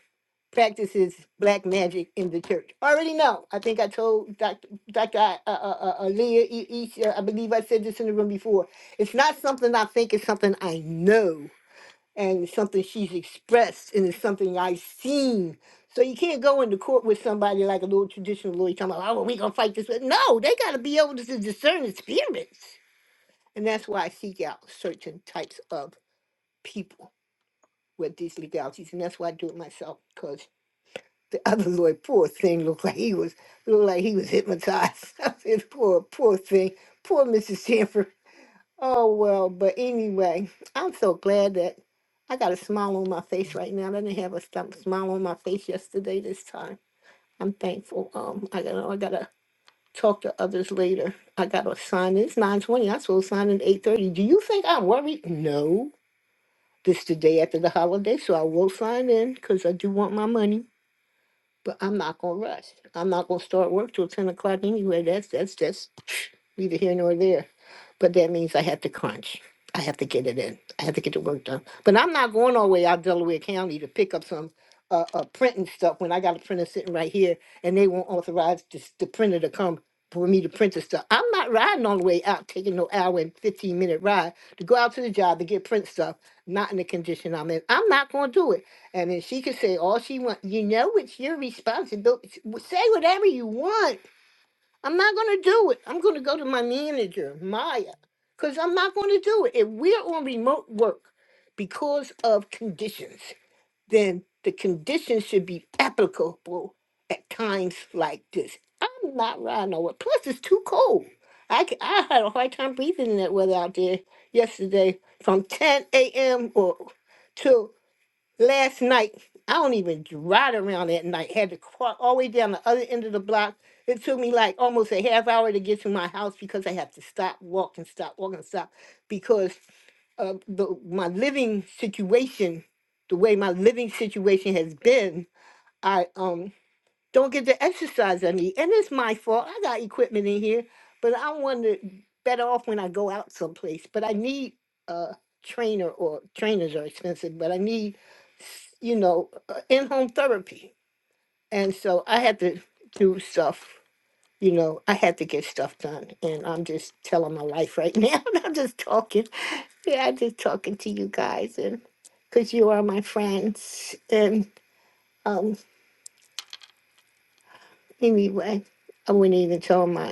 S17: practices black magic in the church. I already know. I think I told Dr. Dr. I- Uh, uh, uh, Leah, I believe I said this in the room before. It's not something I think, it's something I know and it's something she's expressed and it's something I've seen. So you can't go into court with somebody like a little traditional lawyer talking about, oh, we're going to fight this. way." No, they got to be able to discern the spirits. And that's why I seek out certain types of people with these legalities. And that's why I do it myself because the other lawyer, poor thing, looked like he was looked like he was hypnotized. I said, poor, poor thing. Poor Mrs. Sanford. Oh, well, but anyway, I'm so glad that I got a smile on my face right now. I didn't have a stump smile on my face yesterday this time. I'm thankful. Um, I gotta, I gotta talk to others later. I gotta sign. It's 9:20. I'm supposed to sign in 8:30. Do you think I'm worried? No. This the day after the holiday, so I will sign in because I do want my money. But I'm not gonna rush. I'm not gonna start work till ten o'clock anyway. That's that's just neither here nor there. But that means I have to crunch. I have to get it in. I have to get the work done. But I'm not going all the way out Delaware County to pick up some uh, uh printing stuff when I got a printer sitting right here and they won't authorize this, the printer to come for me to print the stuff. I'm not riding all the way out, taking no hour and 15 minute ride to go out to the job to get print stuff, not in the condition I'm in. I'm not going to do it. I mean, she could say all she wants. You know, it's your responsibility. Say whatever you want. I'm not going to do it. I'm going to go to my manager, Maya, because I'm not going to do it. If we're on remote work because of conditions, then the conditions should be applicable at times like this. I'm not riding nowhere. Plus, it's too cold. I, c- I had a hard time breathing in that weather out there yesterday from 10 a.m. or two last night. I don't even ride around that night. Had to walk all the way down the other end of the block. It took me like almost a half hour to get to my house because I have to stop, walk, and stop, walk, and stop because of the, my living situation, the way my living situation has been. I um don't get to exercise any, And it's my fault. I got equipment in here, but I want to better off when I go out someplace. But I need a trainer, or trainers are expensive, but I need, s- you know, in home therapy. And so I had to do stuff. You know, I had to get stuff done, and I'm just telling my life right now. I'm just talking. Yeah, I'm just talking to you guys, and because you are my friends. And um, anyway, I wouldn't even tell my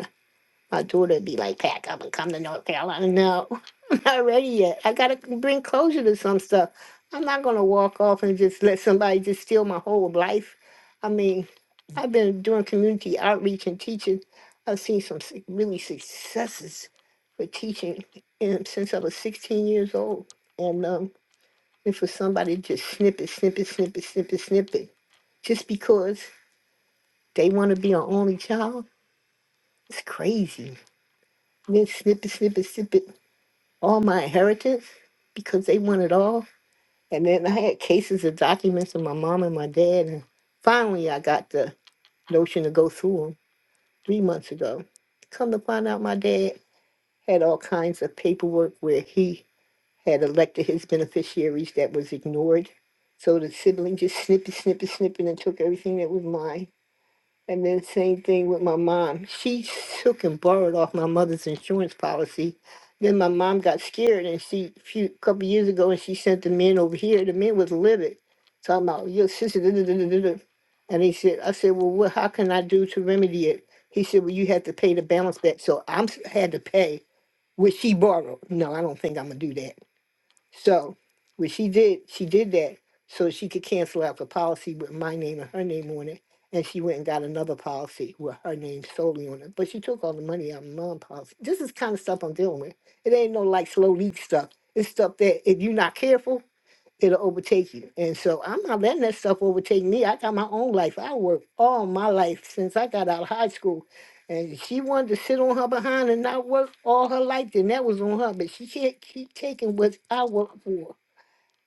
S17: My daughter would be like, pack up and come to North Carolina. No, I'm not ready yet. I got to bring closure to some stuff. I'm not going to walk off and just let somebody just steal my whole life. I mean, I've been doing community outreach and teaching. I've seen some s- really successes for teaching um, since I was 16 years old. And um, if for somebody to just snip it, snip it, snip it, snip it, snip it, just because they want to be an only child, it's crazy. And Then snip it, snip it, snip it. all my inheritance because they want it all. And then I had cases of documents of my mom and my dad. And finally, I got the notion to go through them three months ago. Come to find out, my dad had all kinds of paperwork where he had elected his beneficiaries that was ignored. So the sibling just snippy, snippy, snipping and took everything that was mine. And then same thing with my mom. She took and borrowed off my mother's insurance policy. Then my mom got scared and she few couple years ago and she sent the men over here. The men was livid. Talking about your sister. da- da- da- da- da- da." And he said, I said, Well what how can I do to remedy it? He said, Well you have to pay to balance that. So I'm had to pay what she borrowed. No, I don't think I'm gonna do that. So what she did, she did that so she could cancel out the policy with my name and her name on it. And she went and got another policy with her name solely on it. But she took all the money out of my policy. This is kind of stuff I'm dealing with. It ain't no like slow leak stuff. It's stuff that if you're not careful, it'll overtake you. And so I'm not letting that stuff overtake me. I got my own life. I worked all my life since I got out of high school. And she wanted to sit on her behind and not work all her life, then that was on her. But she can't keep taking what I work for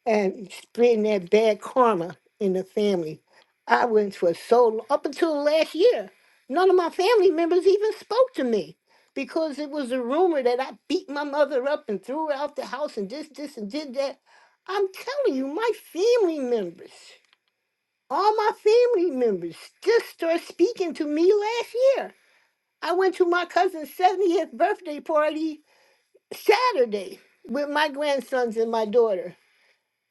S17: and spreading that bad karma in the family. I went for so long, up until last year, none of my family members even spoke to me because it was a rumor that I beat my mother up and threw her out the house and this, this, and did that. I'm telling you, my family members, all my family members just started speaking to me last year. I went to my cousin's 70th birthday party Saturday with my grandsons and my daughter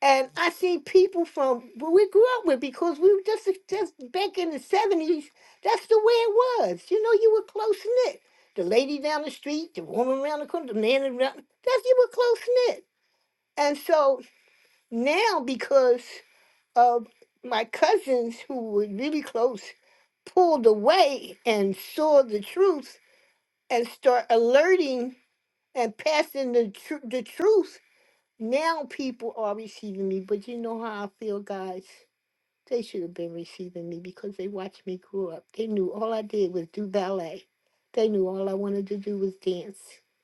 S17: and I see people from where we grew up with because we were just just back in the seventies. That's the way it was. You know, you were close knit. The lady down the street, the woman around the corner, the man around. That's you were close knit. And so now, because of my cousins who were really close, pulled away and saw the truth and start alerting and passing the tr- the truth. Now people are receiving me, but you know how I feel, guys they should have been receiving me because they watched me grow up. They knew all I did was do ballet. They knew all I wanted to do was dance.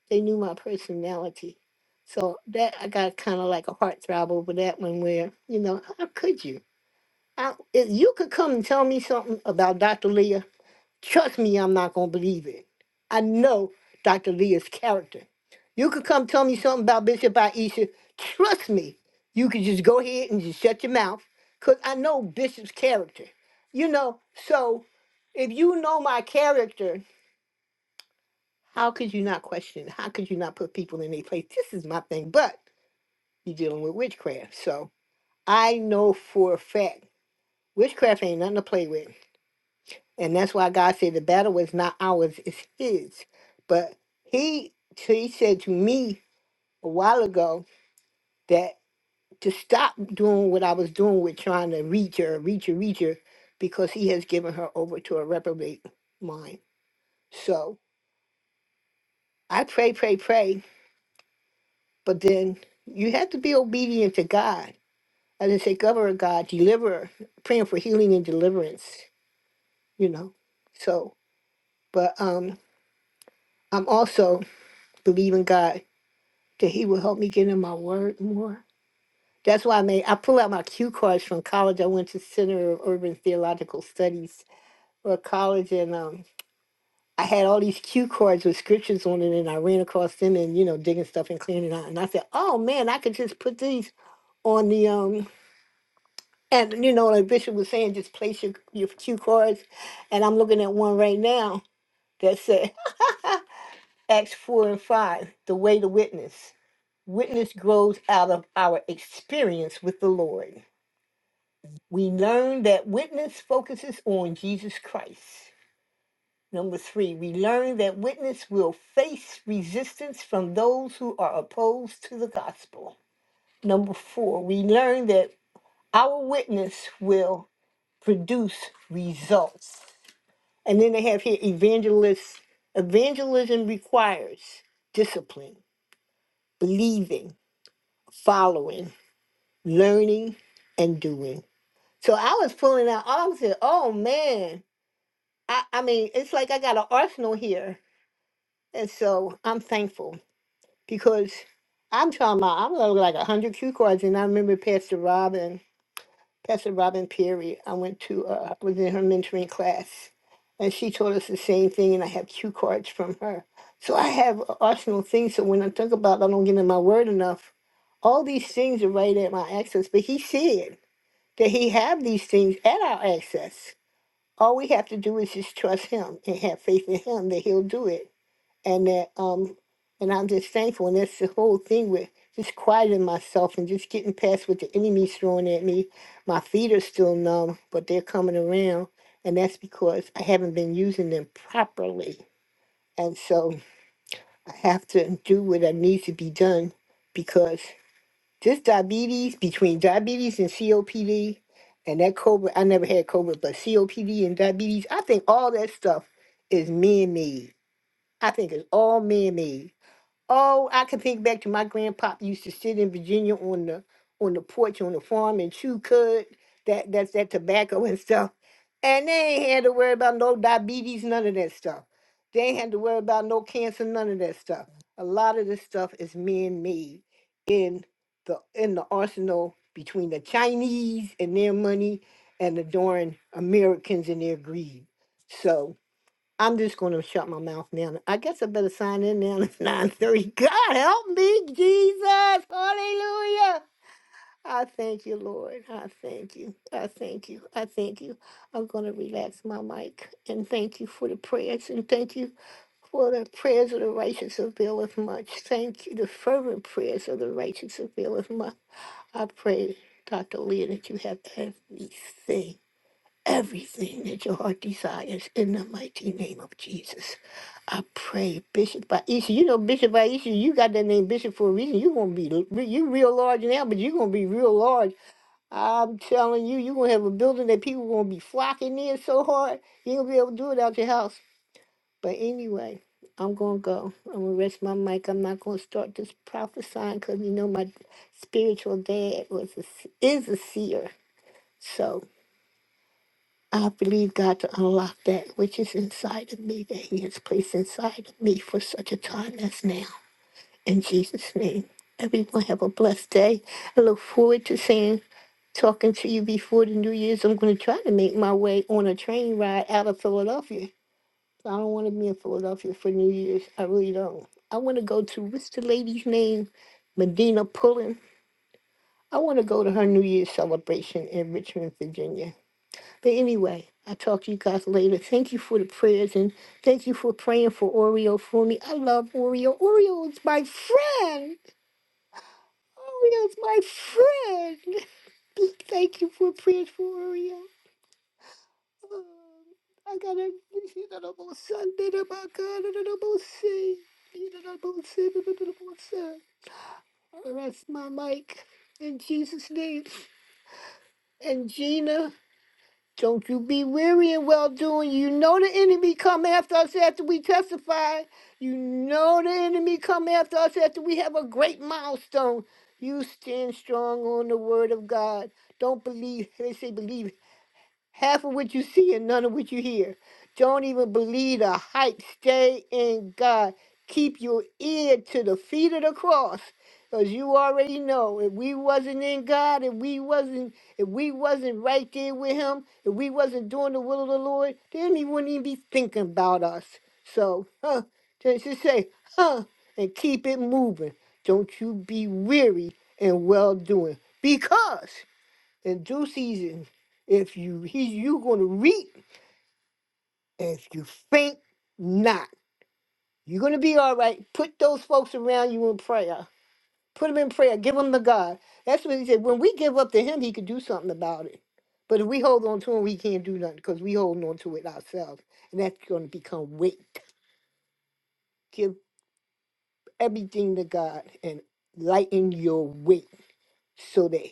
S17: They knew my personality. So that I got kind of like a heartthrob over that one where, you know, how could you? How, if you could come and tell me something about Dr. Leah Trust me, I'm not going to believe it. I know Dr. Leah's character. You could come tell me something about Bishop Aisha. Trust me, you could just go ahead and just shut your mouth because I know Bishop's character. You know, so if you know my character, how could you not question? it? How could you not put people in their place? This is my thing, but you're dealing with witchcraft. So I know for a fact witchcraft ain't nothing to play with. And that's why God said the battle is not ours, it's his. But he so he said to me a while ago that to stop doing what I was doing with trying to reach her, reach her, reach her, because he has given her over to a reprobate mind. So I pray, pray, pray, but then you have to be obedient to God. As I say, governor God, deliverer, praying for healing and deliverance, you know. So, but um I'm also believing God that he will help me get in my word more. That's why I made I pull out my cue cards from college. I went to Center of Urban Theological Studies for college and um I had all these cue cards with scriptures on it and I ran across them and you know digging stuff and cleaning it out and I said, Oh man, I could just put these on the um and you know like Bishop was saying, just place your, your cue cards and I'm looking at one right now that said Acts four and five, the way to witness. Witness grows out of our experience with the Lord. We learn that witness focuses on Jesus Christ. Number three, we learn that witness will face resistance from those who are opposed to the gospel. Number four, we learn that our witness will produce results. And then they have here evangelists. Evangelism requires discipline, believing, following, learning, and doing. So I was pulling out all I said, oh man, I, I mean, it's like I got an arsenal here. And so I'm thankful because I'm talking about, I'm gonna look like 100 cue cards. And I remember Pastor Robin, Pastor Robin Perry, I went to, uh, was in her mentoring class. And she taught us the same thing. And I have cue cards from her. So I have a arsenal of things. So when I think about, I don't get in my word enough. All these things are right at my access. But he said that he have these things at our access. All we have to do is just trust him and have faith in him that he'll do it. And that um and I'm just thankful and that's the whole thing with just quieting myself and just getting past what the enemy's throwing at me. My feet are still numb, but they're coming around and that's because I haven't been using them properly. And so I have to do what I need to be done because. This diabetes, between diabetes and COPD, and that COVID, I never had COVID, but COPD and diabetes, I think all that stuff is man made. I think it's all man made. Oh, I can think back to my grandpop used to sit in Virginia on the on the porch on the farm and chew cud that that's that tobacco and stuff. And they ain't had to worry about no diabetes, none of that stuff. They ain't had to worry about no cancer, none of that stuff. A lot of this stuff is man made in the in the arsenal between the Chinese and their money and the darn Americans and their greed. So I'm just going to shut my mouth now. I guess I better sign in now. It's 9:30. God help me, Jesus. Hallelujah. I thank you, Lord. I thank you. I thank you. I thank you. I'm going to relax my mic and thank you for the prayers and thank you for the prayers of the righteous availeth much. Thank you. The fervent prayers of the righteous availeth much. I pray, Dr. Leah, that you have everything, everything that your heart desires in the mighty name of Jesus. I pray, Bishop Aisha. You know, Bishop Aisha, you got that name Bishop for a reason. You're gonna be l- you real large now, but you're gonna be real large. I'm telling you, you're gonna have a building that people gonna be flocking in so hard, you ain't gonna be able to do it out your house. But anyway, I'm gonna go. I'm gonna rest my mic. I'm not gonna start this prophesying because you know my spiritual dad was a, s- is a seer. So I believe God to unlock that which is inside of me, that He has placed inside of me for such a time as now. In Jesus' name, everyone have a blessed day. I look forward to seeing, talking to you before the New Year's. I'm going to try to make my way on a train ride out of Philadelphia. I don't want to be in Philadelphia for New Year's. I really don't. I want to go to what's the lady's name? Medina Pullen. I want to go to her New Year's celebration in Richmond, Virginia. But anyway, I'll talk to you guys later. Thank you for the prayers and thank you for praying for Oreo for me. I love Oreo. Oreo is my friend. Oh, that's my friend. Thank you for praying for Oreo. Um, I gotta see that almost Sunday, that my God, that I almost see. That I almost see, that I almost see. That's my mic. In Jesus' name. And Gina. Don't you be weary in well doing. You know the enemy come after us after we testify. You know the enemy come after us after we have a great milestone. You stand strong on the word of God. Don't believe. They say believe Half of what you see and none of what you hear. Don't even believe the hype. Stay in God. Keep your ear to the feet of the cross. Because you already know if we wasn't in God, if we wasn't, if we wasn't right there with him, if we wasn't doing the will of the Lord, then he wouldn't even be thinking about us. So, huh, just just say, huh, and keep it moving. Don't you be weary and well doing. Because in due season, if you he you gonna reap, if you faint not, you're gonna be all right. Put those folks around you in prayer. Put them in prayer. Give them to God. That's what he said. When we give up to Him, He could do something about it. But if we hold on to Him, we can't do nothing because we holding on to it ourselves, and that's gonna become weight. Give everything to God and lighten your weight so that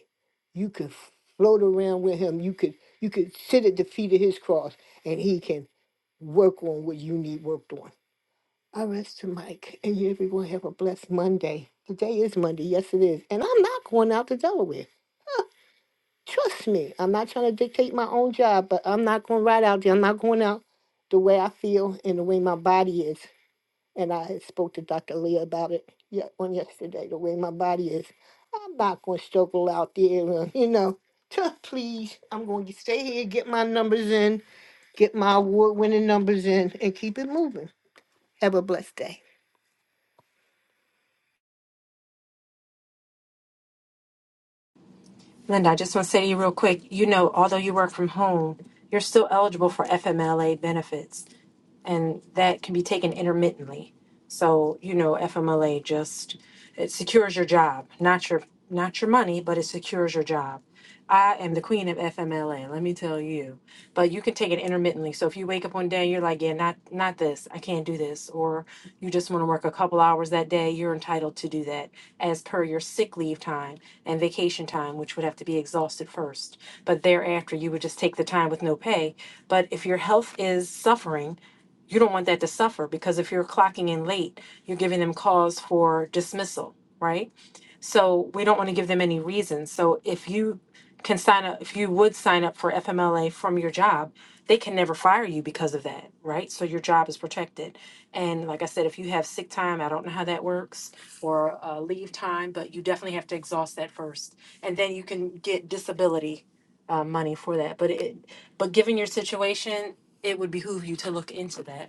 S17: you can float around with Him. You could you could sit at the feet of His cross, and He can work on what you need worked on. I rest to Mike, and you everyone have a blessed Monday. Today is Monday, yes it is, and I'm not going out to Delaware. Trust me, I'm not trying to dictate my own job, but I'm not going right out there. I'm not going out the way I feel and the way my body is. And I had spoke to Dr. Leah about it ye- on yesterday. The way my body is, I'm not going to struggle out there. uh, You know, just please, I'm going to stay here, get my numbers in, get my award-winning numbers in, and keep it moving. Have a blessed day.
S13: Linda, I just want to say to you real quick, you know, although you work from home, you're still eligible for FMLA benefits, and that can be taken intermittently. So, you know, FMLA just it secures your job, not your not your money, but it secures your job. I am the queen of FMLA, let me tell you. But you can take it intermittently. So if you wake up one day and you're like, yeah, not not this, I can't do this, or you just want to work a couple hours that day, you're entitled to do that as per your sick leave time and vacation time, which would have to be exhausted first. But thereafter, you would just take the time with no pay. But if your health is suffering, you don't want that to suffer because if you're clocking in late, you're giving them cause for dismissal, right? So we don't want to give them any reasons. So if you can sign up, if you would sign up for FMLA from your job, they can never fire you because of that, right? So your job is protected. And like I said, if you have sick time, I don't know how that works, or uh, leave time, but you definitely have to exhaust that first, and then you can get disability uh, money for that. But it, but given your situation, it would behoove you to look into that.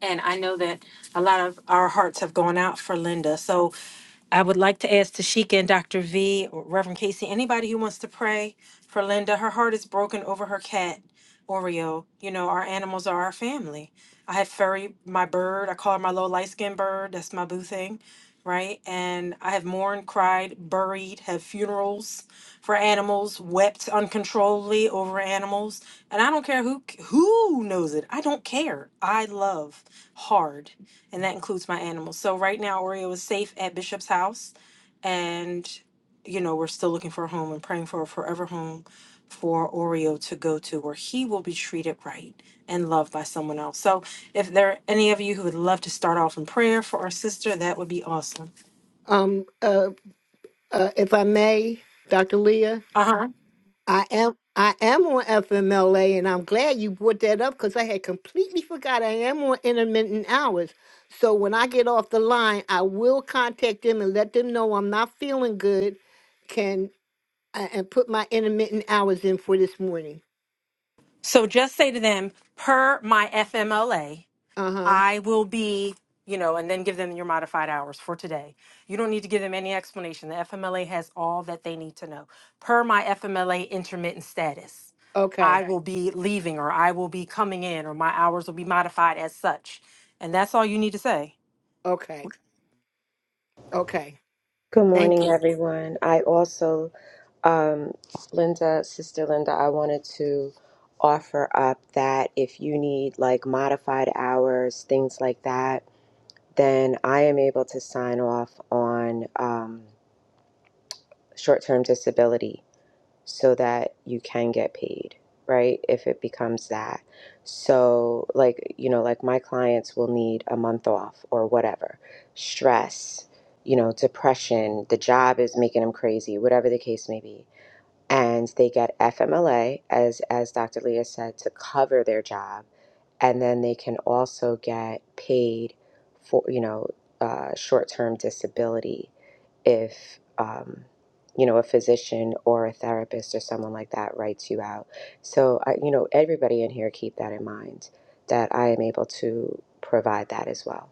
S13: And I know that a lot of our hearts have gone out for Linda, so I would like to ask Tashika and Dr. V, or Reverend Casey, anybody who wants to pray for Linda. Her heart is broken over her cat, Oreo. You know, our animals are our family. I have furry, my bird, I call her my little light skinned bird. That's my boo thing, right? And I have mourned, cried, buried, have funerals for animals, wept uncontrollably over animals, and I don't care who who knows it. I don't care. I love hard, and that includes my animals. So right now, Oreo is safe at Bishop's house, and you know we're still looking for a home and praying for a forever home for Oreo to go to, where he will be treated right and loved by someone else. So if there are any of you who would love to start off in prayer for our sister, that would be awesome.
S17: Um, uh, uh, if I may, Dr. Leah,
S13: Uh huh.
S17: I am I am on FMLA, and I'm glad you brought that up because I had completely forgot I am on intermittent hours. So when I get off the line, I will contact them and let them know I'm not feeling good. Can uh, and put my intermittent hours in for this morning.
S13: So just say to them, per my FMLA.
S17: Uh huh.
S13: I will be, you know, and then give them your modified hours for today. You don't need to give them any explanation. The FMLA has all that they need to know. Per my FMLA intermittent status,
S17: Okay.
S13: I will be leaving or I will be coming in or my hours will be modified as such. And that's all you need to say.
S17: Okay. Okay.
S18: Good
S17: Thank
S18: morning,
S17: you.
S18: everyone. I also, um, Linda, Sister Linda, I wanted to offer up that if you need like modified hours, things like that, then I am able to sign off on um, short term disability so that you can get paid, right? If it becomes that. So, like, you know, like my clients will need a month off or whatever, stress, you know, depression, the job is making them crazy, whatever the case may be and they get FMLA, as, as Dr. Leah said, to cover their job. And then they can also get paid for, you know, uh, short term disability if, um, you know, a physician or a therapist or someone like that writes you out. So, I, you know, everybody in here keep that in mind that I am able to provide that as well.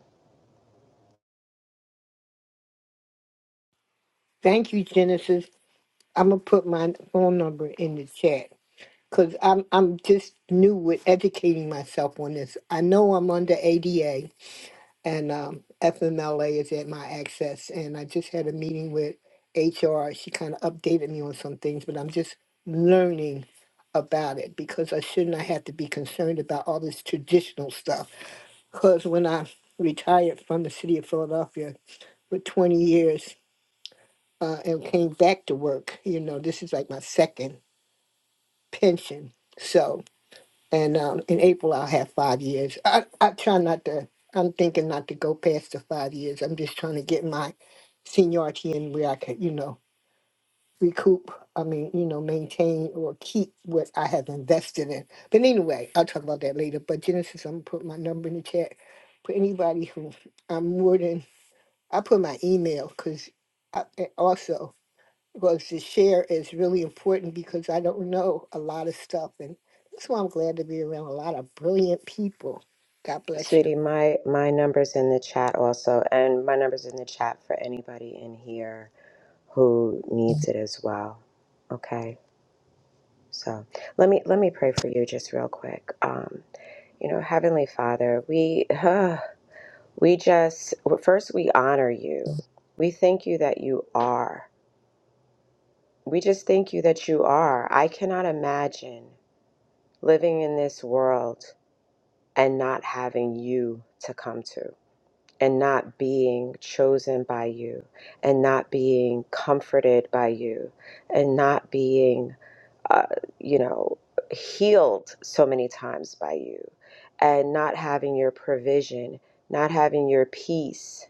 S17: Thank you, Genesis. I'm gonna put my phone number in the chat. because I'm I'm just new with educating myself on this. I know I'm under ADA and um, FMLA is at my access, and I just had a meeting with HR. She kind of updated me on some things, but I'm just learning about it because I should not have to be concerned about all this traditional stuff. Because when I retired from the city of Philadelphia with 20 years uh, and came back to work, you know, this is like my second pension. So And um, in April, I'll have five years. I, I try not to, I'm thinking not to go past the five years. I'm just trying to get my seniority in where I could, you know, recoup, I mean, you know, maintain or keep what I have invested in. But anyway, I'll talk about that later. But Genesis, I'm going to put my number in the chat for anybody who I'm more than, I put my email because also was to share is really important because I don't know a lot of stuff. And that's why I'm glad to be around a lot of brilliant people. God bless you.
S18: Sweetie, my my number's in the chat also, and my number's in the chat for anybody in here who needs it as well. Okay. So let me let me pray for you just real quick. Um, you know, Heavenly Father, we uh, we just well, first we honor you. We thank you that you are. We just thank you that you are. I cannot imagine living in this world and not having you to come to and not being chosen by you and not being comforted by you and not being uh, you know, healed so many times by you, and not having your provision, not having your peace,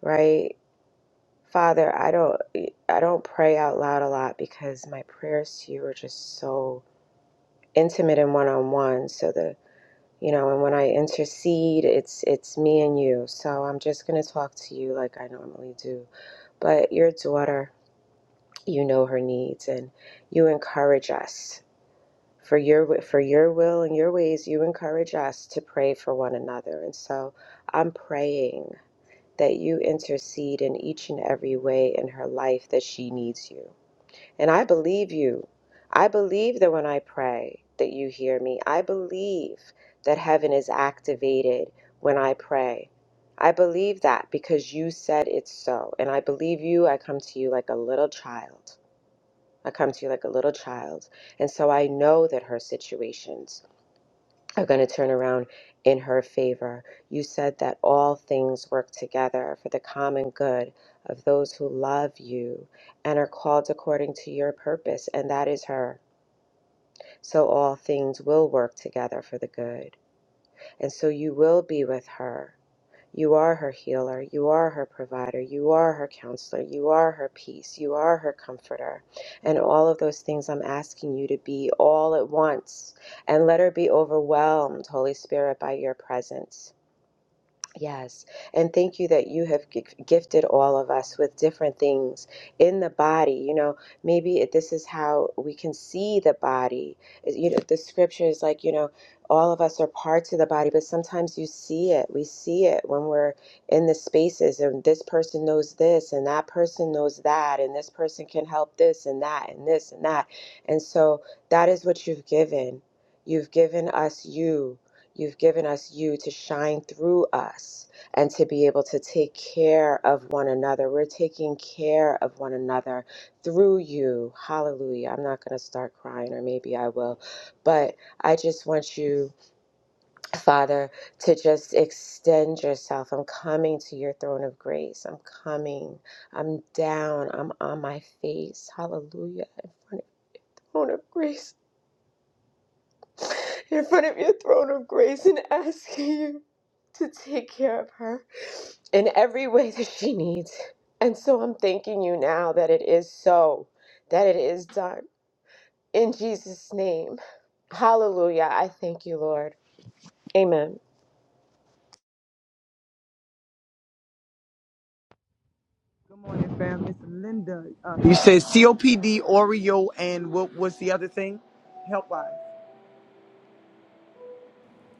S18: right? Father, I don't I don't pray out loud a lot because my prayers to you are just so intimate and one-on-one. So the you know, and when I intercede, it's it's me and you. So I'm just gonna talk to you like I normally do. But your daughter, you know her needs and you encourage us for your for your will and your ways you encourage us to pray for one another and so i'm praying that you intercede in each and every way in her life that she needs you and i believe you i believe that when i pray that you hear me i believe that heaven is activated when i pray i believe that because you said it's so and i believe you i come to you like a little child i come to you like a little child and so I know that her situations are going to turn around in her favor. You said that all things work together for the common good of those who love you and are called according to your purpose, and that is her. So all things will work together for the good. And so you will be with her you are her healer. You are her provider. You are her counselor. You are her peace. You are her comforter. And all of those things I'm asking you to be all at once. And let her be overwhelmed, Holy Spirit, by your presence. Yes. And thank you that you have gi- gifted all of us with different things in the body. You know, maybe it- this is how we can see the body. Is- You know, the scripture is like, you know, all of us are parts of the body, but sometimes you see it. We see it when we're in the spaces, and this person knows this, and that person knows that, and this person can help this and that, and this and that. And so that is what you've given. You've given us you You've given us you to shine through us and to be able to take care of one another. We're taking care of one another through you. Hallelujah. I'm not going to start crying, or maybe I will. But I just want you, Father, to just extend yourself. I'm coming to your throne of grace. I'm coming. I'm down. I'm on my face. Hallelujah. In front of your throne of grace in front of your throne of grace and asking you to take care of her in every way that she needs. And so I'm thanking you now that it is so, that it is done. In Jesus' name. Hallelujah. I thank you, Lord. Amen.
S19: Good morning, fam. It's Linda. Uh, you said COPD, Oreo, and what was the other thing? Helpline,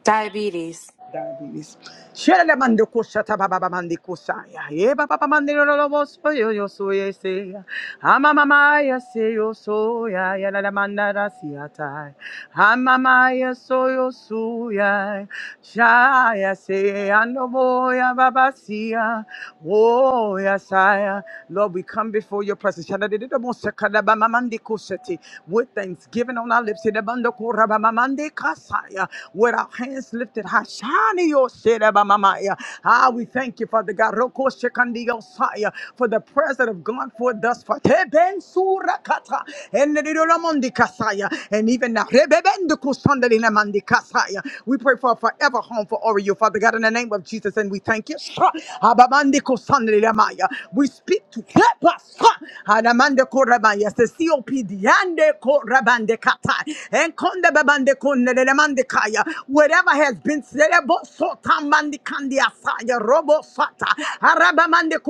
S13: Diabetes.
S19: diabetes. Shere mande kusha ta baba mande kusha ya ye baba mande lo lo lo bo so yo yo so ye se. Amamaya seyo soya yalalamandara siatai. Amamaya soyo suya. Shaya se anoboya babasia. Oh yasaya. Lord, we come before your presence. Shadadididobosakadabamamandikoseti. With thanksgiving on our lips. Sidabandokorabamamandikasaya. With our hands lifted high. Shani yo sedabamamaya. Ah, we thank you, Father God. Rokoshekandiyosaya, For the presence prayers that have gone forth thus far. Teben surakata, enedidoramondi kasaya, And even now, rebebende kusandelinamondi kasaya. we pray for a forever home for Oreo, Father God, in the name of Jesus, and we thank you. Sha, abamande kusandelinamaya. We speak to Kepa, sha, anamande korabaya, the COPD, ande korabande kata, and konde babande kondelinamande kaya. whatever has been said, ebo sotamandi kandiasaya, robo sata, arabamande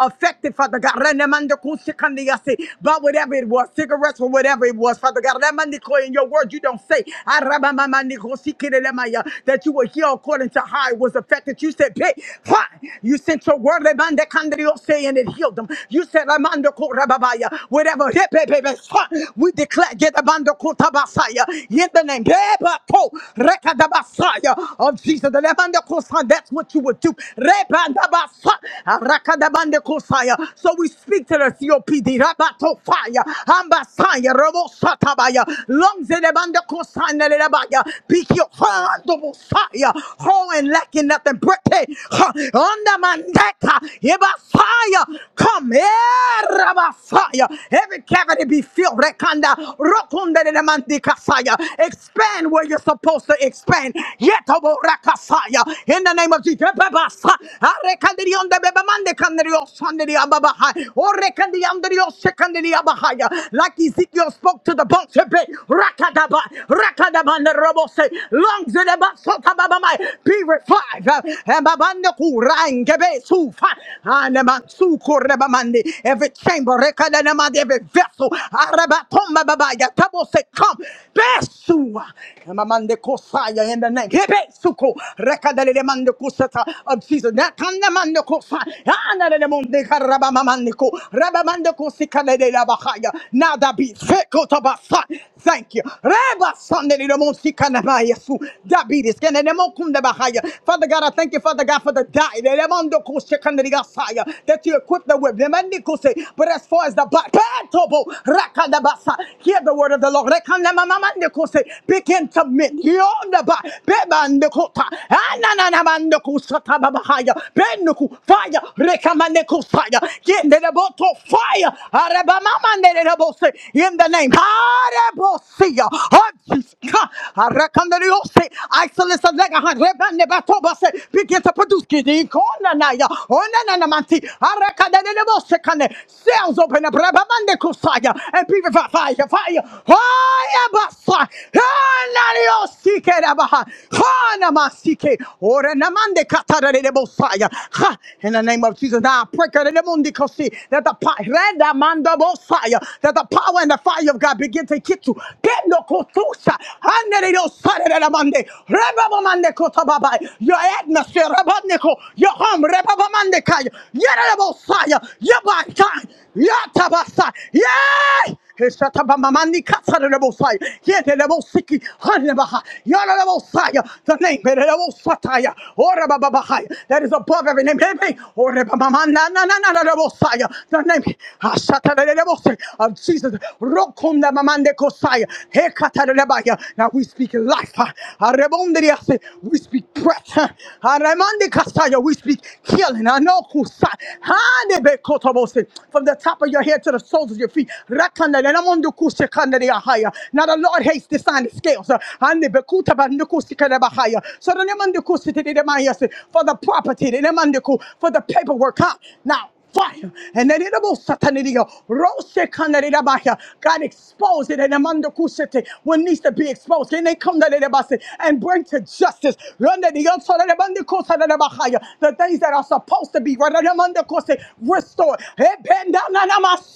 S19: affected, Father God. Renemandekuse kandiase. But whatever it was, cigarettes or whatever it was, Father God. Remandiko, In your word, you don't say Arabamamandikosi kirelemaya, that you were here according to how it was affected. You said, pay. Why? You sent your word, Rebandekandriose, and it healed them. You said, Ramandoko Rababaya, whatever. Hey, hey, hey, hey, We declare, get Abandoko Tabasaya, in the name Rebako, Rekadabasaya, of Jesus. The Rebandoko Son, That's what you would do. So we speak to the COPD, Rabato Fire, Ambasaya, Robo Satabaya, Lungs in the Bande Kosana Rabaya, Pick your hand of Fire, Ho and lacking nothing, Brete, on the Mandeka, Yeba Fire, come here, Rabba fire. every cavity be filled, Rekanda, Rokunda de la Mandika Fire, expand where you're supposed to expand, Yetobo Raka fire. in the name of Jesus. Jebebasa. Arekandiri on the Bebamande Kandrio Sandiri Ababaha. Orekandiri Andrio Sekandiri Abahaya. Like Ezekiel spoke to the bones. Rakadaba. Rakadaba and the Robose. Lungs in the Basota Babamai. Be revived. Uh, and Babande Kurang Gebe Sufa. And Mansu Korebamandi. Every chamber. Rekadanamadi. Every vessel. Arabatomba Babaya. Tabo come. Besua. And Mamande Kosaya in the name. Hebe Suko. Rekadele mande kusata of Jesus. Nakanda mande kusa. Anadele monde karaba mamande ku. Raba mande la bahaya. Nada bi sekota basa. Thank you. Reba sandele le monde sikanama yesu. David is kene le monde kunde bahaya. Father God, I thank you, Father God, for the die. Le monde kusikandele That you equip the whip. Le mande kuse. But as far as the body, Petobo, rakadabasa. hear the word of the Lord. Rekanamamamande Begin to mend. Bebandekota, Ananamandekusta Babahaya, Benuku, fire, Rekamaneko fire, get the boto fire, Arabamama Nerebose, in the name, Arebosia, Hajika, Arakandariose, Isolus of Legahan, Rebanebatobase, begin to produce Kiddy, Konanaya, Onanamanti, Arakadanebose, Kane, Sales open up, Rabamandeko fire, and people fire, fire, fire, fire, Rio Sike Rabaha. Hanama Sike. Ora Namande Katara de Bosaya. Ha! In the name of Jesus. Now I pray that the pa- Reda Manda that the power and the fire of God begin to hit you. Kendo Kotusa. Hanere do Sare de Mande. Rebaba Mande Kotababa. Your atmosphere, Rabaneko, your home, Rebaba Mande Kaya. Yere de Bosaya. Your body. Yatabasa. Yay! Heshatabamamani katsarelebosai. Yedelebosiki hanebaha. Yarelebosai. The name erelebosataya. Orebababahai. that is above every name. Hey, hey. Orebabamanananananelebosai. The name Hashatarelebosai of Jesus. Rokondamamandekosai. Hekatarelebaya. Now we speak life. huh? Arebondriase. We speak breath. huh? Aremandekasaya. We speak healing. Anokusai. Hanebekotobose. From the top of your head to the soles of your feet feet. Rakanda le namondo kuse kanda le ahaya. Now the Lord hates the sign of scales. uh, and the bekuta ba nuku se kanda ba haya. So the namondo kuse te te te ma yase, for the property, the namondo ku- for the paperwork. huh? Now fire. And then it about satanidio. Rose kandarabaya. God expose it and among the kusete what needs to be exposed. Can they come to and bring to justice? Run the young son of the bandi kosa da da bahaya. The things that are supposed to be right among the kose restored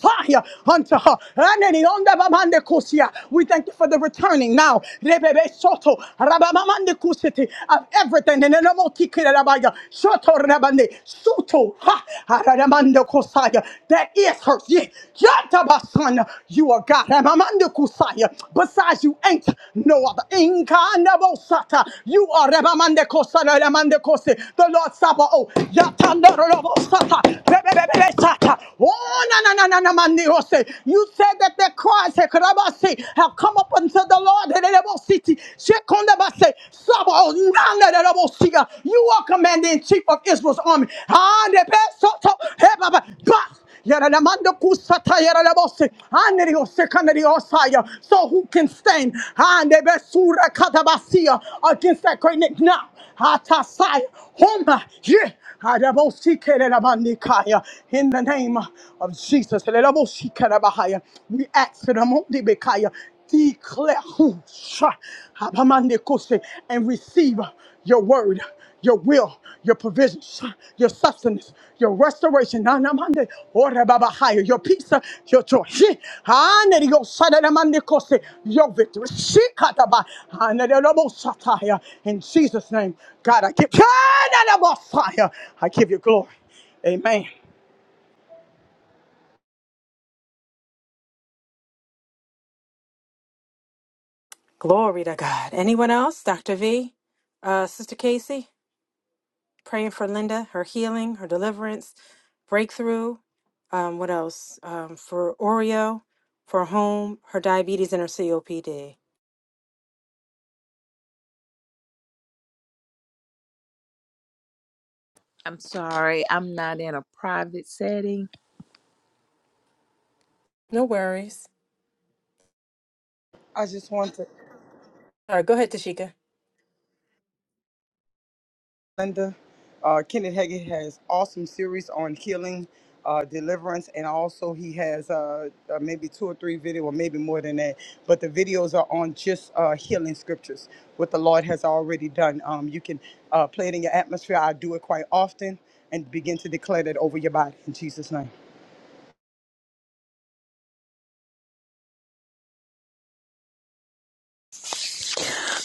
S19: fire unto her. Raneni onda babande kusia. We thank you for the returning now Rebebe soto, rababamande kusiti, of everything. Nenemoti kirabaya, soto rabande, suto, ha, arabamande kusaya. That is hers. Ye, yatabasan, You are God. Rabamande kusaya. Besides, you ain't no other. Inkanda bosata. You are Rabamande kosana, rabamande kosi. the Lord Sabaoth. Yatanda rabosata. Rebebebe sata. Oh na na na na man di ose. You said that the cries eh, have come up unto the Lord in the city. Shekondabase, Sabo, nana de rabo siga. You are commander in chief of Israel's army. Ah, de pe soto, he baba, bah. Yaralamanda kusata yaralabose. Anerio sekandario saya. So who can stand Andebe sura katabasia against that great nick now? Hatasaya. Homa. Yeah. Adabosi kelelabandikaya the name of Jesus. Elelebosikadabahaya. We ask the Mondibekaya, declare who sha- Abamandekose, and receive your word, your will, your provisions, your sustenance, your restoration. Nanamande, Orebabahaya, Your peace, uh, your joy. Shi- Anedio Sadadamandekose, Your victory. Shikataba, Anedelebosataya. In Jesus' name, God, I give, God, I give you glory. Amen.
S13: Glory to God. Anyone else? Dr. V? Uh, Sister Casey? praying for Linda, her healing, her deliverance, breakthrough. Um, what else? Um, for Oreo, for home, her diabetes, and her COPD.
S16: I'm sorry, I'm not in a private setting
S13: No worries.
S19: I just want to,
S13: All right, go ahead, Tashika.
S19: Linda, uh, Kenneth Hagin has awesome series on healing, uh, deliverance, and also he has uh, uh, maybe two or three video, or maybe more than that. But the videos are on just uh, healing scriptures, what the Lord has already done. Um, you can uh, play it in your atmosphere. I do it quite often and begin to declare that over your body in Jesus' name.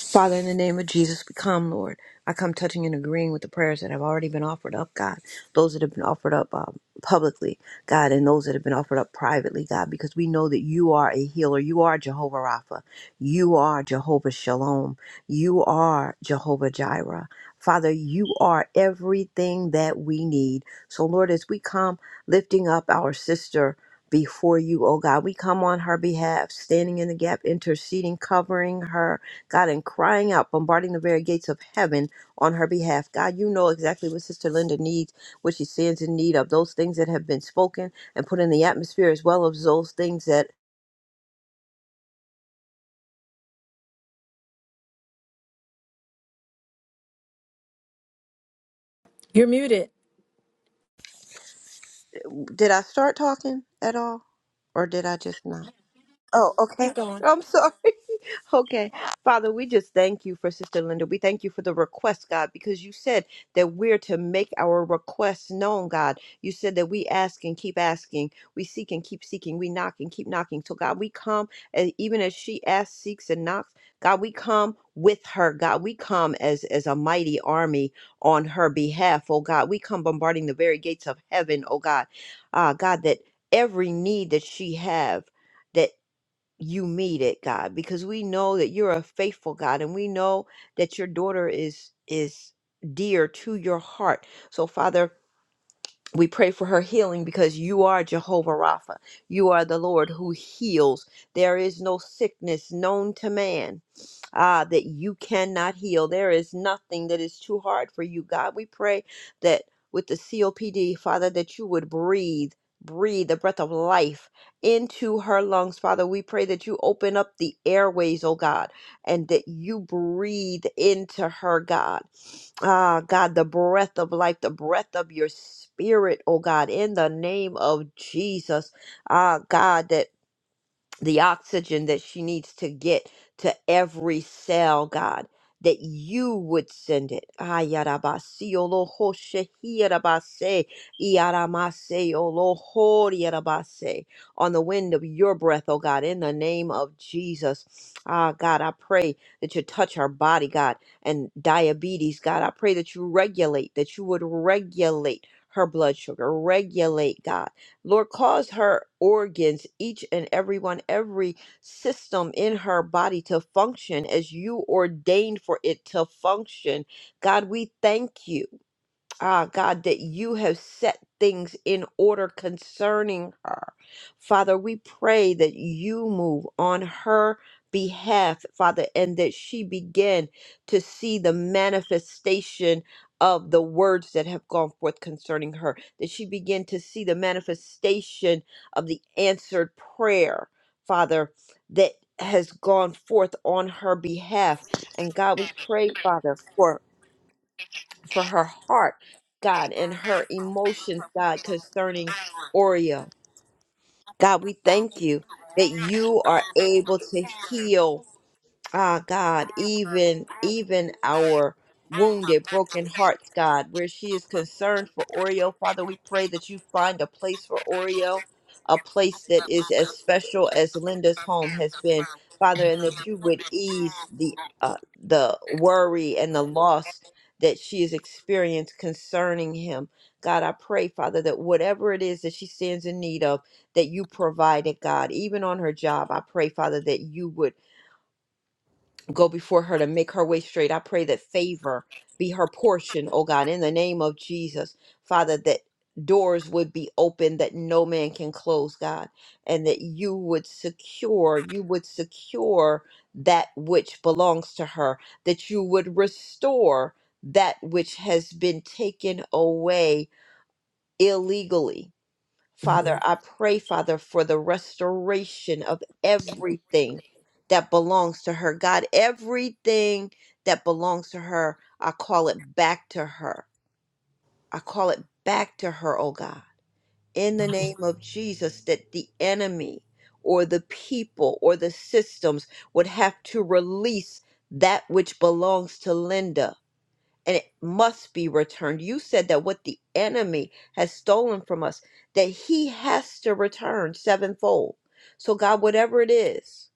S7: Father, in the name of Jesus, we come, Lord. I come touching and agreeing with the prayers that have already been offered up, God. Those that have been offered up um, publicly, God, and those that have been offered up privately, God, because we know that you are a healer. You are Jehovah Rapha. You are Jehovah Shalom. You are Jehovah Jireh. Father, you are everything that we need. So, Lord, as we come lifting up our sister before you, oh God, we come on her behalf, standing in the gap, interceding, covering her God, and crying out, bombarding the very gates of heaven on her behalf. God, you know exactly what Sister Linda needs, what she stands in need of, those things that have been spoken and put in the atmosphere, as well as those things that.
S13: You're muted.
S7: Did I start talking at all? Or did I just not? Oh, okay.
S13: Keep going.
S7: I'm sorry. Okay. Father, we just thank you for Sister Linda. We thank you for the request, God, because you said that we're to make our requests known, God. You said that we ask and keep asking, we seek and keep seeking, we knock and keep knocking. So, God, we come, and even as she asks, seeks, and knocks, God, we come with her god we come as as a mighty army on her behalf oh god we come bombarding the very gates of heaven oh god ah god that every need that she have that you meet it, God, because we know that you're a faithful God and we know that your daughter is is dear to your heart. So Father, we pray for her healing because you are Jehovah Rapha. You are the Lord who heals. There is no sickness known to man ah, that you cannot heal. There is nothing that is too hard for you, God. We pray that with the COPD, Father, that you would breathe. Breathe the breath of life into her lungs, Father. We pray that you open up the airways, oh God, and that you breathe into her, God. Ah, God, the breath of life, the breath of your spirit, oh God, in the name of Jesus. Ah, God, that the oxygen that she needs to get to every cell, God, that you would send it. Ayarabasi oloho shehirabase, iaramase oloho riarabase. On the wind of your breath, oh God, in the name of Jesus. Ah, God, I pray that you touch our body, God, and diabetes, God. I pray that you regulate, that you would regulate her blood sugar, regulate, God. Lord, cause her organs, each and every one, every system in her body to function as you ordained for it to function. God, we thank you ah, God, that you have set things in order concerning her. Father, we pray that you move on her behalf, Father, and that she begin to see the manifestation of the words that have gone forth concerning her, that she begin to see the manifestation of the answered prayer, Father, that has gone forth on her behalf. And God, we pray, Father, for for her heart, God, and her emotions, God, concerning Oreo. God, we thank you that you are able to heal Ah, God, even even our wounded, broken hearts, God, where she is concerned for Oreo, Father, we pray that you find a place for Oreo, a place that is as special as Linda's home has been, Father, and that you would ease the uh, the worry and the loss that she has experienced concerning him. God, I pray, Father, that whatever it is that she stands in need of, that you provide it, God, even on her job. I pray, Father, that you would go before her to make her way straight. I pray that favor be her portion, oh God, in the name of Jesus. Father, that doors would be open that no man can close, God, and that you would secure, you would secure that which belongs to her, that you would restore that which has been taken away illegally Father, I pray, Father, for the restoration of everything that belongs to her. God, everything that belongs to her, I call it back to her. I call it back to her, oh God, in the name of Jesus, that the enemy or the people or the systems would have to release that which belongs to Linda and it must be returned. You said that what the enemy has stolen from us, that he has to return sevenfold. So, God, whatever it is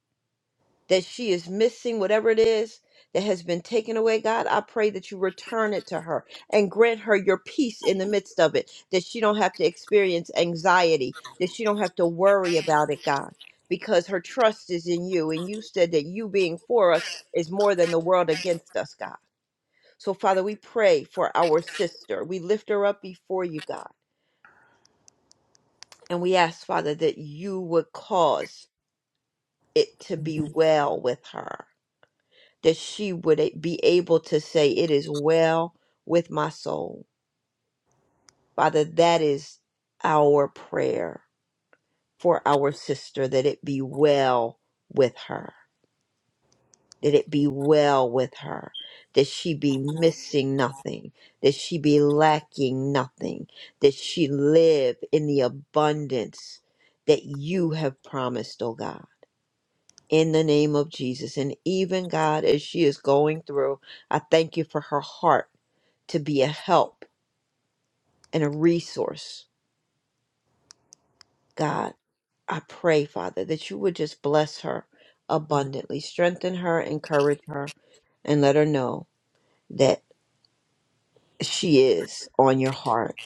S7: that she is missing, whatever it is that has been taken away, God, I pray that you return it to her and grant her your peace in the midst of it, that she don't have to experience anxiety, that she don't have to worry about it, God. Because her trust is in you, and you said that you being for us is more than the world against us, God. So, Father, we pray for our sister. We lift her up before you, God. And we ask, Father, that you would cause it to be well with her, that she would a- be able to say, It is well with my soul. Father, that is our prayer for our sister, that it be well with her. that it be well with her, that she be missing nothing, that she be lacking nothing, that she live in the abundance that you have promised, oh God. In the name of Jesus. And even God, as she is going through, I thank you for her heart to be a help and a resource. God, I pray, Father, that you would just bless her abundantly, strengthen her, encourage her, and let her know she is on your heart.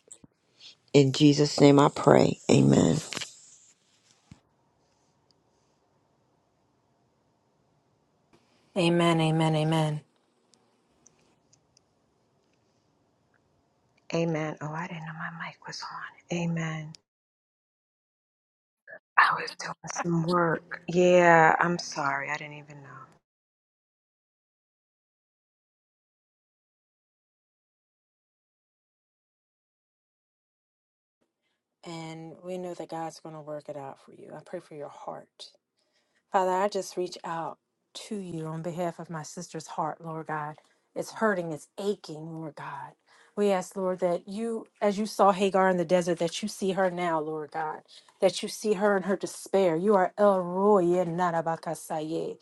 S7: In Jesus' name I pray. Amen.
S13: Amen, amen, amen.
S18: Amen. Oh, I didn't know my mic was on. Amen. I was doing some work. Yeah, I'm sorry. I didn't even know.
S13: And we know that God's going to work it out for you. I pray for your heart. Father, I just reach out to you on behalf of my sister's heart, Lord God. It's hurting, it's aching, Lord God. We ask, Lord, that you, as you saw Hagar in the desert, that you see her now, Lord God, that you see her in her despair. You are El Roy, El Narabakasaye.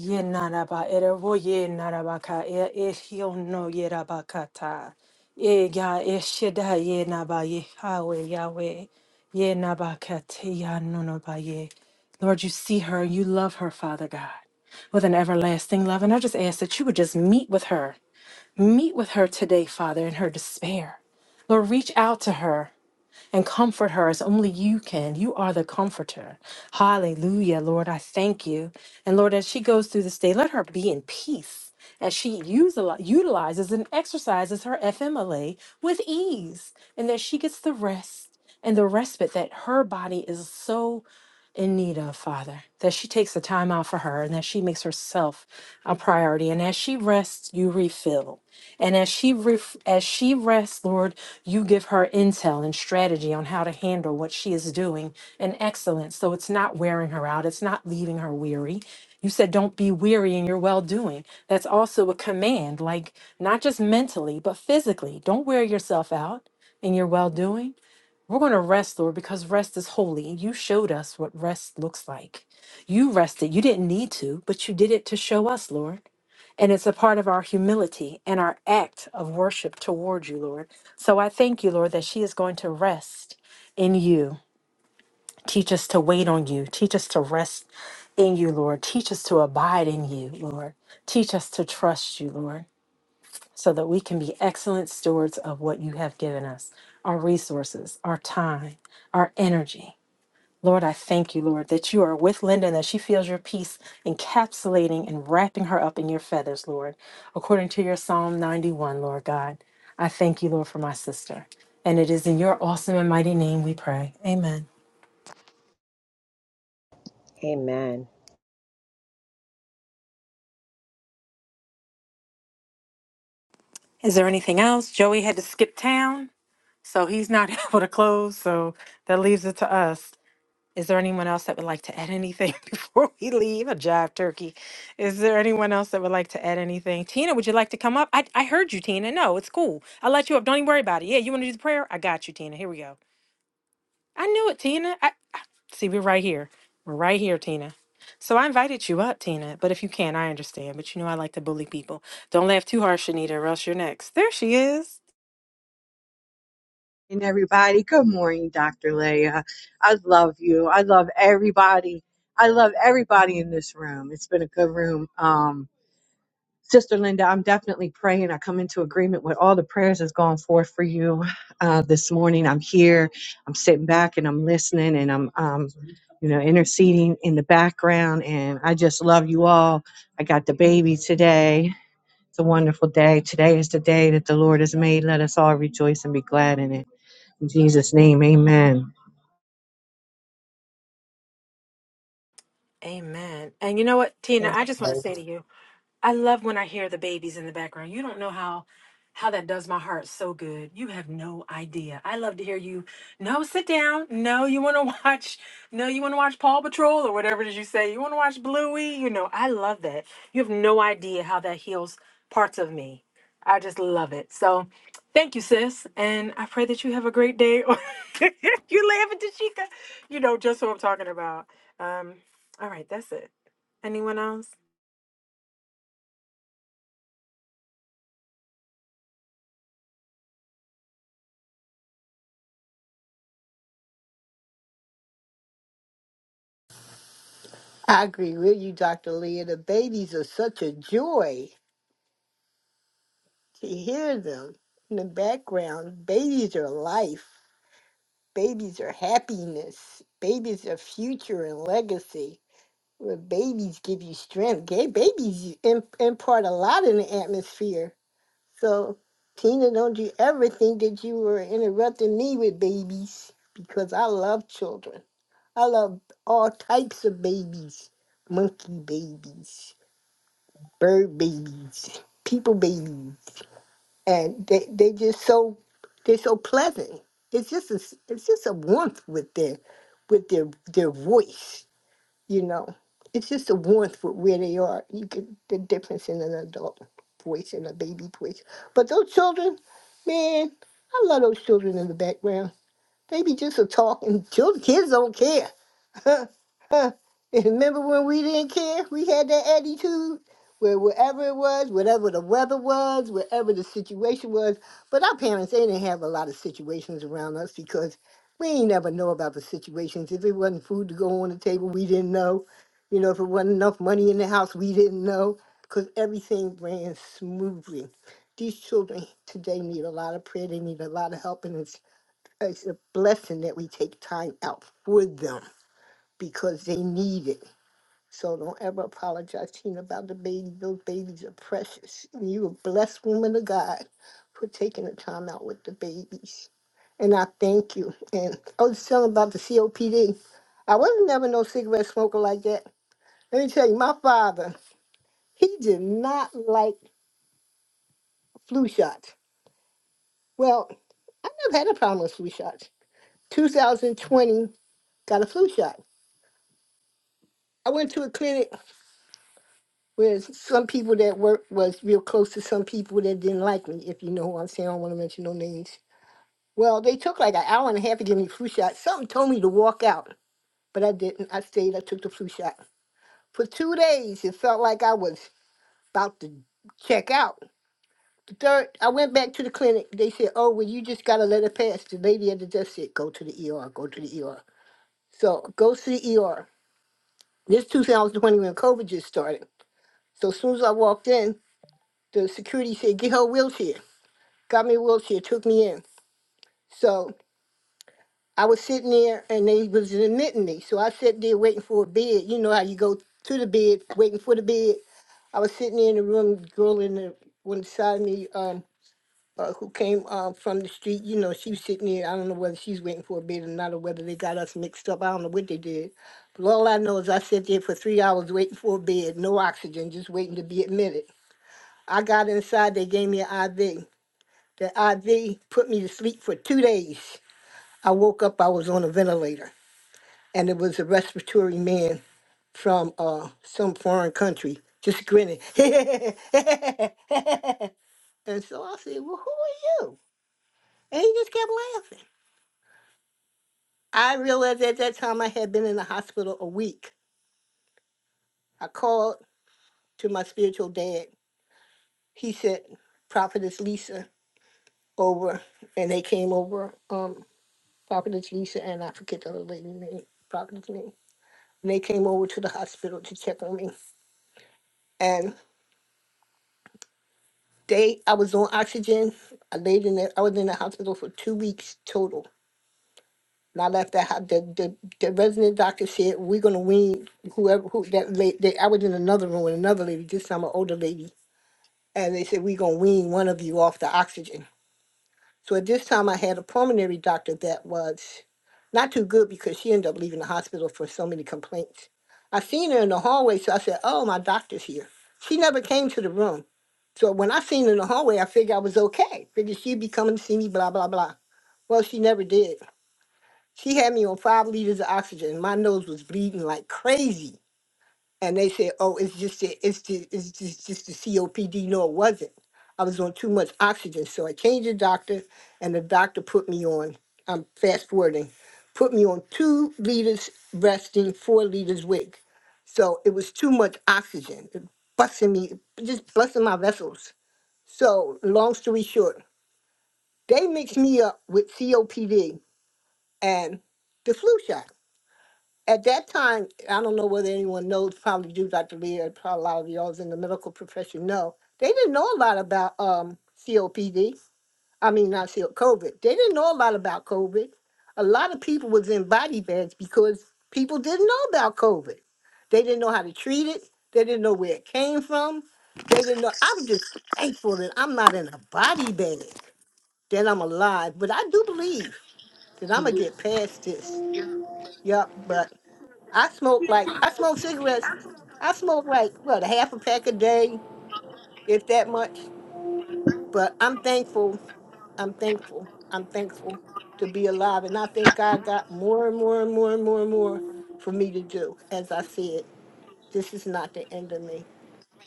S13: Ye naraba erebo ye narabaka e ehio no ye rabakata. E ga eshida ye naba ye Yahweh Yahweh ye nabakate ya nonoba ye. Lord, you see her, you love her, Father God, with an everlasting love. And I just ask that you would just meet with her, meet with her today, Father, in her despair. Lord, reach out to her and comfort her as only you can. You are the comforter. Hallelujah, Lord. I thank you. And Lord, as she goes through this day, let her be in peace as she util- utilizes and exercises her FMLA with ease, and that she gets the rest and the respite that her body is so in need of, Father, that she takes the time out for her and that she makes herself a priority. And as she rests, you refill. And as she ref- as she rests, Lord, you give her intel and strategy on how to handle what she is doing in excellence. So it's not wearing her out, it's not leaving her weary. You said, don't be weary in your well doing. That's also a command, like not just mentally, but physically. Don't wear yourself out in your well doing we're going to rest, Lord, because rest is holy. And you showed us what rest looks like. You rested. You didn't need to, but you did it to show us, Lord. And it's a part of our humility and our act of worship toward you, Lord. So I thank you, Lord, that she is going to rest in you. Teach us to wait on you. Teach us to rest in you, Lord. Teach us to abide in you, Lord. Teach us to trust you, Lord so that we can be excellent stewards of what you have given us our resources, our time, our energy. Lord, I thank you, Lord, that you are with Linda and that she feels your peace encapsulating and wrapping her up in your feathers, Lord, according to your Psalm 91, Lord God. I thank you, Lord, for my sister. And it is in your awesome and mighty name we pray. Amen.
S18: Amen.
S13: Is there anything else? Joey had to skip town, so he's not able to close. So that leaves it to us. Is there anyone else that would like to add anything before we leave? A jive turkey. Is there anyone else that would like to add anything? Tina, would you like to come up? I, I heard you, Tina. No, it's cool. I'll let you up. Don't even worry about it. Yeah, you want to do the prayer? I got you, Tina. Here we go. I knew it, Tina. I see we're right here. We're right here, Tina. So I invited you up, Tina. But if you can't, I understand. But you know I like to bully people. Don't laugh too harsh, Shanita, or else you're next. There she is.
S20: and everybody. Good morning, Dr. Leah. I love you. I love everybody. I love everybody in this room. It's been a good room. Um, Sister Linda, I'm definitely praying. I come into agreement with all the prayers that's gone forth for you uh, this morning. I'm here. I'm sitting back and I'm listening and I'm, um, you know, interceding in the background. And I just love you all. I got the baby today. It's a wonderful day. Today is the day that the Lord has made. Let us all rejoice and be glad in it. In Jesus' name, amen.
S13: Amen. And you know what, Tina, I just want to say to you. I love when I hear the babies in the background. You don't know how how that does my heart so good. You have no idea. I love to hear you. No, sit down. No, you want to watch. No, you want to watch Paw Patrol or whatever it is you say. You want to watch Bluey. You know, I love that. You have no idea how that heals parts of me. I just love it. So, thank you, sis, and I pray that you have a great day. Or you laughing, Tashika? You know just what I'm talking about. Um, all right, that's it. Anyone else?
S17: I agree with you, Dr. Leah. The babies are such a joy to hear them in the background. Babies are life, babies are happiness, babies are future and legacy. Well, babies give you strength. Gay babies im- impart a lot in the atmosphere So Tina don't you ever think that you were interrupting me with babies because I love children. I love all types of babies. Monkey babies, bird babies, people babies. And they they just so they're so pleasant. It's just a s- it's just a warmth with their with their their voice you know, it's just the warmth for where they are. You get the difference in an adult voice and a baby voice. But those children, man, I love those children in the background. They be just a talking. Children, kids don't care. Huh, huh. And Remember when we didn't care? We had that attitude where wherever it was, whatever the weather was, wherever the situation was. But our parents, they didn't have a lot of situations around us because we ain't never know about the situations. If it wasn't food to go on the table, we didn't know. You know, if it wasn't enough money in the house, we didn't know because everything ran smoothly. These children today need a lot of prayer. They need a lot of help, and it's, it's a blessing that we take time out for them because they need it. So don't ever apologize, Tina, about the baby. Those babies are precious. And you a blessed woman of God for taking the time out with the babies. And I thank you. And I was telling about the COPD. I wasn't never no cigarette smoker like that. Let me tell you, my father, he did not like flu shots. Well, I never had a problem with flu shots. 2020, got a flu shot. I went to a clinic Whereas some people that work was real close to some people that didn't like me, if you know who I'm saying, I don't want to mention no names. Well, they took like an hour and a half to give me flu shot. Something told me to walk out, but I didn't. I stayed, I took the flu shot. For two days, it felt like I was about to check out. The third, I went back to the clinic. They said, oh, well, you just got to let it pass. The lady at the desk said, go to the ER, go to the ER. So go to the ER. This 2020 when COVID just started. So as soon as I walked in, the security said, get her a wheelchair. got me a wheelchair, took me in. So I was sitting there and they was admitting me. So I sat there waiting for a bed. You know how you go to the bed, waiting for the bed. I was sitting there in the room, girl in the one side of me, um, uh, who came um, from the street, you know, she was sitting there. I don't know whether she's waiting for a bed or not, or whether they got us mixed up. I don't know what they did. But all I know is I sat there for three hours waiting for a bed, no oxygen, just waiting to be admitted. I got inside, they gave me an IV. The IV put me to sleep for two days. I woke up, I was on a ventilator, and it was a respiratory man from uh, some foreign country just grinning. and so I said, Well, who are you? And he just kept laughing. I realized at that time I had been in the hospital a week. I called to my spiritual dad. He said, Prophetess Lisa over, and they came over, um, Prophetess Lisa, and I forget the other lady's name, Prophetess name. And they came over to the hospital to check on me. and. They, I was on oxygen. I laid in the, I was in the hospital for two weeks total. And I left that, ho- the, the, the resident doctor said, we're gonna wean whoever, who, that lady, they, I was in another room with another lady, this time an older lady. And they said, we are gonna wean one of you off the oxygen. So at this time, I had a pulmonary doctor that was not too good because she ended up leaving the hospital for so many complaints. I seen her in the hallway, so I said, "Oh, my doctor's here." She never came to the room. So when I seen her in the hallway, I figured I was okay. Figured she'd be coming to see me, blah blah blah. Well, she never did. She had me on five liters of oxygen. My nose was bleeding like crazy and they said, "Oh, it's just the, it's the, it's just, just the COPD." No, it wasn't. I was on too much oxygen, so I changed the doctor, and the doctor put me on. I'm fast forwarding, put me on two liters resting, four liters wig. So it was too much oxygen, it busting me, just busting my vessels. So long story short, they mixed me up with COPD and the flu shot at that time, I don't know whether anyone knows, probably do, Dr. Leah, probably a lot of y'all in the medical profession know, they didn't know a lot about um, COPD. I mean, not CO COVID. They didn't know a lot about COVID. A lot of people was in body bags because people didn't know about COVID. They didn't know how to treat it. They didn't know where it came from. They didn't know. I'm just thankful that I'm not in a body bag, that I'm alive. But I do believe that I'm going to get past this. Yep. But I smoke like I smoke cigarettes. I smoke like what a half a pack a day, if that much. But I'm thankful. I'm thankful. I'm thankful to be alive, and I think God got more and more and more and more and more for me to do. As I said, this is not the end of me.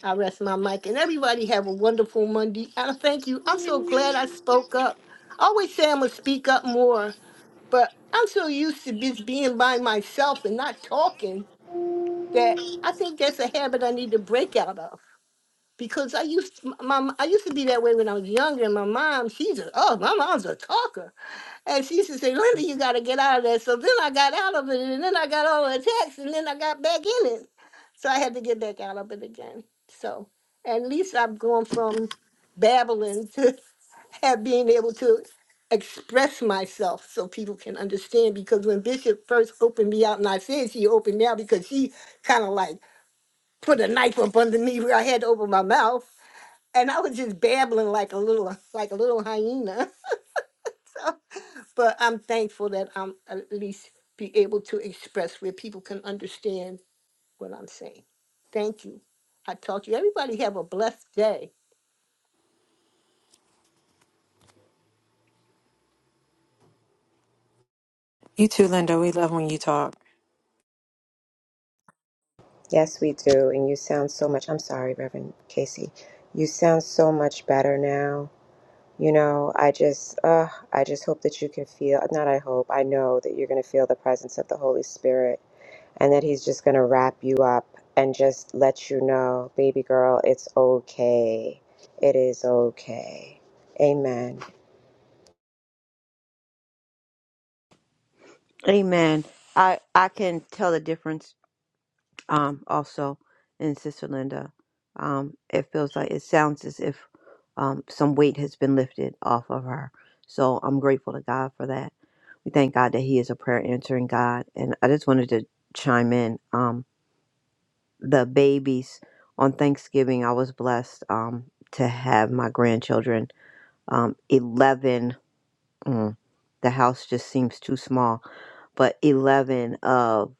S17: I rest my mic, and everybody have a wonderful Monday. I thank you. I'm so glad I spoke up. I always say I'm gonna speak up more, but I'm so used to just being by myself and not talking that I think that's a habit I need to break out of because I used to, my m- I used to be that way when I was younger. And my mom, she's a oh my mom's a talker, and she used to say, Linda, you got to get out of that. So then I got out of it, and then I got all the attacks, and then I got back in it. So I had to get back out of it again. So at least I've gone from babbling to have being able to express myself so people can understand because when bishop first opened me out and i said she opened me out because she kind of like put a knife up underneath where I had to open my mouth. And I was just babbling like a little like a little hyena. But I'm thankful that I'm at least be able to express where people can understand what I'm saying. Thank you. I talk to you. Everybody have a blessed day.
S13: You too, Linda. We love when you talk.
S18: Yes, we do. And you sound so much, I'm sorry, Reverend Casey. You sound so much better now. You know, I just, uh, I just hope that you can feel, not I hope, I know that you're going to feel the presence of the Holy Spirit and that He's just going to wrap you up and just let you know, baby girl, it's okay. It is okay. Amen.
S7: Amen. I I can tell the difference. Um, also, in Sister Linda, um, it feels like it sounds as if um some weight has been lifted off of her. So I'm grateful to God for that. We thank God that He is a prayer answering God. And I just wanted to chime in. Um, the babies on Thanksgiving, I was blessed um to have my grandchildren. Um, eleven. mm, the house just seems too small. But 11 of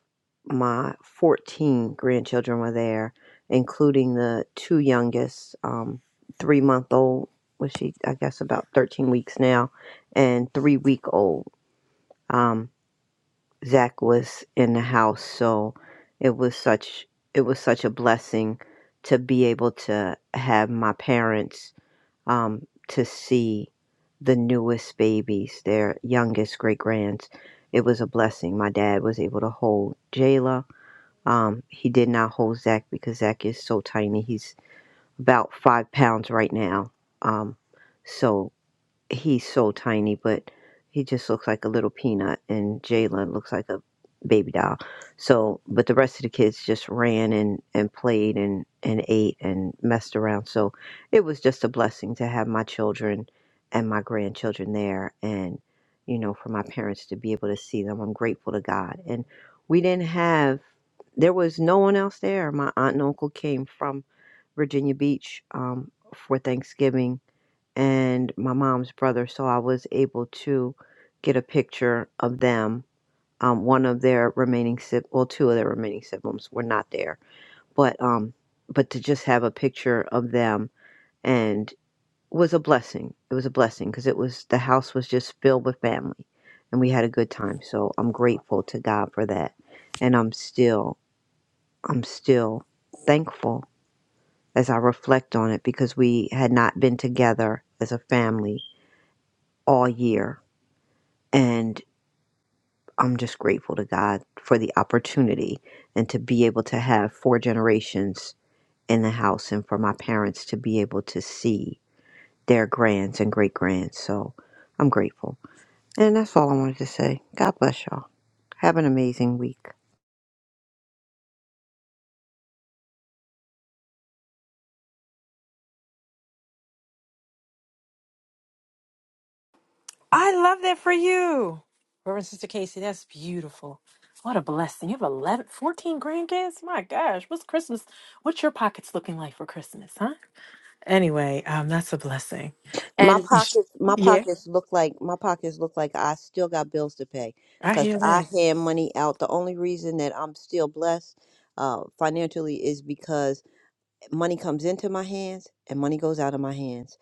S7: my 14 grandchildren were there, including the two youngest, um, three month old, was she, I guess, about 13 weeks now, and three week old. Um, Zach was in the house, so it was such it was such a blessing to be able to have my parents um, to see the newest babies, their youngest great grands. It was a blessing. My dad was able to hold Jayla. Um, he did not hold Zach because Zach is so tiny. He's about five pounds right now. Um, so he's so tiny, but he just looks like a little peanut, and Jalen looks like a baby doll. So, but the rest of the kids just ran and and played and and ate and messed around. So, it was just a blessing to have my children and my grandchildren there, and you know, for my parents to be able to see them. I'm grateful to God, and we didn't have. There was no one else there. My aunt and uncle came from Virginia Beach um, for Thanksgiving and my mom's brother, so I was able to get a picture of them. Um, one of their remaining siblings, well, two of their remaining siblings were not there, but um, but to just have a picture of them and was a blessing. It was a blessing because it was the house was just filled with family, and we had a good time. So I'm grateful to God for that, and I'm still I'm still thankful as I reflect on it because we had not been together as a family all year And I'm just grateful to God for the opportunity and to be able to have four generations in the house and for my parents to be able to see their grands and great grands. So I'm grateful. And that's all I wanted to say. God bless y'all. Have an amazing week.
S13: I love that for you. Reverend Sister Casey, that's beautiful. What a blessing. You have 11, 14 grandkids? My gosh, what's Christmas? What's your pockets looking like for Christmas, huh? Anyway, um, that's a blessing.
S7: My
S13: And
S7: pockets, my
S13: yeah,
S7: pockets look like my pockets look like I still got bills to pay,
S13: I
S7: cause
S13: hear
S7: I
S13: that.
S7: hand money out. The only reason that I'm still blessed, uh, financially is because. money comes into my hands and money goes out of my hands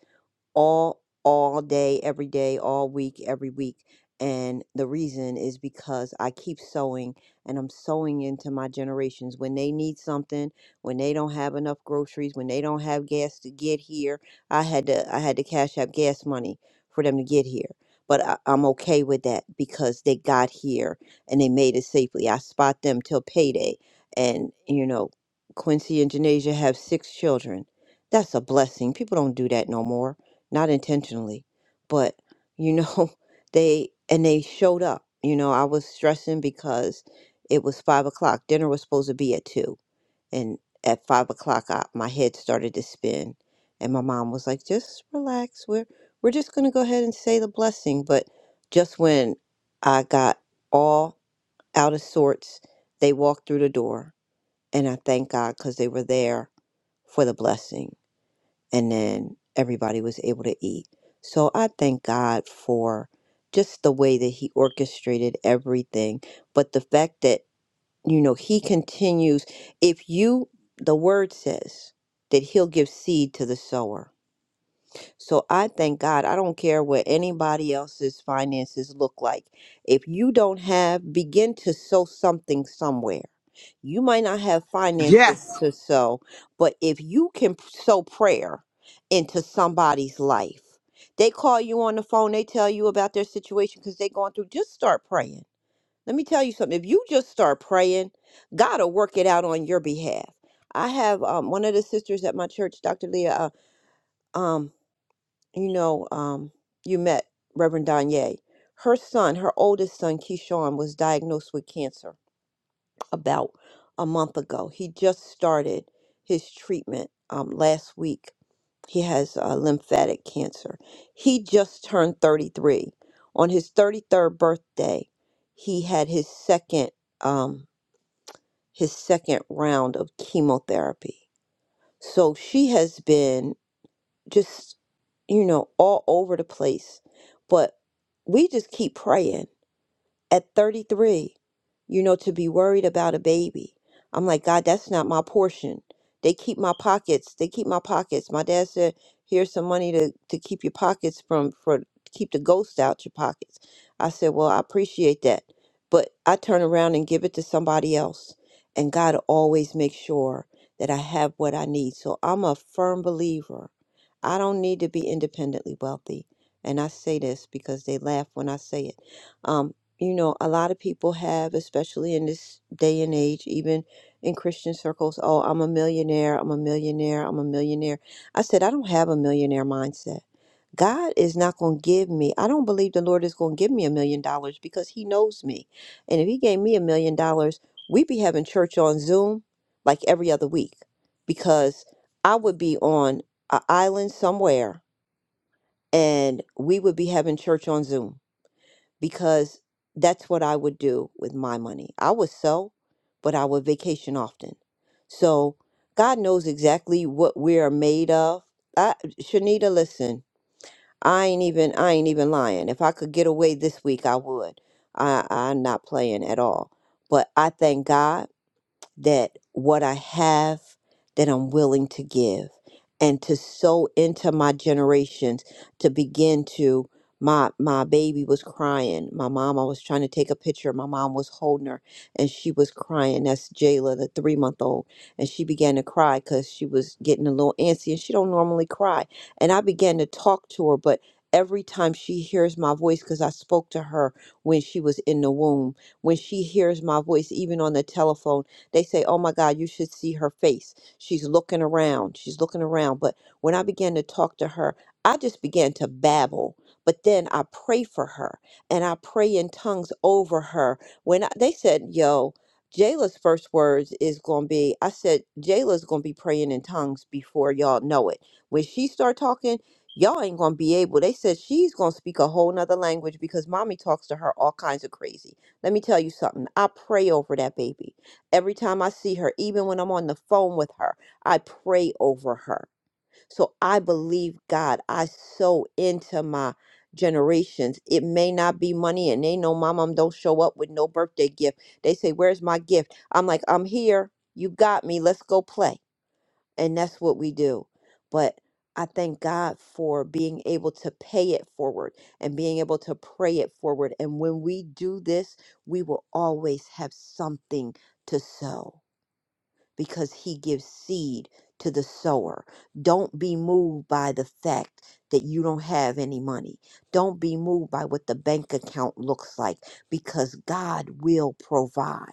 S7: all all day every day all week every week and the reason is because i keep sewing and i'm sewing into my generations when they need something when they don't have enough groceries when they don't have gas to get here i had to i had to cash out gas money for them to get here but I, i'm okay with that because they got here and they made it safely i spot them till payday and you know quincy and janasia have six children that's a blessing people don't do that no more not intentionally, but you know, they and they showed up. You know, I was stressing because it was five o'clock. Dinner was supposed to be at two, and at five o'clock, I, my head started to spin, and my mom was like, "Just relax. We're we're just gonna go ahead and say the blessing." But just when I got all out of sorts, they walked through the door, and I thank God because they were there for the blessing and then everybody was able to eat. So I thank God for just the way that He orchestrated everything, but the fact that, you know, He continues, if you, the word says that He'll give seed to the sower. So I thank God. I don't care what anybody else's finances look like. If you don't have, begin to sow something somewhere. You might not have finances
S19: Yes.
S7: to sow, but if you can p- sow prayer into somebody's life, they call you on the phone, they tell you about their situation because they're going through, just start praying. Let me tell you something. If you just start praying, God will work it out on your behalf. I have um, one of the sisters at my church, Dr. Leah. uh, um you know, um, you met Reverend Danye. Her son, her oldest son, Keyshawn, was diagnosed with cancer about a month ago. He just started his treatment um, last week. He has uh, lymphatic cancer. He just turned 33. On his 33rd birthday, he had his second um, his second round of chemotherapy. So she has been just you know all over the place but we just keep praying at 33, you know, to be worried about a baby. I'm like, God, that's not my portion. They keep my pockets. They keep my pockets. My dad said, here's some money to, to keep your pockets from, for keep the ghost out your pockets. I said, well, I appreciate that. But I turn around and give it to somebody else. And God always makes sure that I have what I need. So I'm a firm believer. I don't need to be independently wealthy. And I say this because they laugh when I say it Um, you know, a lot of people have, especially in this day and age, even in Christian circles, oh, I'm a millionaire, I'm a millionaire, I'm a millionaire. I said, I don't have a millionaire mindset. God is not going to give me, I don't believe the Lord is going to give me a million dollars because He knows me. And if He gave me a million dollars, we'd be having church on Zoom like every other week because I would be on an island somewhere and we would be having church on Zoom because that's what I would do with my money. I would sell, but I would vacation often. So God knows exactly what we are made of. I, Shanita, listen, I ain't even I ain't even lying. If I could get away this week, I would. I, I'm not playing at all. But I thank God that what I have that I'm willing to give and to sow into my generations to begin to my my baby was crying. My mom I was trying to take a picture. My mom was holding her and she was crying. That's Jayla, the three month old. And she began to cry because she was getting a little antsy and she don't normally cry. And I began to talk to her, but every time she hears my voice, because I spoke to her when she was in the womb, when she hears my voice, even on the telephone, they say, Oh my God, you should see her face. She's looking around. She's looking around. But when I began to talk to her, I just began to babble. But then I pray for her and I pray in tongues over her. When I, they said, Yo, Jayla's first words is going to be, I said, Jayla's going to be praying in tongues before y'all know it. When she start talking, y'all ain't going to be able. They said she's going to speak a whole nother language because mommy talks to her all kinds of crazy. Let me tell you something. I pray over that baby. Every time I see her, even when I'm on the phone with her, I pray over her. So I believe God. I sow into my generations. It may not be money, and they know my mom um, don't show up with no birthday gift. They say, Where's my gift? I'm like, I'm here. You got me. Let's go play. And that's what we do. But I thank God for being able to pay it forward and being able to pray it forward. And when we do this, we will always have something to sow because he gives seed to the sower. Don't be moved by the fact that you don't have any money. Don't be moved by what the bank account looks like because God will provide.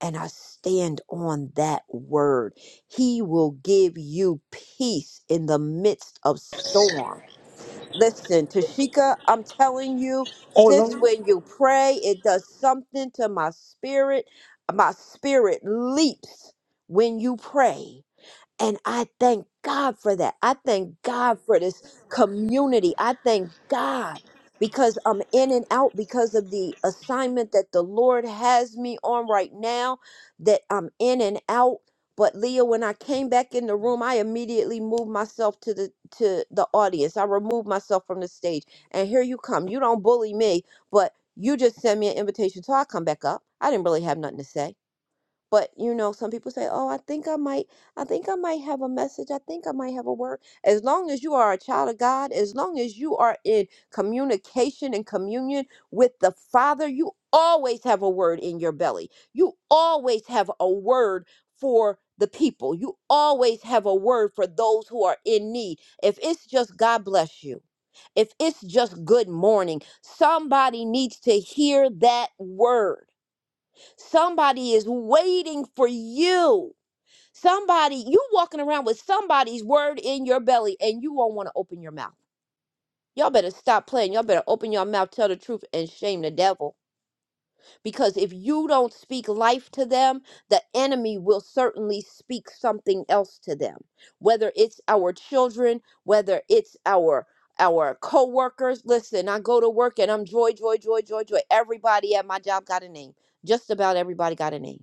S7: And I stand on that word. He will give you peace in the midst of storm. Listen, Tashika, I'm telling you, sis, when you pray, it does something to my spirit. My spirit leaps when you pray. And I thank God for that. I thank God for this community. I thank God because I'm in and out because of the assignment that the Lord has me on right now, that I'm in and out. But Leah, when I came back in the room, I immediately moved myself to the to the audience. I removed myself from the stage. And here you come. You don't bully me, but you just send me an invitation. So I come back up. I didn't really have nothing to say. But you know, some people say, "Oh, I think I might, I think I might have a message. I think I might have a word." As long as you are a child of God, as long as you are in communication and communion with the Father, you always have a word in your belly. You always have a word for the people. You always have a word for those who are in need. If it's just God bless you, if it's just good morning, somebody needs to hear that word. Somebody is waiting for you. Somebody, you walking around with somebody's word in your belly and you won't want to open your mouth. Y'all better stop playing. Y'all better open your mouth, tell the truth, and shame the devil. Because if you don't speak life to them, the enemy will certainly speak something else to them. Whether it's our children, whether it's our our co-workers. Listen, I go to work and I'm joy, joy, joy, joy, joy. Everybody at my job got a name. Just about everybody got a name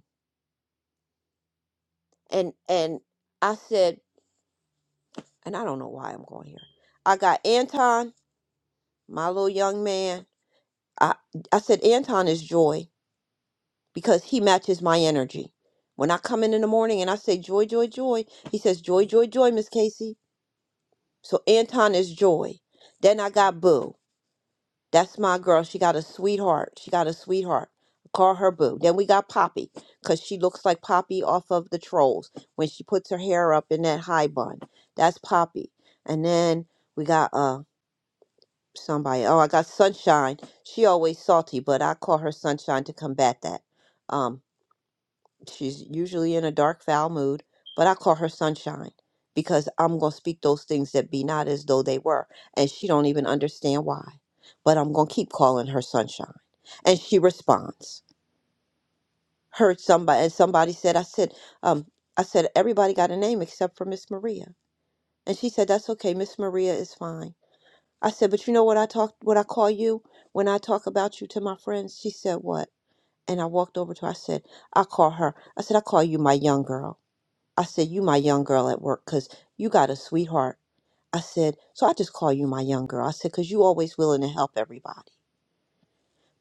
S7: and and I said, and I don't know why I'm going here. I got Anton, my little young man. I I said Anton is joy because he matches my energy. When I come in in the morning and I say joy, joy, joy, he says joy, joy, joy, Miss Casey. So Anton is joy. Then I got Boo. That's my girl. She got a sweetheart. She got a sweetheart. Call her boo. Then we got Poppy, because she looks like Poppy off of the trolls when she puts her hair up in that high bun. That's Poppy. And then we got uh somebody. Oh, I got Sunshine. She always salty, but I call her Sunshine to combat that. Um. She's usually in a dark, foul mood, but I call her sunshine because I'm going to speak those things that be not as though they were. And she don't even understand why. But I'm going to keep calling her sunshine. And she responds. Heard somebody, and somebody said, I said, um, I said, everybody got a name except for Miss Maria. And she said, that's okay. Miss Maria is fine. I said, but you know what I talk, what I call you when I talk about you to my friends? She said, what? And I walked over to her. I said, I call her. I said, I call you my young girl. I said, You my young girl at work, 'cause you got a sweetheart. I said, So I just call you my young girl. I said, 'Cause you always willing to help everybody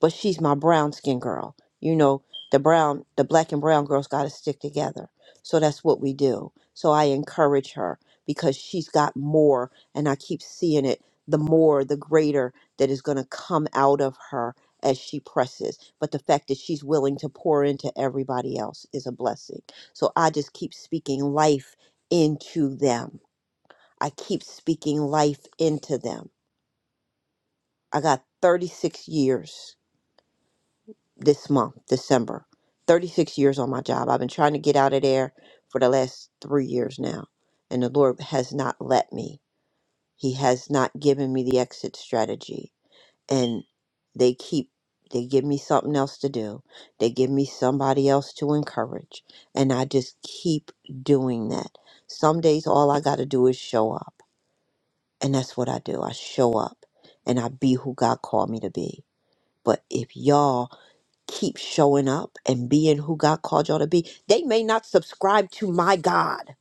S7: but she's my brown skin girl. You know, the brown, the black and brown girls got to stick together. So that's what we do. So I encourage her because she's got more, and I keep seeing it the more, the greater that is going to come out of her as she presses. But the fact that she's willing to pour into everybody else is a blessing. So I just keep speaking life into them. I keep speaking life into them. I got 36 years this month, December. 36 years on my job. I've been trying to get out of there for the last three years now, and the Lord has not let me. He has not given me the exit strategy. And they keep, they give me something else to do, they give me somebody else to encourage, and I just keep doing that. Some days, all I got to do is show up, and that's what I do. I show up and I be who God called me to be. But if y'all keep showing up and being who God called y'all to be. They may not subscribe to my God,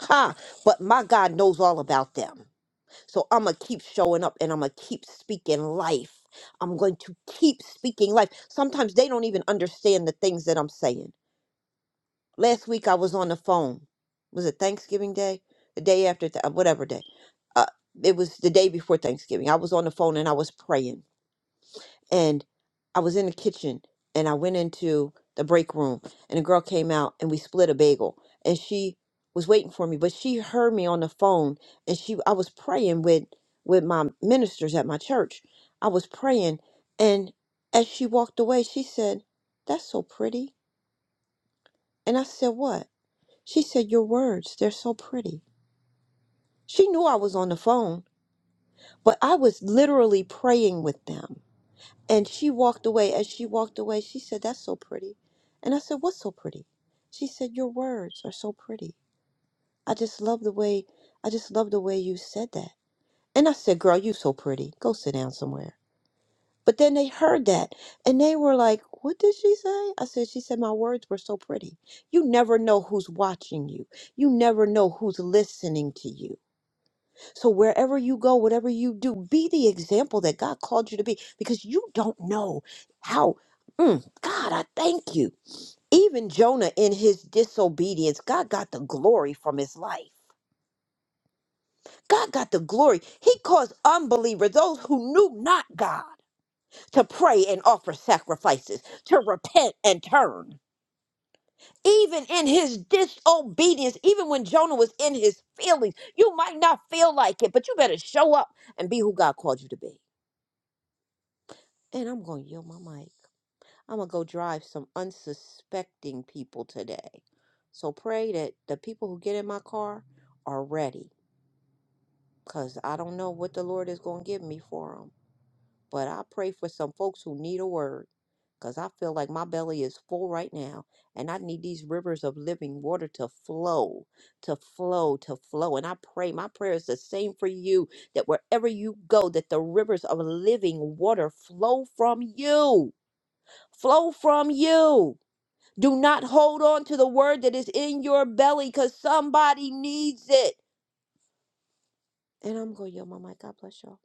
S7: ha, but my God knows all about them. So I'm going to keep showing up and I'm going to keep speaking life. I'm going to keep speaking life. Sometimes they don't even understand the things that I'm saying. Last week I was on the phone. Was it Thanksgiving Day? The day after, th- whatever day. Uh, it was the day before Thanksgiving. I was on the phone and I was praying and I was in the kitchen and I went into the break room and a girl came out and we split a bagel and she was waiting for me but she heard me on the phone and she I was praying with with my ministers at my church. I was praying and as she walked away she said, "That's so pretty." And I said, "What?" She said, "Your words, they're so pretty." She knew I was on the phone, but I was literally praying with them And she walked away. As she walked away, she said, That's so pretty. And I said, What's so pretty? She said, Your words are so pretty. I just love the way I just love the way you said that. And I said, Girl, you so pretty. Go sit down somewhere. But then they heard that and they were like, What did she say? I said, She said, My words were so pretty. You never know who's watching you. You never know who's listening to you. So wherever you go, whatever you do, be the example that God called you to be because you don't know how. Mm, God, I thank you. Even Jonah in his disobedience, God got the glory from his life. God got the glory. He caused unbelievers, those who knew not God, to pray and offer sacrifices, to repent and turn. Even in his disobedience, even when Jonah was in his feelings, you might not feel like it, but you better show up and be who God called you to be. And I'm going to yell my mic. I'm going to go drive some unsuspecting people today. So pray that the people who get in my car are ready because I don't know what the Lord is going to give me for them. But I pray for some folks who need a word because I feel like my belly is full right now and I need these rivers of living water to flow, to flow, to flow. And I pray, my prayer is the same for you that wherever you go, that the rivers of living water flow from you flow from you. Do not hold on to the word that is in your belly because somebody needs it. And I'm going, yo, my mic. God bless y'all.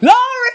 S19: Glory!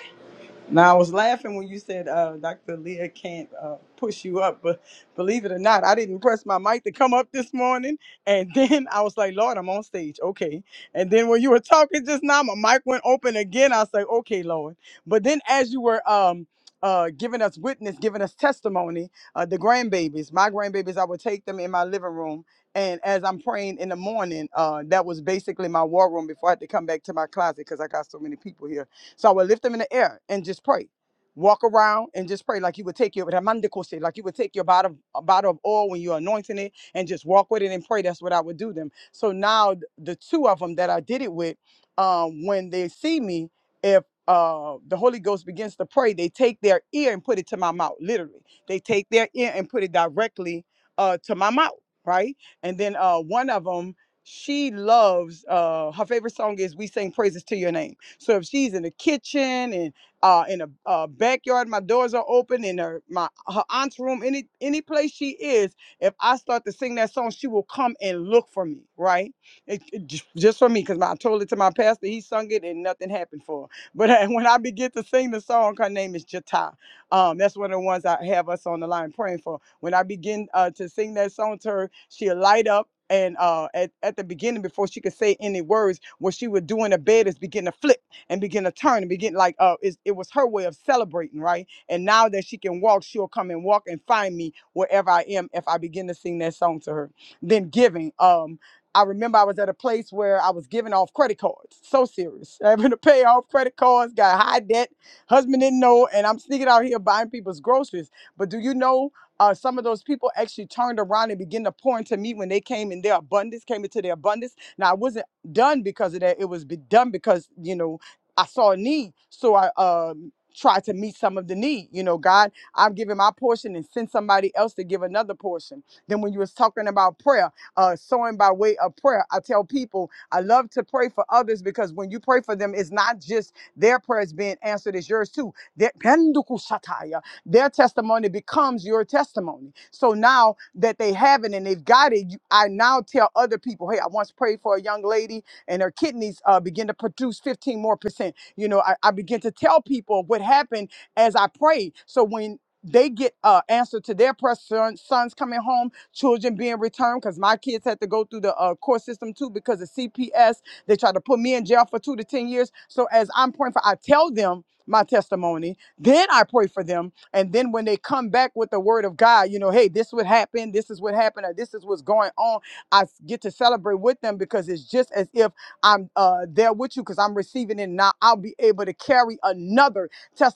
S19: Now I was laughing when you said uh, Dr. Leah can't uh, push you up, but believe it or not, I didn't press my mic to come up this morning, and then I was like, Lord, I'm on stage, okay. And then when you were talking just now, my mic went open again. I was like, okay, Lord. But then as you were um. Uh, giving us witness, giving us testimony. Uh, the grandbabies, my grandbabies, I would take them in my living room, and as I'm praying in the morning, uh, that was basically my war room before I had to come back to my closet because I got so many people here so I would lift them in the air and just pray. Walk around and just pray like you would take your Ramandikose, like you would take your bottom a bottle of oil when you're anointing it and just walk with it and pray. That's what I would do them. So now th- the two of them that I did it with, um, when they see me, if uh the Holy Ghost begins to pray, they take their ear and put it to my mouth. Literally. They take their ear and put it directly uh to my mouth, right? And then uh one of them, she loves uh her favorite song is We Sing Praises to Your Name so if she's in the kitchen and uh, in a uh, backyard, my doors are open in her my her aunt's room, any any place she is. If I start to sing that song, she will come and look for me, right? It, it ju- just for me, because I told it to my pastor, he sung it and nothing happened for her. But uh, when I begin to sing the song, her name is Jata. Um, that's one of the ones I have us on the line praying for. When I begin uh, to sing that song to her, she'll light up. And uh, at, at the beginning, before she could say any words, what she would do in the bed is begin to flip and begin to turn and begin like uh it, it was her way of celebrating right and now that she can walk she'll come and walk and find me wherever i am if i begin to sing that song to her then giving um I remember I was at a place where I was giving off credit cards. So serious. Having to pay off credit cards, got high debt, husband didn't know, and I'm sneaking out here buying people's groceries. But do you know uh, some of those people actually turned around and began to pour into me when they came in their abundance, came into their abundance. Now I wasn't done because of that. It was be done because, you know, I saw a need, so I um tried to meet some of the need. You know, God, I'm giving my portion and send somebody else to give another portion. Then when you was talking about prayer, uh sowing by way of prayer, I tell people I love to pray for others because when you pray for them, it's not just their prayers being answered, it's yours too. Their, Pendukushataya. their testimony becomes your testimony. So now that they have it and they've got it, you, I now tell other people, hey, I once prayed for a young lady and her kidneys uh, begin to produce 15 more percent. You know, I, I begin to tell people what happened as I prayed. So when they get uh, answer to their prayers, son, sons coming home, children being returned, because my kids had to go through the uh, court system too because of CPS. They tried to put me in jail for two to 10 years. So as I'm praying for, I tell them my testimony, then I pray for them. And then when they come back with the word of God, you know, hey, this would happen, this is what happened, or this is what's going on, I s- get to celebrate with them because it's just as if I'm uh, there with you because I'm receiving it now. I'll be able to carry another testimony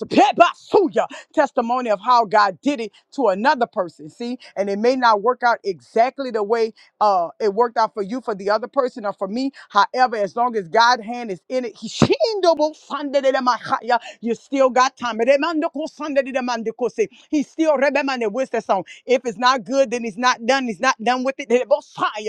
S19: testimony of how God did it to another person. See, and it may not work out exactly the way uh, it worked out for you, for the other person, or for me. However, as long as God's hand is in it, He you still got time. He still remember what's that song? If it's not good, then he's not done. He's not done with it.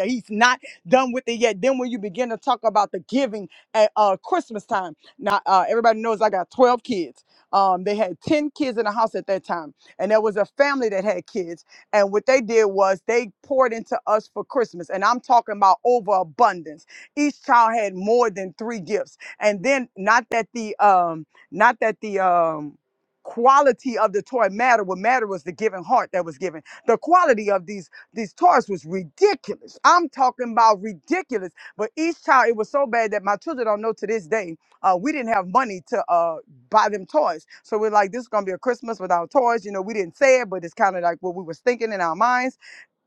S19: He's not done with it yet. Then when you begin to talk about the giving at uh, Christmas time, now uh, everybody knows I got 12 kids. Um, they had 10 kids in the house at that time, and there was a family that had kids. And what they did was they poured into us for Christmas, and I'm talking about overabundance. Each child had more than three gifts, and then not that the um, not that the um quality of the toy matter what mattered was the giving heart that was given the quality of these these toys was ridiculous. I'm talking about ridiculous. But each child, it was so bad that my children don't know to this day. Uh, we didn't have money to uh, buy them toys. So we're like, this is gonna be a Christmas without toys. You know, we didn't say it, but it's kind of like what we was thinking in our minds.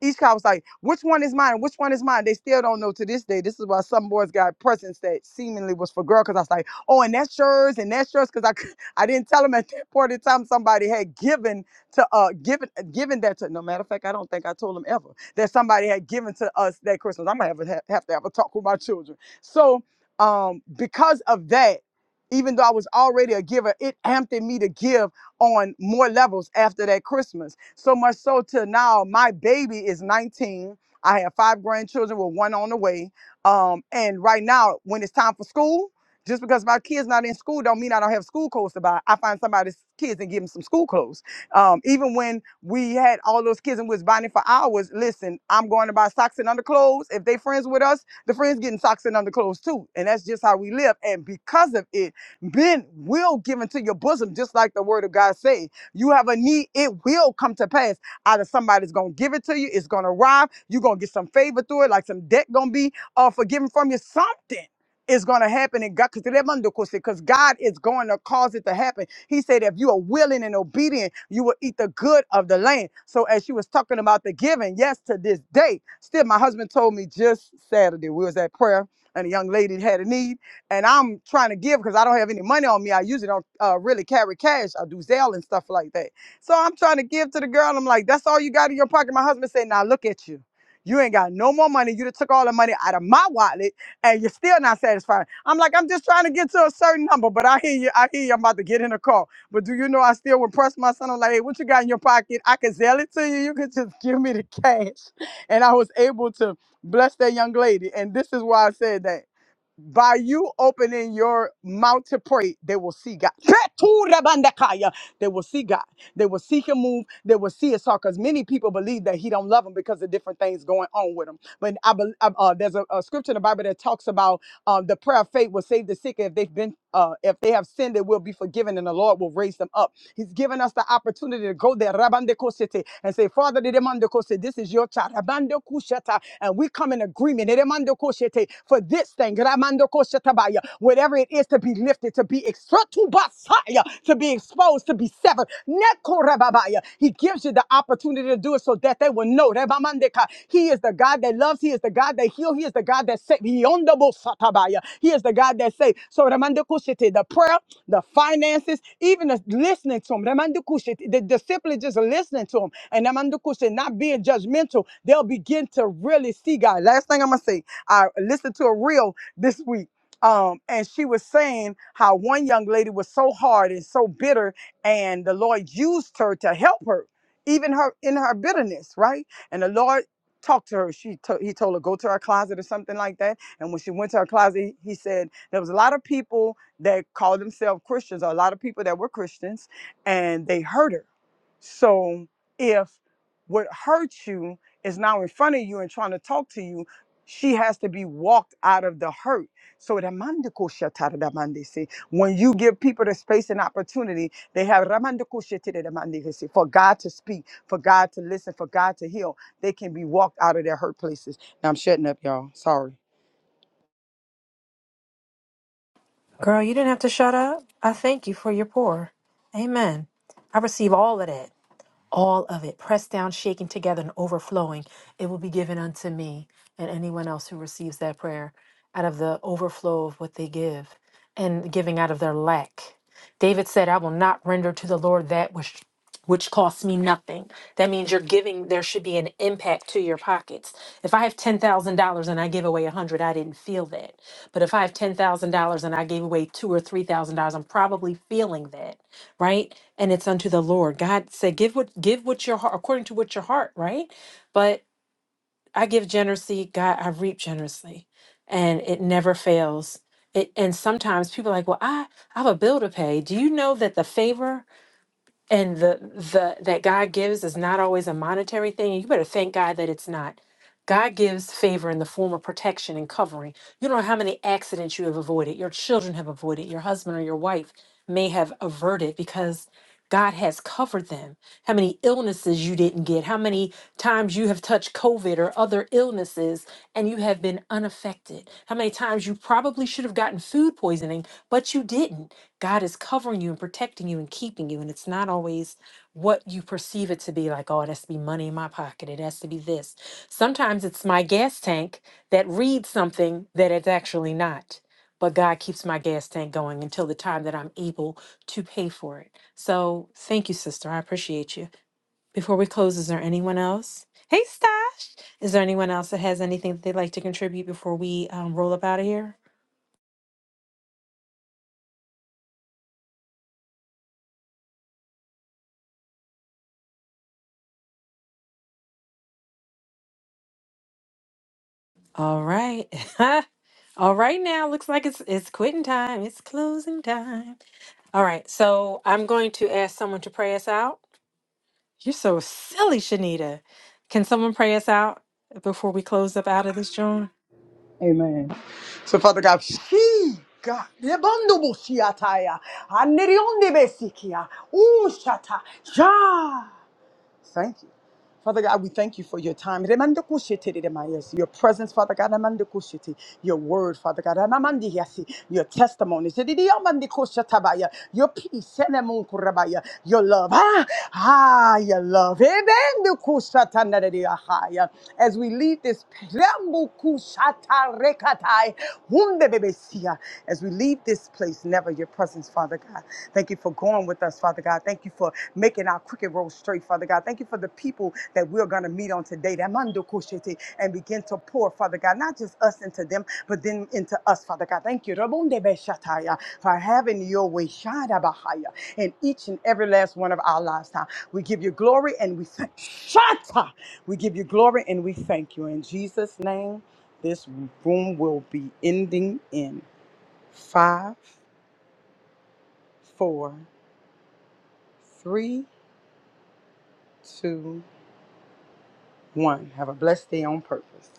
S19: Each child was like, which one is mine? Which one is mine? They still don't know to this day. This is why some boys got presents that seemingly was for girl. Cause I was like, oh, and that's yours, and that's yours. Cause I, cou- I didn't tell them at that point in time somebody had given to uh giving giving that to no matter of fact i don't think i told them ever that somebody had given to us that christmas i'm gonna have, a- have to have a talk with my children so um because of that even though i was already a giver it amped me to give on more levels after that christmas so much so to now my baby is 19 i have five grandchildren with one on the way um and right now when it's time for school just because my kids not in school don't mean I don't have school clothes to buy. I find somebody's kids and give them some school clothes. Um, even when we had all those kids and we was bonding for hours, listen, I'm going to buy socks and underclothes. If they friends with us, the friends getting socks and underclothes too. And that's just how we live. And because of it, men will give into your bosom, just like the word of God say. You have a need, it will come to pass. Either somebody's gonna give it to you, it's gonna arrive, you're gonna get some favor through it, like some debt gonna be uh forgiven from you, something. is gonna happen in God because God is going to cause it to happen. He said, if you are willing and obedient, you will eat the good of the land. So as she was talking about the giving, yes, to this day, still my husband told me just Saturday, we was at prayer and a young lady had a need and I'm trying to give because I don't have any money on me. I usually don't uh, really carry cash. I do Zelle and stuff like that. So I'm trying to give to the girl. And I'm like, that's all you got in your pocket. My husband said, now look at you. You ain't got no more money. You done took all the money out of my wallet and you're still not satisfied. I'm like, I'm just trying to get to a certain number, but I hear you. I hear you. I'm about to get in a car. But do you know I still would press my son? I'm like, hey, what you got in your pocket? I could sell it to you. You could just give me the cash. And I was able to bless that young lady. And this is why I said that by you opening your mouth to pray, they will see God. Keturabandakaya. They will see God. They will see Him move. They will see His heart. Because many people believe that He don't love them because of different things going on with them. But I believe uh, uh, there's a, a scripture in the Bible that talks about um, the prayer of faith will save the sick. If they've been, uh, if they have sinned, it will be forgiven, and the Lord will raise them up. He's given us the opportunity to go there, Rabande Kosete, and say, Father, de demande Kosete, this is your child, Rabande Kushata, and we come in agreement, de demande Kosete, for this thing, Rabande Kosete Baya. whatever whatever it is to be lifted, to be exposed, to be exposed, to be severed. Nekorababaya. He gives you the opportunity to do it so that they will know. Rebamandeka. He is the God that loves. He is the God that heals. He is the God that saves. He on the most satabaya. He is the God that saves. So remandekushite, the prayer, the finances, even the listening to him. Remandekushite, The, the simply just listening to him. And remandekushite, not being judgmental, they'll begin to really see God. Last thing I'm going to say, I listened to a reel this week um, and she was saying how one young lady was so hard and so bitter, and the Lord used her to help her, even her in her bitterness, right? And the Lord talked to her. She to, he told her go to her closet or something like that. And when she went to her closet, he he said there was a lot of people that called themselves Christians, or a lot of people that were Christians, and they hurt her so if what hurt you is now in front of you and trying to talk to you, she has to be walked out of the hurt. So the mandiko shatara da mandi si. when you give people the space and opportunity, they have ramandiko shatara da mandi si. for God to speak, for God to listen, for God to heal. They can be walked out of their hurt places. Now I'm shutting up, y'all. Sorry.
S13: Girl, you didn't have to shut up. I thank you for your pour. Amen. I receive all of that. all of it, pressed down, shaken together, and overflowing, it will be given unto me and anyone else who receives that prayer out of the overflow of what they give and giving out of their lack. David said, I will not render to the Lord that which which costs me nothing. That means you're giving, there should be an impact to your pockets. If I have $10,000 and I give away 100, I didn't feel that. But if I have $10,000 and I gave away two or $3,000, I'm probably feeling that right? And it's unto the Lord. God said, "Give what give what your heart according to what your heart," right? But I give generously, God, I reap generously, and it never fails. It and sometimes people are like, "Well, I I have a bill to pay." Do you know that the favor and the the that God gives is not always a monetary thing. and You better thank God that it's not. God gives favor in the form of protection and covering. You don't know how many accidents you have avoided, your children have avoided, your husband or your wife may have averted because God has covered them. How many illnesses you didn't get, how many times you have touched COVID or other illnesses and you have been unaffected, how many times you probably should have gotten food poisoning, but you didn't God is covering you and protecting you and keeping you. And it's not always what you perceive it to be like, oh, it has to be money in my pocket. It has to be this. Sometimes it's my gas tank that reads something that it's actually not. But God keeps my gas tank going until the time that I'm able to pay for it. So thank you, sister. I appreciate you. Before we close, is there anyone else? Hey, Stash. Is there anyone else that has anything that they'd like to contribute before we um, roll up out of here? All right. All right, now looks like it's it's quitting time. It's closing time. All right, so I'm going to ask someone to pray us out. You're so silly, Shanita. Can someone pray us out before we close up out of this joint?
S19: Amen. So, Father God, she God, Lebandobushiataya, Anderionde Besikia, Ushata, Ja. Thank you. Father God, we thank you for your time. Your presence, Father God, your word, Father God, your testimonies, your peace, your love. Ah, ah, your love. As we leave this, I, As we leave this place, never your presence, Father God. Thank you for going with us, Father God. Thank you for making our crooked road straight, Father God. Thank you for the people that we're going to meet on today. That mando koshete, And begin to pour, Father God, not just us into them, but then into us, Father God. Thank you Rabunde beshataya, for having your way shada bahaya, in each and every last one of our lives. Now, we give you glory and we thank Shata. We give you glory and we thank you. In Jesus' name. This room will be ending in five, four, three, two, one. Have a blessed day on purpose.